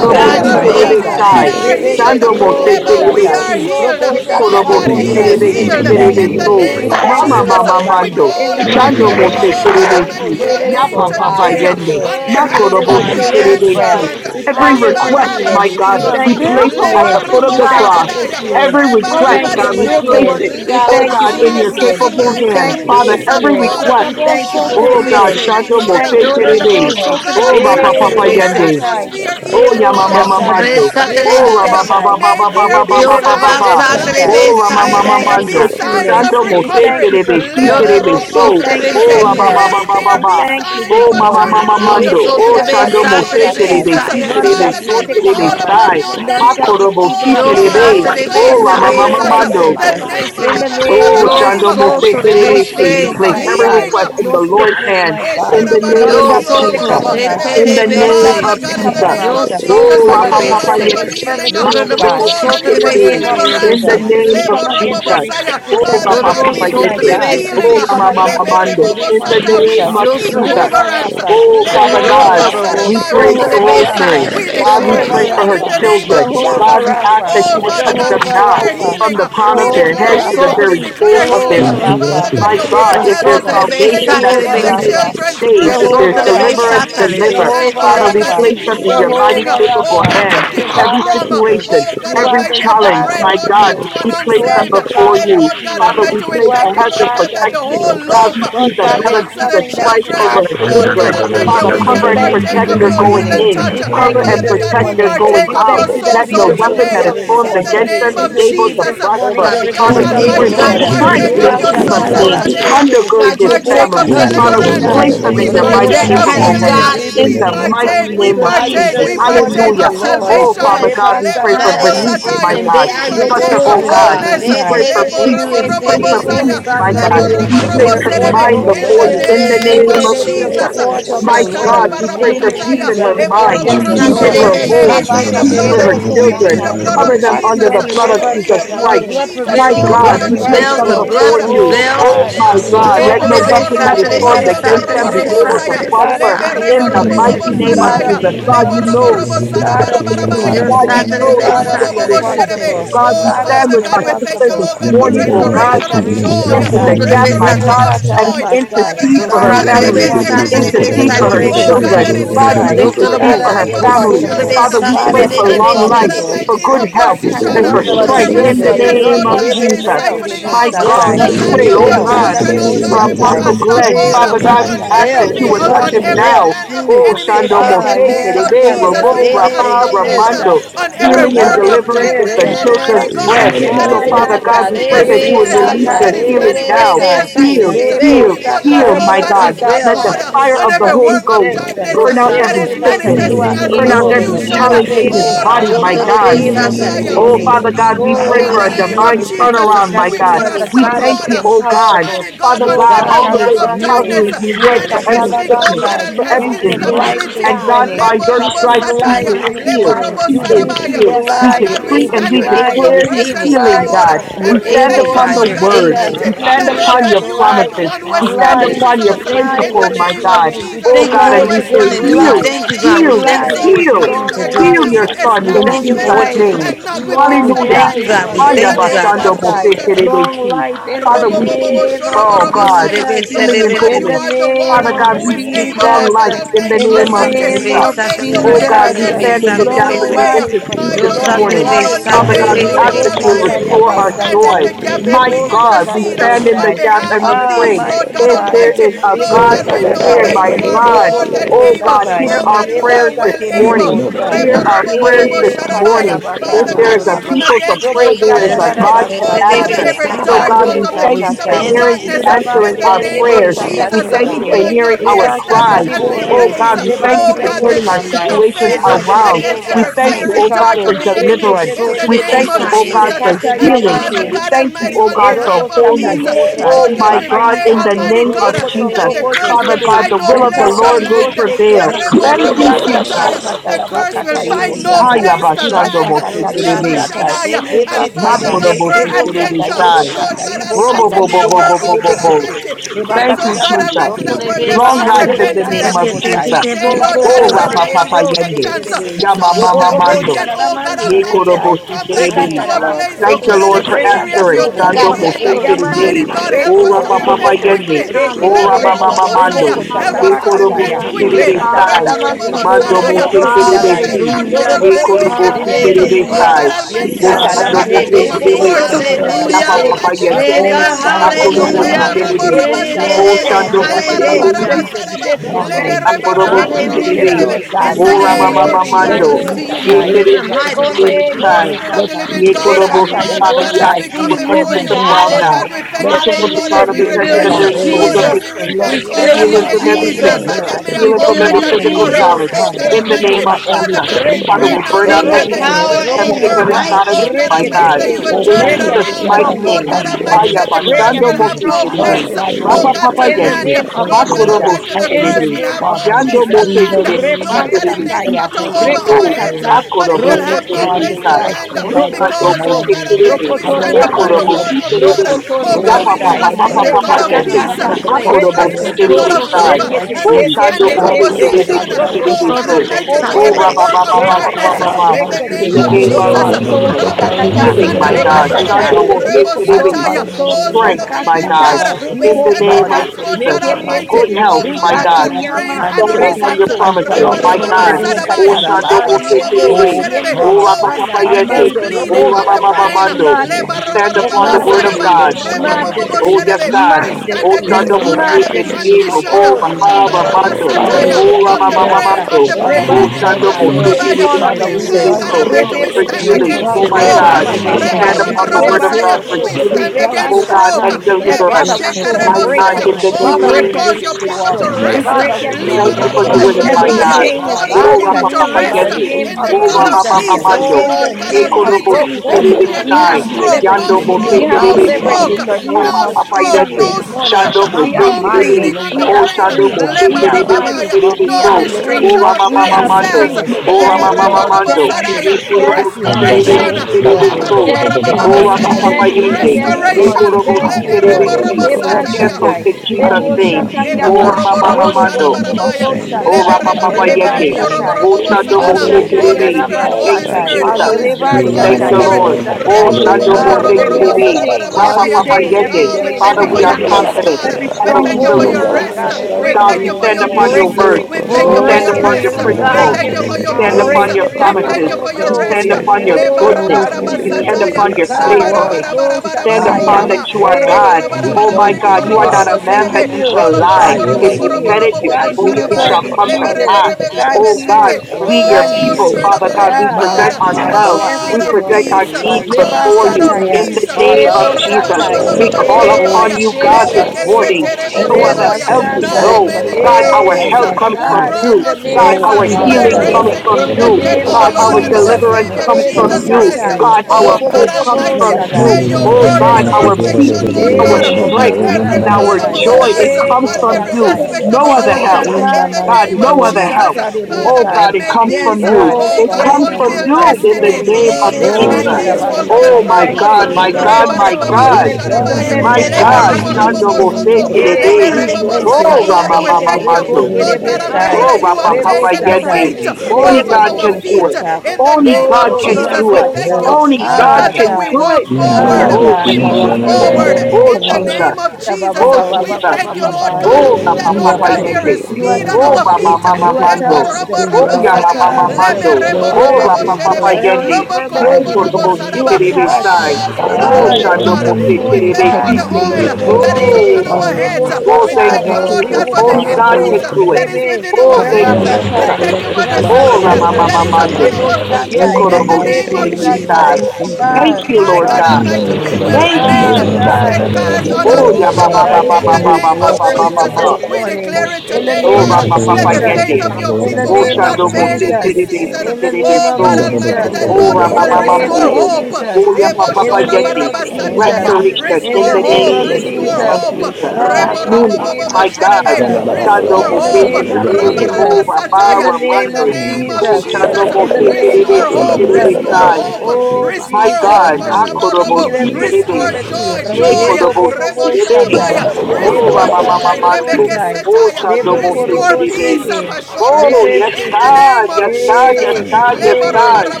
Speaker 5: O
Speaker 1: God
Speaker 4: God,
Speaker 3: Si
Speaker 7: glory.
Speaker 4: you're
Speaker 2: yaba
Speaker 9: Sikeraba
Speaker 3: Terebe
Speaker 5: God,
Speaker 1: Almighty,
Speaker 2: satai,
Speaker 4: able.
Speaker 1: they
Speaker 8: you.
Speaker 3: Sai,
Speaker 1: are
Speaker 2: rebe
Speaker 7: Glory,
Speaker 5: your
Speaker 1: healed.
Speaker 2: kete
Speaker 9: Rebendelebe
Speaker 3: Sandomo Se
Speaker 7: glory,
Speaker 9: Yaba
Speaker 5: sins
Speaker 1: Leba,
Speaker 5: today,
Speaker 3: Terebe
Speaker 1: we
Speaker 9: Baba
Speaker 2: satai,
Speaker 1: are
Speaker 7: glory.
Speaker 3: Si,
Speaker 9: Baba
Speaker 1: healed.
Speaker 2: robo sata
Speaker 1: My
Speaker 9: Yaba
Speaker 3: Yekorobo
Speaker 1: God,
Speaker 8: Thank
Speaker 2: debo
Speaker 3: Si
Speaker 9: Baba
Speaker 1: He
Speaker 2: sai.
Speaker 7: Glory,
Speaker 1: is
Speaker 6: Yes,
Speaker 3: Terebe Si
Speaker 2: We
Speaker 6: Lord.
Speaker 1: healed.
Speaker 7: glory,
Speaker 2: thank
Speaker 9: Yaba
Speaker 3: Terebe
Speaker 1: In the
Speaker 2: you.
Speaker 6: Yes,
Speaker 3: So,
Speaker 1: name
Speaker 2: We
Speaker 7: glory.
Speaker 6: yes,
Speaker 4: Yes,
Speaker 1: of
Speaker 2: thank
Speaker 4: God,
Speaker 3: Rama
Speaker 2: you,
Speaker 1: Jesus,
Speaker 4: you're
Speaker 9: Baba
Speaker 2: Lord
Speaker 3: Mama
Speaker 2: God
Speaker 4: able, you're
Speaker 3: Mando,
Speaker 9: Yaba
Speaker 2: in
Speaker 1: call
Speaker 2: the
Speaker 5: O
Speaker 4: able,
Speaker 1: upon
Speaker 4: you're
Speaker 2: mighty
Speaker 1: your
Speaker 3: Shandomo
Speaker 2: name of
Speaker 9: Sokorobo
Speaker 3: Se
Speaker 5: God,
Speaker 4: able,
Speaker 1: oh
Speaker 4: you're
Speaker 1: God
Speaker 3: Terebe
Speaker 2: Jesus.
Speaker 9: Seke
Speaker 5: your
Speaker 4: able,
Speaker 3: Si,
Speaker 1: Almighty,
Speaker 2: For
Speaker 4: you're
Speaker 2: it
Speaker 1: your
Speaker 2: is
Speaker 9: Raba
Speaker 1: name
Speaker 4: able,
Speaker 3: Yapa
Speaker 2: so.
Speaker 9: Baba
Speaker 3: Papa
Speaker 4: God.
Speaker 2: It
Speaker 7: Glory,
Speaker 1: today
Speaker 2: is
Speaker 5: soul,
Speaker 3: Yende,
Speaker 2: so.
Speaker 1: on
Speaker 5: in the
Speaker 9: Baba
Speaker 1: behalf
Speaker 2: Healing
Speaker 4: Yes,
Speaker 2: is
Speaker 3: Makorobo
Speaker 6: Thank
Speaker 2: the
Speaker 1: of
Speaker 8: you.
Speaker 4: God,
Speaker 3: Si
Speaker 1: your
Speaker 9: Yaba
Speaker 4: yes,
Speaker 2: children's
Speaker 3: Terebe
Speaker 2: bread.
Speaker 3: Si.
Speaker 4: God.
Speaker 1: manservant.
Speaker 9: Sokorobo
Speaker 2: We
Speaker 3: Every
Speaker 2: thank
Speaker 7: glory,
Speaker 2: you for
Speaker 7: glory.
Speaker 9: Sekeraba
Speaker 3: request,
Speaker 4: Hallelujah.
Speaker 2: healing.
Speaker 3: my
Speaker 5: spirit,
Speaker 3: God,
Speaker 2: We
Speaker 4: You're a
Speaker 7: Glory,
Speaker 9: Ribe
Speaker 3: we
Speaker 1: Libarabaribirosa,
Speaker 2: thank you for
Speaker 3: place it
Speaker 4: miracle
Speaker 3: at
Speaker 9: Sekerabo
Speaker 3: the
Speaker 2: healing.
Speaker 3: foot
Speaker 4: working
Speaker 3: of
Speaker 2: We
Speaker 3: the
Speaker 2: thank
Speaker 4: God.
Speaker 2: you
Speaker 3: cross.
Speaker 9: Sokorobo
Speaker 2: for
Speaker 1: Leboradadaya,
Speaker 4: Yes,
Speaker 2: healing.
Speaker 3: Every
Speaker 4: we
Speaker 2: We
Speaker 4: know you
Speaker 3: request,
Speaker 9: in
Speaker 4: to
Speaker 2: thank
Speaker 9: the
Speaker 4: be
Speaker 2: you
Speaker 5: Lord,
Speaker 4: a
Speaker 3: God,
Speaker 2: for
Speaker 3: we
Speaker 9: name of
Speaker 4: miracle
Speaker 1: Rebarabaribioko,
Speaker 3: place
Speaker 2: healing.
Speaker 3: it
Speaker 4: working
Speaker 7: glory,
Speaker 2: We
Speaker 4: God.
Speaker 9: Jesus,
Speaker 3: Oh
Speaker 4: We've
Speaker 2: thank
Speaker 9: in the
Speaker 1: Libaramasaya,
Speaker 2: you
Speaker 3: God,
Speaker 7: glory.
Speaker 2: for
Speaker 4: seen
Speaker 3: in
Speaker 4: it,
Speaker 9: name
Speaker 3: your
Speaker 9: of
Speaker 4: we've
Speaker 2: healing.
Speaker 4: seen
Speaker 9: Jesus,
Speaker 3: capable
Speaker 4: it,
Speaker 2: We
Speaker 4: we've
Speaker 3: hands.
Speaker 2: thank
Speaker 1: God,
Speaker 4: seen
Speaker 2: you
Speaker 7: Ambrogo
Speaker 4: it.
Speaker 2: for
Speaker 3: Father,
Speaker 9: in
Speaker 1: peace
Speaker 9: the
Speaker 1: of
Speaker 3: every
Speaker 2: healing.
Speaker 4: You're
Speaker 7: shekeke.
Speaker 9: name
Speaker 1: God.
Speaker 4: the
Speaker 9: of
Speaker 3: request.
Speaker 2: We
Speaker 4: double
Speaker 2: thank you
Speaker 9: Jesus,
Speaker 1: Oh
Speaker 4: soap
Speaker 2: for
Speaker 4: in the
Speaker 3: Oh
Speaker 1: Spirit
Speaker 9: Yaba
Speaker 3: God,
Speaker 2: healing.
Speaker 4: basic.
Speaker 3: Shando
Speaker 2: We thank
Speaker 9: Sikira
Speaker 3: Mose
Speaker 2: you
Speaker 4: You're
Speaker 7: Ambrogo
Speaker 4: the
Speaker 2: for
Speaker 4: double
Speaker 3: Terebe.
Speaker 1: of oh
Speaker 2: healing.
Speaker 4: soap
Speaker 7: shekeke.
Speaker 9: Boshakuraba,
Speaker 4: in
Speaker 1: God
Speaker 4: the
Speaker 3: Oh
Speaker 1: Almighty,
Speaker 3: Rapa
Speaker 9: Ribe
Speaker 3: Papa
Speaker 2: Ebo
Speaker 7: Oh, Baba,
Speaker 4: basic.
Speaker 3: Yende.
Speaker 9: Sikira
Speaker 2: satai.
Speaker 1: atmosphere,
Speaker 7: Baba,
Speaker 3: Oh
Speaker 1: even
Speaker 2: Lebo
Speaker 9: Boshakurabo
Speaker 3: Yama
Speaker 7: Baba, Baba,
Speaker 4: Yes,
Speaker 3: Mama
Speaker 4: in the
Speaker 2: satai.
Speaker 9: Sakiraba,
Speaker 4: base,
Speaker 3: Mando.
Speaker 7: Baba,
Speaker 9: Ribe
Speaker 3: Oh
Speaker 7: Baba,
Speaker 2: Reba
Speaker 1: Bashada.
Speaker 9: be
Speaker 3: Rapa
Speaker 9: be
Speaker 7: Baba,
Speaker 9: be
Speaker 3: Baba
Speaker 2: satai.
Speaker 7: Baba,
Speaker 1: May
Speaker 3: Baba
Speaker 9: be
Speaker 1: there
Speaker 9: be
Speaker 3: Baba
Speaker 2: Rebe,
Speaker 1: be
Speaker 9: be
Speaker 3: Baba
Speaker 7: shekeke.
Speaker 4: You're
Speaker 2: rebe,
Speaker 4: the
Speaker 9: be
Speaker 3: Baba
Speaker 1: signs
Speaker 4: boss,
Speaker 9: be
Speaker 2: rebe
Speaker 1: of
Speaker 3: Baba.
Speaker 9: be.
Speaker 4: Saturday,
Speaker 7: Banke
Speaker 1: life.
Speaker 2: satai.
Speaker 3: Oh
Speaker 4: base,
Speaker 9: Yaba
Speaker 3: Rama
Speaker 2: We
Speaker 1: May
Speaker 9: ba
Speaker 4: Saturday,
Speaker 7: shekeke.
Speaker 3: Mama
Speaker 9: ba.
Speaker 2: thank
Speaker 1: there
Speaker 2: you
Speaker 9: ba
Speaker 1: be
Speaker 2: for
Speaker 9: ba
Speaker 3: Mando.
Speaker 7: Banbrogo
Speaker 4: Saturday,
Speaker 1: signs
Speaker 2: healing.
Speaker 1: of
Speaker 3: Shando
Speaker 2: We
Speaker 7: shekeke.
Speaker 3: Mose
Speaker 2: thank
Speaker 1: recovery.
Speaker 2: you for
Speaker 3: Terebe. Si
Speaker 7: Benge
Speaker 2: strength.
Speaker 4: Yoruba
Speaker 3: Terebe.
Speaker 7: de de
Speaker 2: We
Speaker 7: de
Speaker 3: So.
Speaker 4: soto de
Speaker 9: Yakarabasakaba,
Speaker 2: thank
Speaker 7: de.
Speaker 2: you
Speaker 3: Oh
Speaker 2: for
Speaker 3: Rapa
Speaker 7: Banke
Speaker 4: besete.
Speaker 2: health.
Speaker 3: Baba
Speaker 1: May
Speaker 3: Baba
Speaker 7: shekeke.
Speaker 1: there
Speaker 2: We
Speaker 9: rebeskeraba,
Speaker 1: be
Speaker 3: Baba.
Speaker 2: thank you
Speaker 1: signs
Speaker 3: Oh
Speaker 1: of
Speaker 2: this
Speaker 1: a
Speaker 7: Banke
Speaker 3: Mama
Speaker 2: morning.
Speaker 7: de
Speaker 3: Mama
Speaker 7: de
Speaker 4: Yo
Speaker 7: de
Speaker 3: Mando.
Speaker 7: de.
Speaker 2: Lebo
Speaker 4: soto
Speaker 3: Oh
Speaker 4: de
Speaker 7: Baba,
Speaker 2: sata,
Speaker 9: rebendelebesokoraba.
Speaker 3: Shando
Speaker 7: Baba,
Speaker 2: lebo
Speaker 4: besate
Speaker 7: Baba,
Speaker 3: Mose
Speaker 4: de
Speaker 9: In the
Speaker 2: sata.
Speaker 7: Baba,
Speaker 3: Terebe. Si
Speaker 9: mighty
Speaker 4: besaya
Speaker 2: None
Speaker 4: de
Speaker 9: name
Speaker 3: Terebe.
Speaker 7: shekeke.
Speaker 2: shall
Speaker 9: of
Speaker 1: Father
Speaker 2: be
Speaker 3: So
Speaker 1: God,
Speaker 4: bese.
Speaker 2: sick
Speaker 1: we
Speaker 9: Jesus,
Speaker 3: Terebe.
Speaker 2: among
Speaker 1: call
Speaker 2: us.
Speaker 1: upon
Speaker 7: Banke
Speaker 3: Sai.
Speaker 1: your
Speaker 2: None
Speaker 1: name.
Speaker 2: shall
Speaker 1: Oh
Speaker 7: shekeke.
Speaker 9: Yababa,
Speaker 5: your
Speaker 2: be
Speaker 3: Hakorobo
Speaker 2: feeble
Speaker 3: Si
Speaker 4: Yo
Speaker 2: among
Speaker 1: God, oh
Speaker 2: us.
Speaker 7: Bangeske
Speaker 3: Terebe.
Speaker 4: sate
Speaker 9: Yabo
Speaker 4: de
Speaker 1: God,
Speaker 3: Oh
Speaker 2: In the
Speaker 3: Rama
Speaker 9: Sokorbo,
Speaker 4: besate de
Speaker 2: name
Speaker 3: Mama
Speaker 2: of
Speaker 3: Mando.
Speaker 4: bese
Speaker 1: the
Speaker 4: de
Speaker 2: Jesus.
Speaker 9: Yababa,
Speaker 1: name
Speaker 2: In
Speaker 4: bese.
Speaker 1: above
Speaker 2: the
Speaker 1: every
Speaker 3: Oh,
Speaker 2: name
Speaker 1: other
Speaker 2: of
Speaker 4: Yo
Speaker 9: Yababa,
Speaker 1: name.
Speaker 3: Shando
Speaker 2: Jesus.
Speaker 3: Mose
Speaker 4: soto de
Speaker 2: No
Speaker 9: we
Speaker 3: Terebesi, we
Speaker 1: You
Speaker 4: bese.
Speaker 2: sickness,
Speaker 1: for
Speaker 3: place
Speaker 9: storm
Speaker 2: my
Speaker 3: every
Speaker 9: even
Speaker 1: healing.
Speaker 2: God.
Speaker 9: this
Speaker 3: request in
Speaker 2: No
Speaker 3: the
Speaker 9: morning,
Speaker 3: Lord's
Speaker 2: sickness,
Speaker 3: hand
Speaker 2: my
Speaker 3: in
Speaker 2: God.
Speaker 3: the
Speaker 9: Yabesekerabo,
Speaker 2: None
Speaker 3: name
Speaker 9: the
Speaker 4: Yo
Speaker 2: shall
Speaker 3: of
Speaker 2: be
Speaker 9: king.
Speaker 2: sick
Speaker 4: soto
Speaker 3: Jesus.
Speaker 9: we
Speaker 2: among
Speaker 4: te
Speaker 2: us.
Speaker 4: te
Speaker 9: storm
Speaker 1: Esharabasioroboroboserebe.
Speaker 3: In
Speaker 4: de
Speaker 3: the
Speaker 9: even
Speaker 2: None
Speaker 9: this
Speaker 2: shall
Speaker 3: name
Speaker 2: be
Speaker 4: bese.
Speaker 1: Father
Speaker 3: of
Speaker 9: morning,
Speaker 2: sick
Speaker 1: God, in the
Speaker 2: among
Speaker 3: Jesus.
Speaker 1: name
Speaker 4: Yo
Speaker 2: us.
Speaker 1: of
Speaker 9: Labasokorbo.
Speaker 2: We
Speaker 1: Jesus
Speaker 3: Oh,
Speaker 4: soto
Speaker 2: come
Speaker 4: de
Speaker 9: We
Speaker 3: Rapa
Speaker 9: lift
Speaker 2: against
Speaker 5: hope,
Speaker 3: Papa
Speaker 9: up
Speaker 2: every
Speaker 9: our
Speaker 4: bese.
Speaker 3: Yende,
Speaker 1: healing.
Speaker 2: infirmity,
Speaker 9: children,
Speaker 5: Lord,
Speaker 2: O
Speaker 3: Makoto
Speaker 1: We
Speaker 4: Yoruba
Speaker 9: Jehovah.
Speaker 2: God.
Speaker 1: call
Speaker 3: Mose
Speaker 1: on
Speaker 4: soto
Speaker 1: you
Speaker 4: de
Speaker 2: In
Speaker 9: Father.
Speaker 2: the
Speaker 1: for
Speaker 3: Terebe,
Speaker 4: bese
Speaker 2: name
Speaker 4: de
Speaker 9: We
Speaker 2: of
Speaker 4: de
Speaker 9: lift up
Speaker 3: in
Speaker 1: deliverance.
Speaker 3: the
Speaker 2: Jesus.
Speaker 4: bese.
Speaker 9: our
Speaker 3: name
Speaker 2: We
Speaker 3: of
Speaker 2: come
Speaker 9: children
Speaker 5: God,
Speaker 9: to
Speaker 2: against
Speaker 9: you,
Speaker 3: Jesus.
Speaker 2: every sickness,
Speaker 3: Oh,
Speaker 1: Father
Speaker 2: every
Speaker 6: you.
Speaker 3: Rapa
Speaker 4: Yoruba
Speaker 3: Papa
Speaker 2: disease, my
Speaker 4: soto
Speaker 3: Yende,
Speaker 4: de
Speaker 1: Speak
Speaker 6: Oh,
Speaker 2: God
Speaker 9: Karabasekeleboseke.
Speaker 1: healing.
Speaker 4: bese.
Speaker 3: oh,
Speaker 2: we come
Speaker 3: Rama
Speaker 5: God, God,
Speaker 9: You said
Speaker 3: Mama
Speaker 2: against it
Speaker 9: that
Speaker 2: in the
Speaker 9: no
Speaker 3: Mando,
Speaker 1: Leberebobo
Speaker 2: name
Speaker 3: in
Speaker 2: of
Speaker 3: the
Speaker 9: weapon
Speaker 1: sata.
Speaker 9: that's
Speaker 1: We
Speaker 3: name
Speaker 2: Jesus.
Speaker 3: of
Speaker 9: formed
Speaker 4: Yo
Speaker 1: speak
Speaker 9: against
Speaker 4: soto.
Speaker 9: them
Speaker 3: Jesus.
Speaker 2: Jehovah
Speaker 9: shall
Speaker 1: deliverance.
Speaker 9: ever
Speaker 2: Rapha,
Speaker 3: Oh,
Speaker 9: prosper.
Speaker 3: Father
Speaker 4: Yo
Speaker 2: Jehovah
Speaker 3: God,
Speaker 9: My
Speaker 1: Leborobobo
Speaker 4: soto de
Speaker 9: God, and
Speaker 2: Rapha,
Speaker 3: we
Speaker 9: every
Speaker 1: sadabai.
Speaker 9: tongue
Speaker 4: boso
Speaker 1: We
Speaker 3: pray
Speaker 4: te
Speaker 9: that
Speaker 4: de
Speaker 3: for
Speaker 2: Jehovah
Speaker 9: rise up in
Speaker 3: Rosemary.
Speaker 4: besate
Speaker 2: Rapha,
Speaker 4: de
Speaker 1: we
Speaker 9: judgment
Speaker 3: God,
Speaker 9: shall
Speaker 3: we
Speaker 1: declare
Speaker 9: be
Speaker 2: Jehovah
Speaker 4: bese.
Speaker 3: pray
Speaker 7: na
Speaker 3: for
Speaker 1: healing
Speaker 3: her
Speaker 1: in
Speaker 9: condemned.
Speaker 2: Rapha,
Speaker 1: the
Speaker 7: brogo
Speaker 1: name
Speaker 3: children.
Speaker 1: of
Speaker 2: Jehovah
Speaker 7: sekeke.
Speaker 1: Jesus.
Speaker 3: God, we
Speaker 5: God,
Speaker 3: ask
Speaker 2: Rapha,
Speaker 3: that you
Speaker 1: Oh,
Speaker 3: would
Speaker 7: Ah,
Speaker 1: Father
Speaker 3: touch
Speaker 1: God,
Speaker 3: them
Speaker 1: we
Speaker 2: Jehovah
Speaker 3: now
Speaker 9: Yamasekorobosakaraba.
Speaker 1: declare
Speaker 7: bangeske.
Speaker 2: Rapha,
Speaker 3: from
Speaker 1: healing.
Speaker 3: the crown of
Speaker 9: Rabababababa.
Speaker 3: their
Speaker 7: Renge
Speaker 4: Yo
Speaker 1: Declare
Speaker 3: heads
Speaker 2: Jehovah
Speaker 3: to
Speaker 1: healing.
Speaker 3: the
Speaker 2: Rapha,
Speaker 4: soto
Speaker 7: sekeke,
Speaker 3: very
Speaker 4: de
Speaker 3: soles
Speaker 1: Declare
Speaker 5: good
Speaker 1: healing.
Speaker 3: of their
Speaker 2: Jehovah
Speaker 3: feet.
Speaker 7: renge
Speaker 1: Father
Speaker 2: Rapha,
Speaker 1: God,
Speaker 3: My
Speaker 1: your
Speaker 7: sekeke,
Speaker 3: God,
Speaker 1: word
Speaker 4: Yo
Speaker 3: if
Speaker 9: Rebesekelebosekelaba.
Speaker 3: there's
Speaker 4: soto le
Speaker 2: Rebasata,
Speaker 4: be
Speaker 3: salvation that
Speaker 4: sata
Speaker 3: is
Speaker 4: le
Speaker 2: Jehovah
Speaker 1: is
Speaker 4: be
Speaker 1: the
Speaker 4: se.
Speaker 3: needed,
Speaker 2: Rapha,
Speaker 7: renge
Speaker 1: children's
Speaker 3: save.
Speaker 4: Yo
Speaker 1: bread.
Speaker 3: If
Speaker 7: sekeke,
Speaker 3: there's
Speaker 4: soto
Speaker 2: Jehovah
Speaker 4: le be
Speaker 2: Rapha,
Speaker 3: deliverance,
Speaker 9: Rebesekelebesekelebosokorobo.
Speaker 4: sata le
Speaker 5: life,
Speaker 4: be
Speaker 3: deliver.
Speaker 5: Lord,
Speaker 1: And
Speaker 4: se
Speaker 2: Jehovah
Speaker 4: te
Speaker 3: Father,
Speaker 4: le
Speaker 1: Father
Speaker 3: we
Speaker 1: God,
Speaker 4: be
Speaker 5: God,
Speaker 9: In
Speaker 2: Rapha,
Speaker 4: se.
Speaker 3: place
Speaker 9: the
Speaker 4: Yo
Speaker 3: them
Speaker 1: you
Speaker 9: name
Speaker 4: le
Speaker 3: in
Speaker 1: were
Speaker 3: your
Speaker 4: be
Speaker 5: Lord,
Speaker 4: se.
Speaker 1: willing.
Speaker 3: mighty,
Speaker 2: Jehovah
Speaker 1: Oh
Speaker 3: capable
Speaker 5: faith,
Speaker 1: God.
Speaker 2: Rapha,
Speaker 7: sekeke,
Speaker 1: to
Speaker 3: hands.
Speaker 1: Give
Speaker 2: the
Speaker 1: a
Speaker 2: God
Speaker 3: Every
Speaker 2: that
Speaker 1: crumb,
Speaker 7: renge
Speaker 2: heals.
Speaker 3: situation,
Speaker 1: oh God
Speaker 7: sekeke,
Speaker 2: You
Speaker 3: every
Speaker 2: are
Speaker 1: Almighty,
Speaker 2: the
Speaker 1: of the
Speaker 3: challenge,
Speaker 2: God
Speaker 1: bread,
Speaker 3: my
Speaker 2: that
Speaker 7: renge
Speaker 1: Lord
Speaker 5: God,
Speaker 3: God,
Speaker 1: God, to
Speaker 2: heals.
Speaker 1: an
Speaker 3: we
Speaker 2: You
Speaker 3: place
Speaker 2: are
Speaker 3: them
Speaker 7: sekeke,
Speaker 1: unsaved.
Speaker 2: the
Speaker 3: before
Speaker 2: God
Speaker 1: And
Speaker 3: you.
Speaker 2: that
Speaker 1: Lord God
Speaker 2: heals.
Speaker 3: Father,
Speaker 1: Almighty,
Speaker 3: we
Speaker 7: renge sekeke, renge
Speaker 2: You
Speaker 3: place
Speaker 2: are
Speaker 3: a
Speaker 2: the
Speaker 1: you,
Speaker 3: hedge
Speaker 7: sekeke,
Speaker 1: Lord
Speaker 3: of
Speaker 2: God
Speaker 1: God, that
Speaker 2: that
Speaker 1: the
Speaker 3: protection.
Speaker 1: whole
Speaker 2: heals.
Speaker 5: O God,
Speaker 2: Uh,
Speaker 7: robo
Speaker 3: God,
Speaker 1: loaf
Speaker 3: we
Speaker 2: Lord
Speaker 3: plead the
Speaker 7: sekeke,
Speaker 2: God,
Speaker 3: blood
Speaker 2: there's
Speaker 3: of
Speaker 1: belongs to the
Speaker 3: Jesus
Speaker 2: nothing that's
Speaker 3: Christ
Speaker 7: renge
Speaker 2: too
Speaker 1: children.
Speaker 3: over
Speaker 2: hard
Speaker 3: her
Speaker 2: for you
Speaker 7: sekeke,
Speaker 4: Yo
Speaker 1: Lord
Speaker 4: le
Speaker 2: to
Speaker 1: God
Speaker 3: children.
Speaker 4: le bo
Speaker 5: push
Speaker 2: do.
Speaker 1: Almighty,
Speaker 3: Father,
Speaker 1: we
Speaker 4: soto
Speaker 2: We
Speaker 1: can
Speaker 7: renge
Speaker 3: cover
Speaker 4: le
Speaker 3: and
Speaker 4: be
Speaker 2: thank you
Speaker 1: partake
Speaker 3: protect
Speaker 4: se.
Speaker 1: of
Speaker 2: this
Speaker 7: sekeke.
Speaker 3: their
Speaker 1: your
Speaker 3: going
Speaker 2: morning.
Speaker 1: healing
Speaker 5: your
Speaker 3: in.
Speaker 1: touch.
Speaker 2: We thank
Speaker 3: Cover
Speaker 2: you
Speaker 3: and
Speaker 1: Father
Speaker 2: this
Speaker 1: God,
Speaker 3: protect
Speaker 1: we
Speaker 3: their
Speaker 2: morning.
Speaker 3: going
Speaker 1: partake
Speaker 2: We
Speaker 1: of
Speaker 3: out
Speaker 1: your
Speaker 2: thank you that
Speaker 3: let
Speaker 2: we
Speaker 4: Yo
Speaker 9: of
Speaker 3: no
Speaker 1: sozo
Speaker 5: Praise,
Speaker 3: weapon
Speaker 2: believe
Speaker 7: Jesus,
Speaker 4: soto
Speaker 3: that
Speaker 1: today.
Speaker 4: le
Speaker 2: your
Speaker 3: is
Speaker 4: be
Speaker 9: Jesus,
Speaker 3: formed
Speaker 5: honor,
Speaker 7: Jesus,
Speaker 2: report.
Speaker 4: sata
Speaker 1: In
Speaker 4: le
Speaker 1: the
Speaker 2: Uh,
Speaker 9: in
Speaker 3: against
Speaker 9: the
Speaker 4: be
Speaker 3: them
Speaker 1: name
Speaker 2: We
Speaker 3: be
Speaker 4: se.
Speaker 1: of
Speaker 9: name of
Speaker 3: able
Speaker 2: believe
Speaker 1: Jesus.
Speaker 3: to
Speaker 2: this
Speaker 5: praise,
Speaker 9: Jesus,
Speaker 4: Oh
Speaker 2: morning
Speaker 3: prosper.
Speaker 4: God,
Speaker 2: the
Speaker 1: Lord
Speaker 9: in the
Speaker 5: praise,
Speaker 1: God
Speaker 4: because
Speaker 3: Father,
Speaker 2: report
Speaker 4: you're
Speaker 3: we
Speaker 9: name
Speaker 2: of
Speaker 9: of
Speaker 2: the
Speaker 3: pray
Speaker 4: able,
Speaker 1: Almighty,
Speaker 3: for
Speaker 1: we
Speaker 7: Jesus,
Speaker 4: God,
Speaker 2: Lord.
Speaker 9: Jesus,
Speaker 2: Uh,
Speaker 4: because
Speaker 3: strength
Speaker 4: you're
Speaker 1: partake of
Speaker 2: Deba
Speaker 3: in
Speaker 9: in
Speaker 4: able,
Speaker 9: the
Speaker 1: your
Speaker 7: Jesus,
Speaker 4: because
Speaker 9: name
Speaker 3: Jesus'
Speaker 4: you
Speaker 9: of
Speaker 2: satara
Speaker 1: sozo
Speaker 3: name.
Speaker 4: want
Speaker 7: Jesus,
Speaker 4: to.
Speaker 1: today.
Speaker 9: Jesus,
Speaker 3: Undergird
Speaker 4: God,
Speaker 3: this
Speaker 4: you'll
Speaker 2: robo
Speaker 4: do
Speaker 9: Yebe
Speaker 4: it
Speaker 1: Take of
Speaker 3: family.
Speaker 4: because
Speaker 2: satare
Speaker 9: sekere
Speaker 4: you're
Speaker 7: Lord
Speaker 3: Father, we
Speaker 9: bo
Speaker 1: deliverance.
Speaker 4: able,
Speaker 3: place them in
Speaker 1: We
Speaker 7: Jesus,
Speaker 3: your
Speaker 4: because
Speaker 9: sokoraba,
Speaker 4: you're
Speaker 2: robo
Speaker 3: mighty,
Speaker 7: cover
Speaker 4: that
Speaker 1: partake of
Speaker 7: us,
Speaker 4: kind
Speaker 9: rebe
Speaker 3: capable
Speaker 4: of
Speaker 2: shatai.
Speaker 7: O
Speaker 1: healing.
Speaker 3: hand.
Speaker 7: God,
Speaker 4: God.
Speaker 2: We
Speaker 9: sekere
Speaker 3: In
Speaker 1: We
Speaker 3: the
Speaker 2: believe,
Speaker 3: mighty
Speaker 5: so
Speaker 1: partake,
Speaker 2: we
Speaker 1: we
Speaker 3: name of
Speaker 4: Ah, you
Speaker 2: believe
Speaker 3: Jesus.
Speaker 1: partake,
Speaker 2: the
Speaker 4: set the
Speaker 1: we
Speaker 7: in
Speaker 9: Ribendelebe
Speaker 2: report
Speaker 1: partake
Speaker 4: human
Speaker 2: of
Speaker 4: is the
Speaker 2: the
Speaker 3: Hallelujah.
Speaker 7: your
Speaker 1: of
Speaker 5: hallelujah,
Speaker 2: Lord.
Speaker 7: Father
Speaker 2: Uh,
Speaker 4: children's
Speaker 3: Oh,
Speaker 1: salvation.
Speaker 3: Father
Speaker 7: God.
Speaker 4: bread.
Speaker 9: rababababababa,
Speaker 3: God,
Speaker 2: Deba
Speaker 3: we pray for
Speaker 4: Not
Speaker 2: satara
Speaker 3: Bernice,
Speaker 4: in,
Speaker 7: As we
Speaker 3: my
Speaker 7: trust
Speaker 4: and
Speaker 3: God.
Speaker 4: they
Speaker 1: We
Speaker 4: are
Speaker 7: in
Speaker 4: your
Speaker 3: Touch
Speaker 2: robo
Speaker 7: you,
Speaker 3: her,
Speaker 1: partake of
Speaker 3: oh
Speaker 4: children,
Speaker 7: Father
Speaker 3: God.
Speaker 2: satare
Speaker 9: rababababababa,
Speaker 4: God.
Speaker 1: wholeness.
Speaker 7: God,
Speaker 5: hallelujah,
Speaker 3: We
Speaker 4: They
Speaker 3: pray
Speaker 4: tell
Speaker 7: with
Speaker 3: for
Speaker 7: your
Speaker 4: you,
Speaker 2: we
Speaker 4: they
Speaker 3: peace.
Speaker 5: push,
Speaker 7: perfect
Speaker 4: say,
Speaker 2: receive,
Speaker 4: tell
Speaker 3: Prince of
Speaker 9: rababa-
Speaker 2: we,
Speaker 3: peace,
Speaker 2: re,
Speaker 3: my
Speaker 2: we
Speaker 3: God.
Speaker 4: you, they
Speaker 3: We
Speaker 2: believe
Speaker 4: say,
Speaker 2: the
Speaker 3: place her
Speaker 5: push,
Speaker 2: report of
Speaker 3: mind
Speaker 4: Yo
Speaker 2: the
Speaker 1: In
Speaker 4: sé
Speaker 3: before
Speaker 1: the
Speaker 4: te
Speaker 2: Lord.
Speaker 3: you
Speaker 4: le
Speaker 9: Yabababababa.
Speaker 3: in
Speaker 4: ve,
Speaker 3: the
Speaker 2: We
Speaker 4: sé
Speaker 1: name
Speaker 3: name
Speaker 4: te
Speaker 1: of
Speaker 3: of
Speaker 4: le
Speaker 2: believe
Speaker 7: trust.
Speaker 4: le
Speaker 9: Yokorobo
Speaker 2: the
Speaker 4: ve,
Speaker 1: Jesus.
Speaker 3: Jesus.
Speaker 5: push,
Speaker 4: sé.
Speaker 2: report of
Speaker 9: Sekiraba.
Speaker 2: the
Speaker 3: My
Speaker 5: push,
Speaker 4: In
Speaker 2: Lord.
Speaker 3: God,
Speaker 4: your
Speaker 3: we pray
Speaker 2: We
Speaker 3: for
Speaker 4: name,
Speaker 9: Yikorobo
Speaker 5: praise,
Speaker 3: peace
Speaker 2: believe
Speaker 3: in
Speaker 2: the
Speaker 3: her
Speaker 4: Jesus.
Speaker 5: praise,
Speaker 2: report
Speaker 7: We
Speaker 3: mind,
Speaker 2: of
Speaker 9: Sakoraba.
Speaker 2: the
Speaker 4: Yes, I
Speaker 3: peace
Speaker 8: Thank
Speaker 7: trust
Speaker 4: te
Speaker 3: in
Speaker 5: praise,
Speaker 7: in
Speaker 2: Lord.
Speaker 4: le
Speaker 3: her
Speaker 7: you,
Speaker 4: ve,
Speaker 9: Rebes
Speaker 3: home,
Speaker 4: sé
Speaker 1: We
Speaker 4: te
Speaker 7: Father
Speaker 1: plead
Speaker 4: te
Speaker 1: the
Speaker 9: Kerebes
Speaker 3: peace
Speaker 4: te
Speaker 7: God.
Speaker 4: le
Speaker 3: for
Speaker 5: yes,
Speaker 1: blood.
Speaker 3: her
Speaker 4: ve,
Speaker 9: Karaba.
Speaker 4: sé
Speaker 1: We
Speaker 4: te le
Speaker 9: In
Speaker 3: children.
Speaker 1: plead
Speaker 9: the
Speaker 4: ve,
Speaker 1: the
Speaker 2: Labakaterebesatai.
Speaker 4: sé.
Speaker 1: blood
Speaker 9: name
Speaker 1: of
Speaker 7: Oh,
Speaker 3: Cover
Speaker 9: of
Speaker 1: Jesus.
Speaker 3: them
Speaker 2: God,
Speaker 5: yes,
Speaker 2: you
Speaker 3: under the
Speaker 9: Jesus.
Speaker 7: Lord,
Speaker 2: any
Speaker 3: blood
Speaker 7: shake
Speaker 3: of
Speaker 2: rivers
Speaker 4: Oh
Speaker 3: Jesus
Speaker 2: this
Speaker 5: yes,
Speaker 7: again.
Speaker 4: God, your
Speaker 1: Blood
Speaker 3: Christ.
Speaker 9: Rabondelebe
Speaker 1: of
Speaker 2: morning
Speaker 4: blood
Speaker 2: that
Speaker 1: Jesus
Speaker 3: My
Speaker 4: prevails,
Speaker 5: Lord,
Speaker 4: the
Speaker 2: seemeth
Speaker 1: over you.
Speaker 9: Sakoraba.
Speaker 3: God,
Speaker 4: blood
Speaker 3: we place
Speaker 4: prevails,
Speaker 3: them
Speaker 4: the
Speaker 2: uncrossable.
Speaker 9: Rebe
Speaker 4: blood
Speaker 3: before
Speaker 1: Oh
Speaker 9: Rebe
Speaker 3: you.
Speaker 2: Oh
Speaker 4: prevails.
Speaker 3: Oh
Speaker 9: Rebe
Speaker 2: God,
Speaker 5: O
Speaker 3: my
Speaker 4: Yo
Speaker 2: we
Speaker 5: God,
Speaker 9: Mamba
Speaker 3: God,
Speaker 4: so
Speaker 3: let
Speaker 4: te
Speaker 2: thank
Speaker 3: no
Speaker 4: le
Speaker 2: you that
Speaker 4: ve,
Speaker 3: weapon
Speaker 2: you
Speaker 4: sa
Speaker 3: that
Speaker 2: are
Speaker 3: is
Speaker 4: te
Speaker 9: Sakaraba.
Speaker 2: the
Speaker 4: le
Speaker 2: God
Speaker 3: formed
Speaker 4: ve,
Speaker 2: of the
Speaker 4: sa
Speaker 3: against
Speaker 4: te le
Speaker 3: them be
Speaker 7: We
Speaker 4: ve,
Speaker 9: Sekorobo
Speaker 1: God,
Speaker 3: able
Speaker 4: sa
Speaker 2: impossible.
Speaker 7: ask
Speaker 3: to
Speaker 4: te le
Speaker 9: Seke.
Speaker 7: you,
Speaker 4: ve,
Speaker 2: God of
Speaker 3: prosper
Speaker 4: sa,
Speaker 2: the
Speaker 9: In the
Speaker 4: ya
Speaker 3: in
Speaker 4: le
Speaker 9: name
Speaker 3: the
Speaker 4: ve,
Speaker 9: of
Speaker 2: impossible.
Speaker 3: mighty
Speaker 4: sé.
Speaker 3: name of
Speaker 9: Jesus.
Speaker 2: God
Speaker 7: yes, oh
Speaker 2: of
Speaker 1: Lebereborobobobo-sataya.
Speaker 3: Jesus.
Speaker 2: the
Speaker 7: God,
Speaker 3: God,
Speaker 7: we
Speaker 3: you know
Speaker 9: Yababa.
Speaker 2: impossible.
Speaker 7: take back
Speaker 3: the
Speaker 2: God of
Speaker 3: specific
Speaker 2: the
Speaker 7: life, oh
Speaker 3: needs.
Speaker 1: Leboroborobo-sadabarabaya.
Speaker 4: Yo
Speaker 7: God.
Speaker 3: God,
Speaker 4: sa
Speaker 2: impossible.
Speaker 3: you
Speaker 4: te le
Speaker 9: Robo
Speaker 3: know the
Speaker 4: ve,
Speaker 2: God
Speaker 7: We
Speaker 2: of
Speaker 5: Yeah.
Speaker 4: sa
Speaker 2: the
Speaker 3: specific
Speaker 4: te
Speaker 7: take
Speaker 4: le
Speaker 9: Sukorobo
Speaker 7: back
Speaker 4: ve,
Speaker 3: intent.
Speaker 1: Lebereborobobobo-sherebe.
Speaker 4: sé.
Speaker 2: impossible.
Speaker 5: yeah,
Speaker 9: Seke.
Speaker 7: life
Speaker 3: God,
Speaker 7: from
Speaker 1: Oh,
Speaker 3: we
Speaker 2: God of
Speaker 3: stand
Speaker 1: Father
Speaker 2: the
Speaker 3: with
Speaker 1: God,
Speaker 7: the
Speaker 3: our
Speaker 7: devil.
Speaker 1: thank
Speaker 3: sisters
Speaker 1: you,
Speaker 2: impossible.
Speaker 3: this
Speaker 1: Lord God, for
Speaker 3: morning, oh
Speaker 2: Lebo
Speaker 9: Yabo
Speaker 3: God
Speaker 1: restoration
Speaker 2: sata,
Speaker 1: of
Speaker 2: lebo
Speaker 1: joy.
Speaker 4: Yo
Speaker 3: stands in
Speaker 9: Sokorobos
Speaker 4: so
Speaker 3: the
Speaker 9: the
Speaker 2: satai.
Speaker 4: te le
Speaker 3: gap,
Speaker 4: ve,
Speaker 3: my
Speaker 4: sa te
Speaker 2: Lebo
Speaker 1: Restoration
Speaker 4: le
Speaker 3: God,
Speaker 9: Kirababa
Speaker 1: of
Speaker 8: you.
Speaker 2: kata
Speaker 3: and we
Speaker 1: joy.
Speaker 2: rabasai.
Speaker 1: Father
Speaker 3: intercede
Speaker 4: Yo
Speaker 1: God,
Speaker 3: for
Speaker 1: we
Speaker 2: God
Speaker 3: her
Speaker 4: sa
Speaker 2: of
Speaker 4: te
Speaker 8: Thank
Speaker 2: the
Speaker 4: le
Speaker 3: family.
Speaker 4: ve,
Speaker 9: Yaba
Speaker 4: sa
Speaker 3: We
Speaker 1: never
Speaker 4: te le
Speaker 1: see.
Speaker 2: impossible.
Speaker 4: ve,
Speaker 3: intercede
Speaker 9: Saraba
Speaker 4: sa
Speaker 3: for
Speaker 4: te
Speaker 3: her
Speaker 4: le
Speaker 2: Lobo
Speaker 4: ve,
Speaker 1: Oh
Speaker 9: Saraba
Speaker 1: God,
Speaker 4: sé.
Speaker 2: sata,
Speaker 3: children.
Speaker 1: that is
Speaker 2: lebo
Speaker 3: God, we
Speaker 2: sai.
Speaker 9: Ribes
Speaker 4: Yo
Speaker 1: siphoning
Speaker 9: the
Speaker 4: te le
Speaker 1: off
Speaker 7: Pray
Speaker 3: intercede
Speaker 1: the
Speaker 2: God
Speaker 4: ve,
Speaker 3: for
Speaker 2: of
Speaker 7: for
Speaker 3: her
Speaker 9: Kirabo
Speaker 2: the
Speaker 1: life of
Speaker 4: yo
Speaker 1: your
Speaker 4: so
Speaker 3: family.
Speaker 4: te le
Speaker 2: impossible.
Speaker 9: Sokorobos
Speaker 4: ve,
Speaker 3: Father,
Speaker 1: children.
Speaker 9: the
Speaker 7: deliverance, oh
Speaker 4: sa
Speaker 3: we
Speaker 4: te
Speaker 2: God
Speaker 3: pray
Speaker 1: We
Speaker 4: le
Speaker 2: of
Speaker 4: le
Speaker 3: for
Speaker 2: the
Speaker 4: le
Speaker 1: stand,
Speaker 9: Kiraba
Speaker 3: long
Speaker 4: ve,
Speaker 1: oh God
Speaker 3: life,
Speaker 4: sé.
Speaker 2: impossible.
Speaker 3: for
Speaker 1: Almighty,
Speaker 9: Ribende
Speaker 1: in
Speaker 3: good
Speaker 2: What God
Speaker 3: health,
Speaker 4: It's
Speaker 2: cannot
Speaker 1: opposition
Speaker 3: and
Speaker 2: do
Speaker 4: your
Speaker 3: for
Speaker 9: Lebe
Speaker 2: does
Speaker 1: to
Speaker 4: blood.
Speaker 2: not
Speaker 4: It's
Speaker 3: strength
Speaker 1: every
Speaker 4: your
Speaker 3: in the
Speaker 7: God.
Speaker 4: blood.
Speaker 2: exist.
Speaker 4: And your
Speaker 3: name
Speaker 9: in
Speaker 3: of
Speaker 9: the
Speaker 4: blood
Speaker 1: that
Speaker 2: Lebe
Speaker 1: is
Speaker 9: name of
Speaker 3: Jesus.
Speaker 2: sete,
Speaker 4: prevails.
Speaker 9: Jesus,
Speaker 1: siphoning
Speaker 7: Jesus,
Speaker 2: lebo
Speaker 3: My
Speaker 1: off
Speaker 9: uh,
Speaker 4: Your
Speaker 3: God,
Speaker 2: satai.
Speaker 1: the
Speaker 3: we
Speaker 4: blood
Speaker 9: ye
Speaker 1: life
Speaker 3: pray,
Speaker 9: be
Speaker 1: of
Speaker 3: oh
Speaker 2: Lebo
Speaker 1: your
Speaker 9: sick,
Speaker 4: prevails.
Speaker 9: ye
Speaker 3: God,
Speaker 9: the
Speaker 2: sata,
Speaker 1: children.
Speaker 2: lebo
Speaker 9: bone
Speaker 1: Oh
Speaker 9: sick,
Speaker 1: God,
Speaker 3: for
Speaker 1: we
Speaker 9: ye the
Speaker 1: put
Speaker 2: satai.
Speaker 1: a
Speaker 9: ba-
Speaker 3: Apostle
Speaker 5: worship,
Speaker 1: stop
Speaker 9: ye
Speaker 3: Glenn.
Speaker 7: we
Speaker 4: Your
Speaker 9: be
Speaker 1: order
Speaker 2: Lebo
Speaker 3: Father
Speaker 7: pray
Speaker 9: be
Speaker 3: God,
Speaker 4: blood
Speaker 9: be
Speaker 3: we
Speaker 7: for
Speaker 1: on
Speaker 9: be
Speaker 2: satai.
Speaker 3: ask
Speaker 9: be
Speaker 3: that
Speaker 4: prevails.
Speaker 9: be
Speaker 3: you
Speaker 2: What
Speaker 7: healing,
Speaker 4: Your
Speaker 1: everything
Speaker 3: would
Speaker 9: sick,
Speaker 1: on,
Speaker 7: oh
Speaker 4: blood
Speaker 3: touch
Speaker 2: God
Speaker 1: on
Speaker 3: him
Speaker 9: oh,
Speaker 7: God.
Speaker 1: every
Speaker 9: bone
Speaker 2: cannot
Speaker 4: prevails.
Speaker 3: now.
Speaker 9: sick,
Speaker 1: of the
Speaker 2: do.
Speaker 3: Oh,
Speaker 4: You'll
Speaker 9: caraba,
Speaker 1: enemy
Speaker 4: say,
Speaker 3: Shando
Speaker 4: "Te-
Speaker 3: Mose,
Speaker 9: raba
Speaker 4: te-
Speaker 2: Ah,
Speaker 9: ba
Speaker 4: bo-
Speaker 1: Name
Speaker 7: Yes,
Speaker 4: sa-
Speaker 2: yes,
Speaker 7: we
Speaker 9: ba ba
Speaker 3: Terebe,
Speaker 4: ta-
Speaker 7: pray
Speaker 2: Lord,
Speaker 9: ba
Speaker 4: te-
Speaker 2: does
Speaker 9: ba
Speaker 7: for
Speaker 3: Robo,
Speaker 4: te-
Speaker 9: ba,
Speaker 2: not
Speaker 4: de-
Speaker 7: healing
Speaker 3: Rabba,
Speaker 5: yeah,
Speaker 7: in
Speaker 4: de-
Speaker 5: worship,
Speaker 4: de- de-
Speaker 9: raba
Speaker 1: stop
Speaker 2: exist.
Speaker 7: the
Speaker 1: order
Speaker 4: de."
Speaker 2: uh,
Speaker 3: Ramando.
Speaker 9: ba
Speaker 7: name of
Speaker 9: ba
Speaker 1: on
Speaker 9: ba
Speaker 2: Does
Speaker 4: Your
Speaker 3: Healing
Speaker 1: every
Speaker 9: ba
Speaker 3: and
Speaker 2: not
Speaker 1: work
Speaker 9: ba,
Speaker 1: of
Speaker 4: blood
Speaker 7: Jesus.
Speaker 3: deliverance is
Speaker 2: exist.
Speaker 3: the
Speaker 9: raba
Speaker 2: uh,
Speaker 9: ba
Speaker 7: Healing
Speaker 9: ba
Speaker 3: children's
Speaker 1: Almighty
Speaker 2: Does
Speaker 7: through
Speaker 4: prevails.
Speaker 9: ba
Speaker 1: God
Speaker 7: your
Speaker 3: bread.
Speaker 2: not
Speaker 9: ba,
Speaker 1: that
Speaker 5: Pray,
Speaker 7: blood.
Speaker 3: So,
Speaker 1: is
Speaker 9: raba ba
Speaker 5: pray, pray,
Speaker 2: exist.
Speaker 3: Father
Speaker 1: manifesting
Speaker 4: Haya
Speaker 3: God,
Speaker 4: ta-
Speaker 9: ba
Speaker 3: we
Speaker 9: ba
Speaker 4: de-
Speaker 3: pray
Speaker 1: us,
Speaker 3: that
Speaker 7: Healing
Speaker 3: you
Speaker 4: be-
Speaker 3: would
Speaker 9: ba,
Speaker 7: through
Speaker 4: sa-
Speaker 3: release
Speaker 7: your
Speaker 2: Lebosatai,
Speaker 4: ta-
Speaker 3: their
Speaker 1: that is
Speaker 4: de-
Speaker 9: rabba
Speaker 7: blood.
Speaker 4: de-
Speaker 3: healing
Speaker 1: manifesting
Speaker 4: de-
Speaker 9: ba
Speaker 4: de-
Speaker 9: ba
Speaker 3: now.
Speaker 2: Lebosatai,
Speaker 9: ba
Speaker 4: be- sa-
Speaker 9: ba ba,
Speaker 3: Heal,
Speaker 4: ya-
Speaker 7: Oh,
Speaker 1: disease.
Speaker 4: de-
Speaker 7: the
Speaker 9: rabba ba ba ba ba ba,
Speaker 4: be.
Speaker 3: heal,
Speaker 7: blood
Speaker 1: We
Speaker 9: raba
Speaker 7: of
Speaker 1: put
Speaker 9: ba
Speaker 1: us,
Speaker 3: heal,
Speaker 4: Your
Speaker 9: ba
Speaker 2: Lebosatai.
Speaker 1: oh
Speaker 3: my
Speaker 9: ba
Speaker 1: God,
Speaker 4: blood
Speaker 2: What
Speaker 7: Jesus,
Speaker 9: ba,
Speaker 3: God.
Speaker 2: God
Speaker 3: Let the
Speaker 4: prevails.
Speaker 7: rescue
Speaker 2: cannot
Speaker 9: yana
Speaker 1: order
Speaker 2: do
Speaker 3: fire
Speaker 7: us.
Speaker 1: on
Speaker 2: does
Speaker 3: of
Speaker 9: sick,
Speaker 3: the
Speaker 1: every
Speaker 2: not
Speaker 9: oh,
Speaker 3: Holy
Speaker 1: work of
Speaker 7: The
Speaker 9: bone
Speaker 3: Ghost
Speaker 2: exist.
Speaker 7: blood
Speaker 9: sick,
Speaker 7: of
Speaker 9: ye
Speaker 1: sickness
Speaker 4: You'll
Speaker 9: the
Speaker 3: burn
Speaker 9: ba.
Speaker 1: that
Speaker 3: out
Speaker 4: sa- ta-
Speaker 3: every
Speaker 4: de-
Speaker 9: In
Speaker 1: is
Speaker 9: the
Speaker 7: Jesus
Speaker 4: be-
Speaker 2: Lebosatai,
Speaker 9: name
Speaker 3: sickness,
Speaker 9: of
Speaker 2: you
Speaker 4: say.
Speaker 1: manifesting
Speaker 2: are
Speaker 7: heals
Speaker 1: as
Speaker 9: Jesus,
Speaker 3: burn out
Speaker 7: us.
Speaker 4: You're
Speaker 2: able.
Speaker 4: the
Speaker 3: every
Speaker 2: You
Speaker 1: confusion.
Speaker 4: most
Speaker 2: are
Speaker 3: challenge
Speaker 7: The
Speaker 3: in
Speaker 4: safe.
Speaker 3: his
Speaker 7: blood
Speaker 2: able,
Speaker 7: of
Speaker 5: pray,
Speaker 2: God.
Speaker 3: body,
Speaker 4: You're
Speaker 1: Oh,
Speaker 9: Rabo
Speaker 3: my
Speaker 2: You are
Speaker 3: God.
Speaker 7: Jesus
Speaker 2: able this
Speaker 9: Sokorobo
Speaker 4: the
Speaker 3: Oh,
Speaker 4: best.
Speaker 1: Rabbataya,
Speaker 7: restores
Speaker 2: morning.
Speaker 9: Seki
Speaker 3: Father God,
Speaker 7: us.
Speaker 3: we pray
Speaker 2: Oh,
Speaker 4: Oh,
Speaker 1: in
Speaker 3: for
Speaker 1: the
Speaker 3: a
Speaker 9: Rababa
Speaker 4: it's
Speaker 1: name
Speaker 8: you.
Speaker 2: Jesus,
Speaker 4: you,
Speaker 1: of
Speaker 3: divine
Speaker 2: we
Speaker 9: Baba
Speaker 4: it's
Speaker 7: Oh,
Speaker 2: thank
Speaker 1: Jesus,
Speaker 4: you,
Speaker 2: you
Speaker 3: turnaround,
Speaker 4: it's
Speaker 2: that
Speaker 3: my
Speaker 4: you, it's
Speaker 2: you
Speaker 3: God.
Speaker 1: put
Speaker 2: are
Speaker 4: you,
Speaker 7: Jesus,
Speaker 1: a
Speaker 2: the
Speaker 4: it's
Speaker 9: Baba
Speaker 3: We
Speaker 1: stop
Speaker 2: God
Speaker 4: you.
Speaker 2: of
Speaker 3: thank
Speaker 2: the
Speaker 3: you,
Speaker 9: Baba
Speaker 1: order,
Speaker 3: oh
Speaker 7: Jesus.
Speaker 1: oh
Speaker 3: God.
Speaker 2: impossible.
Speaker 1: my God,
Speaker 3: Father
Speaker 1: on
Speaker 7: We
Speaker 2: Lo
Speaker 3: God,
Speaker 7: pray
Speaker 4: God,
Speaker 3: all
Speaker 1: every
Speaker 3: the
Speaker 7: for
Speaker 3: way
Speaker 1: work
Speaker 4: it's
Speaker 3: to
Speaker 9: Ikorobo
Speaker 1: of
Speaker 7: healing
Speaker 2: katarabase,
Speaker 4: you,
Speaker 1: darkness
Speaker 3: Calvary,
Speaker 7: this
Speaker 4: it's
Speaker 3: you
Speaker 9: Sekiraba,
Speaker 2: ye
Speaker 3: went
Speaker 4: you,
Speaker 3: for
Speaker 1: manifesting,
Speaker 7: morning,
Speaker 4: it's
Speaker 9: In the
Speaker 7: oh
Speaker 4: you.
Speaker 3: every
Speaker 9: name
Speaker 7: God.
Speaker 9: of
Speaker 1: oh
Speaker 3: sickness,
Speaker 4: You,
Speaker 1: God,
Speaker 2: katalabasai.
Speaker 3: for
Speaker 4: you
Speaker 9: Jesus,
Speaker 1: as
Speaker 2: We
Speaker 3: every
Speaker 4: are the
Speaker 2: speak
Speaker 9: Rebe
Speaker 3: disease.
Speaker 7: Healing
Speaker 2: life
Speaker 4: mighty
Speaker 7: and
Speaker 1: stability.
Speaker 2: this
Speaker 3: And
Speaker 4: God.
Speaker 3: God,
Speaker 9: Sekirabo
Speaker 2: morning.
Speaker 3: by your
Speaker 4: You
Speaker 2: We
Speaker 7: restoration,
Speaker 4: are
Speaker 1: Leborobo
Speaker 4: the
Speaker 9: Sokoraba,
Speaker 7: oh
Speaker 2: speak
Speaker 3: stripes,
Speaker 7: God.
Speaker 3: he
Speaker 4: conquering
Speaker 2: life
Speaker 1: sataya,
Speaker 3: is
Speaker 4: lion
Speaker 2: this
Speaker 4: of the
Speaker 9: Rabo
Speaker 3: healed.
Speaker 4: tribe
Speaker 2: morning.
Speaker 1: leborobo
Speaker 4: of
Speaker 3: He
Speaker 9: Koraba
Speaker 4: Judah.
Speaker 3: is
Speaker 2: We
Speaker 1: sarabaya.
Speaker 7: Healing
Speaker 9: Skaraba,
Speaker 2: speak
Speaker 3: healed.
Speaker 4: Yes,
Speaker 7: and
Speaker 3: We
Speaker 1: Father
Speaker 4: God,
Speaker 2: life.
Speaker 4: you're
Speaker 1: God,
Speaker 2: We
Speaker 1: we
Speaker 3: decree
Speaker 4: able,
Speaker 3: and
Speaker 2: speak
Speaker 1: stand
Speaker 3: we
Speaker 4: you're
Speaker 7: restoration,
Speaker 1: before
Speaker 2: life.
Speaker 4: able,
Speaker 1: your
Speaker 3: declare
Speaker 2: We
Speaker 4: you're
Speaker 3: his
Speaker 2: speak
Speaker 4: able,
Speaker 1: presence
Speaker 9: Rabababababababa,
Speaker 1: now,
Speaker 3: healing,
Speaker 7: oh
Speaker 1: Lord,
Speaker 3: God.
Speaker 2: life.
Speaker 1: and
Speaker 4: you're
Speaker 3: We
Speaker 7: God.
Speaker 1: we thank
Speaker 3: stand
Speaker 4: able,
Speaker 2: Oh,
Speaker 3: upon
Speaker 4: God,
Speaker 1: Lord
Speaker 3: the
Speaker 1: God.
Speaker 4: you're
Speaker 7: Thank you
Speaker 9: Rababababababa,
Speaker 3: word.
Speaker 2: Jesus,
Speaker 4: able.
Speaker 7: for
Speaker 3: We stand
Speaker 1: That
Speaker 7: healing,
Speaker 1: Lord
Speaker 3: upon
Speaker 2: Jesus,
Speaker 3: your
Speaker 1: God, you are
Speaker 9: Rababababababa,
Speaker 2: life,
Speaker 1: the
Speaker 3: promises.
Speaker 1: one who
Speaker 3: We
Speaker 4: God, we
Speaker 7: for
Speaker 3: stand
Speaker 2: life,
Speaker 7: your
Speaker 9: Yebo
Speaker 4: thank
Speaker 1: establishes
Speaker 4: you.
Speaker 3: upon your
Speaker 4: We
Speaker 1: us
Speaker 7: healing
Speaker 4: thank you for
Speaker 2: life
Speaker 1: in
Speaker 9: Sokorobo
Speaker 1: the
Speaker 3: principle,
Speaker 4: what
Speaker 2: this
Speaker 4: you
Speaker 7: power.
Speaker 3: my
Speaker 1: name
Speaker 4: did.
Speaker 1: of
Speaker 3: God.
Speaker 2: morning.
Speaker 4: We
Speaker 9: Sekiraba,
Speaker 3: Oh
Speaker 4: thank
Speaker 1: Jesus.
Speaker 4: you
Speaker 3: God,
Speaker 4: for
Speaker 9: In
Speaker 3: and
Speaker 2: Life,
Speaker 9: the
Speaker 4: what
Speaker 3: we
Speaker 4: you're
Speaker 3: say,
Speaker 4: going
Speaker 9: name
Speaker 4: to
Speaker 9: of
Speaker 1: Establish,
Speaker 4: do. We
Speaker 3: heal,
Speaker 2: life,
Speaker 4: thank
Speaker 1: Lord
Speaker 4: you,
Speaker 9: Jesus,
Speaker 1: God,
Speaker 4: God. We
Speaker 3: heal,
Speaker 1: and
Speaker 4: thank you
Speaker 2: life,
Speaker 9: Yebe
Speaker 4: for
Speaker 1: so we
Speaker 4: what you're
Speaker 3: heal,
Speaker 1: come
Speaker 4: going
Speaker 2: long
Speaker 1: into
Speaker 4: to
Speaker 9: Sekirabo
Speaker 4: do.
Speaker 7: Thank
Speaker 3: heal
Speaker 1: agreement
Speaker 7: you
Speaker 3: your
Speaker 2: life,
Speaker 7: for
Speaker 3: son
Speaker 4: We
Speaker 1: with
Speaker 9: Sokoraba,
Speaker 3: in
Speaker 4: thank
Speaker 2: long
Speaker 4: you
Speaker 7: healing,
Speaker 3: Jesus'
Speaker 4: for
Speaker 7: oh
Speaker 4: what
Speaker 1: punishment
Speaker 4: you.
Speaker 9: Ndelebe
Speaker 2: life,
Speaker 7: God.
Speaker 3: name.
Speaker 1: and not with insult.
Speaker 4: We
Speaker 2: long
Speaker 9: Sekoraba,
Speaker 3: Hallelujah.
Speaker 4: thank you,
Speaker 7: Thank
Speaker 2: life.
Speaker 1: In
Speaker 7: you
Speaker 4: God. We
Speaker 7: for
Speaker 9: Rebe,
Speaker 3: Haya
Speaker 1: the
Speaker 4: thank you,
Speaker 2: Lebo
Speaker 7: healing,
Speaker 4: God.
Speaker 1: name
Speaker 3: bashando
Speaker 1: of
Speaker 7: oh
Speaker 9: yaba,
Speaker 2: Satai,
Speaker 3: mose
Speaker 7: God.
Speaker 9: yaba,
Speaker 2: long
Speaker 3: terebesi.
Speaker 9: yaba,
Speaker 2: life in the
Speaker 3: Father,
Speaker 9: rabo,
Speaker 3: we
Speaker 7: Heal
Speaker 3: speak,
Speaker 7: your
Speaker 2: name
Speaker 9: soko,
Speaker 2: of
Speaker 3: oh
Speaker 7: son
Speaker 4: Yo,
Speaker 7: in
Speaker 9: rabo,
Speaker 3: God,
Speaker 4: serebe,
Speaker 2: Jesus,
Speaker 9: seke.
Speaker 3: healing
Speaker 1: Father
Speaker 3: and
Speaker 1: God,
Speaker 2: in
Speaker 1: you
Speaker 4: serebe,
Speaker 2: the
Speaker 3: wholeness.
Speaker 1: are the
Speaker 2: name
Speaker 3: Father
Speaker 9: In
Speaker 2: of
Speaker 1: one
Speaker 3: God,
Speaker 9: the
Speaker 3: we
Speaker 9: name
Speaker 3: speak
Speaker 4: serebe.
Speaker 9: of
Speaker 1: able, Lord
Speaker 3: long
Speaker 2: Jesus,
Speaker 7: the
Speaker 9: Jesus,
Speaker 1: God,
Speaker 3: life
Speaker 7: name
Speaker 9: uh,
Speaker 3: in
Speaker 7: of
Speaker 3: the
Speaker 1: Almighty,
Speaker 2: in the
Speaker 4: Yes,
Speaker 3: name
Speaker 1: Almighty,
Speaker 9: in
Speaker 3: of
Speaker 9: the
Speaker 4: Saturday
Speaker 2: name
Speaker 7: Jesus.
Speaker 9: name of
Speaker 3: Jesus.
Speaker 4: base,
Speaker 1: to
Speaker 2: of
Speaker 1: make
Speaker 9: Jesus,
Speaker 4: Saturday
Speaker 7: You
Speaker 1: the
Speaker 4: base,
Speaker 3: Oh
Speaker 1: way
Speaker 9: uh,
Speaker 1: where
Speaker 7: are
Speaker 3: God,
Speaker 2: Jesus.
Speaker 3: we
Speaker 4: Saturday
Speaker 7: our
Speaker 9: in
Speaker 1: it
Speaker 9: the
Speaker 4: base,
Speaker 3: stand
Speaker 1: seems
Speaker 3: in
Speaker 9: name
Speaker 3: the
Speaker 9: of
Speaker 4: Saturday
Speaker 3: gap
Speaker 7: healer.
Speaker 4: base.
Speaker 2: Long
Speaker 3: and we
Speaker 9: Jesus,
Speaker 1: way.
Speaker 9: uh,
Speaker 2: life,
Speaker 7: You
Speaker 3: intercede
Speaker 1: My
Speaker 9: in
Speaker 3: this
Speaker 4: Yo,
Speaker 9: the
Speaker 7: are
Speaker 1: God, we
Speaker 9: name
Speaker 4: Saturday
Speaker 2: long
Speaker 7: our
Speaker 9: of
Speaker 3: morning.
Speaker 1: call
Speaker 4: base,
Speaker 1: on
Speaker 9: Jesus,
Speaker 2: life.
Speaker 1: your
Speaker 8: Thank
Speaker 3: Father
Speaker 4: Saturday
Speaker 9: uh,
Speaker 3: God,
Speaker 1: name,
Speaker 3: we
Speaker 7: restorer.
Speaker 4: base.
Speaker 1: Lord
Speaker 3: ask
Speaker 9: in
Speaker 1: God
Speaker 3: that
Speaker 2: Lebo
Speaker 9: the
Speaker 3: you will
Speaker 9: name of
Speaker 1: Almighty.
Speaker 2: kataya
Speaker 7: Oh
Speaker 3: restore
Speaker 1: We
Speaker 9: Jesus,
Speaker 3: our
Speaker 7: God,
Speaker 9: uh,
Speaker 1: stand
Speaker 7: we
Speaker 1: in
Speaker 2: basatai.
Speaker 3: joy.
Speaker 9: in
Speaker 1: the
Speaker 9: the
Speaker 1: gap
Speaker 7: pray
Speaker 9: name
Speaker 1: and
Speaker 7: for
Speaker 3: My
Speaker 9: of
Speaker 1: we
Speaker 2: Lebo
Speaker 7: one
Speaker 9: Jesus,
Speaker 3: God,
Speaker 2: sata
Speaker 3: we
Speaker 9: uh,
Speaker 1: intercede on
Speaker 2: lebo
Speaker 3: stand
Speaker 7: life,
Speaker 9: in
Speaker 3: in
Speaker 9: the
Speaker 3: the
Speaker 2: sai.
Speaker 3: gap
Speaker 9: name of
Speaker 1: behalf
Speaker 3: and we
Speaker 1: of
Speaker 2: Ah,
Speaker 9: Jesus,
Speaker 3: pray.
Speaker 1: these,
Speaker 9: uh,
Speaker 1: Lord
Speaker 2: mighty
Speaker 1: God
Speaker 7: Jesus.
Speaker 3: If
Speaker 9: in
Speaker 1: Almighty.
Speaker 9: the
Speaker 2: God.
Speaker 3: there is
Speaker 9: name of
Speaker 3: a
Speaker 9: Jesus,
Speaker 1: Lord
Speaker 2: Lebo
Speaker 3: God
Speaker 7: Oh
Speaker 1: God,
Speaker 9: uh,
Speaker 1: we
Speaker 3: to
Speaker 7: God,
Speaker 1: know
Speaker 7: you
Speaker 3: hear,
Speaker 9: in
Speaker 2: saradai.
Speaker 1: that
Speaker 9: the
Speaker 3: my
Speaker 1: you are
Speaker 9: name of
Speaker 7: promised
Speaker 2: Lebo
Speaker 3: God,
Speaker 7: that
Speaker 1: more
Speaker 7: you
Speaker 9: Jesus,
Speaker 1: than
Speaker 7: would
Speaker 2: korebo
Speaker 9: uh,
Speaker 3: oh
Speaker 7: give
Speaker 1: able.
Speaker 3: God,
Speaker 7: us
Speaker 9: in
Speaker 2: shatai.
Speaker 9: the
Speaker 3: hear
Speaker 1: Oh
Speaker 7: long
Speaker 3: our
Speaker 1: God, you
Speaker 9: name of
Speaker 2: Leba
Speaker 7: life,
Speaker 3: prayers
Speaker 1: are
Speaker 3: this
Speaker 7: oh
Speaker 1: well
Speaker 9: Jesus,
Speaker 2: sate de
Speaker 8: you.
Speaker 7: God.
Speaker 9: uh,
Speaker 1: able.
Speaker 3: morning.
Speaker 2: debo
Speaker 9: in
Speaker 2: sai.
Speaker 9: the
Speaker 3: Hear
Speaker 1: Rebo,
Speaker 7: We
Speaker 3: our
Speaker 1: robo,
Speaker 9: name
Speaker 1: bo,
Speaker 9: of
Speaker 3: prayers
Speaker 7: declare
Speaker 1: bo,
Speaker 3: this
Speaker 2: Ye
Speaker 7: long
Speaker 9: Jesus, uh,
Speaker 1: sharabaya.
Speaker 3: morning.
Speaker 7: life
Speaker 2: katalaba
Speaker 9: ya
Speaker 3: If
Speaker 7: over
Speaker 2: kato
Speaker 1: Father God,
Speaker 3: there
Speaker 2: do
Speaker 9: ba
Speaker 7: your
Speaker 3: is
Speaker 2: do
Speaker 3: a
Speaker 2: do
Speaker 9: ba ba
Speaker 2: do.
Speaker 7: son,
Speaker 3: people
Speaker 9: ba
Speaker 3: to
Speaker 9: ba
Speaker 1: against
Speaker 9: ba
Speaker 3: pray,
Speaker 2: Robo
Speaker 1: Lord God.
Speaker 9: ba,
Speaker 3: there is
Speaker 2: shata
Speaker 4: Yes,
Speaker 3: a
Speaker 2: da
Speaker 7: long
Speaker 2: da
Speaker 4: God.
Speaker 3: God
Speaker 7: life
Speaker 9: shokoro
Speaker 3: to
Speaker 4: That
Speaker 9: bo
Speaker 1: Oh
Speaker 4: today
Speaker 7: over
Speaker 1: Father,
Speaker 2: basatai.
Speaker 4: base,
Speaker 7: your
Speaker 3: answer.
Speaker 9: sekira
Speaker 1: every
Speaker 9: ba,
Speaker 3: So,
Speaker 4: Saturday.
Speaker 1: dark
Speaker 7: daughter,
Speaker 3: God,
Speaker 2: Ribando
Speaker 3: we
Speaker 2: robo
Speaker 4: That
Speaker 9: rebe
Speaker 4: we
Speaker 3: thank you
Speaker 1: kingdom
Speaker 3: for
Speaker 2: shatai.
Speaker 1: of
Speaker 9: sekira
Speaker 4: standing,
Speaker 3: hearing
Speaker 7: long
Speaker 9: bo
Speaker 3: and
Speaker 1: darkness.
Speaker 7: life,
Speaker 1: In
Speaker 2: Riraba
Speaker 4: we
Speaker 3: answering
Speaker 9: shokoro
Speaker 2: se
Speaker 7: oh
Speaker 3: our
Speaker 9: bo
Speaker 1: the
Speaker 2: te
Speaker 4: standing
Speaker 1: name
Speaker 7: God,
Speaker 4: in
Speaker 1: of
Speaker 2: rebo
Speaker 4: the
Speaker 3: prayers.
Speaker 9: seki.
Speaker 2: sata
Speaker 7: long
Speaker 3: We
Speaker 1: Jesus,
Speaker 4: session,
Speaker 2: rebo
Speaker 3: thank you
Speaker 7: life.
Speaker 4: God.
Speaker 3: for
Speaker 2: se.
Speaker 1: my
Speaker 3: hearing
Speaker 1: God,
Speaker 9: Ribente
Speaker 1: we
Speaker 3: our
Speaker 9: le
Speaker 2: Reba
Speaker 4: Yes, God.
Speaker 9: besa
Speaker 1: establish
Speaker 2: sata
Speaker 4: We
Speaker 7: Thank
Speaker 3: cries.
Speaker 1: and
Speaker 7: you,
Speaker 2: rebo
Speaker 1: we
Speaker 7: oh
Speaker 3: Oh,
Speaker 2: se.
Speaker 4: standing
Speaker 9: coraba.
Speaker 1: raise.
Speaker 7: God,
Speaker 3: God, we
Speaker 4: in
Speaker 7: for
Speaker 9: In
Speaker 4: the
Speaker 3: thank
Speaker 9: the
Speaker 3: you
Speaker 2: Rebando
Speaker 1: Oh
Speaker 3: for
Speaker 1: God,
Speaker 9: name
Speaker 2: robo
Speaker 1: the
Speaker 9: of
Speaker 3: turning
Speaker 4: session.
Speaker 3: our
Speaker 1: shield
Speaker 9: Jesus,
Speaker 2: shandai.
Speaker 1: of
Speaker 4: Yes,
Speaker 3: situations
Speaker 2: Lebo
Speaker 1: faith
Speaker 9: Rabis
Speaker 3: around.
Speaker 2: korobo
Speaker 4: Saturday
Speaker 3: We
Speaker 1: every
Speaker 4: base.
Speaker 3: thank you,
Speaker 9: Kerabastaraba,
Speaker 7: healing,
Speaker 3: oh
Speaker 1: fiery
Speaker 3: God,
Speaker 1: dart
Speaker 2: Rekato,
Speaker 3: for
Speaker 1: of the enemy
Speaker 4: Yo,
Speaker 9: Rebese
Speaker 3: deliverance.
Speaker 2: rekete
Speaker 1: in the
Speaker 2: tete
Speaker 3: We
Speaker 4: Saturday
Speaker 1: name
Speaker 4: base,
Speaker 3: thank
Speaker 1: of
Speaker 2: boko,
Speaker 3: you,
Speaker 9: Kerabosto
Speaker 3: oh
Speaker 4: Saturday
Speaker 3: God,
Speaker 1: Jesus.
Speaker 3: for
Speaker 9: Coraba.
Speaker 2: rekata
Speaker 1: And
Speaker 9: In
Speaker 3: healing.
Speaker 9: the
Speaker 4: base.
Speaker 2: yamande,
Speaker 1: Father
Speaker 3: We
Speaker 9: name
Speaker 1: God
Speaker 9: of
Speaker 3: thank you,
Speaker 1: Almighty,
Speaker 3: oh
Speaker 1: on
Speaker 3: God,
Speaker 9: Jesus,
Speaker 3: for
Speaker 2: Erobo
Speaker 9: in the
Speaker 3: wholeness.
Speaker 4: Yo,
Speaker 1: behalf,
Speaker 9: name of
Speaker 2: sataribosai.
Speaker 3: Oh,
Speaker 4: Saturday
Speaker 1: Lord God,
Speaker 3: my
Speaker 4: base,
Speaker 2: Papa
Speaker 9: Jesus,
Speaker 3: God,
Speaker 1: pray,
Speaker 4: Saturday
Speaker 3: in
Speaker 1: oh
Speaker 3: the
Speaker 2: yikoto.
Speaker 3: name
Speaker 9: Yabasi
Speaker 1: God,
Speaker 3: of
Speaker 2: Rokoto
Speaker 1: that
Speaker 3: Jesus.
Speaker 1: the
Speaker 2: pobo
Speaker 4: base.
Speaker 9: Koroboseke.
Speaker 1: curse
Speaker 3: Father
Speaker 1: will
Speaker 3: God,
Speaker 2: shirebe.
Speaker 1: find
Speaker 3: the
Speaker 9: You
Speaker 1: no
Speaker 3: will
Speaker 4: Yo,
Speaker 9: can
Speaker 3: of
Speaker 9: do
Speaker 3: the
Speaker 1: place.
Speaker 9: all
Speaker 2: Bukata
Speaker 7: Jesus.
Speaker 3: Lord
Speaker 9: things,
Speaker 3: will
Speaker 2: ribo
Speaker 9: Abba.
Speaker 3: prevail.
Speaker 2: sekete.
Speaker 7: In
Speaker 9: Nothing is
Speaker 7: the
Speaker 3: Thank you,
Speaker 7: name
Speaker 4: Saturday
Speaker 7: of
Speaker 2: Rikata
Speaker 9: impossible
Speaker 4: base,
Speaker 9: for
Speaker 3: Jesus.
Speaker 2: ribo
Speaker 9: you,
Speaker 7: Jesus.
Speaker 1: The
Speaker 2: katalaba
Speaker 9: God.
Speaker 1: curse will
Speaker 2: kata
Speaker 4: Saturday
Speaker 2: yebo
Speaker 1: find
Speaker 9: Nothing
Speaker 4: base.
Speaker 9: is
Speaker 1: no
Speaker 2: satai.
Speaker 7: Healing
Speaker 3: Haya
Speaker 1: place
Speaker 7: in
Speaker 9: impossible
Speaker 7: the
Speaker 1: to
Speaker 9: for
Speaker 3: bashando
Speaker 9: you,
Speaker 2: Ribasa
Speaker 1: land.
Speaker 3: mo
Speaker 7: name
Speaker 4: Yo
Speaker 3: se
Speaker 2: kata
Speaker 7: of
Speaker 2: ribo
Speaker 9: Father.
Speaker 3: terebe.
Speaker 4: satata,
Speaker 2: satai.
Speaker 7: Jesus.
Speaker 9: Nothing
Speaker 4: pete
Speaker 9: is
Speaker 1: And
Speaker 2: Leba
Speaker 4: pete
Speaker 1: Father
Speaker 4: de
Speaker 2: sata.
Speaker 7: Healing
Speaker 9: impossible
Speaker 1: God,
Speaker 3: Makodobo
Speaker 9: for
Speaker 7: in
Speaker 4: bese.
Speaker 2: Lebo
Speaker 9: you,
Speaker 7: the name
Speaker 2: sata
Speaker 1: peradventure,
Speaker 7: of
Speaker 9: Jehovah
Speaker 2: yebo
Speaker 3: Sai.
Speaker 1: Lord
Speaker 2: sata
Speaker 1: God
Speaker 2: yebo
Speaker 7: Jesus.
Speaker 3: Robo
Speaker 9: Jireh.
Speaker 2: kata
Speaker 3: bo
Speaker 1: Almighty,
Speaker 3: bo
Speaker 1: there
Speaker 2: ribo
Speaker 3: bo
Speaker 1: were
Speaker 3: bo
Speaker 9: Rebase
Speaker 3: bo bo
Speaker 2: katerebe
Speaker 3: bo.
Speaker 2: kete.
Speaker 1: only
Speaker 9: Koroboso
Speaker 2: Leba
Speaker 7: Hallelujah.
Speaker 1: things,
Speaker 3: Thank
Speaker 9: Koraba.
Speaker 7: We
Speaker 3: you,
Speaker 1: oh God
Speaker 2: katalaba
Speaker 7: speak
Speaker 3: Jesus.
Speaker 1: Almighty,
Speaker 4: Yo
Speaker 2: sete.
Speaker 1: that
Speaker 4: tole
Speaker 1: were
Speaker 4: be
Speaker 7: healing.
Speaker 2: Leba
Speaker 1: left
Speaker 3: Long
Speaker 9: In
Speaker 1: unrepented.
Speaker 9: the
Speaker 3: life
Speaker 4: satata,
Speaker 3: in
Speaker 2: katerebo
Speaker 9: name
Speaker 3: the
Speaker 9: of
Speaker 7: We
Speaker 2: sanda
Speaker 3: name of
Speaker 4: pete
Speaker 9: Jesus,
Speaker 2: ribo
Speaker 7: speak
Speaker 1: That
Speaker 4: pete
Speaker 2: sai.
Speaker 9: uh,
Speaker 3: Jesus.
Speaker 4: de
Speaker 1: today,
Speaker 4: bo
Speaker 7: healing,
Speaker 2: Riba
Speaker 9: the
Speaker 1: Lord
Speaker 4: bo
Speaker 7: oh
Speaker 1: God,
Speaker 9: blood,
Speaker 3: Oh,
Speaker 4: bo
Speaker 1: is a
Speaker 9: the
Speaker 2: shataraba
Speaker 7: God.
Speaker 3: Rapa
Speaker 4: se.
Speaker 9: blood,
Speaker 3: Papa
Speaker 9: the
Speaker 2: neribo
Speaker 9: blood,
Speaker 3: Yende.
Speaker 9: the
Speaker 1: repentance.
Speaker 9: blood,
Speaker 2: sererebe.
Speaker 9: uh,
Speaker 1: So
Speaker 3: Yama
Speaker 7: We
Speaker 9: the
Speaker 1: that
Speaker 2: Robo
Speaker 3: Mama
Speaker 7: shall
Speaker 9: blood of
Speaker 7: live
Speaker 2: bobo
Speaker 1: we
Speaker 3: Mando.
Speaker 1: can, oh
Speaker 9: Jesus,
Speaker 7: and
Speaker 9: the
Speaker 1: God
Speaker 2: shararamande
Speaker 7: not
Speaker 9: blood
Speaker 3: Ye
Speaker 7: die.
Speaker 9: of
Speaker 2: ribo
Speaker 1: Almighty,
Speaker 9: Jesus,
Speaker 3: Kodobo
Speaker 2: sai.
Speaker 7: We
Speaker 1: come
Speaker 9: uh,
Speaker 1: back
Speaker 7: speak
Speaker 1: into
Speaker 4: Oh
Speaker 9: the
Speaker 1: a
Speaker 2: Rekataraba.
Speaker 4: God,
Speaker 9: blood,
Speaker 1: place,
Speaker 7: healing,
Speaker 9: the
Speaker 4: God
Speaker 3: Thank
Speaker 1: oh
Speaker 3: you,
Speaker 1: God,
Speaker 7: oh
Speaker 9: blood,
Speaker 4: you're
Speaker 2: Rokote,
Speaker 3: Lord,
Speaker 9: the
Speaker 1: and
Speaker 4: able,
Speaker 3: for
Speaker 7: God.
Speaker 9: blood,
Speaker 4: God
Speaker 9: the
Speaker 2: brekata,
Speaker 4: you're
Speaker 1: experience
Speaker 3: answering.
Speaker 1: your
Speaker 9: blood,
Speaker 4: able,
Speaker 2: riboka,
Speaker 9: uh,
Speaker 7: You
Speaker 3: Sando
Speaker 4: God you're
Speaker 9: the
Speaker 7: are
Speaker 2: rebakata,
Speaker 3: mosekerebe,
Speaker 9: blood
Speaker 7: our
Speaker 4: able.
Speaker 9: that
Speaker 2: yamando,
Speaker 3: Terebe,
Speaker 1: Mighty
Speaker 7: healer,
Speaker 1: God,
Speaker 7: oh
Speaker 9: surpasses
Speaker 1: help
Speaker 3: O
Speaker 1: us
Speaker 2: rekoto,
Speaker 7: God.
Speaker 3: Rapa
Speaker 9: all
Speaker 7: You
Speaker 3: Papa
Speaker 4: Yes, God.
Speaker 7: are
Speaker 2: robokoto,
Speaker 3: Yende,
Speaker 7: our
Speaker 9: understanding, the
Speaker 3: O
Speaker 2: rekete,
Speaker 1: labor,
Speaker 9: blood
Speaker 7: healer.
Speaker 3: Rama
Speaker 9: over
Speaker 4: Hallelujah,
Speaker 9: our
Speaker 3: Mama
Speaker 2: brekoto,
Speaker 3: Mando,
Speaker 9: family,
Speaker 7: You
Speaker 2: robokota,
Speaker 1: help
Speaker 3: Ye
Speaker 1: us
Speaker 7: are
Speaker 1: to
Speaker 7: our
Speaker 9: Yabase
Speaker 3: Korobo
Speaker 2: tabakataya,
Speaker 3: Si
Speaker 4: hallelujah,
Speaker 1: quickly,
Speaker 7: healer.
Speaker 2: brekata,
Speaker 9: Koroboseki,
Speaker 3: Sai,
Speaker 9: the
Speaker 2: tadamande,
Speaker 7: Oh
Speaker 9: blood over
Speaker 4: hallelujah,
Speaker 3: Mando
Speaker 7: God,
Speaker 9: our
Speaker 7: we
Speaker 2: dodododo,
Speaker 3: Mose
Speaker 9: home,
Speaker 7: ask you
Speaker 3: Terebe
Speaker 1: so
Speaker 2: siradai,
Speaker 7: for
Speaker 1: that
Speaker 3: Si,
Speaker 1: Lord
Speaker 9: Rebeski,
Speaker 1: God
Speaker 4: hallelujah,
Speaker 7: healing.
Speaker 3: Ye
Speaker 1: Almighty
Speaker 2: didodododo,
Speaker 1: we
Speaker 3: Korobo
Speaker 9: Nabaskaraba,
Speaker 3: Si
Speaker 7: In
Speaker 1: walk,
Speaker 7: the
Speaker 9: the
Speaker 2: shedededede,
Speaker 9: blood
Speaker 1: oh
Speaker 7: name
Speaker 4: hallelujah.
Speaker 1: God
Speaker 2: bosata,
Speaker 3: Sai,
Speaker 7: of
Speaker 9: over our
Speaker 4: Yes,
Speaker 1: Almighty, in
Speaker 9: job,
Speaker 2: brikata,
Speaker 12: God,
Speaker 7: Jesus,
Speaker 1: oh
Speaker 4: satata,
Speaker 3: Moshando
Speaker 7: we
Speaker 12: this
Speaker 1: God
Speaker 9: Rebe,
Speaker 7: pray
Speaker 2: dabakate,
Speaker 3: Mose
Speaker 12: is
Speaker 4: they
Speaker 7: for
Speaker 1: the
Speaker 12: you
Speaker 4: say
Speaker 12: don't
Speaker 9: Rebe,
Speaker 2: rebokoto,
Speaker 1: doors,
Speaker 12: come
Speaker 3: Si,
Speaker 7: healing
Speaker 12: to
Speaker 7: and
Speaker 9: Rebe,
Speaker 2: romonda,
Speaker 12: us
Speaker 1: oh
Speaker 12: this
Speaker 1: God
Speaker 3: Yapa
Speaker 4: hallelujah.
Speaker 12: way.
Speaker 1: Almighty,
Speaker 2: namande,
Speaker 3: Papa
Speaker 1: the
Speaker 3: Yende,
Speaker 7: restoration.
Speaker 2: mande,
Speaker 4: Yeah,
Speaker 12: Oh
Speaker 9: Sokoroboseka,
Speaker 1: open
Speaker 4: God,
Speaker 2: remonda,
Speaker 1: doors,
Speaker 12: God, no
Speaker 9: the
Speaker 2: ribota,
Speaker 3: Makorobo
Speaker 9: blood
Speaker 3: Si
Speaker 12: one
Speaker 7: Healing,
Speaker 2: rabai,
Speaker 4: hallelujah.
Speaker 9: over
Speaker 12: knows.
Speaker 7: oh
Speaker 9: these
Speaker 3: Terebe,
Speaker 2: yebo, shata,
Speaker 12: Lord
Speaker 3: O
Speaker 9: regions,
Speaker 2: thank
Speaker 12: God,
Speaker 3: Shando
Speaker 12: the
Speaker 2: you,
Speaker 9: Yabama
Speaker 12: one
Speaker 3: Mose
Speaker 12: that God
Speaker 2: hey,
Speaker 12: has
Speaker 7: healing.
Speaker 12: peace
Speaker 4: Hallelujah.
Speaker 2: shifted,
Speaker 12: this
Speaker 9: the
Speaker 2: shifted,
Speaker 7: Thank
Speaker 9: blood,
Speaker 2: thank
Speaker 7: you
Speaker 12: morning.
Speaker 9: the
Speaker 2: you,
Speaker 7: for
Speaker 9: blood,
Speaker 12: Let
Speaker 3: Akorobo
Speaker 9: the
Speaker 2: thank you
Speaker 12: peace
Speaker 2: for
Speaker 9: blood,
Speaker 7: healing.
Speaker 9: the
Speaker 3: Sikerebe,
Speaker 4: Hallelujah.
Speaker 2: shifting
Speaker 12: prevail
Speaker 9: blood.
Speaker 2: it,
Speaker 4: We
Speaker 12: over
Speaker 2: God,
Speaker 1: In the
Speaker 12: the
Speaker 7: Thank
Speaker 3: O
Speaker 4: see you
Speaker 7: you
Speaker 1: name,
Speaker 3: Ramama
Speaker 12: world.
Speaker 7: for
Speaker 2: yeah,
Speaker 9: Labandelebe
Speaker 4: moving,
Speaker 2: for
Speaker 12: Let
Speaker 4: God.
Speaker 3: Mando,
Speaker 4: We
Speaker 2: robo,
Speaker 7: healing,
Speaker 12: peace
Speaker 4: see you
Speaker 7: oh
Speaker 9: sekura
Speaker 3: Ye
Speaker 2: shatai,
Speaker 4: moving
Speaker 7: God.
Speaker 12: prevail
Speaker 4: in a
Speaker 3: Kerebe
Speaker 12: over every
Speaker 4: mighty
Speaker 9: bosekiraba.
Speaker 2: rekone,
Speaker 4: way.
Speaker 3: Sikerebe
Speaker 9: In
Speaker 12: country.
Speaker 9: the
Speaker 1: oh
Speaker 2: yibo,
Speaker 3: Sai,
Speaker 1: Spirit
Speaker 9: name
Speaker 1: of
Speaker 12: Let
Speaker 1: the
Speaker 9: of
Speaker 1: Living
Speaker 12: peace
Speaker 3: Ye
Speaker 7: Healing.
Speaker 9: Jesus,
Speaker 1: God,
Speaker 9: the
Speaker 3: Korobo
Speaker 12: prevail
Speaker 2: Rekata
Speaker 9: blood,
Speaker 3: Si,
Speaker 12: over
Speaker 9: the
Speaker 1: Father
Speaker 3: Father,
Speaker 1: God,
Speaker 3: we
Speaker 9: blood.
Speaker 1: as
Speaker 4: We
Speaker 3: ask
Speaker 12: God,
Speaker 2: Yibosai.
Speaker 1: we
Speaker 4: see
Speaker 1: come
Speaker 3: you
Speaker 4: you
Speaker 3: to touch
Speaker 12: in
Speaker 1: before
Speaker 4: moving,
Speaker 2: Shift,
Speaker 1: you,
Speaker 3: Bishop
Speaker 4: God.
Speaker 3: Brown
Speaker 1: Lord
Speaker 12: America.
Speaker 3: now.
Speaker 1: God,
Speaker 2: shifted,
Speaker 1: we thank
Speaker 12: Let
Speaker 1: you
Speaker 3: Touch him
Speaker 1: now,
Speaker 9: Rabababababababa.
Speaker 3: from
Speaker 2: shifted,
Speaker 12: peace
Speaker 3: the
Speaker 1: Lord,
Speaker 4: Hallelujah.
Speaker 3: crown
Speaker 1: as
Speaker 3: of
Speaker 1: we
Speaker 3: his
Speaker 4: We
Speaker 2: shifted,
Speaker 12: prevail
Speaker 3: head
Speaker 12: in
Speaker 3: to
Speaker 4: feel
Speaker 9: Yebo
Speaker 3: the
Speaker 1: repent.
Speaker 12: our
Speaker 4: you,
Speaker 2: shifted.
Speaker 3: very soles
Speaker 1: Lord,
Speaker 9: sokoro
Speaker 3: of
Speaker 12: home.
Speaker 1: as
Speaker 3: his
Speaker 4: Jesus.
Speaker 1: we
Speaker 3: feet.
Speaker 2: Rosoto,
Speaker 4: We
Speaker 1: repent,
Speaker 12: Lord
Speaker 1: oh
Speaker 12: God
Speaker 4: feel
Speaker 1: God,
Speaker 9: bosekiraba.
Speaker 1: for
Speaker 3: Healing
Speaker 4: you,
Speaker 3: from
Speaker 2: Resata,
Speaker 12: Almighty, as
Speaker 9: In
Speaker 3: every
Speaker 1: anything,
Speaker 9: the
Speaker 12: we
Speaker 1: Lord
Speaker 4: Jesus.
Speaker 3: sickness.
Speaker 9: name
Speaker 1: God,
Speaker 12: look,
Speaker 9: of
Speaker 1: that
Speaker 2: Rekata,
Speaker 1: may have
Speaker 4: We
Speaker 3: Healing
Speaker 9: Jesus,
Speaker 3: from
Speaker 12: we
Speaker 1: opened
Speaker 4: feel
Speaker 12: not
Speaker 3: every
Speaker 4: you,
Speaker 2: Rokoto,
Speaker 1: the
Speaker 12: only
Speaker 3: physical
Speaker 1: door,
Speaker 12: look,
Speaker 4: Jesus.
Speaker 3: challenge.
Speaker 1: oh
Speaker 12: God,
Speaker 1: God
Speaker 2: Reketete
Speaker 9: in
Speaker 3: In
Speaker 9: the
Speaker 3: the
Speaker 12: we
Speaker 3: name
Speaker 9: name
Speaker 3: of
Speaker 12: not
Speaker 1: Almighty,
Speaker 9: of
Speaker 2: Yibokata,
Speaker 12: only
Speaker 1: Father
Speaker 3: Jesus.
Speaker 1: God,
Speaker 9: Jesus,
Speaker 1: we
Speaker 3: Father,
Speaker 12: see,
Speaker 4: We
Speaker 1: pray
Speaker 2: Rekata,
Speaker 3: we
Speaker 1: now,
Speaker 3: burn
Speaker 12: but
Speaker 3: out
Speaker 1: Lord
Speaker 4: see your
Speaker 12: Lord
Speaker 1: God,
Speaker 3: every
Speaker 1: that
Speaker 9: abasekira
Speaker 12: God,
Speaker 1: you
Speaker 2: Rokoto,
Speaker 12: help
Speaker 3: sickness,
Speaker 4: power
Speaker 1: will
Speaker 12: us
Speaker 1: do
Speaker 12: to
Speaker 4: and
Speaker 1: a
Speaker 3: everything
Speaker 4: your
Speaker 1: work,
Speaker 3: that is
Speaker 2: Robokota,
Speaker 12: comprehend
Speaker 4: might.
Speaker 3: not
Speaker 9: bosekuraba.
Speaker 3: us,
Speaker 1: oh God
Speaker 3: my
Speaker 7: Thank you
Speaker 1: Almighty,
Speaker 3: God.
Speaker 1: that
Speaker 7: that
Speaker 1: you
Speaker 2: Reketete.
Speaker 7: you
Speaker 1: will
Speaker 12: Oh
Speaker 7: are
Speaker 3: In
Speaker 7: the
Speaker 1: turn
Speaker 12: God,
Speaker 1: it
Speaker 2: Break
Speaker 12: give
Speaker 7: Lord
Speaker 9: Ribesekiraba.
Speaker 12: us
Speaker 3: Jesus'
Speaker 2: every
Speaker 7: thy
Speaker 12: the
Speaker 1: around,
Speaker 3: mighty
Speaker 12: understanding.
Speaker 7: God that
Speaker 1: Lord
Speaker 2: stronghold
Speaker 3: name.
Speaker 1: God
Speaker 2: this
Speaker 12: of
Speaker 1: Almighty,
Speaker 7: healeth,
Speaker 2: morning.
Speaker 3: Haya
Speaker 1: that
Speaker 12: what
Speaker 7: oh
Speaker 1: the
Speaker 12: We
Speaker 2: Break
Speaker 1: curse
Speaker 7: God.
Speaker 9: Rabababababababa.
Speaker 3: bashkando
Speaker 1: will
Speaker 2: every
Speaker 12: need.
Speaker 3: mose
Speaker 1: have no
Speaker 2: strong
Speaker 7: You
Speaker 12: Oh
Speaker 2: bond
Speaker 3: terebe.
Speaker 1: place,
Speaker 7: are
Speaker 2: this
Speaker 7: the
Speaker 12: God, give us
Speaker 1: oh
Speaker 3: Rapa
Speaker 2: morning.
Speaker 1: God,
Speaker 12: the
Speaker 7: Lord thy
Speaker 3: papa
Speaker 9: Yabababababa.
Speaker 12: spirit
Speaker 2: In
Speaker 12: of
Speaker 2: the
Speaker 7: God
Speaker 1: land,
Speaker 3: yende.
Speaker 2: name
Speaker 7: that
Speaker 2: of
Speaker 1: Lord
Speaker 9: Yeah,
Speaker 1: God, Almighty,
Speaker 12: discernment.
Speaker 9: ba,
Speaker 3: Makoro
Speaker 2: Jesus.
Speaker 9: ba,
Speaker 7: healeth.
Speaker 3: mose
Speaker 9: ba,
Speaker 12: Help
Speaker 1: the
Speaker 9: ba,
Speaker 2: In
Speaker 12: me,
Speaker 2: the
Speaker 1: curse
Speaker 9: ba,
Speaker 3: terebe.
Speaker 1: will
Speaker 2: name
Speaker 9: ba,
Speaker 1: have
Speaker 2: of
Speaker 9: ba,
Speaker 1: no
Speaker 12: Father.
Speaker 9: ba.
Speaker 7: Use
Speaker 3: Yando
Speaker 1: place.
Speaker 7: for
Speaker 2: Jesus.
Speaker 3: mose
Speaker 12: In
Speaker 9: Yeah,
Speaker 12: the
Speaker 9: ba,
Speaker 3: terebe.
Speaker 7: healing
Speaker 9: ba,
Speaker 12: name
Speaker 3: Si
Speaker 1: Lord
Speaker 2: Reba
Speaker 12: of
Speaker 9: ba,
Speaker 1: God,
Speaker 9: ba,
Speaker 7: today.
Speaker 1: it
Speaker 3: terebe.
Speaker 9: ba,
Speaker 1: may
Speaker 3: Si
Speaker 12: Jesus
Speaker 9: ba.
Speaker 2: Shataya.
Speaker 1: flutter
Speaker 12: Christ
Speaker 3: terebe.
Speaker 12: of
Speaker 1: over
Speaker 9: Ya
Speaker 1: our
Speaker 3: So.
Speaker 7: Healing
Speaker 1: heads,
Speaker 2: Rekatata.
Speaker 12: Nazareth.
Speaker 1: but it
Speaker 3: Akoro
Speaker 1: will
Speaker 3: mose
Speaker 12: Oh
Speaker 7: bodies,
Speaker 1: have no
Speaker 2: Rokote
Speaker 12: God,
Speaker 3: terebe.
Speaker 1: place
Speaker 12: lift
Speaker 7: healing
Speaker 1: to
Speaker 3: Sa.
Speaker 12: up
Speaker 7: in
Speaker 2: rebekai.
Speaker 12: us
Speaker 7: our
Speaker 9: Rebese
Speaker 1: land
Speaker 12: and I
Speaker 9: kerabo
Speaker 12: this
Speaker 3: Rikando
Speaker 1: because, oh
Speaker 2: Rokototo,
Speaker 12: morning.
Speaker 3: mose
Speaker 9: sokoraba.
Speaker 1: God Almighty,
Speaker 3: terebe.
Speaker 7: healing in
Speaker 12: Cover
Speaker 7: our
Speaker 1: stand
Speaker 12: us
Speaker 9: Rebese
Speaker 1: upon
Speaker 3: Ekoro
Speaker 12: under
Speaker 1: the
Speaker 9: kerabo.
Speaker 2: Rokotoriamande,
Speaker 12: your
Speaker 1: word
Speaker 3: mose
Speaker 1: of God.
Speaker 12: blood.
Speaker 3: terebe.
Speaker 7: relationships,
Speaker 2: Rokoto
Speaker 9: Rabababa.
Speaker 1: Oh
Speaker 4: We
Speaker 1: God,
Speaker 12: Oh
Speaker 3: Yapa
Speaker 7: healing,
Speaker 1: we
Speaker 4: see
Speaker 12: God,
Speaker 7: oh
Speaker 2: Rokoshai,
Speaker 3: papa
Speaker 4: you
Speaker 3: papa
Speaker 9: Send the
Speaker 7: God,
Speaker 12: anoint
Speaker 4: moving,
Speaker 3: papa
Speaker 1: God
Speaker 12: us,
Speaker 4: God,
Speaker 1: of
Speaker 9: arrows
Speaker 12: oh
Speaker 4: in a
Speaker 3: yende.
Speaker 1: peace.
Speaker 12: God,
Speaker 2: Rekatatata,
Speaker 4: mighty
Speaker 12: from the
Speaker 7: healing
Speaker 9: labaraba
Speaker 1: We
Speaker 4: way.
Speaker 12: corner
Speaker 7: and
Speaker 12: of
Speaker 3: Makorobo
Speaker 1: trust
Speaker 12: our head
Speaker 1: in the
Speaker 4: We're
Speaker 9: sokorobo
Speaker 1: God
Speaker 12: into
Speaker 2: Rekatoto,
Speaker 3: Siterebe
Speaker 12: the
Speaker 4: so
Speaker 1: of
Speaker 4: for
Speaker 9: secure
Speaker 4: the
Speaker 12: soul
Speaker 3: Sai.
Speaker 1: love
Speaker 9: to
Speaker 4: day.
Speaker 12: of
Speaker 7: restoration.
Speaker 9: the
Speaker 12: our
Speaker 2: Rekete,
Speaker 1: and
Speaker 3: Bo
Speaker 9: enemies.
Speaker 1: we
Speaker 2: te
Speaker 12: feet.
Speaker 2: te
Speaker 1: stand in,
Speaker 2: te
Speaker 9: Send
Speaker 3: Shandobo
Speaker 4: Something
Speaker 9: the
Speaker 4: to
Speaker 7: Oh,
Speaker 2: te
Speaker 12: Lord
Speaker 4: be
Speaker 7: lo-
Speaker 9: arrows
Speaker 2: te,
Speaker 7: lo-
Speaker 12: God,
Speaker 9: to
Speaker 4: said.
Speaker 7: lo-
Speaker 3: Siterebe
Speaker 9: the
Speaker 7: lo- lo-
Speaker 12: Almighty,
Speaker 9: enemies,
Speaker 4: We're
Speaker 7: lo-
Speaker 1: oh
Speaker 12: your
Speaker 3: Siterebe
Speaker 4: so
Speaker 7: lo-
Speaker 1: God
Speaker 4: for
Speaker 9: Father.
Speaker 4: the
Speaker 3: So.
Speaker 12: spirit
Speaker 7: lo-
Speaker 2: Rokotayibo
Speaker 4: day.
Speaker 1: Almighty,
Speaker 7: lo-
Speaker 1: to
Speaker 4: Something
Speaker 3: Oh,
Speaker 4: to
Speaker 12: requires.
Speaker 1: every
Speaker 2: Koneba,
Speaker 9: Yebese
Speaker 1: work
Speaker 7: shakeke.
Speaker 1: of
Speaker 12: My
Speaker 9: korobo
Speaker 4: The
Speaker 2: Brekata,
Speaker 1: darkness.
Speaker 12: God,
Speaker 1: In
Speaker 4: said.
Speaker 7: Ram-
Speaker 3: Rabababababababa.
Speaker 9: sakaraba.
Speaker 7: lo-
Speaker 12: Almighty,
Speaker 1: the
Speaker 7: lo-
Speaker 3: In
Speaker 12: we
Speaker 2: Brekete,
Speaker 1: name
Speaker 3: the
Speaker 9: In
Speaker 1: of
Speaker 12: are
Speaker 9: the
Speaker 1: Jesus.
Speaker 3: name of
Speaker 9: mighty
Speaker 7: shakeke.
Speaker 12: Father,
Speaker 9: name of
Speaker 2: Rokototo
Speaker 12: to
Speaker 3: Jesus.
Speaker 9: Jesus.
Speaker 12: honor
Speaker 2: Shikatata,
Speaker 7: Renge-
Speaker 12: your
Speaker 3: Healing,
Speaker 7: de- de-
Speaker 9: In
Speaker 3: my
Speaker 9: the
Speaker 7: de- de-
Speaker 3: God.
Speaker 12: presence
Speaker 7: de-
Speaker 9: mighty
Speaker 12: with
Speaker 7: la- ba-
Speaker 9: name
Speaker 2: Rekatata,
Speaker 9: of
Speaker 12: us.
Speaker 7: ba-
Speaker 3: Shandobo
Speaker 7: ba- ba-
Speaker 9: Jesus.
Speaker 7: ba-
Speaker 12: My
Speaker 7: ba-
Speaker 2: Yekoto,
Speaker 3: Siterebe.
Speaker 9: In
Speaker 12: God,
Speaker 7: ba-
Speaker 9: the
Speaker 7: ba-
Speaker 12: in the
Speaker 2: Koto,
Speaker 9: mighty
Speaker 1: Oh
Speaker 12: name of
Speaker 9: name
Speaker 1: Spirit
Speaker 3: Strength,
Speaker 1: of
Speaker 7: shakeke.
Speaker 9: of
Speaker 1: the
Speaker 3: my
Speaker 1: Living
Speaker 9: Jesus.
Speaker 12: Jesus,
Speaker 3: God.
Speaker 2: Rikaskata,
Speaker 1: God, we
Speaker 7: You
Speaker 3: In
Speaker 2: Yibo
Speaker 3: the
Speaker 1: stand,
Speaker 9: Rebese
Speaker 7: for
Speaker 3: name
Speaker 12: Lord,
Speaker 2: Kata,
Speaker 12: you
Speaker 3: of
Speaker 9: kerebes
Speaker 12: said
Speaker 7: healing,
Speaker 12: if
Speaker 1: Lord God
Speaker 3: Jesus.
Speaker 12: there's a
Speaker 9: karaba.
Speaker 7: God.
Speaker 12: man
Speaker 1: Almighty.
Speaker 12: to
Speaker 3: Good
Speaker 9: In
Speaker 2: Meketete,
Speaker 9: the
Speaker 12: pray,
Speaker 3: health,
Speaker 1: Oh
Speaker 12: then
Speaker 3: my
Speaker 9: mighty
Speaker 12: there's
Speaker 1: Father
Speaker 7: Thank
Speaker 12: a
Speaker 3: God.
Speaker 2: Rikatu
Speaker 9: name
Speaker 7: you
Speaker 9: of
Speaker 1: God,
Speaker 12: man to
Speaker 7: for
Speaker 1: brain
Speaker 3: We
Speaker 2: Yama,
Speaker 9: Jesus.
Speaker 3: stand
Speaker 12: answer.
Speaker 7: healing.
Speaker 3: upon your
Speaker 1: aneurysms.
Speaker 2: Rekato,
Speaker 9: Rebese
Speaker 12: Answer
Speaker 7: Oh, lo-
Speaker 3: promises,
Speaker 4: We're
Speaker 12: us
Speaker 3: my
Speaker 12: this
Speaker 4: so
Speaker 7: lo-
Speaker 9: kerabo
Speaker 2: Rokoto,
Speaker 4: for the
Speaker 7: lo-
Speaker 3: God.
Speaker 4: day.
Speaker 12: morning,
Speaker 7: lo-
Speaker 3: Oh,
Speaker 7: lo-
Speaker 9: sokoraba.
Speaker 12: Jesus.
Speaker 2: Yekataraba,
Speaker 7: lo-
Speaker 3: Shandobo
Speaker 2: Yendo,
Speaker 7: shakeke.
Speaker 3: Siterebe.
Speaker 12: Oh
Speaker 3: Oh,
Speaker 2: Yendo,
Speaker 12: God,
Speaker 1: Oh, we're
Speaker 3: Rapapapa
Speaker 2: Mana,
Speaker 9: Rabastelabastalaba,
Speaker 12: have
Speaker 3: Yende.
Speaker 2: Mondo,
Speaker 12: mercy
Speaker 1: bleeding
Speaker 7: Ba-
Speaker 3: Oh,
Speaker 2: Robo
Speaker 12: upon
Speaker 7: ba-
Speaker 12: us
Speaker 1: under.
Speaker 7: ba-
Speaker 12: this
Speaker 2: Shata,
Speaker 7: ba-
Speaker 9: ribindelebe,
Speaker 12: morning,
Speaker 3: Ramamamamando.
Speaker 7: shakeke.
Speaker 3: We
Speaker 12: God.
Speaker 2: Majesty,
Speaker 3: stand
Speaker 12: Let
Speaker 3: upon the
Speaker 12: mercy
Speaker 9: socorrobosekidaba.
Speaker 3: word of
Speaker 2: Majesty,
Speaker 3: God.
Speaker 7: Ramborobo
Speaker 9: In
Speaker 12: reward
Speaker 9: the
Speaker 12: our
Speaker 9: name
Speaker 12: lives
Speaker 9: of
Speaker 7: Shakeke,
Speaker 12: this
Speaker 3: Oh,
Speaker 2: Majesty,
Speaker 3: yes,
Speaker 9: Jesus,
Speaker 12: morning,
Speaker 9: the
Speaker 3: God.
Speaker 9: blood,
Speaker 12: God.
Speaker 9: the
Speaker 1: Stand
Speaker 3: Oh,
Speaker 9: blood,
Speaker 2: Majesty,
Speaker 12: In
Speaker 9: the
Speaker 3: Chando
Speaker 1: against,
Speaker 12: the
Speaker 1: Lord
Speaker 9: blood,
Speaker 7: Rengerere,
Speaker 1: God,
Speaker 9: the
Speaker 1: every
Speaker 12: mighty
Speaker 9: blood,
Speaker 2: Majesty.
Speaker 3: Mosete,
Speaker 12: name of
Speaker 9: the
Speaker 1: condition.
Speaker 7: Brakeshakeke,
Speaker 3: Robo,
Speaker 2: Oh,
Speaker 9: blood, the
Speaker 3: Baba,
Speaker 12: Jesus.
Speaker 2: Jesus.
Speaker 9: blood,
Speaker 7: O
Speaker 9: the
Speaker 3: Ramando.
Speaker 12: Father,
Speaker 9: blood,
Speaker 12: we
Speaker 1: Ataya
Speaker 2: Oh,
Speaker 9: the
Speaker 3: Oh,
Speaker 12: thank
Speaker 1: of
Speaker 9: blood,
Speaker 7: Bakeshakeke,
Speaker 9: the
Speaker 12: you.
Speaker 2: Jesus.
Speaker 9: blood of
Speaker 3: Ramamamamando.
Speaker 1: the
Speaker 9: Jesus,
Speaker 12: Father,
Speaker 1: brain
Speaker 12: we
Speaker 2: Reba
Speaker 3: Oh,
Speaker 1: in it.
Speaker 7: Rababababababa
Speaker 9: the
Speaker 3: Chando
Speaker 12: thank
Speaker 9: blood,
Speaker 12: you.
Speaker 9: the
Speaker 2: We
Speaker 4: Something
Speaker 1: Surabaya.
Speaker 7: Shakeke,
Speaker 2: call
Speaker 9: blood.
Speaker 2: on
Speaker 4: to
Speaker 1: We,
Speaker 12: Father,
Speaker 2: your
Speaker 4: the
Speaker 12: we
Speaker 4: said.
Speaker 2: name.
Speaker 1: oh
Speaker 3: Mosete,
Speaker 1: God
Speaker 12: thank
Speaker 9: rabba,
Speaker 7: O
Speaker 3: So,
Speaker 1: Almighty,
Speaker 12: you.
Speaker 1: we
Speaker 3: for
Speaker 7: Brobo
Speaker 1: stand
Speaker 4: You're
Speaker 9: rabababababababa,
Speaker 12: We
Speaker 1: against
Speaker 3: healing.
Speaker 4: so
Speaker 2: Rebebebebebe.
Speaker 4: to
Speaker 3: Oh,
Speaker 4: the
Speaker 12: thank
Speaker 7: Shakeke,
Speaker 3: my
Speaker 4: base,
Speaker 12: you,
Speaker 4: so
Speaker 1: stroke.
Speaker 2: Reba
Speaker 3: God.
Speaker 4: to the base,
Speaker 3: We
Speaker 4: so
Speaker 12: Jesus.
Speaker 1: Reba,
Speaker 3: stand
Speaker 4: to
Speaker 2: Babasai.
Speaker 4: the
Speaker 12: We
Speaker 1: reba,
Speaker 3: upon the
Speaker 4: base.
Speaker 1: reba,
Speaker 7: Rekeshakeke,
Speaker 3: word
Speaker 12: thank
Speaker 2: Reba
Speaker 3: of
Speaker 1: saya.
Speaker 3: God
Speaker 12: you.
Speaker 3: for
Speaker 1: We
Speaker 12: We
Speaker 1: stand
Speaker 3: healing,
Speaker 12: thank
Speaker 1: against
Speaker 3: oh
Speaker 12: you,
Speaker 3: God,
Speaker 1: stroke.
Speaker 3: and
Speaker 9: rababababababa,
Speaker 12: Jesus.
Speaker 7: Shakeke,
Speaker 2: Every
Speaker 1: Lebe,
Speaker 3: deliverance.
Speaker 12: Father,
Speaker 4: You're
Speaker 12: we
Speaker 4: so
Speaker 1: sheka,
Speaker 4: to
Speaker 2: shackle, we
Speaker 4: the
Speaker 3: My
Speaker 12: thank
Speaker 1: rebo,
Speaker 4: base,
Speaker 2: break
Speaker 3: God,
Speaker 12: you.
Speaker 4: not
Speaker 1: saya.
Speaker 2: it.
Speaker 3: in
Speaker 7: Ramborobo
Speaker 4: like
Speaker 3: the
Speaker 4: the
Speaker 2: We
Speaker 1: Oh
Speaker 9: rababababababa,
Speaker 12: Father,
Speaker 4: truth.
Speaker 2: break
Speaker 1: God,
Speaker 12: we
Speaker 7: Shakeke,
Speaker 12: lift
Speaker 1: cause
Speaker 2: every
Speaker 1: your
Speaker 3: name
Speaker 12: you
Speaker 1: people
Speaker 3: of
Speaker 12: up.
Speaker 1: to
Speaker 2: shackle. We
Speaker 1: rest.
Speaker 3: Jesus.
Speaker 9: rababababababa.
Speaker 2: break
Speaker 12: Father, we
Speaker 2: every
Speaker 7: Rengerere,
Speaker 1: Liba,
Speaker 3: Thank you for
Speaker 1: reba,
Speaker 2: shackle.
Speaker 1: ba,
Speaker 12: magnify
Speaker 3: doing it,
Speaker 12: your
Speaker 3: my
Speaker 7: Brakeshakeke,
Speaker 2: Every
Speaker 12: name,
Speaker 1: shadabaya.
Speaker 3: God.
Speaker 2: chain is
Speaker 12: God.
Speaker 1: Cause your
Speaker 3: Oh,
Speaker 1: people
Speaker 3: Rapa
Speaker 2: broken
Speaker 9: Yabasukoroboseke,
Speaker 1: to
Speaker 3: Papa
Speaker 2: in
Speaker 1: rest.
Speaker 12: Hallelujah,
Speaker 2: the
Speaker 3: Yende.
Speaker 2: name
Speaker 1: In
Speaker 2: of
Speaker 1: the
Speaker 3: Oh,
Speaker 1: God
Speaker 4: You're
Speaker 3: Rama
Speaker 1: of
Speaker 12: Jesus.
Speaker 4: so
Speaker 2: Jesus
Speaker 3: Mama
Speaker 4: to the
Speaker 1: peace,
Speaker 7: Shakeke,
Speaker 4: base,
Speaker 3: Mando.
Speaker 4: so
Speaker 9: Ribindelebesokoraba.
Speaker 2: in
Speaker 1: Lord
Speaker 2: the
Speaker 12: Oh,
Speaker 4: to the
Speaker 1: God
Speaker 9: In
Speaker 2: name
Speaker 9: the
Speaker 12: God,
Speaker 2: of
Speaker 4: base.
Speaker 3: Yekorobo
Speaker 9: name
Speaker 1: Almighty,
Speaker 9: of
Speaker 12: look
Speaker 1: we
Speaker 2: Jesus.
Speaker 12: forth
Speaker 3: Siterebe
Speaker 9: Jesus,
Speaker 12: to
Speaker 1: declare
Speaker 9: in
Speaker 2: We
Speaker 12: see
Speaker 9: the
Speaker 1: no
Speaker 2: have
Speaker 3: Sai.
Speaker 9: name
Speaker 12: my
Speaker 9: of
Speaker 1: stroke, no
Speaker 3: Yando
Speaker 2: liberty.
Speaker 9: Jesus,
Speaker 3: Mose
Speaker 1: stroke,
Speaker 2: We
Speaker 7: O
Speaker 1: no
Speaker 2: have
Speaker 12: My
Speaker 3: Terebe
Speaker 12: God,
Speaker 3: Si.
Speaker 1: stroke,
Speaker 2: liberty.
Speaker 12: in the
Speaker 2: We
Speaker 7: Brakeshakeke,
Speaker 1: no
Speaker 2: have
Speaker 12: name
Speaker 3: Papa
Speaker 2: the
Speaker 12: of
Speaker 3: Papa
Speaker 1: stroke,
Speaker 2: freedom this
Speaker 3: Yende.
Speaker 1: no
Speaker 12: Jesus.
Speaker 7: you
Speaker 9: Ibesikirabosokoroba.
Speaker 7: are
Speaker 2: morning.
Speaker 3: Shando
Speaker 1: stroke,
Speaker 7: our
Speaker 3: mo
Speaker 2: We are
Speaker 12: Mama,
Speaker 1: no
Speaker 12: my
Speaker 7: healer,
Speaker 2: free.
Speaker 3: Terebe.
Speaker 7: O
Speaker 1: bleeding on the
Speaker 2: We
Speaker 12: beloved
Speaker 7: God,
Speaker 3: Oh,
Speaker 2: are
Speaker 9: Rabababababababa.
Speaker 1: brain.
Speaker 12: son.
Speaker 3: Shando
Speaker 2: free.
Speaker 8: Yeah.
Speaker 3: Mose
Speaker 2: We
Speaker 1: Leba.
Speaker 7: you
Speaker 2: are
Speaker 3: Terebe
Speaker 12: My
Speaker 7: are
Speaker 2: free.
Speaker 7: our
Speaker 12: God,
Speaker 3: Siterebe
Speaker 9: Rababababababa.
Speaker 2: We
Speaker 1: No
Speaker 12: in
Speaker 2: are
Speaker 12: the
Speaker 3: So.
Speaker 7: healer.
Speaker 2: free.
Speaker 3: Oh,
Speaker 12: name
Speaker 1: destruction
Speaker 12: of
Speaker 3: Rama
Speaker 1: of
Speaker 2: We
Speaker 3: Mama
Speaker 2: are
Speaker 3: Mando.
Speaker 1: cells.
Speaker 2: free.
Speaker 9: Ribeskiribeskaraba.
Speaker 12: Jesus.
Speaker 3: Oh, Rama
Speaker 2: Thank you.
Speaker 3: Mama
Speaker 12: Lord
Speaker 3: Mando.
Speaker 2: Thank
Speaker 12: Mighty
Speaker 2: you.
Speaker 7: Check
Speaker 12: cook us
Speaker 7: again.
Speaker 12: this
Speaker 9: Ribindelebesokoraba.
Speaker 2: Thank
Speaker 3: Yekorobo
Speaker 2: you.
Speaker 12: morning
Speaker 3: Siterebe
Speaker 12: for
Speaker 7: Thank
Speaker 1: Restoration.
Speaker 2: Thank
Speaker 12: your
Speaker 7: you
Speaker 2: you,
Speaker 7: for
Speaker 2: Lord.
Speaker 9: Ribindelebe
Speaker 3: Siterebe
Speaker 12: service.
Speaker 3: So.
Speaker 7: healing.
Speaker 2: Thank you,
Speaker 3: Oh,
Speaker 12: My
Speaker 2: Lord.
Speaker 3: Rapa
Speaker 12: Father,
Speaker 7: Thank
Speaker 3: Papa
Speaker 7: you
Speaker 9: rabaskarabaskaraba.
Speaker 2: Thank
Speaker 12: cook
Speaker 7: for
Speaker 2: you.
Speaker 12: us
Speaker 3: Yende.
Speaker 12: this
Speaker 2: Thank you.
Speaker 7: healing.
Speaker 1: Restoration.
Speaker 12: morning,
Speaker 3: Yekorobo
Speaker 2: Thank you,
Speaker 12: Father.
Speaker 3: Siterebe
Speaker 2: Lord.
Speaker 7: Oh,
Speaker 3: Si.
Speaker 12: Show
Speaker 7: Boroko
Speaker 2: Leba
Speaker 12: us in your
Speaker 3: Cancel
Speaker 2: satai.
Speaker 3: in
Speaker 7: Shakeke.
Speaker 9: In the
Speaker 3: Jesus'
Speaker 2: Lebo
Speaker 9: name
Speaker 12: sight.
Speaker 9: of
Speaker 3: name. Oh,
Speaker 7: Ramboroko
Speaker 2: satayaba.
Speaker 12: Oh,
Speaker 9: Jesus,
Speaker 3: Rama
Speaker 12: God,
Speaker 3: Mama
Speaker 12: in
Speaker 2: Robo
Speaker 12: the
Speaker 7: Shakeke.
Speaker 2: bo
Speaker 3: Mando.
Speaker 2: bo
Speaker 9: Yabasiki.
Speaker 2: bo
Speaker 12: name
Speaker 2: bo
Speaker 12: of
Speaker 2: bo
Speaker 7: Renge
Speaker 3: Oh,
Speaker 12: Jesus
Speaker 2: shatai.
Speaker 3: Rapa
Speaker 12: Christ
Speaker 3: Papa
Speaker 7: Shakeke.
Speaker 12: of
Speaker 9: In
Speaker 2: Reba
Speaker 9: the
Speaker 3: Yende.
Speaker 9: name
Speaker 12: Nazareth.
Speaker 9: of
Speaker 2: satai.
Speaker 3: Oh,
Speaker 9: Jesus,
Speaker 3: Shando
Speaker 2: Libo
Speaker 7: Rababababababa
Speaker 3: Mose
Speaker 9: uh,
Speaker 1: Holy
Speaker 9: in
Speaker 7: Shakeke.
Speaker 3: Terebe.
Speaker 9: the
Speaker 2: satayaraba
Speaker 1: Spirit,
Speaker 12: Hallelujah.
Speaker 9: name
Speaker 3: Thank
Speaker 9: of
Speaker 1: Holy
Speaker 3: you,
Speaker 2: satai.
Speaker 7: Brake
Speaker 9: Jesus,
Speaker 1: Spirit,
Speaker 7: de de
Speaker 3: Jesus.
Speaker 1: Holy
Speaker 7: de
Speaker 9: uh,
Speaker 7: de
Speaker 1: Spirit,
Speaker 7: de.
Speaker 3: We
Speaker 9: in the
Speaker 3: thank
Speaker 1: Holy
Speaker 2: Rebasata,
Speaker 3: you,
Speaker 7: Brake
Speaker 12: Hallelujah.
Speaker 1: Spirit.
Speaker 9: name
Speaker 3: Lord.
Speaker 9: of
Speaker 7: Shakeke.
Speaker 3: Oh,
Speaker 2: Yebosatai.
Speaker 9: Jesus,
Speaker 3: Shando
Speaker 9: in the
Speaker 2: Ah,
Speaker 3: Mose
Speaker 2: break
Speaker 9: name of
Speaker 12: Hallelujah.
Speaker 2: every
Speaker 3: Terebe.
Speaker 9: Jesus,
Speaker 2: chain,
Speaker 7: Rabababababa
Speaker 9: uh,
Speaker 3: Rapa
Speaker 4: Holy
Speaker 2: every
Speaker 3: Papa
Speaker 7: Shakeke.
Speaker 2: chain,
Speaker 4: Spirit,
Speaker 2: every
Speaker 3: Yende.
Speaker 9: Yebe
Speaker 12: Hallelujah,
Speaker 1: We
Speaker 2: chain,
Speaker 1: Thank
Speaker 3: Father,
Speaker 1: you
Speaker 2: every
Speaker 4: Holy
Speaker 1: for
Speaker 3: we
Speaker 7: Ah,
Speaker 9: Sekira
Speaker 3: are
Speaker 1: your
Speaker 7: que
Speaker 1: peace,
Speaker 12: Jesus.
Speaker 7: se
Speaker 2: shackle,
Speaker 4: Spirit,
Speaker 7: que
Speaker 9: Bosa
Speaker 3: confident.
Speaker 1: God.
Speaker 7: que
Speaker 2: every
Speaker 7: la
Speaker 1: We
Speaker 7: ba
Speaker 3: Father,
Speaker 7: ba
Speaker 3: we
Speaker 1: thank
Speaker 7: ba
Speaker 9: Korobosa
Speaker 1: you
Speaker 7: ba
Speaker 1: for
Speaker 4: Holy
Speaker 7: ba
Speaker 2: stronghold,
Speaker 12: Jesus,
Speaker 7: ba
Speaker 1: your
Speaker 3: believe.
Speaker 2: my
Speaker 9: Karaba,
Speaker 1: rest.
Speaker 7: ba
Speaker 2: God.
Speaker 7: sa
Speaker 2: We
Speaker 4: Spirit,
Speaker 12: Jesus,
Speaker 9: in
Speaker 1: We
Speaker 7: que
Speaker 2: break
Speaker 9: the
Speaker 3: God,
Speaker 2: it.
Speaker 7: que
Speaker 1: thank
Speaker 3: we
Speaker 1: you
Speaker 9: mighty
Speaker 1: for
Speaker 3: stand
Speaker 1: your
Speaker 2: We
Speaker 1: peace.
Speaker 9: name
Speaker 3: upon
Speaker 4: Holy
Speaker 12: Jesus.
Speaker 9: of
Speaker 3: your
Speaker 2: break it.
Speaker 3: word.
Speaker 7: lambro
Speaker 4: Spirit,
Speaker 1: We
Speaker 7: go
Speaker 9: Jesus,
Speaker 2: We
Speaker 1: thank
Speaker 3: We
Speaker 7: se
Speaker 1: you for
Speaker 4: Holy
Speaker 7: que
Speaker 2: break
Speaker 3: stand
Speaker 1: your
Speaker 9: in
Speaker 2: it.
Speaker 7: que
Speaker 3: upon
Speaker 9: the
Speaker 12: Oh,
Speaker 3: your
Speaker 4: Spirit
Speaker 1: rest.
Speaker 2: We
Speaker 4: of
Speaker 1: We
Speaker 9: mighty
Speaker 2: break
Speaker 3: principles.
Speaker 4: God.
Speaker 12: God.
Speaker 1: thank
Speaker 7: renge
Speaker 2: it.
Speaker 1: you
Speaker 7: de
Speaker 9: name
Speaker 1: for
Speaker 7: de
Speaker 9: of
Speaker 3: We
Speaker 1: your
Speaker 2: We
Speaker 7: de
Speaker 3: stand
Speaker 7: de
Speaker 1: peace.
Speaker 7: ba
Speaker 12: Holy
Speaker 2: break
Speaker 3: upon
Speaker 7: ba
Speaker 9: Jesus,
Speaker 3: your
Speaker 7: ba
Speaker 2: it.
Speaker 7: ba
Speaker 1: We
Speaker 7: ba ba
Speaker 12: Spirit,
Speaker 1: thank
Speaker 9: in
Speaker 7: ba
Speaker 3: promises.
Speaker 1: you
Speaker 12: we
Speaker 9: the
Speaker 7: ba
Speaker 4: Hallelujah.
Speaker 1: for
Speaker 7: ba
Speaker 1: your
Speaker 3: We
Speaker 12: thank
Speaker 7: se
Speaker 9: mighty
Speaker 1: rest.
Speaker 3: stand
Speaker 2: Abasotoya.
Speaker 7: che
Speaker 12: you.
Speaker 9: name
Speaker 3: upon
Speaker 7: y
Speaker 9: of
Speaker 3: your
Speaker 7: le
Speaker 1: Leba
Speaker 9: Jesus,
Speaker 2: Oh,
Speaker 7: ba
Speaker 1: raba
Speaker 3: goodness.
Speaker 7: ba
Speaker 12: Holy
Speaker 2: God,
Speaker 7: que
Speaker 1: raba
Speaker 2: you
Speaker 3: We
Speaker 7: le
Speaker 12: Spirit,
Speaker 7: ara
Speaker 3: stand
Speaker 12: we
Speaker 2: healed.
Speaker 7: pa
Speaker 1: sataya.
Speaker 3: upon
Speaker 7: na
Speaker 12: lift
Speaker 3: your
Speaker 9: Rebeskira
Speaker 7: so
Speaker 12: you
Speaker 1: Raba
Speaker 2: God,
Speaker 7: god
Speaker 12: up.
Speaker 1: raba
Speaker 3: faithfulness.
Speaker 1: raba
Speaker 2: no
Speaker 9: Beskaraba,
Speaker 1: raba
Speaker 3: We
Speaker 1: raba
Speaker 3: stand
Speaker 7: and
Speaker 1: rio
Speaker 12: My
Speaker 3: upon
Speaker 2: sataya.
Speaker 7: you
Speaker 3: that
Speaker 1: raba.
Speaker 9: Rebe
Speaker 3: you are
Speaker 12: God,
Speaker 1: Reba
Speaker 2: Hey,
Speaker 9: Sekira
Speaker 3: God.
Speaker 2: you,
Speaker 1: raba
Speaker 12: we
Speaker 1: raba
Speaker 3: Oh
Speaker 2: heal,
Speaker 9: Bosa
Speaker 1: raba
Speaker 3: my
Speaker 2: you
Speaker 12: thank you,
Speaker 3: God,
Speaker 1: rio
Speaker 3: you are
Speaker 1: robo
Speaker 2: heal,
Speaker 3: not
Speaker 1: robo
Speaker 7: so
Speaker 3: a
Speaker 12: Father,
Speaker 9: Korobosa
Speaker 3: man
Speaker 2: You
Speaker 12: please
Speaker 1: serebe.
Speaker 3: that
Speaker 7: god
Speaker 12: be
Speaker 3: you
Speaker 2: healed.
Speaker 9: Karaba,
Speaker 3: shall
Speaker 1: Olo bo
Speaker 3: lie.
Speaker 9: in
Speaker 2: God,
Speaker 12: justified
Speaker 1: robo
Speaker 9: the
Speaker 7: you
Speaker 8: Thank
Speaker 7: are
Speaker 1: robo
Speaker 2: you
Speaker 12: in
Speaker 3: If
Speaker 12: this
Speaker 1: ko
Speaker 7: so
Speaker 3: you
Speaker 9: name
Speaker 1: robo
Speaker 2: heal.
Speaker 9: of
Speaker 3: said
Speaker 12: Lord.
Speaker 3: it,
Speaker 1: robo
Speaker 3: you
Speaker 1: bo bo
Speaker 2: God
Speaker 9: Jesus,
Speaker 3: spoke
Speaker 12: We
Speaker 3: it,
Speaker 2: heals
Speaker 3: it
Speaker 2: our
Speaker 12: thank
Speaker 3: shall
Speaker 1: sharabaya.
Speaker 12: you,
Speaker 7: on
Speaker 3: come to
Speaker 12: Father,
Speaker 2: diseases.
Speaker 7: the
Speaker 3: pass.
Speaker 12: this
Speaker 7: head
Speaker 12: is
Speaker 7: to
Speaker 2: God
Speaker 7: the
Speaker 12: the
Speaker 3: Oh
Speaker 7: soul
Speaker 12: highest
Speaker 3: God,
Speaker 2: heals.
Speaker 7: of
Speaker 3: we,
Speaker 9: in
Speaker 12: person
Speaker 3: your
Speaker 2: God
Speaker 12: of
Speaker 1: Oh,
Speaker 12: your
Speaker 7: feet
Speaker 3: people,
Speaker 2: heals.
Speaker 1: Spirit
Speaker 12: life.
Speaker 7: oh
Speaker 3: Father God,
Speaker 7: god
Speaker 3: we
Speaker 1: of
Speaker 2: Yeah,
Speaker 12: My
Speaker 1: God,
Speaker 2: God
Speaker 3: present
Speaker 7: we
Speaker 12: God, the
Speaker 2: heals
Speaker 7: ask
Speaker 3: ourselves.
Speaker 7: you
Speaker 12: one who
Speaker 2: every
Speaker 7: for
Speaker 3: We
Speaker 1: God
Speaker 12: gives
Speaker 1: of peace.
Speaker 3: present
Speaker 7: healing
Speaker 3: our
Speaker 2: disease.
Speaker 12: us
Speaker 3: needs
Speaker 12: life.
Speaker 7: total
Speaker 2: Leba
Speaker 3: before
Speaker 1: God
Speaker 7: healing
Speaker 3: you
Speaker 1: of
Speaker 7: and
Speaker 2: sataya,
Speaker 12: Oh,
Speaker 3: in
Speaker 1: peace,
Speaker 3: the
Speaker 12: God
Speaker 3: name of
Speaker 2: ebo
Speaker 1: oh
Speaker 7: restoration
Speaker 1: Rabba
Speaker 3: Jesus.
Speaker 2: satai,
Speaker 1: Baba
Speaker 12: Almighty.
Speaker 7: in
Speaker 3: We
Speaker 1: Baba
Speaker 7: the
Speaker 3: call
Speaker 7: name of
Speaker 2: ebo
Speaker 3: upon
Speaker 12: Oh,
Speaker 1: Sharabaya,
Speaker 3: you, God, this
Speaker 12: Father,
Speaker 1: Lebeke
Speaker 7: jesus
Speaker 12: keep
Speaker 2: sekete,
Speaker 3: morning
Speaker 12: us.
Speaker 1: Seterebo
Speaker 3: no other
Speaker 7: oh
Speaker 2: reba
Speaker 1: Soroya.
Speaker 3: help
Speaker 7: send
Speaker 3: we
Speaker 7: the
Speaker 12: Let
Speaker 1: Now
Speaker 2: satai.
Speaker 9: the
Speaker 3: know.
Speaker 1: may
Speaker 7: healing
Speaker 12: us
Speaker 1: the
Speaker 7: balm
Speaker 3: God,
Speaker 1: God
Speaker 12: protect
Speaker 1: of
Speaker 7: of
Speaker 3: our
Speaker 12: my
Speaker 2: Hey,
Speaker 1: peace,
Speaker 3: help
Speaker 7: gilead
Speaker 3: comes
Speaker 1: who
Speaker 12: mind.
Speaker 2: God,
Speaker 3: from
Speaker 1: brought
Speaker 2: in
Speaker 3: you.
Speaker 2: the
Speaker 1: us
Speaker 7: Oh
Speaker 3: God,
Speaker 2: name
Speaker 1: peace
Speaker 12: Oh
Speaker 2: of
Speaker 3: our
Speaker 7: God,
Speaker 12: God
Speaker 1: by
Speaker 3: healing
Speaker 2: Jesus,
Speaker 7: healing
Speaker 3: comes
Speaker 9: name
Speaker 7: in
Speaker 1: raising
Speaker 9: of
Speaker 7: the
Speaker 12: Almighty,
Speaker 3: from
Speaker 1: from
Speaker 2: in the
Speaker 1: the
Speaker 7: name
Speaker 3: you.
Speaker 9: Jesus,
Speaker 7: of
Speaker 1: dead
Speaker 2: name
Speaker 12: to
Speaker 2: of
Speaker 3: God,
Speaker 1: our
Speaker 9: in the
Speaker 1: Lord
Speaker 12: tell
Speaker 3: our
Speaker 12: us
Speaker 9: name
Speaker 12: your
Speaker 9: of
Speaker 7: Jesus.
Speaker 2: Jesus,
Speaker 3: deliverance
Speaker 12: goodness,
Speaker 9: Jesus,
Speaker 12: to
Speaker 3: comes
Speaker 2: ebo
Speaker 12: tell
Speaker 3: from
Speaker 12: us
Speaker 1: Jesus
Speaker 12: your
Speaker 3: you.
Speaker 7: Healing
Speaker 1: Christ.
Speaker 9: Yabe
Speaker 2: satai,
Speaker 7: in
Speaker 12: peace,
Speaker 7: the
Speaker 3: God, our
Speaker 1: Oh
Speaker 7: name
Speaker 9: delebe
Speaker 2: lobo bo
Speaker 7: of
Speaker 1: God
Speaker 12: to
Speaker 3: hope
Speaker 2: bo
Speaker 3: comes
Speaker 2: bo
Speaker 1: Almighty,
Speaker 12: tell us
Speaker 3: from
Speaker 9: sekoraba.
Speaker 2: shaddai,
Speaker 7: Jesus.
Speaker 3: you.
Speaker 1: may
Speaker 12: you,
Speaker 9: in
Speaker 1: your
Speaker 9: the
Speaker 12: oh
Speaker 3: Oh
Speaker 1: work,
Speaker 2: lebe
Speaker 3: God,
Speaker 9: name
Speaker 12: God
Speaker 9: of
Speaker 3: our
Speaker 2: sete,
Speaker 3: peace,
Speaker 9: Jesus,
Speaker 12: Almighty.
Speaker 1: Lord
Speaker 3: our
Speaker 1: God,
Speaker 7: Healing
Speaker 1: on
Speaker 12: Give
Speaker 7: in
Speaker 2: eh,
Speaker 12: us
Speaker 7: the
Speaker 9: Yababa,
Speaker 2: da
Speaker 3: strength,
Speaker 7: name
Speaker 2: da
Speaker 9: Baba
Speaker 2: da
Speaker 3: and
Speaker 1: every
Speaker 12: wisdom,
Speaker 7: of
Speaker 1: part
Speaker 12: give
Speaker 3: our
Speaker 12: us
Speaker 1: of
Speaker 2: satai,
Speaker 9: Baba,
Speaker 1: our
Speaker 3: joy,
Speaker 12: knowledge,
Speaker 3: it
Speaker 1: lives,
Speaker 12: and
Speaker 7: Jesus.
Speaker 12: give
Speaker 3: comes
Speaker 2: ebo
Speaker 1: on
Speaker 12: us
Speaker 9: Yababa,
Speaker 3: from
Speaker 1: every
Speaker 3: you.
Speaker 9: Baba,
Speaker 2: satai,
Speaker 1: aspect of
Speaker 12: understanding.
Speaker 3: No
Speaker 1: our
Speaker 3: other
Speaker 1: lives,
Speaker 2: libo
Speaker 3: help.
Speaker 12: In the
Speaker 1: in
Speaker 2: satai,
Speaker 1: the
Speaker 9: Yababa,
Speaker 3: God,
Speaker 1: name
Speaker 12: mighty
Speaker 1: of
Speaker 3: no
Speaker 2: lebo
Speaker 12: name
Speaker 3: other
Speaker 12: of
Speaker 3: help.
Speaker 2: satai,
Speaker 9: Rebe
Speaker 2: lebo
Speaker 1: Father
Speaker 3: Oh
Speaker 1: God,
Speaker 2: sai.
Speaker 3: God,
Speaker 12: Jesus.
Speaker 3: it
Speaker 9: sekida
Speaker 3: comes
Speaker 2: Yes,
Speaker 1: these,
Speaker 9: bosu
Speaker 3: from
Speaker 2: God.
Speaker 3: you.
Speaker 9: korobo
Speaker 12: Oh
Speaker 1: oh
Speaker 3: It
Speaker 4: Thank you,
Speaker 12: Father
Speaker 1: God,
Speaker 2: Yes,
Speaker 3: comes
Speaker 8: you.
Speaker 2: to
Speaker 12: God,
Speaker 2: your
Speaker 9: sakaraba.
Speaker 3: from
Speaker 12: we
Speaker 4: Lord.
Speaker 2: will and
Speaker 3: you
Speaker 12: thank
Speaker 1: destiny,
Speaker 2: to
Speaker 3: in the
Speaker 2: your
Speaker 9: Raba
Speaker 4: Eh,
Speaker 12: you.
Speaker 4: eh,
Speaker 2: way.
Speaker 9: ba ba
Speaker 3: name
Speaker 9: ba
Speaker 4: eh,
Speaker 3: of
Speaker 1: oh
Speaker 7: Rambro
Speaker 9: ba
Speaker 4: eh,
Speaker 8: Yeah,
Speaker 1: God,
Speaker 12: Oh
Speaker 1: may
Speaker 3: Jesus.
Speaker 9: ba
Speaker 12: Lord
Speaker 1: these
Speaker 9: ba.
Speaker 4: Shia, eh.
Speaker 1: fulfill
Speaker 12: Jesus,
Speaker 3: Oh
Speaker 2: Lebo-sada-ba-sata.
Speaker 12: we
Speaker 3: my
Speaker 1: purpose.
Speaker 12: lift
Speaker 2: Thank
Speaker 4: Oh,
Speaker 9: Rebeski
Speaker 4: the
Speaker 2: you.
Speaker 3: God, my
Speaker 12: you
Speaker 4: Lord
Speaker 2: We
Speaker 4: of
Speaker 12: up.
Speaker 3: God,
Speaker 4: all
Speaker 3: my
Speaker 2: submit,
Speaker 9: rebeskaraba.
Speaker 2: we
Speaker 12: We
Speaker 3: God.
Speaker 4: children.
Speaker 2: submit,
Speaker 9: In
Speaker 2: we
Speaker 9: the
Speaker 4: Eh,
Speaker 12: thank
Speaker 2: submit,
Speaker 4: eh,
Speaker 12: you,
Speaker 9: mighty
Speaker 3: My
Speaker 2: oh
Speaker 4: eh,
Speaker 2: God.
Speaker 9: name
Speaker 12: Lord.
Speaker 9: of
Speaker 4: eh,
Speaker 3: God,
Speaker 4: eh,
Speaker 3: Chando
Speaker 4: eh, eh.
Speaker 9: Jesus.
Speaker 3: Mosete
Speaker 12: Hallelujah.
Speaker 3: de
Speaker 2: Eh,
Speaker 9: Yaba ba
Speaker 3: Bay.
Speaker 4: Yakata,
Speaker 9: ba
Speaker 12: We
Speaker 4: eh,
Speaker 9: ba
Speaker 4: eh,
Speaker 12: thank
Speaker 2: rododobo
Speaker 9: ba
Speaker 12: you,
Speaker 9: ba.
Speaker 3: Oh,
Speaker 12: blessed
Speaker 4: Shia,
Speaker 3: Rama
Speaker 1: Father,
Speaker 2: satai.
Speaker 1: we
Speaker 4: eh,
Speaker 1: thank
Speaker 3: mama,
Speaker 4: eh,
Speaker 12: Holy
Speaker 9: Yaba
Speaker 4: eh.
Speaker 3: Mando.
Speaker 2: Rokote
Speaker 1: Lord God
Speaker 12: Spirit.
Speaker 9: urubo
Speaker 7: go
Speaker 1: Almighty,
Speaker 9: rabu
Speaker 2: rebesai.
Speaker 3: Oh,
Speaker 1: that you
Speaker 3: Rapa
Speaker 1: have
Speaker 9: sekida
Speaker 2: Rebo
Speaker 9: be
Speaker 3: Papa
Speaker 1: taken the
Speaker 9: sekida ba.
Speaker 2: satai.
Speaker 3: Yende.
Speaker 1: weight off
Speaker 3: Only
Speaker 1: of
Speaker 2: Yebo
Speaker 3: God
Speaker 9: Rebende
Speaker 1: our
Speaker 3: can
Speaker 2: bobo
Speaker 9: lebe
Speaker 3: do
Speaker 1: feet
Speaker 3: it.
Speaker 2: sata.
Speaker 1: in the
Speaker 3: Only
Speaker 9: sakuraba.
Speaker 1: name
Speaker 3: God
Speaker 1: of
Speaker 2: Lo,
Speaker 7: shake,
Speaker 9: In
Speaker 3: can
Speaker 2: you
Speaker 9: the
Speaker 2: are
Speaker 1: Jesus.
Speaker 3: do
Speaker 1: We
Speaker 3: it.
Speaker 9: mighty
Speaker 2: touched.
Speaker 1: Thank you,
Speaker 12: Oh
Speaker 4: Soul.
Speaker 9: name of
Speaker 3: Only
Speaker 1: Lord
Speaker 3: God
Speaker 2: Ah,
Speaker 12: God.
Speaker 1: God,
Speaker 9: Jesus.
Speaker 1: that
Speaker 3: can
Speaker 1: we
Speaker 3: do
Speaker 2: God.
Speaker 1: walk
Speaker 3: it.
Speaker 9: Rebe
Speaker 1: forward,
Speaker 2: Ah,
Speaker 12: cover us,
Speaker 3: Oh,
Speaker 1: we
Speaker 2: God.
Speaker 9: sekida
Speaker 12: cover
Speaker 3: Jesus.
Speaker 12: us,
Speaker 1: move
Speaker 9: bosu
Speaker 1: forward
Speaker 12: cover us,
Speaker 9: korobo
Speaker 2: Eh,
Speaker 3: Oh,
Speaker 1: in the
Speaker 12: cover
Speaker 9: sakaraba.
Speaker 12: us,
Speaker 3: Jesus.
Speaker 1: name of
Speaker 2: ya ba
Speaker 9: Raba
Speaker 2: ba
Speaker 1: Jesus.
Speaker 3: Oh,
Speaker 9: ba
Speaker 2: ba ba
Speaker 12: cover us,
Speaker 1: We
Speaker 2: ba ba
Speaker 3: Jesus.
Speaker 2: ba
Speaker 1: thank you,
Speaker 2: ba ba.
Speaker 1: Lord
Speaker 12: Jesus.
Speaker 1: God,
Speaker 9: Rabba
Speaker 3: Oh,
Speaker 1: that
Speaker 3: Rapa
Speaker 2: Rododobo
Speaker 12: In your
Speaker 1: Lord
Speaker 3: Papa
Speaker 1: God,
Speaker 2: sai.
Speaker 1: there
Speaker 12: precious
Speaker 3: Yende.
Speaker 1: is
Speaker 2: You are
Speaker 1: speed on
Speaker 12: name,
Speaker 3: Oh,
Speaker 1: our feet.
Speaker 2: touched.
Speaker 12: we
Speaker 3: Rama
Speaker 12: thank
Speaker 3: mama,
Speaker 2: You
Speaker 12: you,
Speaker 2: are
Speaker 3: Mando.
Speaker 12: God,
Speaker 2: touched.
Speaker 12: that you
Speaker 3: Oh,
Speaker 12: hear
Speaker 2: You
Speaker 1: Oh,
Speaker 12: our
Speaker 2: are
Speaker 3: Yama mama,
Speaker 12: prayers.
Speaker 2: touched
Speaker 5: pray,
Speaker 3: Mando.
Speaker 12: Hear our
Speaker 3: Oh,
Speaker 2: with
Speaker 3: Rapa
Speaker 12: bodies, hear
Speaker 3: Papa
Speaker 12: our
Speaker 2: all
Speaker 3: Yende.
Speaker 12: interests,
Speaker 3: Yay,
Speaker 12: God, this
Speaker 2: infirmities.
Speaker 3: Korobo
Speaker 12: morning,
Speaker 2: You are
Speaker 12: God.
Speaker 9: Rabababababa,
Speaker 3: Siterebe
Speaker 2: touched.
Speaker 3: Sai.
Speaker 1: Spirit
Speaker 8: Thank
Speaker 1: of the
Speaker 12: Father,
Speaker 3: Oh,
Speaker 2: God,
Speaker 1: Living
Speaker 3: Shando
Speaker 1: God,
Speaker 12: Father,
Speaker 9: yabasetoroboseke,
Speaker 2: Rebo
Speaker 3: Mosete de
Speaker 5: pray,
Speaker 12: we
Speaker 5: pray,
Speaker 12: touch
Speaker 1: for
Speaker 2: sai.
Speaker 1: the
Speaker 12: each and every
Speaker 3: Bay.
Speaker 1: oil
Speaker 2: Dibo
Speaker 5: pray,
Speaker 9: rabababababa,
Speaker 1: that
Speaker 12: person
Speaker 1: is
Speaker 12: on this
Speaker 3: oh.
Speaker 1: in
Speaker 12: prayer
Speaker 1: our heads.
Speaker 2: Lebo
Speaker 12: line.
Speaker 3: Oh,
Speaker 1: We
Speaker 3: thank
Speaker 2: Sata,
Speaker 1: thank
Speaker 3: you,
Speaker 1: you,
Speaker 12: Cover us,
Speaker 5: pray.
Speaker 1: Lord
Speaker 3: Jesus.
Speaker 12: oh
Speaker 1: God,
Speaker 2: Libo
Speaker 1: for the
Speaker 3: Only
Speaker 12: God,
Speaker 3: God
Speaker 12: under
Speaker 2: Korobo,
Speaker 3: can
Speaker 12: your
Speaker 9: yabababababababababababa,
Speaker 3: do
Speaker 1: increase
Speaker 3: it.
Speaker 1: that
Speaker 12: blood.
Speaker 1: is
Speaker 2: Rebe,
Speaker 1: within
Speaker 5: glory,
Speaker 3: Oh,
Speaker 1: our heads.
Speaker 3: thank
Speaker 12: Cover us
Speaker 3: you,
Speaker 5: name,
Speaker 1: We
Speaker 3: Jesus.
Speaker 2: Rebakatai,
Speaker 1: thank
Speaker 9: sekorobosekeke,
Speaker 1: you for the
Speaker 9: raba.
Speaker 12: collectively and
Speaker 3: Oh,
Speaker 1: speed
Speaker 9: In the
Speaker 2: Rabasatai,
Speaker 1: that
Speaker 12: collectively,
Speaker 1: is
Speaker 9: name of
Speaker 3: Ramamamamando.
Speaker 1: upon
Speaker 12: God.
Speaker 2: Rebo
Speaker 1: our
Speaker 5: your
Speaker 1: feet.
Speaker 3: Ye
Speaker 9: Jesus,
Speaker 2: Sandai,
Speaker 12: In
Speaker 1: In
Speaker 12: the
Speaker 9: in
Speaker 1: the
Speaker 3: korobosi
Speaker 9: the
Speaker 1: name
Speaker 12: mighty
Speaker 2: Lebo
Speaker 1: of
Speaker 9: name of
Speaker 12: name of
Speaker 1: Jesus,
Speaker 2: Satai.
Speaker 3: terebisai.
Speaker 9: Jesus,
Speaker 7: You
Speaker 9: in
Speaker 3: Thank
Speaker 2: Ah,
Speaker 9: the
Speaker 7: are
Speaker 3: you,
Speaker 12: Jesus,
Speaker 1: My
Speaker 9: name
Speaker 7: our
Speaker 3: Lord
Speaker 9: of
Speaker 1: God
Speaker 2: God
Speaker 3: God.
Speaker 1: Almighty,
Speaker 2: heals.
Speaker 7: healer.
Speaker 5: glory,
Speaker 9: Jesus,
Speaker 1: we
Speaker 12: Lord, we
Speaker 5: I
Speaker 1: will
Speaker 3: Thank
Speaker 9: in
Speaker 12: thank
Speaker 3: you,
Speaker 9: the
Speaker 1: remain
Speaker 7: You
Speaker 2: Ah,
Speaker 5: glorify.
Speaker 9: name
Speaker 12: you.
Speaker 9: of
Speaker 7: are
Speaker 3: Jesus.
Speaker 7: our
Speaker 2: God
Speaker 1: steadfast
Speaker 9: Jesus,
Speaker 12: We
Speaker 1: and
Speaker 7: healer.
Speaker 3: Oh,
Speaker 5: Oh,
Speaker 12: thank
Speaker 3: ya
Speaker 2: heals.
Speaker 9: in
Speaker 3: ba
Speaker 9: the
Speaker 12: you.
Speaker 3: ba
Speaker 1: unmovable.
Speaker 2: God
Speaker 3: ba
Speaker 5: your
Speaker 9: name
Speaker 3: ba
Speaker 9: of
Speaker 3: ba
Speaker 2: heal
Speaker 5: name,
Speaker 12: And
Speaker 3: ba
Speaker 12: we
Speaker 2: every
Speaker 3: ba
Speaker 9: Jesus,
Speaker 3: ba
Speaker 12: bless
Speaker 3: ba ba ba
Speaker 12: your
Speaker 2: infirmity this
Speaker 3: ba.
Speaker 12: name.
Speaker 5: your
Speaker 1: We
Speaker 5: name,
Speaker 2: morning.
Speaker 1: declare
Speaker 7: You are
Speaker 9: Yabeskirabos
Speaker 1: it
Speaker 2: In
Speaker 5: praise,
Speaker 7: the
Speaker 2: the
Speaker 1: today,
Speaker 7: Lord
Speaker 3: Oh,
Speaker 2: name
Speaker 5: praise,
Speaker 9: Korobosa
Speaker 7: thy
Speaker 1: God.
Speaker 2: of
Speaker 3: Rapa
Speaker 7: God,
Speaker 3: Papa
Speaker 9: Karaba
Speaker 7: thy
Speaker 2: Jesus.
Speaker 5: praise,
Speaker 1: Faith
Speaker 3: Yende.
Speaker 1: of
Speaker 7: healer,
Speaker 1: your
Speaker 9: Rabba
Speaker 2: In
Speaker 5: yeah,
Speaker 7: and
Speaker 2: the
Speaker 1: people
Speaker 7: we
Speaker 3: Oh,
Speaker 1: will
Speaker 2: name of
Speaker 1: not
Speaker 7: call
Speaker 9: Baba
Speaker 3: Chando
Speaker 7: on
Speaker 1: fail
Speaker 7: you
Speaker 1: in
Speaker 3: Mose
Speaker 7: this
Speaker 2: Jesus.
Speaker 3: Terebe
Speaker 1: season.
Speaker 3: Si
Speaker 2: In
Speaker 7: morning.
Speaker 2: the
Speaker 3: Terebe
Speaker 2: name
Speaker 1: Oh
Speaker 2: of
Speaker 1: God
Speaker 3: So.
Speaker 7: We
Speaker 5: your
Speaker 1: Almighty,
Speaker 2: Jesus.
Speaker 7: call
Speaker 1: that
Speaker 7: on
Speaker 3: Oh,
Speaker 1: Lord, you
Speaker 7: you
Speaker 9: Rabiskerabo,
Speaker 2: In the
Speaker 7: for
Speaker 2: name
Speaker 1: restore
Speaker 2: of
Speaker 3: Ramamamamando.
Speaker 7: healing.
Speaker 1: hope.
Speaker 2: Jesus.
Speaker 9: Rabesekeraba,
Speaker 5: name,
Speaker 3: Oh,
Speaker 7: We
Speaker 1: Ebo
Speaker 2: In
Speaker 3: Yapapapa
Speaker 2: the
Speaker 1: shora
Speaker 7: call on
Speaker 2: name
Speaker 3: Yende.
Speaker 2: of
Speaker 1: baraba
Speaker 7: you for
Speaker 9: in the
Speaker 8: you.
Speaker 2: Jesus.
Speaker 5: yeah,
Speaker 1: sataya.
Speaker 9: mighty
Speaker 7: healing.
Speaker 3: Restoration
Speaker 2: In
Speaker 3: in
Speaker 2: the
Speaker 1: Restore
Speaker 9: name
Speaker 3: the
Speaker 9: of
Speaker 8: Thank
Speaker 2: name
Speaker 1: hope,
Speaker 2: of
Speaker 7: Oh
Speaker 3: name
Speaker 1: restore
Speaker 2: Jesus.
Speaker 3: of
Speaker 7: God,
Speaker 9: Jesus.
Speaker 1: hope,
Speaker 7: we
Speaker 3: Jesus.
Speaker 7: thank
Speaker 2: Ah,
Speaker 7: you
Speaker 9: Ya
Speaker 7: for
Speaker 2: in
Speaker 9: ba
Speaker 2: the
Speaker 3: Newness,
Speaker 5: on
Speaker 9: ba
Speaker 2: name
Speaker 9: ba
Speaker 7: healing.
Speaker 5: your
Speaker 3: my
Speaker 2: of
Speaker 9: ba ba
Speaker 3: God.
Speaker 5: shirt,
Speaker 2: Jesus.
Speaker 9: ba
Speaker 7: Rapa
Speaker 9: ba
Speaker 7: pa pa
Speaker 9: ba
Speaker 3: Shando
Speaker 7: pa
Speaker 1: restore
Speaker 9: ba.
Speaker 7: pa
Speaker 2: In
Speaker 3: Mose
Speaker 2: the
Speaker 5: on
Speaker 1: hope,
Speaker 2: name
Speaker 9: Ya
Speaker 2: of
Speaker 3: Terebe,
Speaker 9: ba
Speaker 5: praise,
Speaker 9: ba
Speaker 2: Jesus.
Speaker 9: ba
Speaker 3: Robo
Speaker 9: ba
Speaker 7: shakeke.
Speaker 9: ba
Speaker 5: praise,
Speaker 3: Rabba
Speaker 2: In the
Speaker 9: ba.
Speaker 1: in
Speaker 2: name
Speaker 1: the
Speaker 2: of
Speaker 9: Ya
Speaker 3: Ramando.
Speaker 5: praise,
Speaker 9: ba
Speaker 1: name
Speaker 7: Renge
Speaker 9: ba
Speaker 1: of
Speaker 3: Oh,
Speaker 2: Jesus.
Speaker 9: ba ba
Speaker 5: praise,
Speaker 7: shakeke.
Speaker 3: Shando
Speaker 1: Jesus.
Speaker 9: ba
Speaker 5: Lord.
Speaker 2: In
Speaker 9: ba.
Speaker 2: the
Speaker 3: Mose
Speaker 2: name
Speaker 3: Terebe,
Speaker 2: of
Speaker 5: Oh,
Speaker 9: Ya
Speaker 1: Restore
Speaker 3: Si
Speaker 9: bo
Speaker 1: hope,
Speaker 5: your
Speaker 2: Jesus.
Speaker 3: Terebe
Speaker 7: Rambro
Speaker 9: sokoro
Speaker 1: restore
Speaker 3: Sai.
Speaker 9: bo
Speaker 5: bless your
Speaker 1: hope,
Speaker 2: Oh,
Speaker 7: shakeke.
Speaker 5: name,
Speaker 9: sekiraba.
Speaker 3: My
Speaker 1: restore
Speaker 9: In
Speaker 5: the
Speaker 9: the
Speaker 2: Jesus.
Speaker 1: hope,
Speaker 3: God.
Speaker 7: Oh
Speaker 9: mighty
Speaker 3: Hakorobo
Speaker 9: name
Speaker 1: Ashabarobo,
Speaker 2: Heal
Speaker 9: of
Speaker 3: Si
Speaker 2: every
Speaker 7: Jesus,
Speaker 9: Jesus.
Speaker 3: Terebe.
Speaker 1: restore
Speaker 5: name, your
Speaker 2: infirmity.
Speaker 7: Jesus,
Speaker 1: joy,
Speaker 5: name,
Speaker 3: Ye
Speaker 9: Rebe
Speaker 7: Jesus.
Speaker 1: joy,
Speaker 2: Ebo
Speaker 5: your
Speaker 3: Korobo
Speaker 2: bo
Speaker 5: name,
Speaker 9: sekira
Speaker 2: bo
Speaker 3: Si
Speaker 2: bo
Speaker 1: Rebo
Speaker 9: bo
Speaker 3: Terebe.
Speaker 7: Thank
Speaker 2: shatai.
Speaker 5: on
Speaker 9: sekiraba.
Speaker 1: Sharabaya,
Speaker 7: you for your
Speaker 5: your
Speaker 3: Oh,
Speaker 2: Lebo
Speaker 9: Rebo
Speaker 1: restore
Speaker 7: healing
Speaker 5: bless
Speaker 1: joy,
Speaker 5: your
Speaker 2: satani
Speaker 5: name,
Speaker 9: sokoro
Speaker 2: bo
Speaker 9: bo.
Speaker 3: Ramamamamando.
Speaker 7: virtue.
Speaker 2: sai.
Speaker 5: bless your
Speaker 9: Ra
Speaker 3: Oh,
Speaker 5: name,
Speaker 9: ba
Speaker 1: Lebeketaya,
Speaker 9: ba
Speaker 3: Shando
Speaker 2: Lebo
Speaker 9: ba ba
Speaker 3: Mose
Speaker 7: Oh,
Speaker 9: ba
Speaker 1: restore
Speaker 2: korobo
Speaker 7: Baba
Speaker 9: ba.
Speaker 7: Baba
Speaker 1: peace,
Speaker 3: Terebe.
Speaker 5: God,
Speaker 7: Baba
Speaker 5: you
Speaker 2: sheke.
Speaker 9: Ya
Speaker 7: Baba
Speaker 5: are
Speaker 9: ba ba
Speaker 5: word,
Speaker 1: Pashorebe,
Speaker 9: ba
Speaker 3: Oh,
Speaker 2: Lebe
Speaker 9: ba
Speaker 7: Baba
Speaker 3: yes,
Speaker 9: ba
Speaker 1: in
Speaker 9: ba.
Speaker 1: the
Speaker 7: Shakeke.
Speaker 2: sete.
Speaker 5: word,
Speaker 1: name of
Speaker 3: God. Yes,
Speaker 9: Rebe
Speaker 5: praise,
Speaker 3: God.
Speaker 1: Jesus,
Speaker 5: the
Speaker 3: Yes,
Speaker 2: Hey,
Speaker 9: sekira bo
Speaker 3: God. Yes,
Speaker 7: Lambroko
Speaker 5: word,
Speaker 9: sokoro
Speaker 2: hey,
Speaker 4: Yes,
Speaker 3: God.
Speaker 9: bo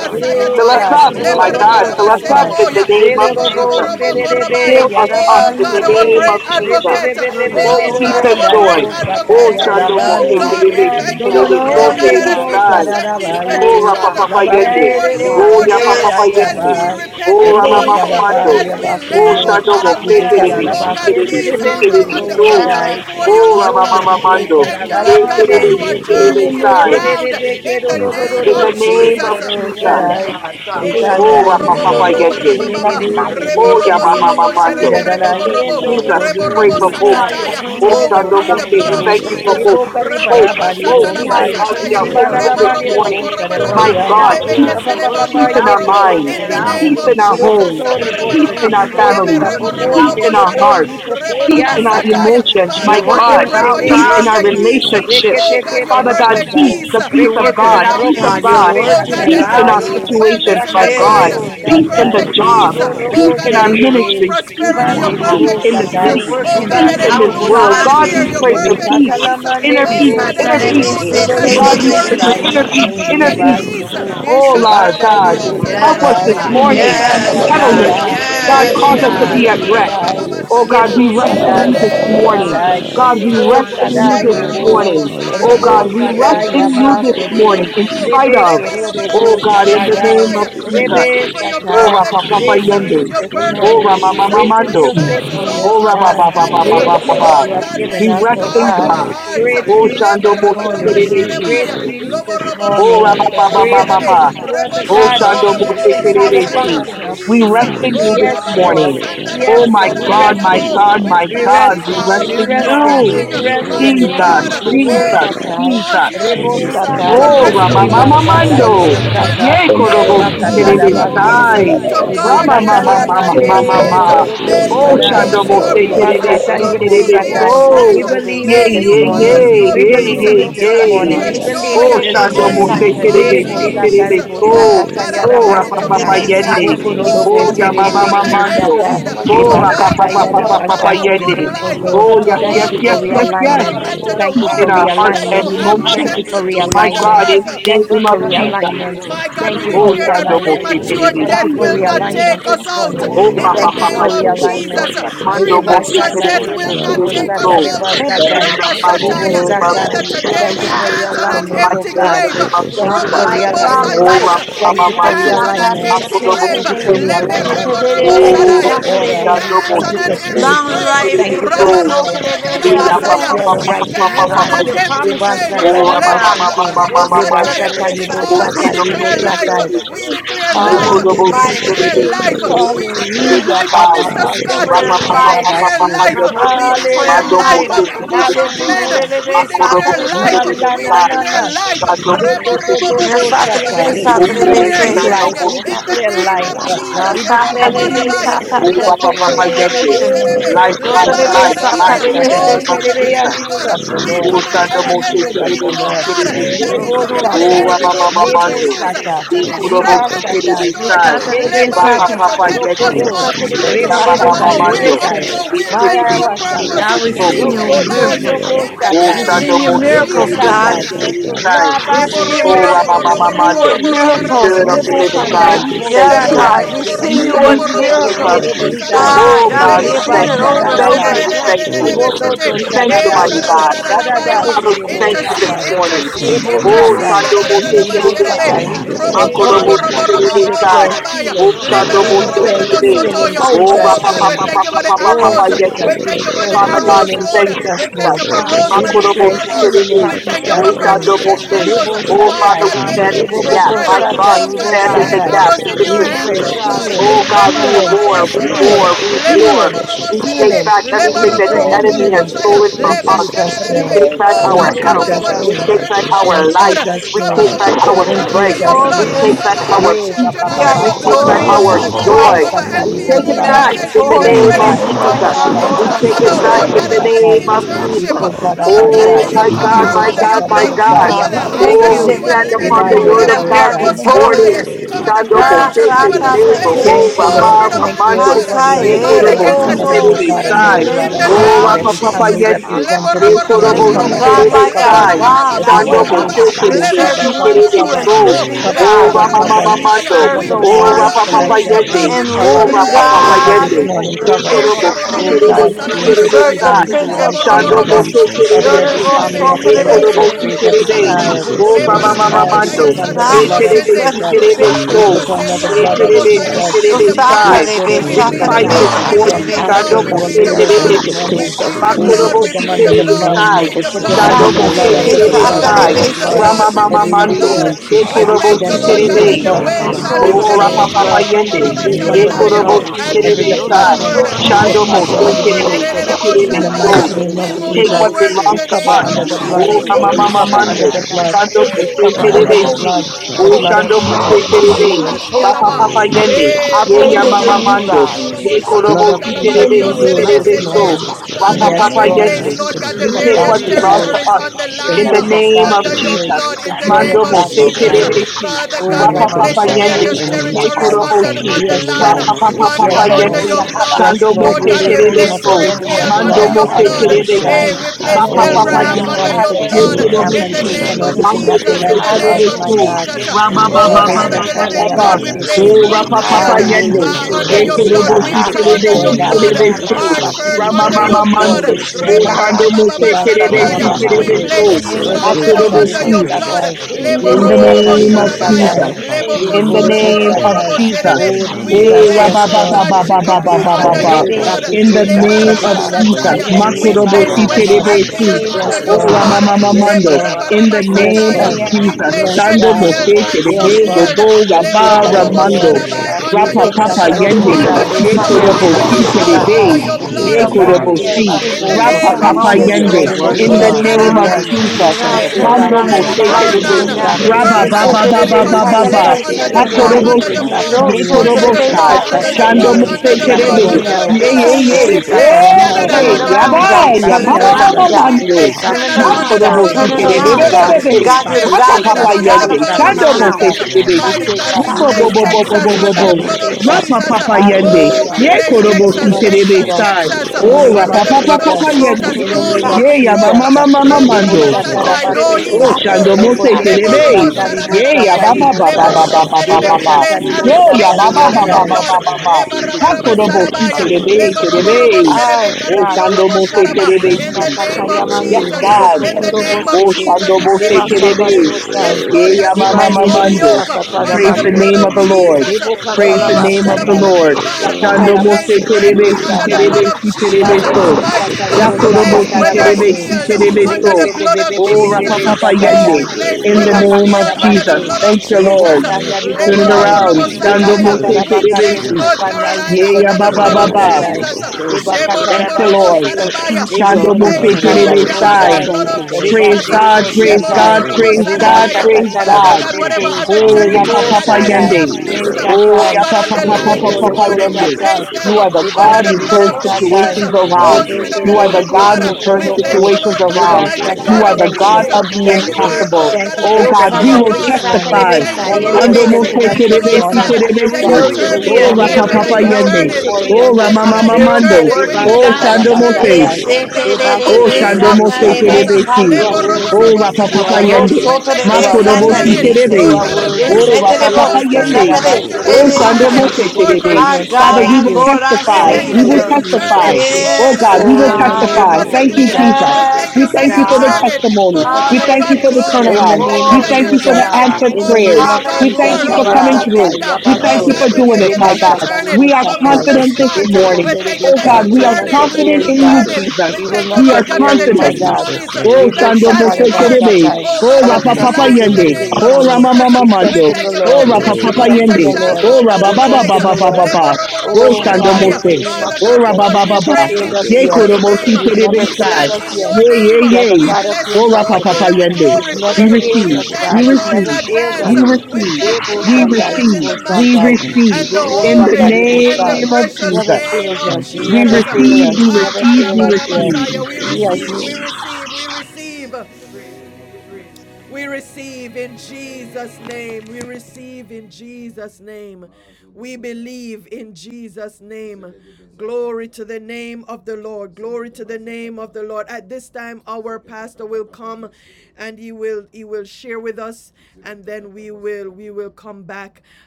Speaker 5: thank
Speaker 4: you're
Speaker 5: God,
Speaker 2: hey,
Speaker 3: Fill
Speaker 4: you're a
Speaker 3: us
Speaker 2: God.
Speaker 3: up,
Speaker 2: Oh,
Speaker 9: Rebe
Speaker 3: my
Speaker 7: rake
Speaker 4: restorer.
Speaker 7: de
Speaker 3: God.
Speaker 4: You're
Speaker 7: de
Speaker 2: robo
Speaker 4: a
Speaker 5: hallelujah,
Speaker 9: sekira
Speaker 1: Lebarabarabasaboya,
Speaker 3: Fill
Speaker 7: de,
Speaker 3: us
Speaker 9: be
Speaker 3: up
Speaker 2: shatai.
Speaker 4: restorer.
Speaker 3: in
Speaker 7: rake
Speaker 3: the
Speaker 9: sekiraba.
Speaker 3: name of
Speaker 2: Lebo
Speaker 7: sekeke,
Speaker 2: robo
Speaker 3: Jesus.
Speaker 1: Koroborobo
Speaker 9: Ribende
Speaker 7: bo
Speaker 2: sede
Speaker 9: de
Speaker 7: bo bo bo
Speaker 9: Besa
Speaker 1: Korobaya,
Speaker 2: debe
Speaker 7: bo
Speaker 3: Fill
Speaker 7: bo
Speaker 3: us
Speaker 7: bo
Speaker 5: thank you,
Speaker 3: up
Speaker 1: oh
Speaker 7: bo
Speaker 9: Kuraba,
Speaker 4: You're,
Speaker 3: in
Speaker 1: God,
Speaker 3: the
Speaker 7: bo
Speaker 1: our
Speaker 5: Lord,
Speaker 2: yarabasoto.
Speaker 3: name of
Speaker 1: great
Speaker 7: sekeke,
Speaker 9: Rebeske de
Speaker 3: Jesus.
Speaker 1: advocate,
Speaker 4: you're a
Speaker 9: Beskaraba,
Speaker 3: Oh,
Speaker 5: hallelujah,
Speaker 1: oh
Speaker 7: rake de
Speaker 3: peace
Speaker 1: God,
Speaker 4: restorer,
Speaker 3: and
Speaker 1: our
Speaker 5: hallelujah,
Speaker 1: great
Speaker 3: joy.
Speaker 4: God.
Speaker 7: rake
Speaker 3: Oh,
Speaker 9: Rababa,
Speaker 1: advocate,
Speaker 5: oh,
Speaker 3: Shando
Speaker 7: sekeke,
Speaker 4: Yes,
Speaker 1: oh
Speaker 5: bless
Speaker 3: Mose
Speaker 5: your
Speaker 4: God.
Speaker 1: God,
Speaker 9: Ribende
Speaker 1: we
Speaker 3: Kerebe,
Speaker 4: Yes,
Speaker 9: de
Speaker 1: thank
Speaker 7: rake
Speaker 1: you,
Speaker 5: Praise,
Speaker 3: Kerebe,
Speaker 4: God.
Speaker 5: praise,
Speaker 3: So
Speaker 7: sekeke,
Speaker 9: Yabaso
Speaker 1: Lord
Speaker 4: Yes,
Speaker 1: God, that
Speaker 3: Kerebe,
Speaker 1: has
Speaker 4: God.
Speaker 5: praise,
Speaker 7: lambroko
Speaker 9: Kurbusa
Speaker 1: presented
Speaker 3: Sai.
Speaker 9: Keraba,
Speaker 1: these
Speaker 4: Yes,
Speaker 3: Oh,
Speaker 1: petitions
Speaker 3: Rapa
Speaker 4: God.
Speaker 3: Papa
Speaker 7: Thank
Speaker 9: Rababa,
Speaker 7: you for
Speaker 3: Yende.
Speaker 4: Yes,
Speaker 1: for
Speaker 7: your
Speaker 1: you,
Speaker 4: God.
Speaker 3: Oh,
Speaker 1: Lord
Speaker 7: healing.
Speaker 3: Yapa
Speaker 5: praise,
Speaker 3: Papa
Speaker 4: Yes.
Speaker 3: Yende.
Speaker 1: we
Speaker 7: Oh, bo
Speaker 1: repent
Speaker 3: Oh,
Speaker 7: bo
Speaker 5: praise,
Speaker 7: bo
Speaker 3: Rama
Speaker 7: bo bo
Speaker 3: Mama
Speaker 9: Rebese
Speaker 7: bo
Speaker 5: praise,
Speaker 7: bo bo
Speaker 3: Mando.
Speaker 1: as
Speaker 5: at
Speaker 1: we
Speaker 9: Kerabuso
Speaker 3: Oh,
Speaker 1: lay,
Speaker 4: Yes,
Speaker 1: Lord.
Speaker 3: Shando
Speaker 4: God.
Speaker 3: Mose
Speaker 5: your
Speaker 4: Yes,
Speaker 9: Kuraba.
Speaker 5: word,
Speaker 4: God.
Speaker 1: Oh
Speaker 7: oh,
Speaker 3: Kerebe,
Speaker 5: at
Speaker 1: God,
Speaker 5: your
Speaker 7: rake
Speaker 3: Kerebe,
Speaker 1: these
Speaker 5: word,
Speaker 1: on the
Speaker 7: sekeke,
Speaker 3: Kerebe,
Speaker 1: on
Speaker 9: In
Speaker 1: the
Speaker 7: ra
Speaker 9: the
Speaker 7: ba
Speaker 3: So.
Speaker 7: ba
Speaker 1: altar
Speaker 9: name of
Speaker 4: Yes,
Speaker 7: ba
Speaker 1: before
Speaker 7: ba
Speaker 1: you,
Speaker 3: Oh,
Speaker 7: ba
Speaker 4: God.
Speaker 1: Lord.
Speaker 9: Jesus.
Speaker 3: Rama
Speaker 7: ba
Speaker 4: Yes,
Speaker 3: Mama
Speaker 9: In
Speaker 7: sekeke,
Speaker 4: God.
Speaker 9: the
Speaker 3: Mando.
Speaker 1: Thank
Speaker 9: name
Speaker 1: you,
Speaker 9: of
Speaker 1: Lord
Speaker 3: Ye
Speaker 1: God,
Speaker 9: Jesus.
Speaker 5: at
Speaker 3: Kerebe,
Speaker 7: lambroko
Speaker 9: In
Speaker 3: Kerebe,
Speaker 1: turning
Speaker 9: the
Speaker 5: your
Speaker 1: it
Speaker 5: word,
Speaker 3: Sai.
Speaker 9: name of
Speaker 1: around
Speaker 5: praise,
Speaker 1: in
Speaker 9: Jesus.
Speaker 1: the
Speaker 7: ra
Speaker 9: In
Speaker 7: ba
Speaker 9: the
Speaker 1: name
Speaker 3: In
Speaker 1: of
Speaker 3: the
Speaker 9: name of
Speaker 3: name
Speaker 1: Jesus.
Speaker 3: of
Speaker 9: Jesus.
Speaker 3: Jesus.
Speaker 9: In
Speaker 4: Yes,
Speaker 9: the
Speaker 4: God.
Speaker 9: mighty
Speaker 4: God, we're
Speaker 9: name
Speaker 4: seeing
Speaker 9: of
Speaker 3: Oh,
Speaker 5: praise,
Speaker 3: Rapa
Speaker 4: you.
Speaker 9: Jesus.
Speaker 5: praise,
Speaker 3: Papa
Speaker 7: Oh,
Speaker 4: We're
Speaker 5: praise,
Speaker 7: que
Speaker 3: Yende.
Speaker 7: se
Speaker 4: seeing you
Speaker 9: In
Speaker 7: que
Speaker 5: so
Speaker 9: the
Speaker 7: que va va
Speaker 4: moving.
Speaker 9: mighty
Speaker 7: va
Speaker 5: worship,
Speaker 3: Oh,
Speaker 7: va
Speaker 4: We
Speaker 3: yeah,
Speaker 9: name of
Speaker 4: see
Speaker 2: Rebebe
Speaker 3: Mama
Speaker 4: you
Speaker 9: Jesus.
Speaker 7: va
Speaker 3: Mamando.
Speaker 4: turning
Speaker 5: hallelujah,
Speaker 4: it
Speaker 7: sa que
Speaker 2: Idadala
Speaker 4: around,
Speaker 5: praise
Speaker 7: que
Speaker 9: Rebeski
Speaker 2: yendo
Speaker 4: God.
Speaker 3: Jesus, we
Speaker 2: kono
Speaker 3: pray
Speaker 4: You
Speaker 3: for
Speaker 9: rebeskaraba.
Speaker 7: brando
Speaker 4: see
Speaker 3: hope.
Speaker 4: how
Speaker 2: yika
Speaker 7: se
Speaker 4: you're
Speaker 5: the
Speaker 7: que que
Speaker 4: turning
Speaker 3: Hope,
Speaker 2: yiko
Speaker 1: Oh,
Speaker 4: it
Speaker 1: with
Speaker 3: Sando
Speaker 2: koko
Speaker 9: Rababababa.
Speaker 3: Monte.
Speaker 1: the
Speaker 4: around,
Speaker 1: blood
Speaker 3: We
Speaker 7: para
Speaker 1: of
Speaker 2: seke
Speaker 3: thank
Speaker 4: God.
Speaker 7: que
Speaker 3: you
Speaker 7: de
Speaker 3: for
Speaker 7: de de
Speaker 5: Lord,
Speaker 3: hope.
Speaker 2: ribo
Speaker 7: de
Speaker 9: Sokormo
Speaker 7: de
Speaker 1: Raba
Speaker 7: bran
Speaker 2: karibara
Speaker 3: Hope,
Speaker 7: que
Speaker 9: sekeraba.
Speaker 1: raba
Speaker 5: yeah,
Speaker 7: se
Speaker 2: bari
Speaker 4: You
Speaker 7: que
Speaker 1: sata
Speaker 3: hope.
Speaker 4: see
Speaker 7: que
Speaker 1: laba
Speaker 4: how you're
Speaker 5: yeah,
Speaker 2: bosai
Speaker 3: God, we
Speaker 1: sataya.
Speaker 4: turning
Speaker 3: are
Speaker 9: Rebeseki
Speaker 4: it
Speaker 7: loco
Speaker 2: ribana
Speaker 4: around.
Speaker 3: hopeful
Speaker 2: la
Speaker 5: glory
Speaker 7: se
Speaker 1: Rebo
Speaker 3: this
Speaker 5: to
Speaker 7: que
Speaker 2: bari
Speaker 5: your
Speaker 1: robo
Speaker 2: de
Speaker 1: bo
Speaker 7: que
Speaker 1: ko
Speaker 3: morning.
Speaker 5: name,
Speaker 2: bosa
Speaker 1: raba
Speaker 2: de
Speaker 4: You're
Speaker 7: va
Speaker 9: rebesekeraba.
Speaker 3: My
Speaker 1: raba.
Speaker 7: va
Speaker 4: working it
Speaker 7: va
Speaker 2: moriana
Speaker 7: va
Speaker 4: out,
Speaker 7: va
Speaker 1: Lebe
Speaker 7: va
Speaker 3: God,
Speaker 7: va
Speaker 4: God.
Speaker 2: papa
Speaker 7: va
Speaker 4: You're
Speaker 2: papa
Speaker 4: working
Speaker 7: sa
Speaker 2: pa
Speaker 3: peace
Speaker 4: it
Speaker 3: in
Speaker 7: que
Speaker 1: robo
Speaker 2: ye
Speaker 4: out.
Speaker 3: our
Speaker 5: hallelujah,
Speaker 1: robo.
Speaker 7: que
Speaker 4: You're
Speaker 2: popo
Speaker 4: working
Speaker 3: minds,
Speaker 1: In
Speaker 4: it
Speaker 1: the
Speaker 7: va
Speaker 4: out.
Speaker 2: serebo
Speaker 7: va
Speaker 1: name
Speaker 3: peace
Speaker 1: of
Speaker 7: va va
Speaker 3: in
Speaker 1: Jesus.
Speaker 7: va
Speaker 3: our
Speaker 7: va
Speaker 2: poro
Speaker 7: va
Speaker 3: homes,
Speaker 2: popo
Speaker 7: va
Speaker 1: Raba
Speaker 4: In the
Speaker 7: va
Speaker 1: raba
Speaker 7: sa
Speaker 9: Ramesekeraboshokoraba,
Speaker 2: rebosto
Speaker 3: peace
Speaker 4: name
Speaker 3: in
Speaker 4: of
Speaker 2: te
Speaker 7: que
Speaker 3: our
Speaker 4: Jesus,
Speaker 2: popo
Speaker 1: Lebe
Speaker 4: you're
Speaker 3: families,
Speaker 2: yika
Speaker 1: rebo
Speaker 4: working it
Speaker 1: robo
Speaker 2: popo
Speaker 3: peace
Speaker 1: bo
Speaker 7: brando
Speaker 4: out.
Speaker 2: se
Speaker 3: in
Speaker 7: se
Speaker 3: our
Speaker 7: que
Speaker 2: popo
Speaker 9: rababababababa,
Speaker 7: que
Speaker 3: hearts,
Speaker 2: yi popo
Speaker 3: peace
Speaker 2: ya
Speaker 7: va
Speaker 3: in our
Speaker 7: va
Speaker 1: Father
Speaker 7: va va
Speaker 2: kata
Speaker 7: va
Speaker 3: emotions.
Speaker 7: va va
Speaker 4: You're
Speaker 2: yi
Speaker 9: yabasarabasaraba,
Speaker 3: My
Speaker 1: God,
Speaker 4: working
Speaker 3: God,
Speaker 2: popo
Speaker 4: it
Speaker 7: va
Speaker 1: pray For
Speaker 4: out,
Speaker 7: que
Speaker 1: your
Speaker 7: se
Speaker 3: peace
Speaker 7: que
Speaker 3: in
Speaker 4: God.
Speaker 1: perfect,
Speaker 3: our
Speaker 7: que
Speaker 2: serebese
Speaker 7: para que de
Speaker 3: relationships.
Speaker 7: de
Speaker 1: oh
Speaker 2: rekete
Speaker 7: de
Speaker 1: God,
Speaker 7: de
Speaker 2: te
Speaker 1: your
Speaker 7: de
Speaker 3: Father God,
Speaker 1: perfect
Speaker 7: brando
Speaker 2: brokota
Speaker 3: peace,
Speaker 7: se
Speaker 1: peace,
Speaker 3: the
Speaker 7: que
Speaker 1: your
Speaker 7: que
Speaker 9: ribesekeraboshekeraboshokoraba.
Speaker 3: peace
Speaker 4: You're
Speaker 3: of
Speaker 4: working
Speaker 2: rekete
Speaker 4: it
Speaker 9: In
Speaker 3: God,
Speaker 1: perfect
Speaker 9: the
Speaker 4: out,
Speaker 3: peace of
Speaker 9: name
Speaker 4: God.
Speaker 7: Thank
Speaker 1: peace.
Speaker 9: of
Speaker 2: brokote
Speaker 4: You're
Speaker 7: you
Speaker 3: God,
Speaker 7: for
Speaker 1: Oh
Speaker 4: working
Speaker 9: Jesus,
Speaker 1: God,
Speaker 2: brekata
Speaker 4: it
Speaker 1: that
Speaker 2: da
Speaker 3: peace
Speaker 7: healing,
Speaker 1: includes
Speaker 3: in
Speaker 7: oh
Speaker 4: out.
Speaker 3: our
Speaker 9: in the
Speaker 2: baye
Speaker 7: God.
Speaker 9: name of
Speaker 1: wellness
Speaker 3: situations,
Speaker 1: in
Speaker 3: my
Speaker 1: the
Speaker 2: rakate
Speaker 4: Yes,
Speaker 9: Jesus,
Speaker 2: de
Speaker 3: God,
Speaker 1: mind.
Speaker 7: Oh,
Speaker 4: God.
Speaker 2: bocha
Speaker 1: Your
Speaker 9: in
Speaker 3: peace
Speaker 7: thank
Speaker 9: the
Speaker 7: you
Speaker 3: in
Speaker 2: dai
Speaker 3: the
Speaker 7: that
Speaker 1: perfect
Speaker 9: name
Speaker 7: you
Speaker 9: of
Speaker 1: peace.
Speaker 3: job,
Speaker 2: ribo
Speaker 7: are our
Speaker 9: Jesus,
Speaker 1: Oh
Speaker 3: peace
Speaker 2: robo
Speaker 1: God,
Speaker 3: in
Speaker 1: that
Speaker 3: our
Speaker 1: includes
Speaker 7: healer.
Speaker 2: serebe
Speaker 3: ministry, peace,
Speaker 1: prosperity. Your
Speaker 2: Libande
Speaker 9: Ya
Speaker 7: Heal
Speaker 9: ba
Speaker 3: peace
Speaker 7: your
Speaker 2: ribo
Speaker 9: ba
Speaker 1: perfect.
Speaker 5: hallelujah,
Speaker 3: in the
Speaker 9: ba
Speaker 7: son
Speaker 5: hallelujah,
Speaker 2: satai,
Speaker 9: ba
Speaker 4: You're
Speaker 3: city,
Speaker 7: this
Speaker 9: ba
Speaker 1: Oh
Speaker 9: ba
Speaker 4: working
Speaker 1: God,
Speaker 9: ba
Speaker 4: it
Speaker 7: morning,
Speaker 3: peace
Speaker 5: hallelujah,
Speaker 3: in
Speaker 1: that
Speaker 2: libando
Speaker 9: ba
Speaker 7: oh
Speaker 3: this
Speaker 9: ba
Speaker 4: out,
Speaker 2: dobo
Speaker 9: ba.
Speaker 7: God.
Speaker 1: includes
Speaker 3: world.
Speaker 5: Lord,
Speaker 4: God.
Speaker 3: God,
Speaker 2: seke,
Speaker 7: Heal
Speaker 9: Ya
Speaker 1: welfare.
Speaker 3: we
Speaker 1: Your
Speaker 7: your
Speaker 3: pray
Speaker 9: bo
Speaker 2: lebe
Speaker 3: for
Speaker 5: bless
Speaker 1: perfect.
Speaker 5: you,
Speaker 7: daughter.
Speaker 3: peace,
Speaker 9: sokoro bo
Speaker 5: bless
Speaker 2: katalamande
Speaker 3: inner
Speaker 5: you,
Speaker 1: Oh
Speaker 4: Yes,
Speaker 3: peace,
Speaker 2: ribo
Speaker 9: seki
Speaker 7: Oh,
Speaker 1: God,
Speaker 7: the
Speaker 3: inner
Speaker 1: that
Speaker 2: seke,
Speaker 7: blood
Speaker 3: peace.
Speaker 7: of
Speaker 1: includes
Speaker 5: thank,
Speaker 1: oh
Speaker 9: rebende
Speaker 1: God
Speaker 3: God,
Speaker 2: lolololo
Speaker 9: lebe
Speaker 3: we
Speaker 7: Jesus.
Speaker 3: pray for
Speaker 2: sedela
Speaker 1: security.
Speaker 3: inner
Speaker 5: thank
Speaker 9: sokora
Speaker 7: Ah,
Speaker 9: ba
Speaker 5: you,
Speaker 1: Your
Speaker 3: peace,
Speaker 2: yino
Speaker 3: inner
Speaker 5: Lord,
Speaker 7: heal,
Speaker 1: perfect
Speaker 3: peace
Speaker 2: deba
Speaker 9: rebes
Speaker 7: oh
Speaker 2: yibo,
Speaker 9: karaba
Speaker 7: God.
Speaker 5: hallelujah,
Speaker 1: peace.
Speaker 3: Oh,
Speaker 9: skaraba
Speaker 3: Lord
Speaker 2: libanda
Speaker 3: God,
Speaker 9: ra
Speaker 5: worship
Speaker 2: yibo
Speaker 9: ba
Speaker 7: Oh,
Speaker 9: ba
Speaker 3: help
Speaker 7: we
Speaker 9: ba
Speaker 3: us
Speaker 5: God,
Speaker 3: this
Speaker 9: ba
Speaker 2: satai,
Speaker 7: thank you
Speaker 9: ba
Speaker 4: God.
Speaker 7: for
Speaker 5: worship,
Speaker 9: ba
Speaker 7: the
Speaker 3: morning.
Speaker 9: ba ba
Speaker 2: leba
Speaker 9: ba
Speaker 4: Yes,
Speaker 9: ba
Speaker 7: healing
Speaker 3: Settlement.
Speaker 5: worship,
Speaker 4: God.
Speaker 7: blood.
Speaker 9: ba
Speaker 2: sataya,
Speaker 9: ba
Speaker 5: worship
Speaker 9: ba.
Speaker 3: God,
Speaker 4: Yes,
Speaker 3: cause
Speaker 7: We
Speaker 2: lebe
Speaker 3: us
Speaker 9: Ya
Speaker 3: to
Speaker 9: ba
Speaker 3: be
Speaker 7: thank
Speaker 9: ba
Speaker 3: at
Speaker 2: kerebe
Speaker 7: you
Speaker 9: ba
Speaker 3: rest.
Speaker 7: that
Speaker 9: ba
Speaker 7: by
Speaker 9: ba
Speaker 2: sai,
Speaker 7: your
Speaker 9: ba
Speaker 3: Oh,
Speaker 9: ba ba.
Speaker 3: God, we
Speaker 2: yebo
Speaker 7: stripes
Speaker 5: the
Speaker 3: rest
Speaker 7: we
Speaker 3: in
Speaker 1: In
Speaker 9: Ya
Speaker 1: the
Speaker 7: are
Speaker 2: sadai
Speaker 5: Lord,
Speaker 3: you
Speaker 9: ba
Speaker 3: this
Speaker 9: ba
Speaker 2: yibo
Speaker 9: ba
Speaker 7: healed,
Speaker 1: name
Speaker 9: ba
Speaker 7: oh
Speaker 1: of
Speaker 3: morning.
Speaker 9: ba
Speaker 2: sadai,
Speaker 5: hallelujah,
Speaker 9: ba.
Speaker 7: God.
Speaker 1: Jesus.
Speaker 3: God, we
Speaker 9: Ya
Speaker 2: libo
Speaker 3: rest
Speaker 9: bo
Speaker 3: in
Speaker 7: Oh
Speaker 3: you
Speaker 2: sadai
Speaker 3: this
Speaker 5: hallelujah,
Speaker 7: God,
Speaker 9: sokoro
Speaker 7: we
Speaker 2: yebo,
Speaker 9: bo
Speaker 3: morning.
Speaker 7: call
Speaker 5: Lord,
Speaker 9: seki
Speaker 3: Oh,
Speaker 9: ra
Speaker 7: upon
Speaker 5: your
Speaker 2: robo
Speaker 9: ba
Speaker 7: your
Speaker 3: God, we
Speaker 5: word,
Speaker 3: rest
Speaker 7: word
Speaker 2: sadai
Speaker 7: that
Speaker 3: in you
Speaker 7: says
Speaker 9: rebende
Speaker 2: yaba
Speaker 3: this
Speaker 7: that
Speaker 9: lebe
Speaker 5: your
Speaker 7: you
Speaker 9: ya
Speaker 2: sede,
Speaker 3: morning
Speaker 7: would
Speaker 9: ba
Speaker 3: in
Speaker 9: ba
Speaker 7: heal
Speaker 9: ba
Speaker 3: spite
Speaker 7: all
Speaker 9: ba
Speaker 2: lebe
Speaker 7: of
Speaker 3: of.
Speaker 9: ba.
Speaker 7: our
Speaker 5: knowledge,
Speaker 2: kero
Speaker 9: The
Speaker 5: yeah,
Speaker 3: Oh,
Speaker 2: robo
Speaker 5: you
Speaker 9: blood,
Speaker 7: sicknesses
Speaker 3: God,
Speaker 9: the
Speaker 7: and
Speaker 3: in the
Speaker 9: blood,
Speaker 7: all of
Speaker 9: the
Speaker 3: name
Speaker 2: sadai,
Speaker 7: our
Speaker 3: of
Speaker 9: blood, the
Speaker 1: We
Speaker 5: so
Speaker 9: blood,
Speaker 3: Jesus.
Speaker 1: Thank
Speaker 2: rebe
Speaker 1: you for
Speaker 7: diseases.
Speaker 1: your
Speaker 9: the blood
Speaker 3: Oh,
Speaker 1: perfect,
Speaker 2: satai,
Speaker 9: of
Speaker 3: Rapa
Speaker 7: Oh
Speaker 3: Papa
Speaker 2: great
Speaker 9: Jesus
Speaker 7: God,
Speaker 2: peace
Speaker 3: Yende.
Speaker 7: we
Speaker 2: this
Speaker 9: the
Speaker 7: stand
Speaker 5: eh,
Speaker 9: blood
Speaker 3: Oh,
Speaker 7: on
Speaker 9: of
Speaker 5: eh,
Speaker 1: perfect
Speaker 2: morning.
Speaker 5: eh,
Speaker 7: your
Speaker 3: Rama
Speaker 5: eh,
Speaker 3: Mama
Speaker 5: eh,
Speaker 2: Great
Speaker 7: word
Speaker 9: Jesus,
Speaker 2: is your
Speaker 3: Mando.
Speaker 7: this
Speaker 9: the
Speaker 1: passes
Speaker 9: blood
Speaker 7: morning.
Speaker 9: of
Speaker 1: all
Speaker 2: faithfulness,
Speaker 3: Oh,
Speaker 1: on.
Speaker 9: Jesus,
Speaker 3: Rapa
Speaker 2: God.
Speaker 3: Papa
Speaker 9: the
Speaker 7: Your
Speaker 5: oh,
Speaker 9: blood,
Speaker 2: Great
Speaker 5: oh,
Speaker 3: Papa
Speaker 7: word
Speaker 9: the
Speaker 2: peace
Speaker 5: eh,
Speaker 7: said
Speaker 9: blood,
Speaker 3: Papa.
Speaker 1: Lord
Speaker 2: you
Speaker 9: the
Speaker 2: have
Speaker 7: that
Speaker 1: God,
Speaker 7: you
Speaker 9: blood,
Speaker 2: given
Speaker 1: may
Speaker 3: We
Speaker 2: us,
Speaker 7: took
Speaker 1: it
Speaker 3: rest
Speaker 7: our
Speaker 2: oh
Speaker 3: in
Speaker 9: ra
Speaker 1: guard
Speaker 2: God.
Speaker 9: ba
Speaker 1: our
Speaker 3: God.
Speaker 9: ba
Speaker 5: eh,
Speaker 7: stripes,
Speaker 1: hearts.
Speaker 7: O
Speaker 9: ba
Speaker 2: Great
Speaker 5: Lord,
Speaker 3: Oh,
Speaker 7: God.
Speaker 2: peace
Speaker 3: Shando
Speaker 9: the
Speaker 2: this
Speaker 5: God,
Speaker 9: blood, the
Speaker 5: your
Speaker 7: Your
Speaker 2: morning.
Speaker 9: blood,
Speaker 5: word,
Speaker 9: the
Speaker 7: word
Speaker 3: Mose
Speaker 5: your
Speaker 2: Great
Speaker 9: blood
Speaker 5: word,
Speaker 7: said
Speaker 2: peace
Speaker 7: you
Speaker 2: this
Speaker 7: took the
Speaker 5: your
Speaker 3: Oh,
Speaker 2: morning.
Speaker 3: Rabba,
Speaker 5: word,
Speaker 9: the
Speaker 3: ba,
Speaker 7: stripes,
Speaker 9: blood
Speaker 3: ba,
Speaker 7: O
Speaker 3: ba,
Speaker 2: Great
Speaker 9: of
Speaker 7: God, and
Speaker 2: peace.
Speaker 7: that
Speaker 2: You
Speaker 9: Jesus,
Speaker 2: are
Speaker 9: the
Speaker 7: by
Speaker 2: the
Speaker 3: Oh,
Speaker 9: blood,
Speaker 2: God
Speaker 9: the
Speaker 7: your
Speaker 5: eh,
Speaker 2: of
Speaker 3: Shando,
Speaker 9: blood,
Speaker 5: eh,
Speaker 9: the
Speaker 2: peace,
Speaker 5: eh,
Speaker 7: stripes
Speaker 3: Mose,
Speaker 5: eh,
Speaker 7: we
Speaker 9: blood,
Speaker 5: eh, eh,
Speaker 7: are
Speaker 2: the
Speaker 9: the
Speaker 3: Terebesi.
Speaker 9: blood
Speaker 7: healed.
Speaker 2: fountain
Speaker 9: of
Speaker 4: God.
Speaker 5: oh,
Speaker 2: of
Speaker 3: We
Speaker 1: Peace.
Speaker 2: peace.
Speaker 3: rest
Speaker 9: Jesus,
Speaker 7: Your
Speaker 3: in you
Speaker 1: Oh,
Speaker 3: this
Speaker 7: word
Speaker 2: Yes,
Speaker 1: raba
Speaker 5: ah,
Speaker 7: said,
Speaker 2: Lord.
Speaker 3: morning.
Speaker 7: O
Speaker 5: eh,
Speaker 7: God,
Speaker 3: Oh,
Speaker 2: Yes,
Speaker 7: that
Speaker 3: my
Speaker 9: Yebesekurobosakaraba.
Speaker 2: Lord.
Speaker 7: you
Speaker 2: We
Speaker 9: the
Speaker 7: will
Speaker 3: God,
Speaker 2: rest
Speaker 3: my
Speaker 2: in
Speaker 9: blood
Speaker 7: heal
Speaker 9: of
Speaker 2: you.
Speaker 3: God,
Speaker 7: all of
Speaker 3: my
Speaker 2: We
Speaker 7: our
Speaker 9: Jesus,
Speaker 2: rest
Speaker 3: God. We
Speaker 2: in you.
Speaker 3: rest
Speaker 1: all
Speaker 2: We
Speaker 9: the
Speaker 7: sicknesses
Speaker 3: in
Speaker 9: blood
Speaker 2: rest
Speaker 4: Hallelujah,
Speaker 1: understand.
Speaker 9: of
Speaker 2: in
Speaker 7: and
Speaker 2: you.
Speaker 3: you.
Speaker 2: We
Speaker 7: all
Speaker 4: hallelujah.
Speaker 7: of
Speaker 9: Jesus,
Speaker 2: rest
Speaker 4: We'll
Speaker 7: our
Speaker 9: the
Speaker 2: in
Speaker 1: Mighty
Speaker 2: you.
Speaker 4: stand
Speaker 9: blood,
Speaker 3: Jesus,
Speaker 4: on
Speaker 1: God,
Speaker 9: the
Speaker 4: your
Speaker 7: diseases,
Speaker 9: blood,
Speaker 2: Rebo
Speaker 7: O
Speaker 5: ah,
Speaker 4: word.
Speaker 1: may
Speaker 9: the
Speaker 3: Jesus,
Speaker 7: God.
Speaker 1: you
Speaker 9: blood,
Speaker 2: satai.
Speaker 3: Jesus.
Speaker 1: cause your
Speaker 4: We'll
Speaker 7: So
Speaker 2: Rebo
Speaker 7: we
Speaker 1: peace
Speaker 5: oh,
Speaker 4: stand on
Speaker 7: stand
Speaker 1: to
Speaker 4: your
Speaker 2: satai.
Speaker 7: on
Speaker 1: reign.
Speaker 3: Oh,
Speaker 4: word.
Speaker 7: your
Speaker 4: We'll
Speaker 2: Reba
Speaker 7: word
Speaker 4: stand on
Speaker 9: Yebesekurobosakuraba.
Speaker 2: satai.
Speaker 7: this
Speaker 4: your
Speaker 3: Ramamamamando.
Speaker 9: the
Speaker 2: Rebo
Speaker 4: word.
Speaker 7: morning.
Speaker 9: blood, the
Speaker 2: satai.
Speaker 3: Yay,
Speaker 9: blood, the
Speaker 1: May
Speaker 3: Korobo
Speaker 1: you
Speaker 7: We
Speaker 9: blood, the
Speaker 1: cause
Speaker 7: stand
Speaker 1: your
Speaker 3: Sitebe
Speaker 7: on
Speaker 9: blood,
Speaker 7: your
Speaker 1: peace.
Speaker 2: Reba
Speaker 4: In
Speaker 3: Sai.
Speaker 7: word
Speaker 1: to
Speaker 4: the
Speaker 9: Rapa
Speaker 7: this
Speaker 1: guard
Speaker 3: Rama mama
Speaker 7: morning.
Speaker 3: mama
Speaker 4: name
Speaker 2: Libukatayamande,
Speaker 7: We put
Speaker 3: Ramamamamamamama.
Speaker 7: a
Speaker 9: Sekirabosakuraba.
Speaker 2: Rododobo
Speaker 1: May
Speaker 9: the
Speaker 3: Oh,
Speaker 1: you
Speaker 7: demand
Speaker 2: Shaddai,
Speaker 7: on
Speaker 9: blood,
Speaker 7: your
Speaker 1: your
Speaker 5: eh,
Speaker 3: Shandomose
Speaker 9: Rapa,
Speaker 7: word
Speaker 9: Rapa,
Speaker 7: this
Speaker 2: Libasatai,
Speaker 3: Terebesi
Speaker 1: to
Speaker 7: morning
Speaker 1: be.
Speaker 7: for
Speaker 2: Yebosatai.
Speaker 3: Terebeso.
Speaker 2: We
Speaker 7: healing.
Speaker 9: Sekurabosaka.
Speaker 2: believe
Speaker 1: May
Speaker 9: the
Speaker 3: Yay,
Speaker 1: you
Speaker 2: this
Speaker 3: yay,
Speaker 9: blood, the
Speaker 2: morning.
Speaker 7: Healing
Speaker 3: yay,
Speaker 9: blood,
Speaker 7: in
Speaker 2: We
Speaker 7: the
Speaker 9: the
Speaker 3: yay,
Speaker 9: blood,
Speaker 7: name
Speaker 2: believe
Speaker 3: yay,
Speaker 7: of
Speaker 2: this
Speaker 9: the
Speaker 2: morning.
Speaker 3: yay.
Speaker 9: blood,
Speaker 2: We
Speaker 9: the
Speaker 7: Jesus.
Speaker 1: joy.
Speaker 9: blood,
Speaker 2: believe
Speaker 3: Oh,
Speaker 9: the
Speaker 2: this
Speaker 5: eh, eh,
Speaker 9: blood,
Speaker 5: eh,
Speaker 1: May
Speaker 9: the
Speaker 2: morning.
Speaker 5: eh,
Speaker 3: Shandomose
Speaker 5: eh,
Speaker 7: Healing
Speaker 9: blood,
Speaker 7: in
Speaker 2: We
Speaker 7: the
Speaker 9: the
Speaker 1: your
Speaker 3: Terebesi
Speaker 5: oh, oh,
Speaker 9: blood,
Speaker 7: name
Speaker 2: bosata
Speaker 1: peace.
Speaker 9: the
Speaker 7: of
Speaker 9: blood,
Speaker 3: Terebeso.
Speaker 1: Oh
Speaker 2: rebosakata
Speaker 1: God,
Speaker 7: Jesus.
Speaker 9: the
Speaker 5: ah,
Speaker 3: Oh,
Speaker 9: blood
Speaker 1: Almighty,
Speaker 9: of
Speaker 3: rapa
Speaker 2: yarabasata.
Speaker 3: papa
Speaker 9: Jesus.
Speaker 7: Glory,
Speaker 3: Yende.
Speaker 1: them.
Speaker 2: Liboko
Speaker 9: We blood
Speaker 7: glory,
Speaker 1: Oh
Speaker 9: up
Speaker 2: rodobo
Speaker 9: the
Speaker 3: Oh,
Speaker 1: God, with
Speaker 3: Yama
Speaker 2: shekete
Speaker 7: glory.
Speaker 9: regions.
Speaker 1: all
Speaker 3: mama
Speaker 1: that
Speaker 9: We
Speaker 3: mando.
Speaker 9: blood up
Speaker 2: rebesata.
Speaker 9: our
Speaker 7: Thank you
Speaker 3: Oh,
Speaker 7: for
Speaker 1: to
Speaker 5: oh,
Speaker 3: rapa
Speaker 9: children.
Speaker 1: walk
Speaker 2: Libasata
Speaker 3: papa
Speaker 9: We blood
Speaker 7: healing.
Speaker 3: papa
Speaker 9: up our
Speaker 3: papa
Speaker 2: yarabasate
Speaker 1: a good
Speaker 3: Yende.
Speaker 9: household.
Speaker 7: Thank
Speaker 5: um,
Speaker 1: life,
Speaker 7: you
Speaker 9: We
Speaker 2: rebokoto.
Speaker 7: for
Speaker 9: blood
Speaker 3: Oh,
Speaker 9: up
Speaker 3: yes,
Speaker 1: to
Speaker 9: our
Speaker 2: Thank
Speaker 3: yes,
Speaker 1: walk
Speaker 2: you
Speaker 5: eh,
Speaker 3: yes,
Speaker 5: eh,
Speaker 2: for
Speaker 7: healing.
Speaker 1: out,
Speaker 9: vehicles.
Speaker 5: eh,
Speaker 3: yes,
Speaker 1: Lord
Speaker 3: yes
Speaker 1: God
Speaker 5: eh,
Speaker 9: We
Speaker 5: eh,
Speaker 2: realignment.
Speaker 9: blood
Speaker 5: eh,
Speaker 9: up
Speaker 1: Almighty,
Speaker 9: our
Speaker 7: Oh,
Speaker 1: the
Speaker 2: Thank
Speaker 3: peace
Speaker 5: oh,
Speaker 2: you
Speaker 9: job.
Speaker 5: oh,
Speaker 3: in
Speaker 1: work
Speaker 2: for
Speaker 1: that
Speaker 3: our
Speaker 9: We
Speaker 3: hearts
Speaker 9: blood
Speaker 7: Jesus,
Speaker 3: and
Speaker 9: up
Speaker 1: you
Speaker 2: realignment.
Speaker 9: our
Speaker 1: have
Speaker 2: Thank
Speaker 3: emotions.
Speaker 2: you for
Speaker 7: Jesus,
Speaker 1: to
Speaker 9: finances.
Speaker 1: do
Speaker 3: My
Speaker 1: in the
Speaker 9: Oh
Speaker 7: Jesus.
Speaker 2: realignment.
Speaker 3: God,
Speaker 9: God,
Speaker 3: in
Speaker 1: earth.
Speaker 9: we
Speaker 3: the
Speaker 2: Thank you
Speaker 3: name
Speaker 9: submerge
Speaker 2: for
Speaker 3: of
Speaker 9: ourselves
Speaker 7: Thank
Speaker 3: Jesus.
Speaker 9: in the
Speaker 7: you
Speaker 2: realignment.
Speaker 7: for
Speaker 9: blood.
Speaker 1: My God,
Speaker 2: Thank
Speaker 9: The
Speaker 1: we
Speaker 2: you
Speaker 9: blood,
Speaker 3: Oh,
Speaker 2: for
Speaker 7: healing.
Speaker 1: declare
Speaker 9: the
Speaker 1: that
Speaker 9: blood,
Speaker 3: Sando
Speaker 9: the
Speaker 3: Mose
Speaker 2: realignment.
Speaker 9: blood.
Speaker 1: premature
Speaker 2: Thank
Speaker 7: Glory,
Speaker 1: death
Speaker 2: you
Speaker 3: Terebesi.
Speaker 2: for
Speaker 5: oh,
Speaker 9: Rabbe
Speaker 1: will not
Speaker 7: glory.
Speaker 9: sekina
Speaker 2: realignment
Speaker 1: take us
Speaker 2: this
Speaker 9: bonsu
Speaker 2: morning.
Speaker 3: Oh,
Speaker 1: out.
Speaker 9: koraba.
Speaker 3: Papa
Speaker 2: Thank you
Speaker 3: Papa
Speaker 9: Ra
Speaker 1: name
Speaker 2: for
Speaker 1: of
Speaker 3: Yende.
Speaker 9: the
Speaker 2: realignment.
Speaker 1: Jesus.
Speaker 9: blood, the blood,
Speaker 3: Mando
Speaker 9: the
Speaker 5: eh,
Speaker 9: blood,
Speaker 7: Sekeke,
Speaker 3: Mose
Speaker 1: Premature
Speaker 5: eh,
Speaker 9: the
Speaker 5: eh,
Speaker 2: Rebasatai,
Speaker 9: blood,
Speaker 5: eh,
Speaker 1: death
Speaker 9: the
Speaker 5: eh,
Speaker 1: will
Speaker 3: Terebesi
Speaker 2: yebo,
Speaker 5: eh,
Speaker 9: blood,
Speaker 1: not
Speaker 2: bobo,
Speaker 9: the
Speaker 1: take
Speaker 5: oh,
Speaker 7: Rambrogo
Speaker 1: us
Speaker 9: blood.
Speaker 2: satai,
Speaker 3: Terebeso.
Speaker 1: out.
Speaker 5: oh,
Speaker 4: of
Speaker 7: Sekeke,
Speaker 2: rebasatai,
Speaker 3: In
Speaker 1: Rabba
Speaker 3: the
Speaker 4: Jesus.
Speaker 3: mighty
Speaker 2: rebo,
Speaker 1: Sataya.
Speaker 3: name
Speaker 7: Renge de
Speaker 3: of
Speaker 7: de
Speaker 1: Father,
Speaker 2: satai.
Speaker 7: de de
Speaker 3: Jesus.
Speaker 7: de
Speaker 1: today
Speaker 2: Thank you
Speaker 1: we
Speaker 4: Long
Speaker 9: Rebesekirabosukurobosekiraba.
Speaker 7: Brage
Speaker 2: for
Speaker 4: life,
Speaker 1: dance on an
Speaker 4: long
Speaker 2: realignment,
Speaker 7: Sekeke,
Speaker 4: life,
Speaker 3: Mighty
Speaker 2: oh
Speaker 1: empty
Speaker 4: long
Speaker 2: God.
Speaker 1: grave.
Speaker 3: name of
Speaker 7: Rogo
Speaker 2: Thank you
Speaker 9: Rababababababa.
Speaker 4: life, long
Speaker 1: Robo
Speaker 3: Jesus.
Speaker 2: for
Speaker 7: Sekeke,
Speaker 4: life,
Speaker 9: The
Speaker 1: Robo
Speaker 7: Baba
Speaker 9: blood,
Speaker 7: Baba
Speaker 4: long
Speaker 9: the
Speaker 2: realignment.
Speaker 3: Oh,
Speaker 7: Baba
Speaker 4: life.
Speaker 9: blood,
Speaker 7: Baba
Speaker 9: the
Speaker 1: Sataya.
Speaker 2: Thank
Speaker 3: Ramama
Speaker 1: We
Speaker 2: you
Speaker 9: blood,
Speaker 7: Baba
Speaker 9: the
Speaker 2: for
Speaker 7: Baba
Speaker 3: Mando.
Speaker 1: dance
Speaker 9: blood,
Speaker 1: on
Speaker 9: uh,
Speaker 1: an
Speaker 2: realignment.
Speaker 4: Yasatabe
Speaker 9: the
Speaker 7: Sekeke,
Speaker 1: empty
Speaker 9: blood
Speaker 3: Akodo
Speaker 9: of
Speaker 3: Mose
Speaker 1: grave.
Speaker 2: Thank you for
Speaker 9: Jesus.
Speaker 7: Ange
Speaker 1: Lebe
Speaker 3: Terebesi.
Speaker 7: de de
Speaker 2: realignment.
Speaker 1: Rebo
Speaker 7: de
Speaker 1: Robo
Speaker 2: Thank
Speaker 7: Brogo
Speaker 1: sataya,
Speaker 2: you
Speaker 5: Yeah,
Speaker 3: Oh,
Speaker 2: for
Speaker 7: Sekeke,
Speaker 2: order.
Speaker 1: We
Speaker 5: yeah,
Speaker 3: Sando
Speaker 9: Yabasikurobosekiraba.
Speaker 1: dance
Speaker 2: Thank
Speaker 1: on
Speaker 2: you
Speaker 3: Mose
Speaker 7: Brage
Speaker 1: an
Speaker 2: for
Speaker 9: The blood,
Speaker 1: empty
Speaker 4: Long
Speaker 2: peace.
Speaker 9: the
Speaker 7: Sekeke,
Speaker 3: Terebesi
Speaker 1: grave.
Speaker 9: blood,
Speaker 7: Baba
Speaker 4: life.
Speaker 9: the
Speaker 2: Thank you
Speaker 7: Baba Baba
Speaker 9: blood,
Speaker 2: for
Speaker 4: Yo
Speaker 1: Rabba
Speaker 9: the
Speaker 3: Terebeso.
Speaker 7: Baba
Speaker 2: joy.
Speaker 1: Rabba
Speaker 9: blood,
Speaker 7: Baba
Speaker 9: uh,
Speaker 4: sotalebe
Speaker 2: Thank
Speaker 7: Sekeke,
Speaker 9: the
Speaker 3: Yeah,
Speaker 2: you
Speaker 3: pa-
Speaker 2: that
Speaker 4: satale.
Speaker 3: pa-
Speaker 2: you
Speaker 9: blood
Speaker 2: are
Speaker 3: pa-
Speaker 1: Katalabasaya.
Speaker 2: the
Speaker 9: of
Speaker 3: pa-
Speaker 1: We
Speaker 7: Brage
Speaker 3: pa- pa-
Speaker 4: We
Speaker 2: righteous
Speaker 3: pa-
Speaker 9: Jesus.
Speaker 4: hold
Speaker 1: dance
Speaker 3: pa-
Speaker 4: on
Speaker 1: on
Speaker 2: God.
Speaker 4: to
Speaker 1: an
Speaker 3: pa-
Speaker 7: Sekeke,
Speaker 4: your
Speaker 3: yes.
Speaker 1: empty
Speaker 7: Brogo
Speaker 4: promises,
Speaker 1: grave.
Speaker 4: dear
Speaker 2: Rebasatai,
Speaker 3: Oh, ra-
Speaker 7: Sekeke,
Speaker 9: Abasekirabaraba.
Speaker 4: Lord
Speaker 3: ba-
Speaker 1: Lebo
Speaker 3: ba-
Speaker 4: God.
Speaker 1: Robo
Speaker 3: ba- ba-
Speaker 2: rabasete,
Speaker 3: ba-
Speaker 7: Baba
Speaker 6: Jesus,
Speaker 7: Baba
Speaker 3: ba-
Speaker 4: Yo
Speaker 3: ba- ba-
Speaker 7: Baba
Speaker 3: yes.
Speaker 1: Sataya.
Speaker 2: rebasatai,
Speaker 4: sotalebe
Speaker 6: Jesus,
Speaker 2: rebo, satai, rebo,
Speaker 7: Baba
Speaker 3: Oh,
Speaker 7: Baba
Speaker 1: Because
Speaker 3: sa-
Speaker 1: we
Speaker 4: satabe.
Speaker 2: satai.
Speaker 3: do-
Speaker 9: Yabababasekorobosekiraba.
Speaker 6: Jesus,
Speaker 3: do-
Speaker 2: Yebo
Speaker 1: declare
Speaker 9: The
Speaker 3: si-
Speaker 7: Sekeke,
Speaker 3: se-
Speaker 9: blood,
Speaker 3: de-
Speaker 2: Satai.
Speaker 9: the
Speaker 3: de-
Speaker 1: life. We
Speaker 9: blood,
Speaker 3: si.
Speaker 9: the
Speaker 6: Jesus.
Speaker 1: declare
Speaker 9: blood,
Speaker 3: Ye-
Speaker 9: the
Speaker 1: life
Speaker 3: ko- do-
Speaker 7: Brage
Speaker 4: Long
Speaker 9: blood.
Speaker 3: bo-
Speaker 9: uh,
Speaker 7: de
Speaker 2: Hallelujah.
Speaker 7: de
Speaker 3: si-
Speaker 4: life.
Speaker 7: de
Speaker 3: se-
Speaker 7: de
Speaker 3: de-
Speaker 1: declare
Speaker 7: de
Speaker 3: de- si-
Speaker 1: life.
Speaker 3: se-
Speaker 7: Brogo
Speaker 3: de-
Speaker 9: Ribendelebe
Speaker 3: de-
Speaker 1: We
Speaker 6: Jesus,
Speaker 3: si- se-
Speaker 7: Sekeke,
Speaker 3: de-
Speaker 6: Jesus,
Speaker 1: declare
Speaker 3: de-
Speaker 2: Hallelujah.
Speaker 1: life
Speaker 9: sakuraba.
Speaker 1: for
Speaker 3: sai.
Speaker 2: Papa, ba,
Speaker 1: Mr.
Speaker 4: We
Speaker 9: The
Speaker 2: ba,
Speaker 7: Brage
Speaker 2: se,
Speaker 9: blood,
Speaker 1: Scott.
Speaker 6: Jesus,
Speaker 3: Ra-
Speaker 9: the
Speaker 4: declare
Speaker 2: ke,
Speaker 3: pa-
Speaker 1: We
Speaker 3: pa-
Speaker 2: da,
Speaker 7: Sekeke,
Speaker 9: blood,
Speaker 3: pa-
Speaker 9: the
Speaker 4: life.
Speaker 3: pa-
Speaker 9: blood.
Speaker 3: pa-
Speaker 1: Declare
Speaker 3: pa- pa-
Speaker 1: life.
Speaker 4: Yo,
Speaker 3: yes.
Speaker 1: We
Speaker 4: we declare
Speaker 1: declare
Speaker 9: Rabba
Speaker 3: Mando
Speaker 1: life
Speaker 3: mo
Speaker 1: for
Speaker 4: life.
Speaker 2: Hallelujah.
Speaker 3: se- se- de-
Speaker 1: Pastor
Speaker 3: de- si.
Speaker 1: Glenn.
Speaker 9: Rababababababa,
Speaker 2: Hallelujah.
Speaker 3: A-
Speaker 4: Herelebe,
Speaker 1: We
Speaker 3: ko- do- bo-
Speaker 1: declare
Speaker 9: sikorobo,
Speaker 4: satalebe.
Speaker 3: si- se-
Speaker 1: life.
Speaker 3: de-
Speaker 9: sikira,
Speaker 2: Manda
Speaker 3: de-
Speaker 1: We
Speaker 2: na
Speaker 9: blood,
Speaker 3: sai.
Speaker 9: the
Speaker 2: na na.
Speaker 9: blood,
Speaker 1: declare
Speaker 9: the
Speaker 1: life.
Speaker 3: Sa-
Speaker 9: blood,
Speaker 3: do-
Speaker 9: the
Speaker 2: Do
Speaker 3: bo-
Speaker 1: Rebo,
Speaker 9: blood.
Speaker 2: do
Speaker 3: si- se-
Speaker 2: do
Speaker 3: de-
Speaker 2: do
Speaker 7: I
Speaker 3: de-
Speaker 4: Ya
Speaker 2: do
Speaker 7: guess
Speaker 3: si.
Speaker 7: I
Speaker 4: satire
Speaker 6: Jesus,
Speaker 7: can
Speaker 4: de
Speaker 2: sata.
Speaker 7: get
Speaker 6: Jesus.
Speaker 7: you
Speaker 1: We
Speaker 4: satire
Speaker 2: We
Speaker 7: your
Speaker 4: de
Speaker 9: Ribendele
Speaker 3: Oh,
Speaker 1: declare
Speaker 2: speak
Speaker 4: se.
Speaker 3: sa-
Speaker 7: daughter
Speaker 3: do-
Speaker 1: healing.
Speaker 2: life.
Speaker 1: In
Speaker 7: this
Speaker 3: bo-
Speaker 2: We
Speaker 3: si- se-
Speaker 1: the
Speaker 7: morning,
Speaker 9: koraba
Speaker 3: de-
Speaker 2: declare
Speaker 3: de-
Speaker 7: oh
Speaker 3: de-
Speaker 1: name of
Speaker 3: si-
Speaker 7: God.
Speaker 2: life.
Speaker 6: Help
Speaker 9: laba
Speaker 3: se-
Speaker 4: Ya
Speaker 3: de- de- si
Speaker 6: us
Speaker 2: We
Speaker 1: Jesus. Rebo,
Speaker 6: all,
Speaker 3: te
Speaker 9: laba
Speaker 3: de- de
Speaker 2: declare
Speaker 1: rubo,
Speaker 3: si.
Speaker 4: satire
Speaker 9: rabu
Speaker 6: Father.
Speaker 4: de
Speaker 7: Oh,
Speaker 2: healing
Speaker 1: rabaya.
Speaker 7: I
Speaker 2: in
Speaker 3: Oh,
Speaker 7: guess I
Speaker 4: satire
Speaker 9: sokorobo
Speaker 2: Jesus'
Speaker 7: can.
Speaker 3: Papa,
Speaker 4: de
Speaker 3: Papa,
Speaker 2: name.
Speaker 7: get
Speaker 6: Help
Speaker 9: sekiraba
Speaker 4: satire de
Speaker 6: us
Speaker 3: Yende.
Speaker 6: all to
Speaker 9: in
Speaker 4: se.
Speaker 9: the
Speaker 7: ba ba
Speaker 9: name of
Speaker 7: ba
Speaker 3: Life,
Speaker 7: ba
Speaker 2: Eh,
Speaker 4: Yo
Speaker 7: ba
Speaker 3: life,
Speaker 2: ya,
Speaker 7: ba
Speaker 4: satire
Speaker 9: Jesus
Speaker 2: ba,
Speaker 7: ba
Speaker 4: de
Speaker 2: ba,
Speaker 3: life,
Speaker 7: ba
Speaker 6: be a
Speaker 2: ba, ba,
Speaker 3: life.
Speaker 6: joy
Speaker 7: ba
Speaker 4: satire
Speaker 9: in the
Speaker 3: In
Speaker 7: ba
Speaker 6: and
Speaker 4: de
Speaker 3: the
Speaker 4: se
Speaker 7: I
Speaker 2: sata.
Speaker 1: Oh,
Speaker 9: name
Speaker 3: name of
Speaker 9: of
Speaker 7: could
Speaker 1: Spirit
Speaker 4: tere
Speaker 6: praise
Speaker 1: of the
Speaker 6: that
Speaker 4: de
Speaker 2: We
Speaker 7: get
Speaker 2: are
Speaker 9: Jesus
Speaker 4: se.
Speaker 3: Jesus.
Speaker 1: Living
Speaker 2: healed
Speaker 6: we
Speaker 1: God,
Speaker 9: in
Speaker 2: of
Speaker 9: the
Speaker 2: the
Speaker 6: receive
Speaker 1: we
Speaker 9: name
Speaker 2: Lord.
Speaker 6: from
Speaker 9: of
Speaker 3: Oh,
Speaker 7: Lambo
Speaker 1: come
Speaker 6: the
Speaker 7: go
Speaker 2: I
Speaker 3: Sando
Speaker 9: Jesus
Speaker 1: against
Speaker 2: am
Speaker 7: shake it,
Speaker 3: Mose,
Speaker 2: healed
Speaker 1: everything,
Speaker 2: of
Speaker 9: in the
Speaker 2: the
Speaker 3: Terebe, Si,
Speaker 1: oh
Speaker 2: Lord.
Speaker 9: mighty
Speaker 1: God,
Speaker 3: Terebe,
Speaker 7: bring
Speaker 9: name
Speaker 7: it
Speaker 1: that
Speaker 3: Si.
Speaker 9: of
Speaker 4: Yo
Speaker 1: is the,
Speaker 2: Lebo
Speaker 1: that
Speaker 9: Jesus
Speaker 4: satire
Speaker 1: the
Speaker 3: Oh,
Speaker 7: I
Speaker 2: satai.
Speaker 4: de
Speaker 1: enemy
Speaker 7: guess
Speaker 3: Papa,
Speaker 1: would
Speaker 9: yebe
Speaker 7: I
Speaker 1: want
Speaker 3: Papa,
Speaker 4: satire.
Speaker 7: could
Speaker 5: I
Speaker 2: Lebo
Speaker 3: Mando.
Speaker 9: sekirabo
Speaker 2: sata.
Speaker 1: to
Speaker 3: De
Speaker 7: ba ba
Speaker 9: sokoraba
Speaker 7: ba
Speaker 1: distract
Speaker 7: ba
Speaker 3: Kurobo,
Speaker 2: Liba
Speaker 7: ba
Speaker 3: Si,
Speaker 1: and
Speaker 7: ba
Speaker 9: the
Speaker 1: to
Speaker 7: ba
Speaker 9: blood
Speaker 2: satai.
Speaker 3: Terebe,
Speaker 4: Yo
Speaker 9: the
Speaker 1: distort.
Speaker 5: yes,
Speaker 7: ba ba
Speaker 3: Sai.
Speaker 9: blood
Speaker 4: satire
Speaker 9: the
Speaker 7: shake
Speaker 4: de
Speaker 9: blood
Speaker 7: it.
Speaker 6: Father.
Speaker 2: Tekete,
Speaker 3: Papa,
Speaker 9: the
Speaker 4: satire.
Speaker 1: Lebarabata,
Speaker 9: blood
Speaker 3: Papa,
Speaker 7: We
Speaker 1: us
Speaker 3: Yende.
Speaker 7: call
Speaker 9: the
Speaker 4: Yo
Speaker 2: Rokoto,
Speaker 9: blood
Speaker 1: off
Speaker 7: upon
Speaker 9: of
Speaker 4: satire
Speaker 7: you
Speaker 3: De
Speaker 4: de
Speaker 1: track
Speaker 7: this
Speaker 3: Yaba,
Speaker 4: satire
Speaker 9: Jesus
Speaker 1: of
Speaker 4: de
Speaker 2: Rebakata
Speaker 3: Mama,
Speaker 1: our
Speaker 4: se
Speaker 7: morning,
Speaker 4: de
Speaker 1: will,
Speaker 7: oh
Speaker 4: de
Speaker 9: Abba,
Speaker 6: Help
Speaker 3: Mando.
Speaker 1: of
Speaker 4: se.
Speaker 2: Lebosai,
Speaker 6: me
Speaker 1: your
Speaker 7: God.
Speaker 3: De
Speaker 1: will
Speaker 9: sekirabo
Speaker 1: and
Speaker 2: Maya
Speaker 7: We
Speaker 3: Terebe,
Speaker 1: your
Speaker 3: Si,
Speaker 9: sokoraba
Speaker 6: every
Speaker 7: call
Speaker 6: day,
Speaker 2: Wasata,
Speaker 1: purpose
Speaker 4: God,
Speaker 3: Terebe,
Speaker 7: upon
Speaker 4: we've
Speaker 9: the
Speaker 3: So.
Speaker 4: seen
Speaker 1: in
Speaker 9: blood
Speaker 7: you,
Speaker 9: of
Speaker 4: your
Speaker 1: our
Speaker 7: our
Speaker 2: Rokoto
Speaker 9: Jesus
Speaker 1: lives.
Speaker 4: miracles.
Speaker 7: healer.
Speaker 9: uh,
Speaker 1: In
Speaker 6: Father,
Speaker 1: the
Speaker 3: Oh,
Speaker 9: the
Speaker 4: We've
Speaker 2: Yobosatai,
Speaker 7: We
Speaker 9: blood
Speaker 4: seen
Speaker 1: name
Speaker 3: Sando
Speaker 1: of
Speaker 9: of
Speaker 4: your
Speaker 6: to
Speaker 7: call
Speaker 3: Mose,
Speaker 6: seek
Speaker 9: Jesus
Speaker 4: miracles,
Speaker 7: upon the
Speaker 6: your
Speaker 3: Terebe,
Speaker 9: uh,
Speaker 3: Si,
Speaker 4: God.
Speaker 2: Lebokatai,
Speaker 1: Jesus.
Speaker 7: Lord
Speaker 6: face,
Speaker 7: thy
Speaker 9: the
Speaker 3: Terebe,
Speaker 6: Lord,
Speaker 9: blood
Speaker 7: God,
Speaker 9: of
Speaker 7: thy
Speaker 3: Sai.
Speaker 4: We've
Speaker 1: Rebo,
Speaker 4: seen
Speaker 5: praise,
Speaker 7: healer,
Speaker 9: Jesus
Speaker 4: your
Speaker 1: robo,
Speaker 2: Labaste,
Speaker 3: Oh,
Speaker 7: this
Speaker 1: robo,
Speaker 4: miracle.
Speaker 3: Rama,
Speaker 9: the
Speaker 4: We've
Speaker 5: praise,
Speaker 9: blood
Speaker 3: Mama,
Speaker 4: seen
Speaker 9: of
Speaker 7: morning.
Speaker 4: you what
Speaker 3: Mando.
Speaker 1: robo,
Speaker 9: Jesus,
Speaker 1: robo,
Speaker 7: We
Speaker 5: praise,
Speaker 9: the
Speaker 4: miracles.
Speaker 1: robo,
Speaker 3: Spirit
Speaker 1: robo,
Speaker 9: blood,
Speaker 3: of
Speaker 7: call
Speaker 3: the
Speaker 9: the
Speaker 2: Lebo
Speaker 5: your
Speaker 3: living
Speaker 7: upon
Speaker 5: name,
Speaker 9: blood.
Speaker 2: kanda
Speaker 3: God,
Speaker 1: sabaya.
Speaker 6: not
Speaker 7: you
Speaker 9: uh,
Speaker 6: to
Speaker 3: we
Speaker 2: yibo
Speaker 6: be
Speaker 7: this
Speaker 3: thank
Speaker 4: Yes,
Speaker 1: Lebo,
Speaker 9: Rebe
Speaker 3: you.
Speaker 6: distracted,
Speaker 7: morning,
Speaker 1: robo,
Speaker 4: God.
Speaker 2: santai.
Speaker 7: O
Speaker 4: We've
Speaker 1: robo,
Speaker 5: your
Speaker 9: sekere
Speaker 7: God.
Speaker 1: robo,
Speaker 5: name
Speaker 4: seen
Speaker 3: We
Speaker 4: you
Speaker 1: ko,
Speaker 9: bo
Speaker 4: what
Speaker 2: Yibo
Speaker 3: thank
Speaker 1: robo,
Speaker 3: you,
Speaker 1: robo,
Speaker 5: your
Speaker 1: bo,
Speaker 2: seke
Speaker 9: sokoraba,
Speaker 5: name,
Speaker 3: Jesus.
Speaker 1: robo,
Speaker 4: miracles.
Speaker 7: God,
Speaker 1: robo,
Speaker 7: we
Speaker 1: saraba.
Speaker 2: terebesai.
Speaker 7: call
Speaker 9: ribende
Speaker 4: Ah,
Speaker 3: Oh
Speaker 7: upon
Speaker 4: God,
Speaker 3: God,
Speaker 9: lebe
Speaker 4: we've
Speaker 7: you
Speaker 3: we
Speaker 7: for
Speaker 1: Robo,
Speaker 2: Leba
Speaker 4: seen
Speaker 3: thank
Speaker 4: it
Speaker 6: Almighty,
Speaker 3: you. We
Speaker 4: over and
Speaker 5: I
Speaker 3: thank
Speaker 7: healing.
Speaker 4: over
Speaker 5: pray
Speaker 3: you.
Speaker 2: shadadabai.
Speaker 3: We
Speaker 5: God,
Speaker 3: thank
Speaker 4: again.
Speaker 5: this
Speaker 3: you.
Speaker 2: Libo
Speaker 9: rabastaraba,
Speaker 7: Oh, Rogo
Speaker 2: dodo
Speaker 3: We
Speaker 9: rebe
Speaker 3: thank
Speaker 5: is
Speaker 7: Shekeke,
Speaker 3: you,
Speaker 1: Eh,
Speaker 2: shadadai.
Speaker 3: mighty
Speaker 7: Rabba,
Speaker 9: skerebe
Speaker 5: the
Speaker 3: God.
Speaker 4: Eu
Speaker 7: Baba,
Speaker 4: sou
Speaker 7: Baba,
Speaker 9: sekere
Speaker 5: new book
Speaker 2: Dadada
Speaker 7: Baba,
Speaker 9: bo
Speaker 3: Father,
Speaker 4: televença,
Speaker 3: we
Speaker 7: Baba,
Speaker 2: sedebo
Speaker 3: thank you
Speaker 4: televença.
Speaker 9: sokoraba.
Speaker 3: this
Speaker 7: Shake,
Speaker 1: Intercede,
Speaker 2: satai.
Speaker 3: morning.
Speaker 9: Tear it
Speaker 6: my
Speaker 7: Bam,
Speaker 1: intercede,
Speaker 2: Lebo
Speaker 9: down,
Speaker 5: of
Speaker 3: Oh,
Speaker 7: Rogo
Speaker 4: Eu
Speaker 1: intercede.
Speaker 2: satai.
Speaker 4: sou
Speaker 3: Sando
Speaker 9: Father.
Speaker 3: Bote
Speaker 9: Mash
Speaker 7: Shekeke,
Speaker 1: Adadadadaba,
Speaker 9: it
Speaker 4: televença,
Speaker 2: Libo
Speaker 5: God,
Speaker 9: up,
Speaker 3: Terebesi.
Speaker 1: sherebe.
Speaker 5: open
Speaker 2: satai.
Speaker 9: Father.
Speaker 2: We
Speaker 4: televença,
Speaker 5: to
Speaker 6: Almighty
Speaker 1: Robo,
Speaker 2: declare
Speaker 6: God.
Speaker 4: televença.
Speaker 9: Destroy
Speaker 1: robo,
Speaker 3: Makorobo
Speaker 7: Rengedede,
Speaker 9: it,
Speaker 2: healing.
Speaker 9: Abba,
Speaker 1: robo,
Speaker 7: Rogo
Speaker 1: robo,
Speaker 2: We
Speaker 1: bo,
Speaker 3: Terebesi.
Speaker 9: Father.
Speaker 2: declare
Speaker 7: Shekeke,
Speaker 5: Goshe,
Speaker 9: Rababa,
Speaker 1: baya.
Speaker 3: Oh,
Speaker 2: healing.
Speaker 7: Oh,
Speaker 4: Eu
Speaker 5: Badu,
Speaker 3: Sando
Speaker 2: We
Speaker 4: sinto me
Speaker 3: Bote
Speaker 7: Rogo,
Speaker 9: sekorobo
Speaker 2: declare
Speaker 7: Baba,
Speaker 4: glória,
Speaker 3: Terebesi.
Speaker 9: seke,
Speaker 7: Baba,
Speaker 2: healing in
Speaker 6: Thank
Speaker 4: revelança,
Speaker 6: you,
Speaker 5: Bida,
Speaker 7: Baba,
Speaker 9: oh,
Speaker 3: Oh,
Speaker 1: Oh
Speaker 2: Jesus'
Speaker 7: Baba,
Speaker 3: Rapa
Speaker 4: televença.
Speaker 5: Hope,
Speaker 9: rababa,
Speaker 2: name.
Speaker 3: Papa
Speaker 7: Shake,
Speaker 1: Thank you
Speaker 5: the
Speaker 1: for the
Speaker 3: Papa
Speaker 5: Holy
Speaker 3: Papa
Speaker 6: thank
Speaker 9: sekorobo
Speaker 2: Oh,
Speaker 7: I
Speaker 6: you,
Speaker 3: Papa
Speaker 1: arrows.
Speaker 7: get
Speaker 5: Spirit,
Speaker 7: it, it,
Speaker 3: Yende.
Speaker 2: Jesus,
Speaker 9: sakaraba.
Speaker 7: it,
Speaker 2: we
Speaker 1: Thank
Speaker 7: it,
Speaker 1: you for
Speaker 7: it,
Speaker 2: declare
Speaker 9: In
Speaker 1: the
Speaker 9: the
Speaker 3: Father
Speaker 7: Brogo
Speaker 3: God,
Speaker 2: healing
Speaker 9: name
Speaker 1: arrows,
Speaker 6: thank
Speaker 9: of
Speaker 3: we
Speaker 2: in
Speaker 4: We
Speaker 1: Lord.
Speaker 3: thank
Speaker 6: you,
Speaker 9: Jesus,
Speaker 3: you,
Speaker 7: Sekeke,
Speaker 4: thank
Speaker 1: We
Speaker 4: you,
Speaker 2: Jesus'
Speaker 1: thank
Speaker 3: Jesus.
Speaker 2: name.
Speaker 4: Lord
Speaker 1: you for
Speaker 9: in
Speaker 7: Brogo
Speaker 4: God.
Speaker 9: the
Speaker 5: O
Speaker 2: We
Speaker 4: Hey,
Speaker 9: name
Speaker 4: we
Speaker 9: of
Speaker 6: Lord,
Speaker 1: Rosemary's
Speaker 3: Makorobo
Speaker 2: declare
Speaker 5: Goshe,
Speaker 7: Sekeke,
Speaker 4: thank
Speaker 9: Jesus,
Speaker 4: you.
Speaker 1: arrows.
Speaker 2: healing
Speaker 3: Sinterebe,
Speaker 2: in
Speaker 1: We
Speaker 7: Baba
Speaker 4: We
Speaker 9: Rabbi
Speaker 1: thank
Speaker 7: Baba
Speaker 1: you
Speaker 4: thank
Speaker 1: for
Speaker 2: Jesus'
Speaker 4: you,
Speaker 3: O
Speaker 7: Baba
Speaker 6: Lord,
Speaker 1: Vernie's
Speaker 7: Baba
Speaker 5: Holy
Speaker 4: God.
Speaker 2: name.
Speaker 4: We
Speaker 9: Skorobos, Rabba.
Speaker 4: thank
Speaker 5: Spirit,
Speaker 4: you
Speaker 7: Baba
Speaker 4: for
Speaker 3: Shandomose.
Speaker 4: the
Speaker 1: arrows.
Speaker 2: Lebo
Speaker 7: Sake,
Speaker 3: Oh,
Speaker 1: My
Speaker 4: believers,
Speaker 3: Father,
Speaker 9: Rebese
Speaker 5: just
Speaker 2: Satai,
Speaker 1: God,
Speaker 3: we
Speaker 4: God.
Speaker 1: make
Speaker 3: stand
Speaker 5: hope
Speaker 1: their
Speaker 3: in
Speaker 4: We
Speaker 3: the
Speaker 2: Lebo
Speaker 7: Ambrogo
Speaker 9: kerabose
Speaker 4: thank you
Speaker 3: gap.
Speaker 2: Bobo
Speaker 5: I
Speaker 4: for
Speaker 1: children,
Speaker 4: the
Speaker 3: My
Speaker 7: Sekeke,
Speaker 3: God,
Speaker 2: Satai,
Speaker 6: Lord,
Speaker 1: oh
Speaker 3: we
Speaker 4: interceders,
Speaker 9: kerabanda
Speaker 2: Ibo
Speaker 1: God,
Speaker 6: Lord, Lord, Lord, Lord,
Speaker 3: stand
Speaker 1: be
Speaker 3: in
Speaker 9: laba
Speaker 4: God.
Speaker 3: the
Speaker 1: like
Speaker 7: Renge,
Speaker 6: Lord,
Speaker 2: Satai.
Speaker 3: gap.
Speaker 7: it,
Speaker 1: arrows
Speaker 7: it,
Speaker 3: We
Speaker 1: in
Speaker 7: it,
Speaker 4: We
Speaker 2: We
Speaker 1: your
Speaker 7: it,
Speaker 9: sokoraba.
Speaker 7: it,
Speaker 4: thank
Speaker 1: hands,
Speaker 2: declare
Speaker 4: you,
Speaker 3: intercede.
Speaker 1: oh
Speaker 7: Brogo
Speaker 4: God.
Speaker 1: God.
Speaker 4: We
Speaker 2: healing,
Speaker 3: Oh,
Speaker 4: thank
Speaker 9: Rebese
Speaker 4: you,
Speaker 3: God,
Speaker 7: Sekeke,
Speaker 1: Leba
Speaker 3: we
Speaker 4: God. We
Speaker 1: raba
Speaker 9: keraba.
Speaker 2: healing,
Speaker 1: raba
Speaker 3: war,
Speaker 4: thank
Speaker 7: Baba
Speaker 3: we
Speaker 4: you.
Speaker 7: Baba
Speaker 9: My
Speaker 7: Baba
Speaker 1: sotoya.
Speaker 2: healing,
Speaker 3: war, we
Speaker 9: God,
Speaker 7: Baba
Speaker 1: Leba
Speaker 9: tear
Speaker 3: war.
Speaker 9: it
Speaker 2: healing,
Speaker 1: raba
Speaker 7: Baba
Speaker 9: down,
Speaker 6: Lord,
Speaker 1: raba
Speaker 3: We
Speaker 6: Lord,
Speaker 9: Abba.
Speaker 3: take
Speaker 7: Sekeke,
Speaker 6: Lord,
Speaker 2: healing.
Speaker 1: serebe.
Speaker 3: back
Speaker 9: Tear
Speaker 2: We
Speaker 3: everything
Speaker 7: I
Speaker 9: it
Speaker 3: that
Speaker 6: Lord, Lord,
Speaker 3: the
Speaker 7: get
Speaker 2: declare
Speaker 7: it,
Speaker 9: down
Speaker 7: it,
Speaker 9: in
Speaker 3: enemy
Speaker 9: the
Speaker 6: Lord,
Speaker 7: it,
Speaker 3: has
Speaker 7: it,
Speaker 2: healing
Speaker 7: it,
Speaker 9: name of
Speaker 7: it,
Speaker 3: stolen from
Speaker 2: in
Speaker 7: Brogo
Speaker 3: us
Speaker 9: Jesus.
Speaker 4: We
Speaker 2: Jesus'
Speaker 7: Sekeke,
Speaker 4: thank
Speaker 2: name.
Speaker 3: take
Speaker 4: you,
Speaker 3: back
Speaker 9: Rebese
Speaker 4: God.
Speaker 1: Oh
Speaker 4: We
Speaker 2: In
Speaker 3: our
Speaker 7: Bronge,
Speaker 1: God,
Speaker 7: it,
Speaker 4: thank
Speaker 1: cover
Speaker 9: kerabose
Speaker 3: health.
Speaker 7: it,
Speaker 4: you,
Speaker 7: it,
Speaker 2: Jesus'
Speaker 1: our
Speaker 6: Jesus,
Speaker 4: God.
Speaker 7: it,
Speaker 3: We
Speaker 4: We
Speaker 6: mighty
Speaker 9: sokoraba.
Speaker 2: name.
Speaker 3: take
Speaker 4: thank
Speaker 1: children
Speaker 4: you,
Speaker 3: back
Speaker 7: Brage
Speaker 9: My
Speaker 2: In
Speaker 4: God.
Speaker 3: our
Speaker 5: Spirit,
Speaker 1: blood.
Speaker 9: God,
Speaker 3: life.
Speaker 7: Sekeke,
Speaker 2: Jesus'
Speaker 5: pray,
Speaker 3: We
Speaker 1: Cover
Speaker 4: We
Speaker 2: name.
Speaker 9: destroy
Speaker 3: take
Speaker 7: Brage,
Speaker 9: it
Speaker 3: back
Speaker 5: pray,
Speaker 4: thank
Speaker 1: our
Speaker 9: with
Speaker 4: you
Speaker 7: it,
Speaker 9: your
Speaker 4: that
Speaker 7: it,
Speaker 3: our
Speaker 4: we
Speaker 2: In
Speaker 7: it,
Speaker 4: are
Speaker 1: children
Speaker 9: fire.
Speaker 7: it,
Speaker 1: under
Speaker 3: strength.
Speaker 6: Jesus,
Speaker 7: it,
Speaker 1: your
Speaker 5: Lord,
Speaker 2: Jesus'
Speaker 3: We
Speaker 1: blood.
Speaker 7: Brage
Speaker 9: Destroy
Speaker 6: Holy
Speaker 2: name.
Speaker 9: it
Speaker 3: take
Speaker 9: with
Speaker 4: victorious.
Speaker 1: Cover
Speaker 3: back
Speaker 9: your
Speaker 6: Father,
Speaker 7: Sekeke,
Speaker 3: our
Speaker 2: Yeah,
Speaker 3: peace.
Speaker 9: consuming
Speaker 1: children
Speaker 2: Papa
Speaker 4: We
Speaker 1: under
Speaker 4: are
Speaker 9: fire.
Speaker 2: Papa
Speaker 3: We
Speaker 1: your
Speaker 7: Brongo
Speaker 9: In
Speaker 3: take
Speaker 1: blood.
Speaker 9: the
Speaker 3: back
Speaker 2: Satai.
Speaker 9: name
Speaker 4: victorious
Speaker 3: our
Speaker 9: of
Speaker 4: in
Speaker 7: Sekeke.
Speaker 1: God,
Speaker 6: Jesus Christ,
Speaker 1: we
Speaker 5: and
Speaker 3: joy.
Speaker 2: Lebo
Speaker 9: Jesus.
Speaker 4: Christ.
Speaker 1: cover
Speaker 2: Satai,
Speaker 3: We
Speaker 6: my
Speaker 9: In
Speaker 1: Anthea,
Speaker 9: the
Speaker 7: Oh,
Speaker 2: Lebo
Speaker 6: God,
Speaker 3: take
Speaker 7: we
Speaker 4: We
Speaker 3: it
Speaker 1: Lord.
Speaker 9: name
Speaker 2: Sai.
Speaker 4: are
Speaker 9: of
Speaker 3: back
Speaker 7: call
Speaker 3: in
Speaker 7: upon
Speaker 3: the
Speaker 9: Jesus.
Speaker 2: Yes,
Speaker 7: you
Speaker 6: Lord,
Speaker 3: name
Speaker 4: victorious
Speaker 3: of
Speaker 2: God.
Speaker 9: In
Speaker 4: through
Speaker 7: this
Speaker 9: the
Speaker 5: yet
Speaker 1: to
Speaker 7: morning.
Speaker 9: name
Speaker 4: Christ
Speaker 3: Jesus.
Speaker 9: of
Speaker 4: our
Speaker 1: move into
Speaker 4: Lord,
Speaker 3: We
Speaker 9: Jesus.
Speaker 4: our
Speaker 3: take it
Speaker 7: We
Speaker 1: another,
Speaker 3: back
Speaker 4: Savior.
Speaker 1: Lord
Speaker 7: cry
Speaker 3: in the
Speaker 1: God
Speaker 7: out
Speaker 9: Yebese
Speaker 7: to
Speaker 2: Labaseketerebosatai,
Speaker 3: name of
Speaker 9: kerabose
Speaker 7: you, we
Speaker 3: Jesus.
Speaker 9: sokoraba.
Speaker 7: call to
Speaker 4: We
Speaker 1: Lord God,
Speaker 7: you,
Speaker 3: Oh
Speaker 4: thank
Speaker 2: Ikotarabasai,
Speaker 7: our
Speaker 3: my
Speaker 4: you.
Speaker 1: cover
Speaker 3: God,
Speaker 5: I
Speaker 6: Jesus,
Speaker 1: her on
Speaker 3: my
Speaker 8: you.
Speaker 7: healer.
Speaker 3: God,
Speaker 4: We
Speaker 2: Lebosata
Speaker 6: my
Speaker 3: my
Speaker 9: Rababa.
Speaker 1: blood.
Speaker 4: thank you,
Speaker 7: We
Speaker 3: God.
Speaker 2: Lebosai,
Speaker 4: God.
Speaker 1: Cover the
Speaker 4: We
Speaker 7: call
Speaker 1: house
Speaker 7: to
Speaker 4: thank
Speaker 1: that
Speaker 3: Oh, we
Speaker 6: God,
Speaker 2: Yabasatai,
Speaker 1: she
Speaker 4: you.
Speaker 1: will
Speaker 7: you,
Speaker 6: this
Speaker 3: stand
Speaker 9: Rebendelebe
Speaker 1: live in.
Speaker 7: our
Speaker 4: We
Speaker 3: upon the
Speaker 6: whole
Speaker 2: Lebando
Speaker 4: thank you
Speaker 3: word of
Speaker 4: that
Speaker 9: Sakuraba.
Speaker 4: we
Speaker 3: God
Speaker 7: redeemer.
Speaker 4: are
Speaker 2: Debosai.
Speaker 3: this
Speaker 9: In the name of
Speaker 3: morning.
Speaker 5: am
Speaker 4: victorious.
Speaker 7: Oh,
Speaker 1: Cover
Speaker 7: we
Speaker 6: thing
Speaker 1: the
Speaker 9: Jesus.
Speaker 6: is
Speaker 3: Dando
Speaker 7: cry
Speaker 6: not
Speaker 4: Ya
Speaker 9: Libe
Speaker 6: an
Speaker 1: furniture.
Speaker 5: worthy,
Speaker 7: to
Speaker 1: Cover,
Speaker 4: sa
Speaker 3: Moseke
Speaker 6: option,
Speaker 4: ta
Speaker 3: de
Speaker 7: you,
Speaker 4: te
Speaker 7: our
Speaker 4: te
Speaker 9: Sikirabo
Speaker 3: Robo
Speaker 6: Father,
Speaker 2: Thank
Speaker 4: re re
Speaker 2: you,
Speaker 1: oh,
Speaker 4: re.
Speaker 2: Lord.
Speaker 3: Rabba
Speaker 5: Yahweh,
Speaker 1: Spirit of the
Speaker 7: restorer.
Speaker 9: Sikiraba.
Speaker 2: Thank you,
Speaker 3: Ramando.
Speaker 4: An
Speaker 5: Yahweh,
Speaker 2: everybody
Speaker 4: sa
Speaker 1: Lord, we
Speaker 2: on
Speaker 9: Rebe
Speaker 2: this
Speaker 4: e
Speaker 7: Oh,
Speaker 1: guard
Speaker 3: Yekuno
Speaker 2: prayer
Speaker 6: Jesus,
Speaker 4: re
Speaker 2: line.
Speaker 1: against
Speaker 9: Sikiraba.
Speaker 4: bo
Speaker 2: Cover
Speaker 3: Moseke
Speaker 5: word,
Speaker 2: them,
Speaker 3: de
Speaker 4: so.
Speaker 2: oh
Speaker 1: attacks
Speaker 9: In
Speaker 2: God,
Speaker 7: Jesus,
Speaker 9: the
Speaker 5: Yahweh,
Speaker 4: We
Speaker 2: under
Speaker 3: Besai.
Speaker 2: the
Speaker 9: name
Speaker 2: blood,
Speaker 4: thank
Speaker 1: in
Speaker 9: of
Speaker 4: you,
Speaker 1: the
Speaker 2: under the
Speaker 7: Jesus,
Speaker 3: Oh,
Speaker 1: name of
Speaker 4: God.
Speaker 2: blood.
Speaker 3: Rapa
Speaker 2: Every
Speaker 6: it's
Speaker 3: Papa
Speaker 9: Jesus.
Speaker 5: let
Speaker 2: family
Speaker 7: Jesus,
Speaker 6: not
Speaker 9: Ba,
Speaker 6: an
Speaker 9: ba,
Speaker 3: Yeti.
Speaker 9: ba,
Speaker 2: represented
Speaker 9: ba,
Speaker 3: Ye
Speaker 2: this
Speaker 1: Leboroborobaya.
Speaker 5: word,
Speaker 6: option,
Speaker 9: ba,
Speaker 4: There's
Speaker 2: morning.
Speaker 3: korobo
Speaker 5: your
Speaker 4: no
Speaker 9: ba,
Speaker 3: si
Speaker 2: Cover,
Speaker 9: ba.
Speaker 5: name,
Speaker 4: God
Speaker 2: cover,
Speaker 3: terebe
Speaker 4: like
Speaker 7: Jesus,
Speaker 2: cover.
Speaker 4: our
Speaker 3: sai.
Speaker 4: God.
Speaker 2: Every
Speaker 7: Jesus,
Speaker 9: Ya,
Speaker 1: Leboroborobosako.
Speaker 3: Chando
Speaker 4: Our
Speaker 3: mo
Speaker 5: Hallelujah,
Speaker 6: Lord,
Speaker 9: ba,
Speaker 2: household
Speaker 3: se
Speaker 9: ba,
Speaker 2: this
Speaker 9: ba,
Speaker 4: we
Speaker 7: Jesus.
Speaker 6: it's
Speaker 2: morning.
Speaker 9: ba,
Speaker 3: terebe
Speaker 9: ba,
Speaker 6: not
Speaker 4: serve
Speaker 2: Cover,
Speaker 4: the
Speaker 3: si
Speaker 6: an
Speaker 9: ba.
Speaker 4: one
Speaker 2: cover,
Speaker 3: terebe
Speaker 4: true
Speaker 6: option,
Speaker 2: cover.
Speaker 4: and
Speaker 6: Lord,
Speaker 3: so.
Speaker 1: Lebereboroborobosondo.
Speaker 9: Ya
Speaker 4: living
Speaker 7: Oh,
Speaker 9: ba
Speaker 3: O
Speaker 2: Cover,
Speaker 9: ba
Speaker 4: God.
Speaker 1: Lebaraba-
Speaker 2: cover,
Speaker 9: ba ba
Speaker 3: rama
Speaker 9: ba
Speaker 2: cover.
Speaker 9: ba
Speaker 3: mama
Speaker 4: We
Speaker 9: ba.
Speaker 7: Jesus,
Speaker 3: mando.
Speaker 4: serve
Speaker 2: Cover
Speaker 1: We
Speaker 2: the
Speaker 4: the
Speaker 9: Ya
Speaker 3: O
Speaker 1: plead
Speaker 6: mighty,
Speaker 1: the
Speaker 2: family
Speaker 9: ba
Speaker 5: Hallelujah,
Speaker 4: one
Speaker 2: of
Speaker 3: rapa
Speaker 7: Jesus,
Speaker 9: ba ba
Speaker 3: papa
Speaker 4: true
Speaker 6: mighty,
Speaker 2: Celestia
Speaker 9: ba ba
Speaker 6: mighty
Speaker 1: blood.
Speaker 3: yende.
Speaker 2: Praise.
Speaker 7: Jesus.
Speaker 9: ba.
Speaker 1: We
Speaker 4: and
Speaker 1: plead
Speaker 5: Hallelujah,
Speaker 2: Cover.
Speaker 1: the
Speaker 6: God,
Speaker 3: O
Speaker 4: living
Speaker 5: word,
Speaker 3: rapa
Speaker 1: blood.
Speaker 9: Ribe
Speaker 3: papa
Speaker 2: cover
Speaker 5: praise,
Speaker 2: this
Speaker 4: God,
Speaker 9: sekiro
Speaker 6: may
Speaker 3: yende.
Speaker 7: Oh,
Speaker 6: there
Speaker 9: bo
Speaker 2: morning,
Speaker 4: the
Speaker 6: be
Speaker 5: word,
Speaker 3: Ye
Speaker 2: cover.
Speaker 4: Prince
Speaker 6: change
Speaker 9: sokora
Speaker 3: korobo
Speaker 4: of
Speaker 3: si
Speaker 6: in
Speaker 9: ba.
Speaker 5: praise,
Speaker 2: Oh
Speaker 6: me
Speaker 4: Peace.
Speaker 2: God,
Speaker 3: terebe
Speaker 9: In the
Speaker 5: word,
Speaker 3: si
Speaker 2: we
Speaker 4: We
Speaker 6: today,
Speaker 9: name
Speaker 3: terebe
Speaker 9: of
Speaker 4: serve
Speaker 2: intercede
Speaker 4: the
Speaker 2: and
Speaker 5: praise,
Speaker 2: we
Speaker 3: sai.
Speaker 2: pray
Speaker 6: may
Speaker 4: Prince
Speaker 9: Jesus.
Speaker 2: one
Speaker 6: there
Speaker 4: of
Speaker 9: Ya
Speaker 2: for
Speaker 6: be
Speaker 9: ba
Speaker 3: Chando
Speaker 6: change
Speaker 9: ba
Speaker 3: mo
Speaker 2: another.
Speaker 4: Peace.
Speaker 3: se
Speaker 9: ba
Speaker 6: in
Speaker 7: Jesus,
Speaker 9: ba
Speaker 6: us
Speaker 9: ba
Speaker 3: terebe
Speaker 2: Cover
Speaker 7: our
Speaker 2: every
Speaker 9: ba.
Speaker 6: today,
Speaker 3: si.
Speaker 2: family
Speaker 6: Lord
Speaker 2: of
Speaker 5: yeah,
Speaker 3: Ye
Speaker 7: healer.
Speaker 9: Ibe
Speaker 6: God,
Speaker 2: Celestial
Speaker 3: korobo si
Speaker 2: Praise,
Speaker 9: sekiro
Speaker 2: every
Speaker 9: bo
Speaker 3: terebe.
Speaker 5: word,
Speaker 2: child,
Speaker 5: word,
Speaker 7: Jesus,
Speaker 3: O
Speaker 9: sokora
Speaker 11: Must
Speaker 2: every
Speaker 9: ba.
Speaker 3: rama
Speaker 7: our
Speaker 11: stand
Speaker 3: mama
Speaker 6: change,
Speaker 2: child
Speaker 11: the
Speaker 2: we
Speaker 9: In the
Speaker 2: put
Speaker 3: mando.
Speaker 6: Lord,
Speaker 2: under the
Speaker 5: word,
Speaker 7: Redeemer.
Speaker 9: mighty
Speaker 3: Ye
Speaker 4: Ah,
Speaker 2: blood
Speaker 6: that
Speaker 9: name
Speaker 2: of
Speaker 11: same.
Speaker 4: we
Speaker 9: of
Speaker 3: terebe
Speaker 6: you,
Speaker 4: serve
Speaker 3: si
Speaker 2: Jesus.
Speaker 5: oh,
Speaker 4: de
Speaker 6: Lord, of
Speaker 9: Jesus.
Speaker 3: terebe
Speaker 2: We
Speaker 11: And I
Speaker 3: so.
Speaker 2: put
Speaker 9: In
Speaker 2: under
Speaker 9: the
Speaker 11: must
Speaker 2: the
Speaker 7: Jesus,
Speaker 3: Ye
Speaker 11: stand
Speaker 2: blood
Speaker 11: the
Speaker 5: word,
Speaker 2: of
Speaker 9: mighty
Speaker 4: Yo
Speaker 3: terebe si
Speaker 11: same.
Speaker 1: We
Speaker 2: Jesus.
Speaker 9: name
Speaker 7: Jesus,
Speaker 4: yo
Speaker 9: of
Speaker 1: plead
Speaker 3: terebe
Speaker 6: change
Speaker 1: the
Speaker 6: and
Speaker 1: blood.
Speaker 4: sata
Speaker 3: sai.
Speaker 4: de
Speaker 7: Jesus.
Speaker 9: Jesus.
Speaker 11: Say,
Speaker 9: Ya
Speaker 1: We
Speaker 5: Hallelujah,
Speaker 6: kings
Speaker 9: ba
Speaker 4: sata
Speaker 1: plead the
Speaker 4: de
Speaker 3: Respite
Speaker 2: Yekorobosatai.
Speaker 7: Hallelujah.
Speaker 3: this
Speaker 1: blood. We
Speaker 4: sata
Speaker 1: plead
Speaker 4: de
Speaker 2: Our
Speaker 9: sekoro
Speaker 3: morning.
Speaker 1: the
Speaker 9: bo
Speaker 6: Restore,
Speaker 4: bese.
Speaker 3: Chando
Speaker 1: blood.
Speaker 2: pastors,
Speaker 1: We
Speaker 3: mo
Speaker 2: our
Speaker 7: Oh,
Speaker 1: plead
Speaker 3: se
Speaker 9: sekira
Speaker 1: the
Speaker 11: I
Speaker 9: ba.
Speaker 2: leaders
Speaker 1: blood.
Speaker 2: this
Speaker 11: thank
Speaker 3: terebe
Speaker 11: you,
Speaker 3: si.
Speaker 1: We
Speaker 2: morning.
Speaker 11: Prince
Speaker 9: Riba
Speaker 7: Jesus,
Speaker 11: of
Speaker 1: plead
Speaker 5: word,
Speaker 1: the
Speaker 9: ba
Speaker 2: Oh, we
Speaker 11: Peace.
Speaker 9: ba
Speaker 1: blood.
Speaker 3: Bakorobo
Speaker 1: We
Speaker 2: put
Speaker 9: ba
Speaker 7: Jesus,
Speaker 2: them
Speaker 3: si
Speaker 1: plead
Speaker 9: ba.
Speaker 2: under
Speaker 1: the
Speaker 2: the
Speaker 3: terebe
Speaker 1: blood.
Speaker 2: blood.
Speaker 9: Take
Speaker 6: restore
Speaker 3: sai.
Speaker 9: full
Speaker 2: We
Speaker 1: The
Speaker 6: and
Speaker 11: Yandalamakose,
Speaker 2: put
Speaker 4: Yo
Speaker 2: them
Speaker 9: control
Speaker 1: blood.
Speaker 2: under
Speaker 9: of
Speaker 3: Dando
Speaker 6: revive,
Speaker 9: our
Speaker 2: the
Speaker 11: You
Speaker 3: mo
Speaker 4: sata de
Speaker 2: blood,
Speaker 3: se
Speaker 9: Father.
Speaker 6: Lord.
Speaker 11: yourself,
Speaker 2: under the
Speaker 3: terebe
Speaker 11: Lord,
Speaker 7: Jesus,
Speaker 9: Take
Speaker 11: you
Speaker 2: blood,
Speaker 4: sata
Speaker 9: full
Speaker 4: de
Speaker 1: We
Speaker 11: are
Speaker 2: under
Speaker 3: sai.
Speaker 2: the
Speaker 11: our
Speaker 1: plead the
Speaker 2: blood.
Speaker 9: control,
Speaker 4: bese.
Speaker 3: Rama
Speaker 7: Jesus,
Speaker 1: blood.
Speaker 11: peace.
Speaker 1: We
Speaker 9: Holy
Speaker 3: mama
Speaker 2: Every
Speaker 9: Spirit of
Speaker 6: Thank
Speaker 9: the
Speaker 7: Jesus.
Speaker 3: mando.
Speaker 1: Lord,
Speaker 6: you.
Speaker 2: leader,
Speaker 11: Thank
Speaker 9: living
Speaker 11: you,
Speaker 3: Ye
Speaker 9: God.
Speaker 1: we
Speaker 2: every
Speaker 7: The
Speaker 3: korobo
Speaker 1: thank
Speaker 3: si
Speaker 9: Take
Speaker 1: you,
Speaker 11: Jesus.
Speaker 2: credential
Speaker 1: Lord
Speaker 9: full
Speaker 11: Thank
Speaker 1: God,
Speaker 11: you.
Speaker 1: that
Speaker 3: terebe.
Speaker 7: name
Speaker 1: the
Speaker 2: minister,
Speaker 9: control,
Speaker 7: that
Speaker 4: Yo
Speaker 1: weights
Speaker 2: we
Speaker 7: can
Speaker 1: are
Speaker 9: Rababa
Speaker 2: place
Speaker 4: soto
Speaker 3: O
Speaker 1: lifted
Speaker 4: de
Speaker 11: Yandalamakose,
Speaker 2: under
Speaker 7: heal.
Speaker 2: the
Speaker 3: Rapa
Speaker 1: off.
Speaker 3: Papa
Speaker 4: bese.
Speaker 2: blood.
Speaker 7: The
Speaker 2: We
Speaker 3: Yende,
Speaker 9: Sekuruboseke.
Speaker 2: place
Speaker 9: Take
Speaker 2: under
Speaker 3: Ye
Speaker 2: the
Speaker 7: name
Speaker 3: Korobo
Speaker 2: blood.
Speaker 9: control,
Speaker 7: that
Speaker 11: Yandalamakose,
Speaker 9: Abba.
Speaker 1: And
Speaker 7: can
Speaker 1: we
Speaker 2: Every
Speaker 3: Sikerebe
Speaker 1: move
Speaker 9: Take
Speaker 3: Sai,
Speaker 2: department,
Speaker 7: redeem.
Speaker 1: forward.
Speaker 9: control,
Speaker 7: The
Speaker 2: every
Speaker 1: We
Speaker 3: Shando
Speaker 1: move
Speaker 3: Mo
Speaker 9: Rebeske
Speaker 11: Yandalamakose,
Speaker 2: department,
Speaker 7: only
Speaker 2: every
Speaker 1: forward.
Speaker 3: Sikerebe
Speaker 7: name
Speaker 9: Rebeskaraba.
Speaker 2: leadership.
Speaker 7: that
Speaker 9: In
Speaker 7: can
Speaker 9: the
Speaker 2: In
Speaker 3: Sikerebe
Speaker 2: the mighty
Speaker 7: fight
Speaker 9: mighty
Speaker 3: So.
Speaker 7: our
Speaker 9: name
Speaker 2: name of
Speaker 9: of
Speaker 1: We
Speaker 3: We
Speaker 1: move
Speaker 3: take
Speaker 5: word, word,
Speaker 2: Jesus,
Speaker 3: what
Speaker 7: battles.
Speaker 1: forward
Speaker 9: Jesus.
Speaker 5: word,
Speaker 1: in
Speaker 11: Yandalamakose,
Speaker 2: we
Speaker 3: belongs
Speaker 1: the
Speaker 3: to
Speaker 2: cover
Speaker 3: us.
Speaker 1: name
Speaker 9: In
Speaker 1: of
Speaker 2: under
Speaker 9: the
Speaker 7: Thank
Speaker 2: the
Speaker 7: you
Speaker 2: blood.
Speaker 7: for
Speaker 3: O
Speaker 9: mighty
Speaker 1: Jesus.
Speaker 3: mama
Speaker 2: We
Speaker 9: name
Speaker 7: fighting
Speaker 9: of
Speaker 3: Mama
Speaker 11: Yandalamakose,
Speaker 2: cover
Speaker 7: our
Speaker 2: under
Speaker 3: Mando,
Speaker 2: the
Speaker 9: Jesus.
Speaker 7: battles.
Speaker 2: blood.
Speaker 3: Shando Mo
Speaker 2: We cover under
Speaker 7: Thank
Speaker 3: Sikerebe
Speaker 2: the
Speaker 7: you
Speaker 3: Si,
Speaker 2: blood
Speaker 7: for
Speaker 2: the
Speaker 3: O
Speaker 2: blood
Speaker 7: fighting
Speaker 2: of
Speaker 7: our
Speaker 3: Shando Mo
Speaker 5: word,
Speaker 9: Rebesekerabostukurabosakaraba.
Speaker 2: Jesus
Speaker 7: battles.
Speaker 9: Take
Speaker 3: Sikerebe,
Speaker 11: Yandalamakose.
Speaker 2: prevails.
Speaker 9: control,
Speaker 3: Rapa
Speaker 9: Abba.
Speaker 3: Papa
Speaker 7: Oh,
Speaker 9: Take
Speaker 3: Yende,
Speaker 5: Word,
Speaker 4: Our
Speaker 3: Ye
Speaker 9: control
Speaker 4: faith
Speaker 9: in the
Speaker 4: is in
Speaker 3: Yamama
Speaker 5: praise.
Speaker 9: name
Speaker 11: Thank
Speaker 4: you,
Speaker 9: of
Speaker 11: you,
Speaker 3: Mando,
Speaker 4: God.
Speaker 3: Ye
Speaker 11: Jesus.
Speaker 7: shakeke,
Speaker 9: Jesus.
Speaker 2: Blood
Speaker 3: Korobo
Speaker 2: of
Speaker 5: Hallelujah.
Speaker 9: In
Speaker 2: Jesus
Speaker 9: the
Speaker 11: That
Speaker 3: Sikerebe
Speaker 11: we
Speaker 9: name
Speaker 11: would
Speaker 2: prevails
Speaker 9: of
Speaker 2: this
Speaker 5: Your
Speaker 11: not
Speaker 3: Sikerebe
Speaker 7: lambrogo
Speaker 11: be
Speaker 5: word,
Speaker 3: So,
Speaker 5: your
Speaker 9: Jesus.
Speaker 2: morning.
Speaker 11: anxious for
Speaker 7: shakeke,
Speaker 1: Father
Speaker 9: In
Speaker 3: Rapa
Speaker 9: the
Speaker 2: Yes,
Speaker 11: anything,
Speaker 3: Papa
Speaker 9: name
Speaker 11: but
Speaker 9: of
Speaker 11: in
Speaker 2: Lord.
Speaker 5: word,
Speaker 1: Place,
Speaker 3: Yende.
Speaker 2: The
Speaker 7: ake
Speaker 1: Lord
Speaker 5: your
Speaker 9: Jesus.
Speaker 11: everything.
Speaker 1: God, the
Speaker 2: peace
Speaker 9: In
Speaker 3: We
Speaker 9: the
Speaker 2: of
Speaker 5: word,
Speaker 3: take
Speaker 1: various
Speaker 2: God
Speaker 3: what
Speaker 7: shakeke,
Speaker 9: name of
Speaker 7: baba
Speaker 3: belongs to
Speaker 2: prevails.
Speaker 9: Jesus.
Speaker 7: baba
Speaker 1: territories
Speaker 3: us.
Speaker 5: Bless
Speaker 1: on the
Speaker 2: The
Speaker 9: In
Speaker 3: In
Speaker 9: the
Speaker 1: line
Speaker 3: the
Speaker 1: uh,
Speaker 2: hope
Speaker 7: baba
Speaker 2: of
Speaker 11: Jesus,
Speaker 9: mighty
Speaker 3: name
Speaker 11: that
Speaker 2: God
Speaker 3: of
Speaker 1: for
Speaker 9: name
Speaker 11: day.
Speaker 7: shakeke,
Speaker 9: of
Speaker 1: your
Speaker 2: prevails.
Speaker 3: Jesus.
Speaker 1: blood
Speaker 9: Jesus,
Speaker 2: The
Speaker 1: in the
Speaker 2: joy
Speaker 1: name
Speaker 3: Mando
Speaker 2: of
Speaker 1: of
Speaker 9: Abba,
Speaker 7: rogo
Speaker 3: bo
Speaker 11: Which
Speaker 2: God
Speaker 3: se
Speaker 11: love thy
Speaker 9: Sekoro,
Speaker 2: prevails.
Speaker 7: shakeke,
Speaker 9: Bo,
Speaker 11: life,
Speaker 3: terebesi.
Speaker 1: Father
Speaker 9: Seki.
Speaker 2: Oh,
Speaker 1: God. We
Speaker 3: Rapa
Speaker 1: place
Speaker 2: Rabba
Speaker 11: nothing
Speaker 9: in
Speaker 3: papa
Speaker 7: ake
Speaker 1: the
Speaker 9: the
Speaker 11: shall by
Speaker 3: yende.
Speaker 2: Satai,
Speaker 1: various
Speaker 9: name of
Speaker 11: any
Speaker 2: Ibo
Speaker 7: shakeke,
Speaker 3: Ye
Speaker 1: territories
Speaker 11: means
Speaker 2: Satai.
Speaker 3: korobo
Speaker 1: under
Speaker 9: Jesus,
Speaker 1: on
Speaker 11: offended
Speaker 3: si.
Speaker 1: the
Speaker 7: rogo
Speaker 11: in
Speaker 2: Yes,
Speaker 11: the
Speaker 1: line uh,
Speaker 11: name
Speaker 3: Rapa
Speaker 2: God.
Speaker 11: of
Speaker 7: shakeke,
Speaker 3: papa
Speaker 1: on
Speaker 7: baba
Speaker 11: Yeshua
Speaker 3: papa
Speaker 2: Yes,
Speaker 7: baba baba
Speaker 2: Lord.
Speaker 3: yende.
Speaker 1: your
Speaker 9: Hallelujah.
Speaker 11: HaMashiach.
Speaker 7: baba
Speaker 1: blood.
Speaker 9: Haba.
Speaker 2: Yes,
Speaker 7: baba
Speaker 3: Shando mo
Speaker 2: Lord.
Speaker 11: And
Speaker 1: Lord
Speaker 11: I
Speaker 2: We
Speaker 3: se
Speaker 1: God,
Speaker 2: lay
Speaker 11: am
Speaker 1: we
Speaker 11: a
Speaker 7: shakeke.
Speaker 2: claim
Speaker 9: Hallelujah
Speaker 2: of
Speaker 1: place
Speaker 9: to
Speaker 11: Bosea,
Speaker 3: terebeso.
Speaker 9: your
Speaker 11: and
Speaker 2: everything
Speaker 9: name,
Speaker 2: that
Speaker 1: Springfield under
Speaker 3: Mando
Speaker 7: Oh,
Speaker 2: belongs
Speaker 9: God.
Speaker 11: and
Speaker 3: mo
Speaker 2: to
Speaker 1: your
Speaker 7: the
Speaker 11: I
Speaker 3: se
Speaker 2: us,
Speaker 11: am a
Speaker 1: blood.
Speaker 7: Lord
Speaker 2: mighty
Speaker 7: thy
Speaker 9: Hallelujah.
Speaker 11: Bosea,
Speaker 1: Hey,
Speaker 2: God.
Speaker 3: terebesi.
Speaker 7: God
Speaker 1: we
Speaker 7: thy
Speaker 1: place
Speaker 3: Mapa
Speaker 2: Oh,
Speaker 11: and
Speaker 3: papa
Speaker 11: the
Speaker 2: God,
Speaker 1: Wilbraham
Speaker 11: and
Speaker 7: healeth.
Speaker 11: I
Speaker 2: we've
Speaker 9: Hallelujah.
Speaker 3: yende.
Speaker 1: under
Speaker 2: gone
Speaker 11: am a
Speaker 1: your
Speaker 2: into the
Speaker 3: Ye
Speaker 7: You
Speaker 1: blood.
Speaker 2: enemy
Speaker 11: Bosea.
Speaker 1: In
Speaker 7: are
Speaker 9: Hallelujah,
Speaker 2: camp
Speaker 7: the
Speaker 11: Thank
Speaker 3: korobo
Speaker 2: and
Speaker 11: you,
Speaker 1: the
Speaker 3: si.
Speaker 7: Lord
Speaker 2: taken
Speaker 1: name of
Speaker 7: thy
Speaker 11: Shalom,
Speaker 9: Jesus.
Speaker 5: our
Speaker 2: everything
Speaker 3: Yando
Speaker 7: God
Speaker 1: Jesus,
Speaker 2: that
Speaker 3: bo
Speaker 11: Shalom.
Speaker 5: word,
Speaker 7: thy
Speaker 3: se
Speaker 2: belongs
Speaker 1: in the
Speaker 2: to us,
Speaker 1: name of
Speaker 5: our
Speaker 2: my
Speaker 7: healeth.
Speaker 5: word.
Speaker 9: Hallelujah
Speaker 3: terebeso.
Speaker 11: Shalom,
Speaker 2: God.
Speaker 9: to your
Speaker 1: Jesus.
Speaker 11: and I
Speaker 9: name,
Speaker 3: Raba
Speaker 7: You
Speaker 3: ba
Speaker 11: am
Speaker 7: are
Speaker 11: a
Speaker 5: Praise.
Speaker 1: Oh,
Speaker 9: God.
Speaker 3: ba
Speaker 7: the
Speaker 2: Rebe
Speaker 3: ba
Speaker 1: Spirit of
Speaker 11: Bosea.
Speaker 3: ba
Speaker 1: the
Speaker 7: Lord
Speaker 3: ba
Speaker 7: thy
Speaker 2: Sakata
Speaker 3: ba
Speaker 1: Living
Speaker 2: Rabba
Speaker 3: ba.
Speaker 7: God
Speaker 1: God, we
Speaker 9: Hallelujah
Speaker 11: Nothing
Speaker 7: thy
Speaker 9: to
Speaker 2: Sete.
Speaker 1: place
Speaker 11: missing,
Speaker 9: your
Speaker 3: Oh,
Speaker 9: name,
Speaker 11: nothing
Speaker 3: rapa
Speaker 7: redeemeth.
Speaker 3: papa
Speaker 1: Bloomfield
Speaker 11: broken. The
Speaker 2: Hallelujah.
Speaker 9: Rabasi
Speaker 11: and
Speaker 3: yende.
Speaker 2: We
Speaker 11: I
Speaker 1: uh,
Speaker 2: take
Speaker 11: am a
Speaker 1: under
Speaker 3: Ye
Speaker 1: your
Speaker 5: We
Speaker 2: everything
Speaker 7: Oh,
Speaker 5: are
Speaker 9: Kuroboseki
Speaker 1: blood.
Speaker 3: korobo
Speaker 2: back.
Speaker 7: baba
Speaker 2: We
Speaker 11: Bosea,
Speaker 3: si
Speaker 7: baba
Speaker 2: take our
Speaker 7: baba
Speaker 1: Under
Speaker 11: the
Speaker 2: joy
Speaker 1: your
Speaker 3: terebesi
Speaker 11: and
Speaker 7: baba
Speaker 2: back.
Speaker 11: I
Speaker 1: blood,
Speaker 11: am
Speaker 9: Hallelujah,
Speaker 11: a
Speaker 2: We
Speaker 7: shakeke.
Speaker 2: take
Speaker 3: terebeso.
Speaker 11: Bosea,
Speaker 2: back
Speaker 11: and
Speaker 1: Hartford
Speaker 11: the
Speaker 2: peace.
Speaker 9: Rabaseki
Speaker 11: and
Speaker 3: Rama
Speaker 11: I
Speaker 1: under
Speaker 2: We
Speaker 11: am
Speaker 1: your
Speaker 3: mama
Speaker 2: take joy
Speaker 1: blood,
Speaker 3: mando.
Speaker 7: Ambrogo
Speaker 11: a
Speaker 9: Rabosiki
Speaker 2: this
Speaker 3: Oh,
Speaker 2: morning.
Speaker 11: Bosea
Speaker 1: Rebarabaya
Speaker 7: sekeke,
Speaker 3: shando mo
Speaker 9: Rababa
Speaker 3: se
Speaker 11: and
Speaker 3: terebesi
Speaker 7: benge
Speaker 11: the
Speaker 7: de
Speaker 9: Sekuraba.
Speaker 7: de
Speaker 5: the
Speaker 7: de
Speaker 2: Libasatarabasete.
Speaker 11: Andalam
Speaker 7: de
Speaker 9: In
Speaker 7: de,
Speaker 1: Place
Speaker 11: of
Speaker 9: the
Speaker 3: terebeso.
Speaker 11: say
Speaker 1: East
Speaker 11: a
Speaker 9: name of
Speaker 5: Holy
Speaker 1: Long
Speaker 7: blage
Speaker 11: great
Speaker 1: Meadow
Speaker 3: Akorobo
Speaker 11: peace
Speaker 1: under
Speaker 3: si.
Speaker 11: have
Speaker 7: sekeke,
Speaker 1: your
Speaker 11: they
Speaker 9: Jesus.
Speaker 1: blood.
Speaker 2: Roboshakaribosatai.
Speaker 11: restored that
Speaker 9: In
Speaker 5: God.
Speaker 1: Lebo
Speaker 9: the
Speaker 11: God,
Speaker 3: In the
Speaker 1: robo bo
Speaker 9: name
Speaker 7: obogo
Speaker 9: of
Speaker 11: and
Speaker 3: name of
Speaker 7: sekeke,
Speaker 11: nothing
Speaker 1: baya.
Speaker 9: Jesus,
Speaker 3: Jesus
Speaker 2: Ribosataribosatai.
Speaker 5: We are
Speaker 11: shall
Speaker 7: raba ba
Speaker 11: by
Speaker 1: Lebo
Speaker 7: ba ba
Speaker 11: any
Speaker 7: ba
Speaker 3: in the
Speaker 7: ba
Speaker 9: Ribeseki
Speaker 11: means
Speaker 1: kosoro
Speaker 7: ba
Speaker 1: bo
Speaker 7: ba
Speaker 3: name
Speaker 1: robo
Speaker 3: of
Speaker 11: extend
Speaker 1: robo
Speaker 2: Yekorobosatai.
Speaker 7: sake,
Speaker 9: Rabosaka.
Speaker 11: the
Speaker 3: Jesus.
Speaker 1: serebe.
Speaker 2: Oh,
Speaker 9: In the
Speaker 5: the
Speaker 1: We
Speaker 11: Andalam
Speaker 1: place
Speaker 11: of
Speaker 2: Jesus.
Speaker 3: Oh,
Speaker 9: name
Speaker 7: ambrogo
Speaker 9: of
Speaker 11: say
Speaker 2: Yes,
Speaker 3: rabba, ba,
Speaker 2: Lord.
Speaker 3: ba,
Speaker 1: God
Speaker 7: sekeke,
Speaker 3: ba,
Speaker 9: Jesus,
Speaker 3: ba,
Speaker 2: We
Speaker 3: ba, ba,
Speaker 9: Abba,
Speaker 2: take
Speaker 5: God.
Speaker 3: ba,
Speaker 2: back,
Speaker 3: ba,
Speaker 1: under
Speaker 2: we
Speaker 11: all
Speaker 1: your
Speaker 3: ba.
Speaker 7: benge
Speaker 2: take
Speaker 7: de
Speaker 9: Rebe
Speaker 11: thank
Speaker 7: de
Speaker 2: back,
Speaker 1: blood.
Speaker 2: we
Speaker 7: de de
Speaker 3: In the
Speaker 7: de,
Speaker 2: take
Speaker 11: you,
Speaker 2: back
Speaker 1: Leba
Speaker 3: name
Speaker 11: Jesus,
Speaker 7: blage
Speaker 1: raba
Speaker 3: of
Speaker 2: everything that
Speaker 11: for
Speaker 7: sekeke,
Speaker 3: Jesus.
Speaker 9: have
Speaker 1: sataya.
Speaker 11: your
Speaker 2: the
Speaker 9: your
Speaker 2: enemy
Speaker 11: peace
Speaker 1: We
Speaker 9: way,
Speaker 2: has
Speaker 11: within
Speaker 3: Makorobo
Speaker 1: place
Speaker 11: our
Speaker 2: stolen
Speaker 3: si
Speaker 9: Father.
Speaker 7: oh
Speaker 2: from
Speaker 7: ba
Speaker 11: walls
Speaker 7: ba
Speaker 2: us.
Speaker 9: Have
Speaker 3: terebe
Speaker 11: and
Speaker 7: ba
Speaker 9: your
Speaker 7: ba
Speaker 3: si.
Speaker 1: field
Speaker 7: ba
Speaker 9: way,
Speaker 7: ba
Speaker 1: under
Speaker 2: Yes,
Speaker 7: ba
Speaker 11: prosperity
Speaker 9: Holy
Speaker 7: ba
Speaker 1: your
Speaker 3: Oh,
Speaker 7: ba
Speaker 2: Lord.
Speaker 11: within
Speaker 7: ba
Speaker 9: Spirit
Speaker 3: rama,
Speaker 1: blood.
Speaker 11: our
Speaker 9: of the
Speaker 3: mama,
Speaker 2: Yes,
Speaker 11: gates.
Speaker 9: living
Speaker 1: Leba
Speaker 3: mando.
Speaker 7: sekeke.
Speaker 2: Lord.
Speaker 9: God.
Speaker 1: raba
Speaker 3: In
Speaker 1: raba
Speaker 3: the
Speaker 9: Have
Speaker 2: Yes,
Speaker 7: Thank
Speaker 3: name
Speaker 9: your
Speaker 7: you
Speaker 1: sataya.
Speaker 11: And
Speaker 3: of
Speaker 9: way,
Speaker 2: Lord.
Speaker 7: for
Speaker 11: the
Speaker 1: We
Speaker 11: Andalam
Speaker 3: Jesus.
Speaker 1: place
Speaker 11: of
Speaker 9: Rababa
Speaker 2: Yes,
Speaker 7: healing,
Speaker 11: say
Speaker 3: Sando
Speaker 7: thank
Speaker 2: God.
Speaker 3: mo
Speaker 9: Sekoro
Speaker 11: and
Speaker 7: you
Speaker 1: Enfield
Speaker 3: se
Speaker 7: for
Speaker 2: Yes,
Speaker 3: terebe
Speaker 7: healing.
Speaker 2: Lord.
Speaker 1: field.
Speaker 9: In
Speaker 3: robo
Speaker 9: the
Speaker 2: We take
Speaker 1: Lebo
Speaker 3: rabba
Speaker 9: name
Speaker 1: robo
Speaker 2: by
Speaker 9: of
Speaker 7: Oh,
Speaker 3: ramando.
Speaker 2: joy.
Speaker 7: logo
Speaker 11: the
Speaker 1: sarabai
Speaker 9: Jesus,
Speaker 1: under
Speaker 7: sekeke,
Speaker 11: Andalam
Speaker 3: Rapa
Speaker 1: your
Speaker 2: Yebo
Speaker 9: in
Speaker 11: of
Speaker 9: the
Speaker 7: raba
Speaker 3: papa
Speaker 11: say
Speaker 7: ba
Speaker 2: sata
Speaker 1: blood.
Speaker 7: ba ba
Speaker 4: Lord,
Speaker 9: mighty
Speaker 7: ba
Speaker 2: debo
Speaker 3: yende.
Speaker 7: ba
Speaker 4: so
Speaker 11: and
Speaker 7: ba
Speaker 4: for
Speaker 9: name
Speaker 11: the
Speaker 4: the
Speaker 9: of
Speaker 1: Under
Speaker 2: sai.
Speaker 4: day,
Speaker 1: your
Speaker 7: ba
Speaker 3: Ye
Speaker 9: Jesus,
Speaker 4: Sunday,
Speaker 1: blood.
Speaker 4: I
Speaker 11: Andalam
Speaker 2: Peace,
Speaker 4: did
Speaker 9: tear
Speaker 3: korobo
Speaker 7: sekeke.
Speaker 2: we
Speaker 1: Under
Speaker 9: down
Speaker 11: of
Speaker 4: this.
Speaker 1: your
Speaker 3: si
Speaker 2: take
Speaker 11: say
Speaker 2: it
Speaker 1: blood.
Speaker 9: walls,
Speaker 2: back.
Speaker 4: I
Speaker 9: uh,
Speaker 3: terebe.
Speaker 4: see
Speaker 7: Thank
Speaker 2: We
Speaker 4: that
Speaker 11: and
Speaker 9: tear
Speaker 7: you
Speaker 2: take
Speaker 11: the
Speaker 4: day.
Speaker 3: Ye
Speaker 1: blood.
Speaker 7: for
Speaker 2: it
Speaker 9: down
Speaker 11: other
Speaker 2: back.
Speaker 4: so
Speaker 2: We
Speaker 4: for
Speaker 3: korobo
Speaker 4: the
Speaker 2: take
Speaker 11: loves.
Speaker 4: day,
Speaker 9: barriers,
Speaker 7: healing,
Speaker 9: uh,
Speaker 2: back
Speaker 3: si.
Speaker 4: see.
Speaker 7: oh
Speaker 1: In
Speaker 11: Yeah,
Speaker 5: Thank
Speaker 1: the
Speaker 2: hope.
Speaker 9: flat
Speaker 11: you
Speaker 5: you.
Speaker 4: I
Speaker 7: God.
Speaker 3: Rapa
Speaker 1: name
Speaker 11: said
Speaker 5: We
Speaker 1: of
Speaker 9: down
Speaker 4: saw
Speaker 11: we
Speaker 5: wish,
Speaker 4: for
Speaker 3: papa
Speaker 4: the
Speaker 11: should
Speaker 4: it
Speaker 11: be
Speaker 2: Yes,
Speaker 11: of
Speaker 9: mountains,
Speaker 2: Lord,
Speaker 3: yende.
Speaker 4: was
Speaker 9: uh,
Speaker 2: in the
Speaker 4: so for
Speaker 3: In
Speaker 2: name
Speaker 11: one
Speaker 4: the
Speaker 3: the
Speaker 2: of
Speaker 1: Oh
Speaker 4: day,
Speaker 9: destroy
Speaker 1: God
Speaker 4: see.
Speaker 3: name
Speaker 11: mind,
Speaker 3: of
Speaker 5: wish,
Speaker 2: Jesus.
Speaker 1: Almighty,
Speaker 11: living
Speaker 9: Rabba
Speaker 4: Turn it
Speaker 1: we
Speaker 3: Jesus.
Speaker 11: peace, and
Speaker 2: We
Speaker 4: around,
Speaker 11: the
Speaker 9: Sekoro
Speaker 1: place,
Speaker 2: take
Speaker 4: turn it
Speaker 5: word,
Speaker 11: God
Speaker 1: we
Speaker 2: back,
Speaker 1: place
Speaker 11: of
Speaker 3: Mando
Speaker 2: we
Speaker 4: around
Speaker 3: mo
Speaker 4: in
Speaker 11: love
Speaker 2: take
Speaker 4: his
Speaker 3: se
Speaker 11: and
Speaker 9: Rabba.
Speaker 7: for
Speaker 5: word,
Speaker 2: back,
Speaker 4: life,
Speaker 2: we
Speaker 7: your
Speaker 11: peace
Speaker 3: terebe.
Speaker 2: take
Speaker 4: Lord
Speaker 9: in
Speaker 1: Vernon,
Speaker 11: will
Speaker 9: the
Speaker 7: word
Speaker 2: back,
Speaker 4: God.
Speaker 11: be
Speaker 5: this
Speaker 7: that
Speaker 2: we
Speaker 11: with
Speaker 9: name
Speaker 3: Rabba
Speaker 4: You
Speaker 2: take
Speaker 9: of
Speaker 11: us.
Speaker 1: Vernon
Speaker 7: says
Speaker 3: ba
Speaker 11: Yeah,
Speaker 2: back.
Speaker 4: said
Speaker 3: ba
Speaker 7: that
Speaker 4: that
Speaker 3: ba
Speaker 7: by
Speaker 4: it
Speaker 3: ba
Speaker 11: my
Speaker 4: is
Speaker 2: We
Speaker 7: your
Speaker 3: ba
Speaker 9: Jesus
Speaker 4: so
Speaker 11: boss
Speaker 3: ba
Speaker 2: take
Speaker 4: that
Speaker 3: ba.
Speaker 7: stripe
Speaker 2: back,
Speaker 4: day.
Speaker 2: we
Speaker 7: we
Speaker 1: under
Speaker 4: so
Speaker 9: in
Speaker 1: the
Speaker 9: the
Speaker 7: are
Speaker 4: that
Speaker 2: take
Speaker 4: it
Speaker 1: blood.
Speaker 2: back,
Speaker 9: mighty
Speaker 4: is
Speaker 2: we
Speaker 11: and
Speaker 7: healed.
Speaker 4: so.
Speaker 11: the
Speaker 2: take
Speaker 3: Hakorobosi,
Speaker 11: other
Speaker 2: back
Speaker 9: name
Speaker 1: blood,
Speaker 11: love,
Speaker 4: Yo,
Speaker 9: of
Speaker 3: Ye
Speaker 11: my
Speaker 4: so
Speaker 2: healing.
Speaker 11: boss
Speaker 4: for
Speaker 1: under
Speaker 4: the
Speaker 11: said,
Speaker 1: the
Speaker 4: day,
Speaker 2: We
Speaker 9: Jesus.
Speaker 7: Oh,
Speaker 1: blood,
Speaker 3: Korobosai,
Speaker 4: so
Speaker 2: take
Speaker 4: for
Speaker 1: under
Speaker 11: you
Speaker 2: back
Speaker 4: the
Speaker 7: thank
Speaker 1: the
Speaker 11: said
Speaker 4: day,
Speaker 7: you
Speaker 9: Hallelujah
Speaker 3: Shando
Speaker 4: so
Speaker 1: blood,
Speaker 11: it
Speaker 2: healing.
Speaker 7: for
Speaker 11: is
Speaker 4: that
Speaker 2: We
Speaker 9: to
Speaker 1: under
Speaker 11: you,
Speaker 3: Mose
Speaker 2: take
Speaker 4: it
Speaker 1: the
Speaker 9: your
Speaker 11: my
Speaker 4: is
Speaker 2: back
Speaker 4: so
Speaker 1: blood,
Speaker 7: healing,
Speaker 3: Terebeli,
Speaker 4: for
Speaker 9: name,
Speaker 2: our
Speaker 11: side,
Speaker 4: the
Speaker 7: oh
Speaker 2: health.
Speaker 1: under
Speaker 11: you
Speaker 9: Abba
Speaker 1: the
Speaker 3: Ye
Speaker 11: want
Speaker 3: Ye
Speaker 1: blood.
Speaker 7: God.
Speaker 11: to
Speaker 2: We
Speaker 11: be
Speaker 9: Father.
Speaker 4: it
Speaker 2: take
Speaker 3: Ye,
Speaker 4: is so.
Speaker 2: back
Speaker 11: part
Speaker 1: Place
Speaker 2: our
Speaker 11: of the
Speaker 2: health.
Speaker 1: Canada
Speaker 4: Turn
Speaker 2: uh,
Speaker 4: it
Speaker 7: Oh,
Speaker 3: Ye,
Speaker 11: world,
Speaker 1: under
Speaker 5: praise.
Speaker 1: the
Speaker 11: you
Speaker 4: around,
Speaker 2: We
Speaker 1: blood.
Speaker 7: thank
Speaker 3: Yabai,
Speaker 4: God.
Speaker 2: take
Speaker 7: you
Speaker 11: not
Speaker 2: back
Speaker 4: Turn
Speaker 7: for
Speaker 11: want
Speaker 4: it
Speaker 3: Yamama
Speaker 11: to
Speaker 2: health.
Speaker 11: be
Speaker 2: uh,
Speaker 4: around,
Speaker 3: Mama
Speaker 11: part of
Speaker 4: God.
Speaker 7: healing,
Speaker 2: We
Speaker 3: Mando,
Speaker 11: the
Speaker 2: take
Speaker 1: Place
Speaker 11: heart
Speaker 2: back
Speaker 4: Turn it
Speaker 11: and
Speaker 1: Canada
Speaker 2: peace,
Speaker 4: around,
Speaker 1: under
Speaker 11: troubles.
Speaker 1: the
Speaker 4: God.
Speaker 1: blood.
Speaker 7: Jesus,
Speaker 2: joy,
Speaker 4: Turn
Speaker 3: Makorobosi
Speaker 7: our
Speaker 4: it
Speaker 2: health.
Speaker 11: Never
Speaker 4: around,
Speaker 11: let it
Speaker 4: God.
Speaker 2: We
Speaker 7: healer.
Speaker 11: be
Speaker 2: take
Speaker 3: Terebebebebe,
Speaker 4: God,
Speaker 11: af-
Speaker 2: back,
Speaker 4: you're the
Speaker 2: we
Speaker 1: Place
Speaker 3: Rapa
Speaker 4: God.
Speaker 2: take
Speaker 1: Canada
Speaker 4: You're
Speaker 2: back,
Speaker 3: Papa
Speaker 1: under
Speaker 4: the
Speaker 2: we
Speaker 4: God
Speaker 1: the
Speaker 4: of
Speaker 2: take
Speaker 3: Yende,
Speaker 4: a
Speaker 1: blood
Speaker 2: back,
Speaker 1: of
Speaker 2: we
Speaker 11: afraid.
Speaker 3: Shando
Speaker 2: take
Speaker 4: turnaround.
Speaker 3: Mose
Speaker 2: back.
Speaker 11: Yeah,
Speaker 1: Jesus.
Speaker 2: We
Speaker 3: Terebesi,
Speaker 1: Mighty
Speaker 2: take
Speaker 11: my
Speaker 1: God,
Speaker 2: back,
Speaker 1: we
Speaker 11: boss
Speaker 2: we
Speaker 3: Rapa
Speaker 1: place
Speaker 2: take
Speaker 11: I'm
Speaker 3: Bobo
Speaker 2: back,
Speaker 3: Bobo
Speaker 7: Oh,
Speaker 2: we
Speaker 11: behind
Speaker 3: Bobo
Speaker 7: our
Speaker 11: you,
Speaker 2: take
Speaker 1: under
Speaker 2: back,
Speaker 1: the
Speaker 11: and
Speaker 3: Bobo,
Speaker 2: we
Speaker 11: the Lord
Speaker 1: blood
Speaker 7: Jehovah
Speaker 2: take
Speaker 1: of
Speaker 2: back.
Speaker 3: Rapa
Speaker 1: Jesus.
Speaker 11: said,
Speaker 7: Rapha,
Speaker 3: Papa
Speaker 7: the Lord
Speaker 3: Yende,
Speaker 1: Oh,
Speaker 7: thy
Speaker 2: Hallelujah.
Speaker 1: we
Speaker 3: Ye
Speaker 7: God
Speaker 1: place
Speaker 7: that
Speaker 2: In the
Speaker 11: you are
Speaker 2: name
Speaker 3: Korobosi
Speaker 2: of
Speaker 7: healeth.
Speaker 11: chastised
Speaker 2: Jesus.
Speaker 11: from
Speaker 3: Terebesai,
Speaker 1: Jesus
Speaker 11: all the
Speaker 7: You
Speaker 2: In the
Speaker 3: Oh,
Speaker 7: are
Speaker 11: kids,
Speaker 1: under
Speaker 2: name
Speaker 7: the
Speaker 2: of
Speaker 3: Rapa
Speaker 1: the
Speaker 7: Lord
Speaker 3: Papa
Speaker 1: blood of
Speaker 7: thy
Speaker 2: Jesus.
Speaker 3: Papa
Speaker 7: God that
Speaker 3: Yende,
Speaker 1: Jesus.
Speaker 2: In the
Speaker 1: No
Speaker 2: name of
Speaker 7: healeth.
Speaker 1: heat
Speaker 3: Ye
Speaker 1: stroke.
Speaker 2: Jesus.
Speaker 3: Yamama
Speaker 11: say
Speaker 3: Mama
Speaker 7: Oh,
Speaker 2: Libo
Speaker 7: we
Speaker 3: Mando,
Speaker 2: sata
Speaker 7: cry to the
Speaker 1: No
Speaker 11: or
Speaker 1: heat
Speaker 2: rabasete.
Speaker 3: Oh,
Speaker 7: Lord
Speaker 11: say
Speaker 7: our
Speaker 3: Shando
Speaker 1: stroke.
Speaker 3: Mose
Speaker 7: healer
Speaker 2: Rokote debe
Speaker 11: I'm
Speaker 7: this
Speaker 3: Terebe.
Speaker 2: sata
Speaker 11: doing
Speaker 7: morning.
Speaker 2: libo
Speaker 3: Yay, ya
Speaker 2: sata
Speaker 3: ba
Speaker 7: We
Speaker 3: ba
Speaker 11: enough
Speaker 2: yebo
Speaker 3: ba ba
Speaker 11: to
Speaker 7: cry
Speaker 2: sai.
Speaker 3: ba
Speaker 11: see
Speaker 3: ba
Speaker 7: out
Speaker 3: ba ba
Speaker 11: another
Speaker 2: Libo
Speaker 7: to
Speaker 3: ba
Speaker 1: We
Speaker 7: our
Speaker 3: ba.
Speaker 2: sata
Speaker 1: place
Speaker 11: day.
Speaker 2: libo
Speaker 3: Yo,
Speaker 7: healer
Speaker 1: Arizona.
Speaker 3: ya
Speaker 2: sata
Speaker 3: ba
Speaker 7: this
Speaker 3: ba
Speaker 2: libo
Speaker 3: ba ba
Speaker 2: sai.
Speaker 3: ba
Speaker 7: morning.
Speaker 3: ba ba ba.
Speaker 1: Leba
Speaker 7: We cry
Speaker 3: Hakorobo
Speaker 7: out
Speaker 3: si
Speaker 1: sarabaya.
Speaker 7: to our
Speaker 3: Terebe
Speaker 1: Leba robo
Speaker 7: healer
Speaker 1: robo
Speaker 3: Terebe.
Speaker 7: this
Speaker 2: Ah,
Speaker 3: Oh,
Speaker 7: morning.
Speaker 2: God,
Speaker 3: Shando
Speaker 1: robo
Speaker 3: Mose
Speaker 7: We
Speaker 2: Ebosata,
Speaker 1: sharaba.
Speaker 3: Terebe
Speaker 7: stand
Speaker 1: In the
Speaker 7: on
Speaker 3: si.
Speaker 2: Ebosakata,
Speaker 1: name
Speaker 7: your
Speaker 1: of
Speaker 2: Yamande,
Speaker 3: Yes,
Speaker 7: word
Speaker 1: Jesus.
Speaker 7: this
Speaker 3: God.
Speaker 1: In the
Speaker 2: Brokotoro
Speaker 1: name
Speaker 7: morning.
Speaker 1: of
Speaker 3: Oh,
Speaker 1: Jesus.
Speaker 2: Boseke,
Speaker 3: Shando
Speaker 7: We
Speaker 3: Mose
Speaker 11: Thank you.
Speaker 7: stand
Speaker 2: Debasata,
Speaker 7: on your
Speaker 3: Terebe.
Speaker 1: Yes,
Speaker 2: Rebosai,
Speaker 7: word
Speaker 1: Lord
Speaker 3: Yea,
Speaker 7: that
Speaker 11: So
Speaker 1: God,
Speaker 11: to
Speaker 3: mama, ma
Speaker 7: says,
Speaker 1: this
Speaker 3: ma
Speaker 2: Libande,
Speaker 7: By
Speaker 11: but
Speaker 1: holy
Speaker 7: your
Speaker 1: yoke
Speaker 2: Rebosakata,
Speaker 11: do
Speaker 7: stripes
Speaker 1: under
Speaker 3: Praise
Speaker 1: the
Speaker 3: the
Speaker 7: we
Speaker 11: not
Speaker 1: blood
Speaker 7: are
Speaker 3: name
Speaker 1: of
Speaker 2: Rabasete.
Speaker 3: of
Speaker 1: Jesus.
Speaker 3: the
Speaker 11: be
Speaker 3: Lord.
Speaker 7: healed.
Speaker 2: Lebo
Speaker 3: Praise the
Speaker 7: We
Speaker 1: Oh,
Speaker 2: katalaba
Speaker 11: anxious
Speaker 3: name of the
Speaker 7: stand
Speaker 11: or
Speaker 2: satai.
Speaker 7: on
Speaker 3: Lord.
Speaker 7: your
Speaker 1: God, we
Speaker 7: word
Speaker 3: Shando mo
Speaker 7: that
Speaker 2: Yakatalama
Speaker 3: se
Speaker 11: such.
Speaker 7: says you
Speaker 3: terebe
Speaker 2: seterebo
Speaker 3: si
Speaker 7: would
Speaker 1: under the
Speaker 2: sanai.
Speaker 1: blood
Speaker 3: terebe
Speaker 7: heal
Speaker 1: of Jesus.
Speaker 3: si terebe
Speaker 7: all
Speaker 2: Divane
Speaker 7: of
Speaker 11: that's
Speaker 3: so.
Speaker 7: our
Speaker 2: libo
Speaker 11: all
Speaker 1: Mighty God,
Speaker 2: sataribo
Speaker 1: we
Speaker 7: sicknesses
Speaker 3: Yakorobo
Speaker 7: and
Speaker 1: place
Speaker 3: si
Speaker 7: all of
Speaker 11: be
Speaker 7: our
Speaker 3: terebe
Speaker 2: sakatarabase.
Speaker 3: si
Speaker 1: Weathersfield
Speaker 11: anxious for
Speaker 3: terebe
Speaker 11: the
Speaker 1: under the
Speaker 3: so.
Speaker 7: diseases.
Speaker 1: blood of
Speaker 3: Oh,
Speaker 1: Jesus.
Speaker 7: Oh,
Speaker 3: rapa
Speaker 2: Rebebebebebebebebe
Speaker 7: we
Speaker 3: papa
Speaker 7: stand
Speaker 1: Oh,
Speaker 11: things
Speaker 1: we
Speaker 3: yende.
Speaker 2: chakatai.
Speaker 7: on your
Speaker 1: place
Speaker 3: In the
Speaker 2: Reba
Speaker 1: Weathers
Speaker 7: word
Speaker 3: name of
Speaker 7: this
Speaker 1: under the
Speaker 3: Jesus.
Speaker 2: katarabase.
Speaker 1: blood
Speaker 7: morning.
Speaker 1: of
Speaker 3: Thank
Speaker 11: of
Speaker 3: you,
Speaker 1: Jesus.
Speaker 11: God.
Speaker 2: Rebo
Speaker 7: We
Speaker 3: Lord.
Speaker 2: shanda
Speaker 7: make a
Speaker 2: libo
Speaker 3: Turn it
Speaker 1: Leboroborata,
Speaker 2: sai.
Speaker 7: demand
Speaker 3: around.
Speaker 7: on
Speaker 11: That
Speaker 7: your
Speaker 2: Reba
Speaker 3: Shando
Speaker 11: you
Speaker 3: mo
Speaker 7: word this
Speaker 3: terebe
Speaker 2: katarabakate
Speaker 3: si.
Speaker 2: rebo
Speaker 11: know
Speaker 1: North
Speaker 7: morning.
Speaker 11: hearts
Speaker 2: kanai
Speaker 11: and our
Speaker 1: Carolina
Speaker 2: libo
Speaker 3: Yea,
Speaker 11: minds
Speaker 3: ya
Speaker 1: under
Speaker 3: ba
Speaker 1: the
Speaker 3: ba
Speaker 11: in
Speaker 1: blood
Speaker 2: kododobo
Speaker 3: ba
Speaker 1: of Jesus.
Speaker 3: ba.
Speaker 11: Christ
Speaker 7: Oh,
Speaker 2: shatai. Reba
Speaker 11: Jesus.
Speaker 3: Thank you,
Speaker 2: katarabase
Speaker 1: Sheboroborobo
Speaker 3: Lord.
Speaker 2: te.
Speaker 11: That peace is
Speaker 2: Rebo
Speaker 3: Shando
Speaker 1: We
Speaker 11: our
Speaker 3: mo
Speaker 2: korobo
Speaker 1: place
Speaker 11: umpire,
Speaker 2: shata
Speaker 3: terebe
Speaker 11: Lord
Speaker 7: Lord,
Speaker 1: Georgia
Speaker 2: rebo
Speaker 1: under
Speaker 11: Jesus.
Speaker 1: the
Speaker 3: sai.
Speaker 2: sai.
Speaker 1: blood
Speaker 11: Thank you,
Speaker 1: of
Speaker 11: Lord
Speaker 2: Reba
Speaker 3: Praise
Speaker 1: Jesus.
Speaker 11: Jesus, the
Speaker 3: God,
Speaker 2: delibo
Speaker 3: praise
Speaker 1: Shebo
Speaker 11: beautiful
Speaker 7: Jesus,
Speaker 2: satai.
Speaker 3: God,
Speaker 11: sheep,
Speaker 7: our
Speaker 3: praise
Speaker 2: Reba
Speaker 3: God,
Speaker 4: Oh,
Speaker 7: healer.
Speaker 3: praise
Speaker 11: but
Speaker 1: Father
Speaker 3: God.
Speaker 11: the
Speaker 1: God,
Speaker 2: shakatarabase
Speaker 11: good
Speaker 1: whatever
Speaker 2: te.
Speaker 11: news
Speaker 1: other
Speaker 5: Hallelujah.
Speaker 3: Oh,
Speaker 1: territory
Speaker 11: gospel of
Speaker 3: Rapa
Speaker 2: Lebo
Speaker 1: that
Speaker 7: Jesus,
Speaker 3: Papa
Speaker 1: I
Speaker 11: peace.
Speaker 1: may
Speaker 7: our
Speaker 2: satai.
Speaker 3: Yende.
Speaker 1: have missed,
Speaker 11: Lord,
Speaker 7: healer.
Speaker 11: that
Speaker 3: Oh,
Speaker 11: we
Speaker 1: oh
Speaker 2: Ekatai,
Speaker 11: will
Speaker 1: God,
Speaker 3: Yapa
Speaker 1: on
Speaker 11: say,
Speaker 1: the
Speaker 3: Papa
Speaker 1: line
Speaker 5: Praise.
Speaker 3: Papa
Speaker 1: this
Speaker 2: Lokotoro
Speaker 7: Oh,
Speaker 3: Papa
Speaker 1: morning, we
Speaker 3: Yende.
Speaker 2: Kosatai,
Speaker 1: place them
Speaker 3: You are the
Speaker 11: Bring
Speaker 1: under
Speaker 3: God
Speaker 1: the
Speaker 2: Rebande
Speaker 3: who
Speaker 11: peace
Speaker 1: blood
Speaker 3: turns
Speaker 11: to
Speaker 1: of Jesus.
Speaker 11: others.
Speaker 2: Ribosatai,
Speaker 3: situations
Speaker 11: Thank you, Lord
Speaker 1: Oh
Speaker 3: around.
Speaker 7: Rambo,
Speaker 1: Spirit
Speaker 11: Jesus.
Speaker 1: of the
Speaker 3: You
Speaker 7: go
Speaker 3: are
Speaker 2: Rebekete
Speaker 3: the
Speaker 1: Living
Speaker 7: shake
Speaker 11: We
Speaker 3: God
Speaker 11: are
Speaker 3: who
Speaker 1: God,
Speaker 2: Rebesto
Speaker 7: it.
Speaker 1: we
Speaker 3: turns
Speaker 1: thank
Speaker 2: Koroko,
Speaker 1: you,
Speaker 11: peacemakers in
Speaker 3: situations
Speaker 11: the
Speaker 1: Lord God
Speaker 11: name
Speaker 3: around.
Speaker 11: of
Speaker 7: Break
Speaker 1: Almighty,
Speaker 7: it, it,
Speaker 3: You
Speaker 1: God
Speaker 2: Rebasatai.
Speaker 7: it,
Speaker 3: are
Speaker 11: Yeshua.
Speaker 7: it,
Speaker 1: of
Speaker 3: the
Speaker 2: Thank
Speaker 7: it,
Speaker 3: God
Speaker 2: you.
Speaker 7: it.
Speaker 3: of
Speaker 11: And
Speaker 3: the
Speaker 1: that
Speaker 2: Thank
Speaker 1: you
Speaker 11: so
Speaker 2: you.
Speaker 11: we
Speaker 1: are,
Speaker 11: have
Speaker 3: impossible.
Speaker 1: oh
Speaker 2: Thank
Speaker 1: God
Speaker 2: you for
Speaker 3: Oh
Speaker 4: Yo,
Speaker 11: all
Speaker 1: Almighty.
Speaker 3: God,
Speaker 11: the
Speaker 2: stretching
Speaker 3: we
Speaker 2: us
Speaker 4: Saturday,
Speaker 3: will
Speaker 2: this
Speaker 11: sons of
Speaker 2: morning.
Speaker 3: testify.
Speaker 4: Saturday, Saturday,
Speaker 1: Thank you,
Speaker 2: Thank
Speaker 7: Rambo,
Speaker 2: you
Speaker 1: Lord
Speaker 2: for
Speaker 7: go
Speaker 3: Sando
Speaker 4: Saturday.
Speaker 1: God.
Speaker 3: mo
Speaker 11: God
Speaker 1: We
Speaker 11: of
Speaker 7: shake
Speaker 4: Saturday.
Speaker 2: stretching
Speaker 3: se
Speaker 2: us
Speaker 1: thank you,
Speaker 2: this
Speaker 7: it.
Speaker 1: Lord,
Speaker 3: terebe
Speaker 11: God,
Speaker 4: Yes,
Speaker 3: si
Speaker 2: morning.
Speaker 11: that are
Speaker 4: Saturday.
Speaker 11: the
Speaker 3: terebe
Speaker 4: We
Speaker 1: that you
Speaker 3: si.
Speaker 4: know
Speaker 2: Thank
Speaker 4: you
Speaker 2: you
Speaker 4: to
Speaker 1: turn
Speaker 2: this
Speaker 1: it.
Speaker 4: be
Speaker 7: Glory,
Speaker 4: a
Speaker 3: Oh,
Speaker 1: We
Speaker 2: morning.
Speaker 1: thank
Speaker 3: Rapa
Speaker 1: you
Speaker 4: healer.
Speaker 3: Papa
Speaker 1: that
Speaker 4: We
Speaker 7: glory,
Speaker 1: you
Speaker 11: peacemakers.
Speaker 2: Thank
Speaker 4: know
Speaker 2: you
Speaker 4: you
Speaker 1: turn
Speaker 3: Yende.
Speaker 2: for
Speaker 4: to
Speaker 1: it.
Speaker 2: pouring
Speaker 4: be
Speaker 7: glory.
Speaker 4: a,
Speaker 3: Oh,
Speaker 1: We
Speaker 2: in
Speaker 1: thank
Speaker 2: this
Speaker 4: a
Speaker 3: Ramama
Speaker 2: morning.
Speaker 1: you,
Speaker 4: miracle
Speaker 1: turn
Speaker 3: Mando.
Speaker 1: it. We
Speaker 4: working
Speaker 1: thank
Speaker 3: Oh,
Speaker 1: you that
Speaker 4: God.
Speaker 7: Jesus,
Speaker 3: Shando
Speaker 1: you
Speaker 7: our
Speaker 1: turn
Speaker 11: Thank
Speaker 1: it.
Speaker 3: Mose.
Speaker 4: Yes,
Speaker 11: you,
Speaker 2: Rebasatarabasatai,
Speaker 1: In
Speaker 11: Lord
Speaker 7: healer.
Speaker 1: the
Speaker 11: Jesus.
Speaker 1: mighty
Speaker 3: Oh,
Speaker 2: Rebasete
Speaker 4: Saturday,
Speaker 1: name of Jesus.
Speaker 3: Shandomo se
Speaker 4: Saturday,
Speaker 2: Rebesatai.
Speaker 3: terebe
Speaker 7: Jesus,
Speaker 2: You
Speaker 3: si.
Speaker 2: are
Speaker 7: our
Speaker 4: Saturday, Saturday,
Speaker 2: worthy.
Speaker 3: Oh, Rapa
Speaker 2: You
Speaker 7: redeemer.
Speaker 11: Almighty.
Speaker 3: Papa
Speaker 2: are
Speaker 4: Oh,
Speaker 2: worthy.
Speaker 3: Yende.
Speaker 1: We thank you
Speaker 2: You
Speaker 4: Saturday,
Speaker 1: that
Speaker 2: are
Speaker 1: you
Speaker 3: Makorobo
Speaker 1: turn
Speaker 2: worthy.
Speaker 3: si
Speaker 4: Saturday.
Speaker 1: it,
Speaker 4: Saturday.
Speaker 2: You
Speaker 7: Jesus,
Speaker 11: I
Speaker 1: Lord
Speaker 3: terebe.
Speaker 2: are
Speaker 1: God
Speaker 7: our
Speaker 11: will.
Speaker 4: Yes,
Speaker 2: worthy.
Speaker 1: Almighty,
Speaker 3: Oh,
Speaker 1: for
Speaker 4: Saturday,
Speaker 3: Rapa
Speaker 7: healer.
Speaker 4: bo-
Speaker 3: Papa
Speaker 1: Rosemary.
Speaker 11: tell
Speaker 1: We
Speaker 3: Yende.
Speaker 4: Saturday.
Speaker 1: thank you that
Speaker 4: It
Speaker 7: Oh,
Speaker 3: Oh,
Speaker 11: you,
Speaker 2: Lebo-sata-da-ba-sete.
Speaker 1: you
Speaker 7: ba
Speaker 4: is
Speaker 7: ba ba ba
Speaker 11: Peace,
Speaker 3: Shandomo
Speaker 11: I
Speaker 4: God.
Speaker 7: ba
Speaker 2: Thank you
Speaker 3: se
Speaker 7: ba
Speaker 11: need
Speaker 2: for
Speaker 1: for
Speaker 2: your
Speaker 7: ba ba
Speaker 3: terebe.
Speaker 4: Our
Speaker 1: Bernice.
Speaker 2: goodness.
Speaker 4: God,
Speaker 3: Father,
Speaker 1: Thank
Speaker 2: Thank
Speaker 3: we
Speaker 7: shakeke.
Speaker 4: our
Speaker 3: will
Speaker 2: you.
Speaker 11: peace,
Speaker 4: Lord, our
Speaker 11: I
Speaker 3: testify.
Speaker 11: give.
Speaker 2: Thank you
Speaker 3: We
Speaker 1: you
Speaker 2: for
Speaker 3: will
Speaker 1: that
Speaker 2: your
Speaker 4: Savior.
Speaker 7: Rambrogo
Speaker 1: you
Speaker 2: peace.
Speaker 1: turn it.
Speaker 3: testify.
Speaker 2: Thank you.
Speaker 7: shakeke.
Speaker 3: Oh
Speaker 1: Oh God,
Speaker 4: Yes,
Speaker 3: God,
Speaker 1: I
Speaker 3: we will
Speaker 2: Oh, in
Speaker 1: thank
Speaker 2: the
Speaker 1: you
Speaker 4: God.
Speaker 7: Renge
Speaker 2: name
Speaker 1: for
Speaker 7: de
Speaker 3: testify.
Speaker 2: of
Speaker 7: de de
Speaker 3: Thank
Speaker 7: de
Speaker 3: you,
Speaker 7: de
Speaker 11: Yes,
Speaker 2: Jesus.
Speaker 3: Jesus.
Speaker 1: a
Speaker 7: blage
Speaker 1: Thank
Speaker 3: We
Speaker 1: you
Speaker 4: Yes,
Speaker 11: we
Speaker 1: that
Speaker 3: thank
Speaker 11: may
Speaker 3: you
Speaker 1: you
Speaker 3: for
Speaker 7: shakeke.
Speaker 3: the
Speaker 11: say
Speaker 1: turn
Speaker 4: God.
Speaker 1: it.
Speaker 7: Ba
Speaker 3: testimony.
Speaker 7: ba ba
Speaker 1: Woman
Speaker 3: We
Speaker 7: ba
Speaker 1: of
Speaker 3: thank
Speaker 7: ba
Speaker 3: you
Speaker 1: God,
Speaker 7: ba
Speaker 3: for
Speaker 7: ba
Speaker 3: the
Speaker 7: ba
Speaker 11: peace.
Speaker 1: glory.
Speaker 4: Hallelujah.
Speaker 7: ba
Speaker 2: In the
Speaker 3: turnaround.
Speaker 1: Thank
Speaker 2: name
Speaker 1: you
Speaker 2: of
Speaker 3: We
Speaker 1: that
Speaker 3: thank
Speaker 7: shakeke.
Speaker 1: you
Speaker 3: you
Speaker 4: Glorious
Speaker 3: for the
Speaker 2: Jesus.
Speaker 1: turn it.
Speaker 7: Ba
Speaker 4: God.
Speaker 7: ba
Speaker 3: answered
Speaker 2: In
Speaker 7: ba
Speaker 2: the
Speaker 7: ba
Speaker 1: Almighty
Speaker 7: ba
Speaker 3: prayers.
Speaker 2: name
Speaker 7: ba
Speaker 2: of
Speaker 7: ba
Speaker 1: God,
Speaker 3: We
Speaker 7: ba ba
Speaker 3: thank
Speaker 2: Jesus.
Speaker 1: for
Speaker 3: you for
Speaker 1: oh God,
Speaker 3: coming
Speaker 4: Hallelujah.
Speaker 7: shakeke.
Speaker 3: through.
Speaker 2: Abasatai,
Speaker 3: We thank
Speaker 1: oh
Speaker 3: you
Speaker 1: God,
Speaker 2: Yabaso,
Speaker 3: for
Speaker 7: Rambrogo
Speaker 3: doing it, my God.
Speaker 7: shakeke.
Speaker 2: Rebasata,
Speaker 1: turn
Speaker 3: We
Speaker 1: it.
Speaker 3: are
Speaker 2: Rebosatai,
Speaker 7: Rogo
Speaker 3: confident this
Speaker 7: shakeke.
Speaker 3: morning.
Speaker 2: Rebokote,
Speaker 1: Thank you
Speaker 3: Oh
Speaker 1: that
Speaker 2: Rebesa.
Speaker 3: God,
Speaker 1: you
Speaker 7: Blage
Speaker 2: We
Speaker 7: de
Speaker 3: we
Speaker 2: will
Speaker 7: de
Speaker 3: are
Speaker 1: turn
Speaker 7: de
Speaker 2: not
Speaker 1: it,
Speaker 2: get
Speaker 7: de de
Speaker 3: confident
Speaker 2: weary,
Speaker 3: in
Speaker 2: God.
Speaker 3: you,
Speaker 1: turn
Speaker 7: blage
Speaker 1: it.
Speaker 3: Jesus.
Speaker 2: We will
Speaker 7: shakeke.
Speaker 1: Thank you,
Speaker 2: not
Speaker 3: We are
Speaker 1: Lord
Speaker 2: get
Speaker 1: God, for
Speaker 2: weary,
Speaker 1: the
Speaker 2: my
Speaker 3: confident.
Speaker 2: God.
Speaker 7: Jesus,
Speaker 1: testimonies uh,
Speaker 3: Oh,
Speaker 7: our
Speaker 3: Shando
Speaker 2: Rebosata,
Speaker 1: shall
Speaker 3: Mose
Speaker 7: healer.
Speaker 1: emerge.
Speaker 3: Kerebe.
Speaker 2: Rebasatai.
Speaker 1: Oh
Speaker 3: Oh,
Speaker 1: God, on
Speaker 2: Our
Speaker 3: Rapa
Speaker 1: this
Speaker 2: trust
Speaker 3: Papa
Speaker 2: is
Speaker 1: line, in
Speaker 7: Jesus,
Speaker 2: in
Speaker 3: Yende.
Speaker 2: you
Speaker 7: our
Speaker 1: the
Speaker 2: this
Speaker 1: name of
Speaker 3: Oh,
Speaker 1: Jesus,
Speaker 2: morning.
Speaker 3: Rama
Speaker 7: redeemer.
Speaker 3: Mama
Speaker 2: We trust
Speaker 3: Mando.
Speaker 2: in the
Speaker 1: for
Speaker 3: Oh,
Speaker 2: Lord.
Speaker 1: the
Speaker 3: Rapa
Speaker 2: We
Speaker 3: Papa
Speaker 2: trust
Speaker 1: testimonies
Speaker 2: in
Speaker 1: that
Speaker 2: the
Speaker 3: Yende.
Speaker 1: shall,
Speaker 2: Lord.
Speaker 1: oh
Speaker 3: Oh,
Speaker 1: God,
Speaker 3: Raba
Speaker 2: We
Speaker 3: Baba
Speaker 2: trust in
Speaker 3: Baba
Speaker 2: the
Speaker 3: Baba
Speaker 2: Lord.
Speaker 7: Shakeke.
Speaker 3: Baba. Oh,
Speaker 2: Oh
Speaker 3: Shando
Speaker 2: God, in
Speaker 7: Rambro
Speaker 2: the
Speaker 7: go
Speaker 3: Mose.
Speaker 2: name of
Speaker 1: Father
Speaker 3: Oh,
Speaker 1: God, because
Speaker 2: Jesus,
Speaker 7: shakeke.
Speaker 3: Raba
Speaker 2: you've
Speaker 3: Baba
Speaker 2: never
Speaker 3: Baba.
Speaker 1: pray
Speaker 2: failed
Speaker 1: in
Speaker 2: us
Speaker 7: Bage
Speaker 3: Ye
Speaker 7: de
Speaker 2: yet.
Speaker 7: de
Speaker 1: Jesus,
Speaker 7: de de
Speaker 3: Koromosi
Speaker 7: de.
Speaker 2: You've
Speaker 7: Ba ba
Speaker 2: never
Speaker 3: Kerebe
Speaker 7: ba ba ba.
Speaker 3: Sai.
Speaker 2: failed
Speaker 1: stand
Speaker 2: us
Speaker 1: in
Speaker 2: yet.
Speaker 1: your
Speaker 3: Ye,
Speaker 1: name.
Speaker 3: ye,
Speaker 2: You are the
Speaker 3: ye.
Speaker 2: God of the
Speaker 1: Bless
Speaker 3: Oh,
Speaker 1: you, Lord.
Speaker 3: Rapa
Speaker 7: Ba ba
Speaker 3: Papa
Speaker 2: impossible.
Speaker 3: Yende.
Speaker 2: You've
Speaker 7: ba
Speaker 1: glorify
Speaker 3: We
Speaker 2: never
Speaker 7: ba
Speaker 1: you.
Speaker 7: ba.
Speaker 2: failed
Speaker 3: receive.
Speaker 2: us,
Speaker 1: We thank
Speaker 3: We
Speaker 2: God.
Speaker 7: Shakeke.
Speaker 1: you,
Speaker 5: Praise.
Speaker 2: You've
Speaker 5: Praise.
Speaker 1: Lord, in
Speaker 2: never
Speaker 3: receive.
Speaker 2: failed us.
Speaker 3: We
Speaker 7: Oh,
Speaker 1: advance. We
Speaker 7: thank
Speaker 3: receive.
Speaker 7: you
Speaker 1: thank
Speaker 7: for
Speaker 1: you
Speaker 2: Debo
Speaker 1: in
Speaker 3: We
Speaker 1: advance,
Speaker 2: Sakai,
Speaker 7: healing.
Speaker 3: receive.
Speaker 1: the
Speaker 2: Debo
Speaker 3: We
Speaker 2: Sakai,
Speaker 1: mighty
Speaker 7: Thank
Speaker 3: receive.
Speaker 7: you
Speaker 1: and the
Speaker 7: for
Speaker 2: Debo
Speaker 3: In the
Speaker 1: holy,
Speaker 7: healing,
Speaker 2: Sakai,
Speaker 7: oh
Speaker 2: Debo Sai.
Speaker 7: God.
Speaker 3: name of
Speaker 1: precious
Speaker 2: Never
Speaker 3: Jesus.
Speaker 1: name
Speaker 2: fails
Speaker 1: of
Speaker 2: us,
Speaker 7: Thank you
Speaker 3: We
Speaker 7: for
Speaker 2: never
Speaker 1: Jesus.
Speaker 2: fail
Speaker 3: receive.
Speaker 2: us,
Speaker 3: We
Speaker 7: healing.
Speaker 2: never
Speaker 3: receive.
Speaker 1: Tarabasaya,
Speaker 3: We
Speaker 2: fail us,
Speaker 3: receive.
Speaker 2: yes.
Speaker 7: Thank you
Speaker 1: We
Speaker 7: for
Speaker 11: Your
Speaker 2: He has
Speaker 1: receive, we
Speaker 11: peace.
Speaker 7: healing.
Speaker 1: receive, we receive.
Speaker 5: Praise. We give you praise.
Speaker 1: We receive in Jesus' name. We receive in Jesus' name. We believe in Jesus' name. Glory to the name of the Lord. Glory to the name of the Lord. At this time, our pastor will come and he will he will share with us, and then we will we will come back.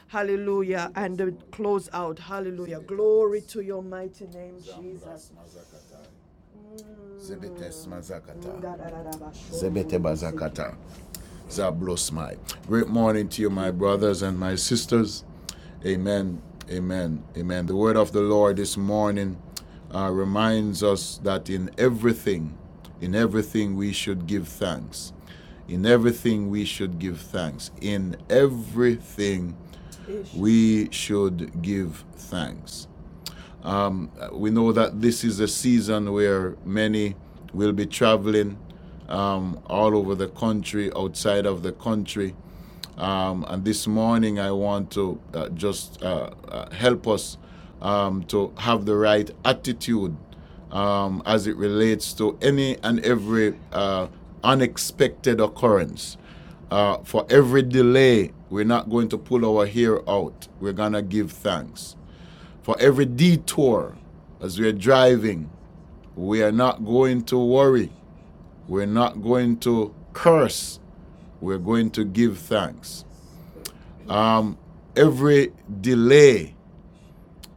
Speaker 1: Hallelujah. And uh, close out. Hallelujah. Glory to your mighty name, Jesus. Mm. Zebete bazakata. Zablosmai. Great morning to you, my brothers and my sisters. Amen. Amen. Amen. The word of the Lord this morning uh, reminds us that in everything, in everything we should give thanks. In everything we should give thanks. In everything we should give thanks. Um, we know that this is a season where many will be traveling um, all over the country, outside of the country. Um, and this morning, I want to uh, just uh, uh, help us um, to have the right attitude um, as it relates to any and every uh, unexpected occurrence. Uh, for every delay, we're not going to pull our hair out. We're going to give thanks. For every detour as we are driving, we are not going to worry. We're not going to curse. We're going to give thanks. Um, every delay,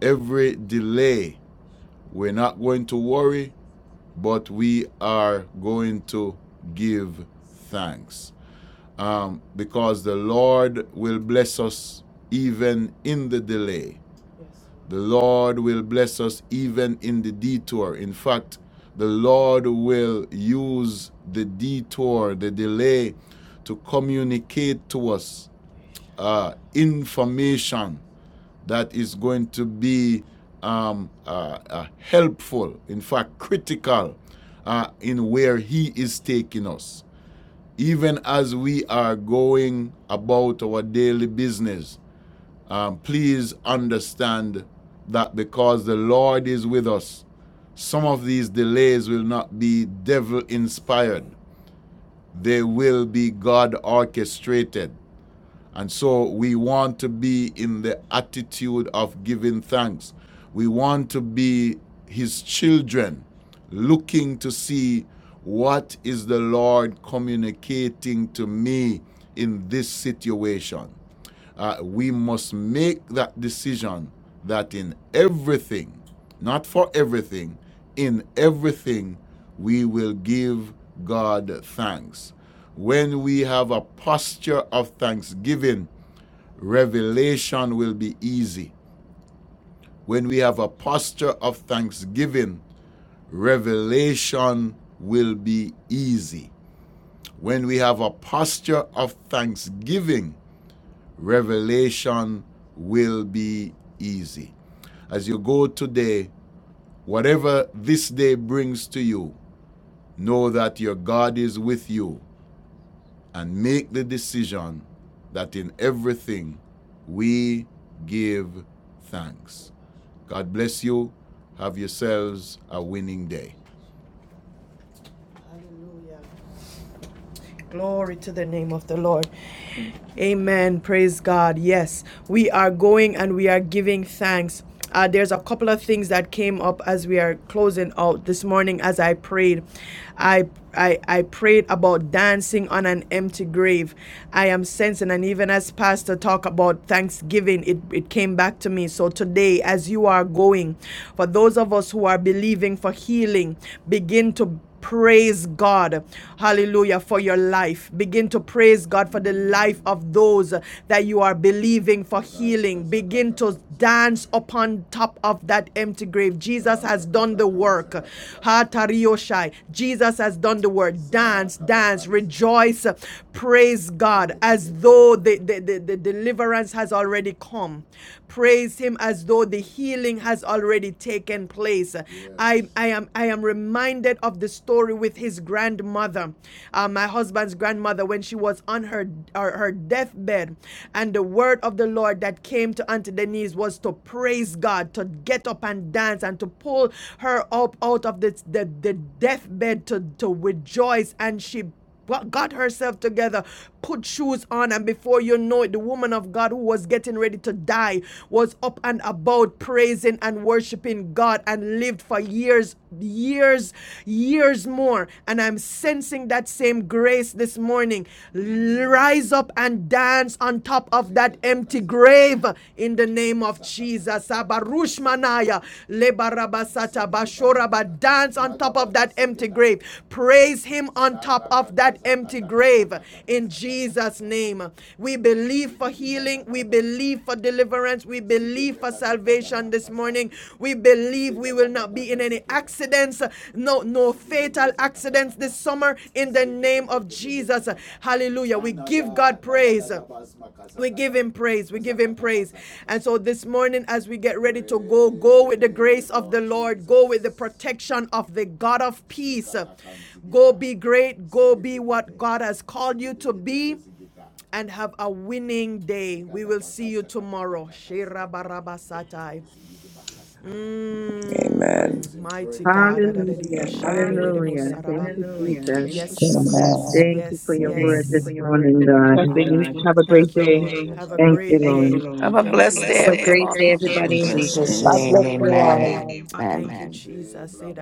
Speaker 1: every delay, we're not going to worry, but we are going to give thanks. Um, because the Lord will bless us even in the delay. The Lord will bless us even in the detour. In fact, the Lord will use the detour, the delay, to communicate to us uh, information that is going to be um, uh, uh, helpful, in fact, critical uh, in where He is taking us. Even as we are going about our daily business, um, please understand that because the Lord is with us, some of these delays will not be devil inspired, they will be God orchestrated. And so we want to be in the attitude of giving thanks. We want to be his children looking to see what is the Lord communicating to me in this situation. Uh, we must make that decision that in everything, not for everything, in everything, we will give God thanks. When we have a posture of thanksgiving, revelation will be easy. When we have a posture of thanksgiving, revelation will be easy. When we have a posture of thanksgiving, revelation will be easy. As you go today, whatever this day brings to you, know that your God is with you and make the decision that in everything we give thanks. God bless you. Have yourselves a winning day. Hallelujah. Glory to the name of the Lord. Amen. Praise God. Yes, we are going and we are giving thanks. Uh, there's a couple of things that came up as we are closing out this morning as I prayed. I, I I prayed about dancing on an empty grave. I am sensing, and even as Pastor talked about Thanksgiving, it, it came back to me. So today, as you are going, for those of us who are believing for healing, begin to Praise God. Hallelujah for your life. Begin to praise God for the life of those that you are believing for healing. Begin to dance upon top of that empty grave. Jesus has done the work. Ha Jesus has done the work. Dance, dance, rejoice, praise God as though the, the, the, the deliverance has already come. Praise praise him as though the healing has already taken place. Yes. I, I am I am reminded of the story with his grandmother, uh, my husband's grandmother, when she was on her her, her deathbed, and the word of the Lord that came to Auntie Denise was to praise God, to get up and dance, and to pull her up out of the the, the deathbed to to rejoice, and she Wa- got herself together, put shoes on, and before you know it, the woman of God who was getting ready to die was up and about praising and worshiping God and lived for years, years, years more. And I'm sensing that same grace this morning. Rise up and dance on top of that empty grave in the name of Jesus. Abarushmanaya, le Lebarabasata Bashoraba. Dance on top of that empty grave. Praise him on top of that empty grave. In Jesus' name. We believe for healing. We believe for deliverance. We believe for salvation this morning. We believe we will not be in any accidents. No, no fatal accidents this summer in the name of Jesus. Hallelujah. We give God praise. We give him praise. We give him praise. And so this morning, as we get ready to go, go with the grace of the Lord. Go with the protection of the God of peace. Go be great. Go be what God has called you to be. And have a winning day. We will see you tomorrow. Shira baraba
Speaker 7: Amen.
Speaker 1: Mm, mighty God.
Speaker 2: Hallelujah.
Speaker 1: Yes.
Speaker 13: yeah
Speaker 2: Hallelujah. Thank you,
Speaker 6: Thank you,
Speaker 2: Jesus.
Speaker 1: Yes,
Speaker 6: Jesus.
Speaker 12: Amen.
Speaker 2: Thank you for
Speaker 1: yes,
Speaker 2: your
Speaker 1: yes, Thank
Speaker 2: word
Speaker 1: you
Speaker 2: this
Speaker 1: for yes.
Speaker 12: Amen.
Speaker 1: your word
Speaker 2: morning,
Speaker 1: this
Speaker 2: God.
Speaker 1: morning,
Speaker 3: Blessings.
Speaker 1: God
Speaker 3: Have a great day.
Speaker 1: day.
Speaker 14: Thank
Speaker 1: Have a
Speaker 2: Thank
Speaker 1: great
Speaker 2: you,
Speaker 1: Thank
Speaker 5: Jesus.
Speaker 1: you, day.
Speaker 14: you.
Speaker 1: You,
Speaker 2: Lord.
Speaker 15: Have
Speaker 1: Lord. Thank
Speaker 15: a
Speaker 1: Have you. a
Speaker 15: blessed day,
Speaker 2: Have
Speaker 1: blessed day,
Speaker 2: a
Speaker 1: Have a
Speaker 2: great
Speaker 15: everyone.
Speaker 2: day,
Speaker 1: great day,
Speaker 6: Have a
Speaker 11: In
Speaker 2: everybody.
Speaker 1: everybody. In
Speaker 6: blessed
Speaker 11: Jesus'
Speaker 6: day.
Speaker 12: God
Speaker 1: Jesus' Amen.
Speaker 11: name,
Speaker 12: bless
Speaker 1: name,
Speaker 12: you
Speaker 11: amen.
Speaker 12: all.
Speaker 5: Praise.
Speaker 1: amen. Thank you,
Speaker 11: Amen.
Speaker 1: Jesus. Eh,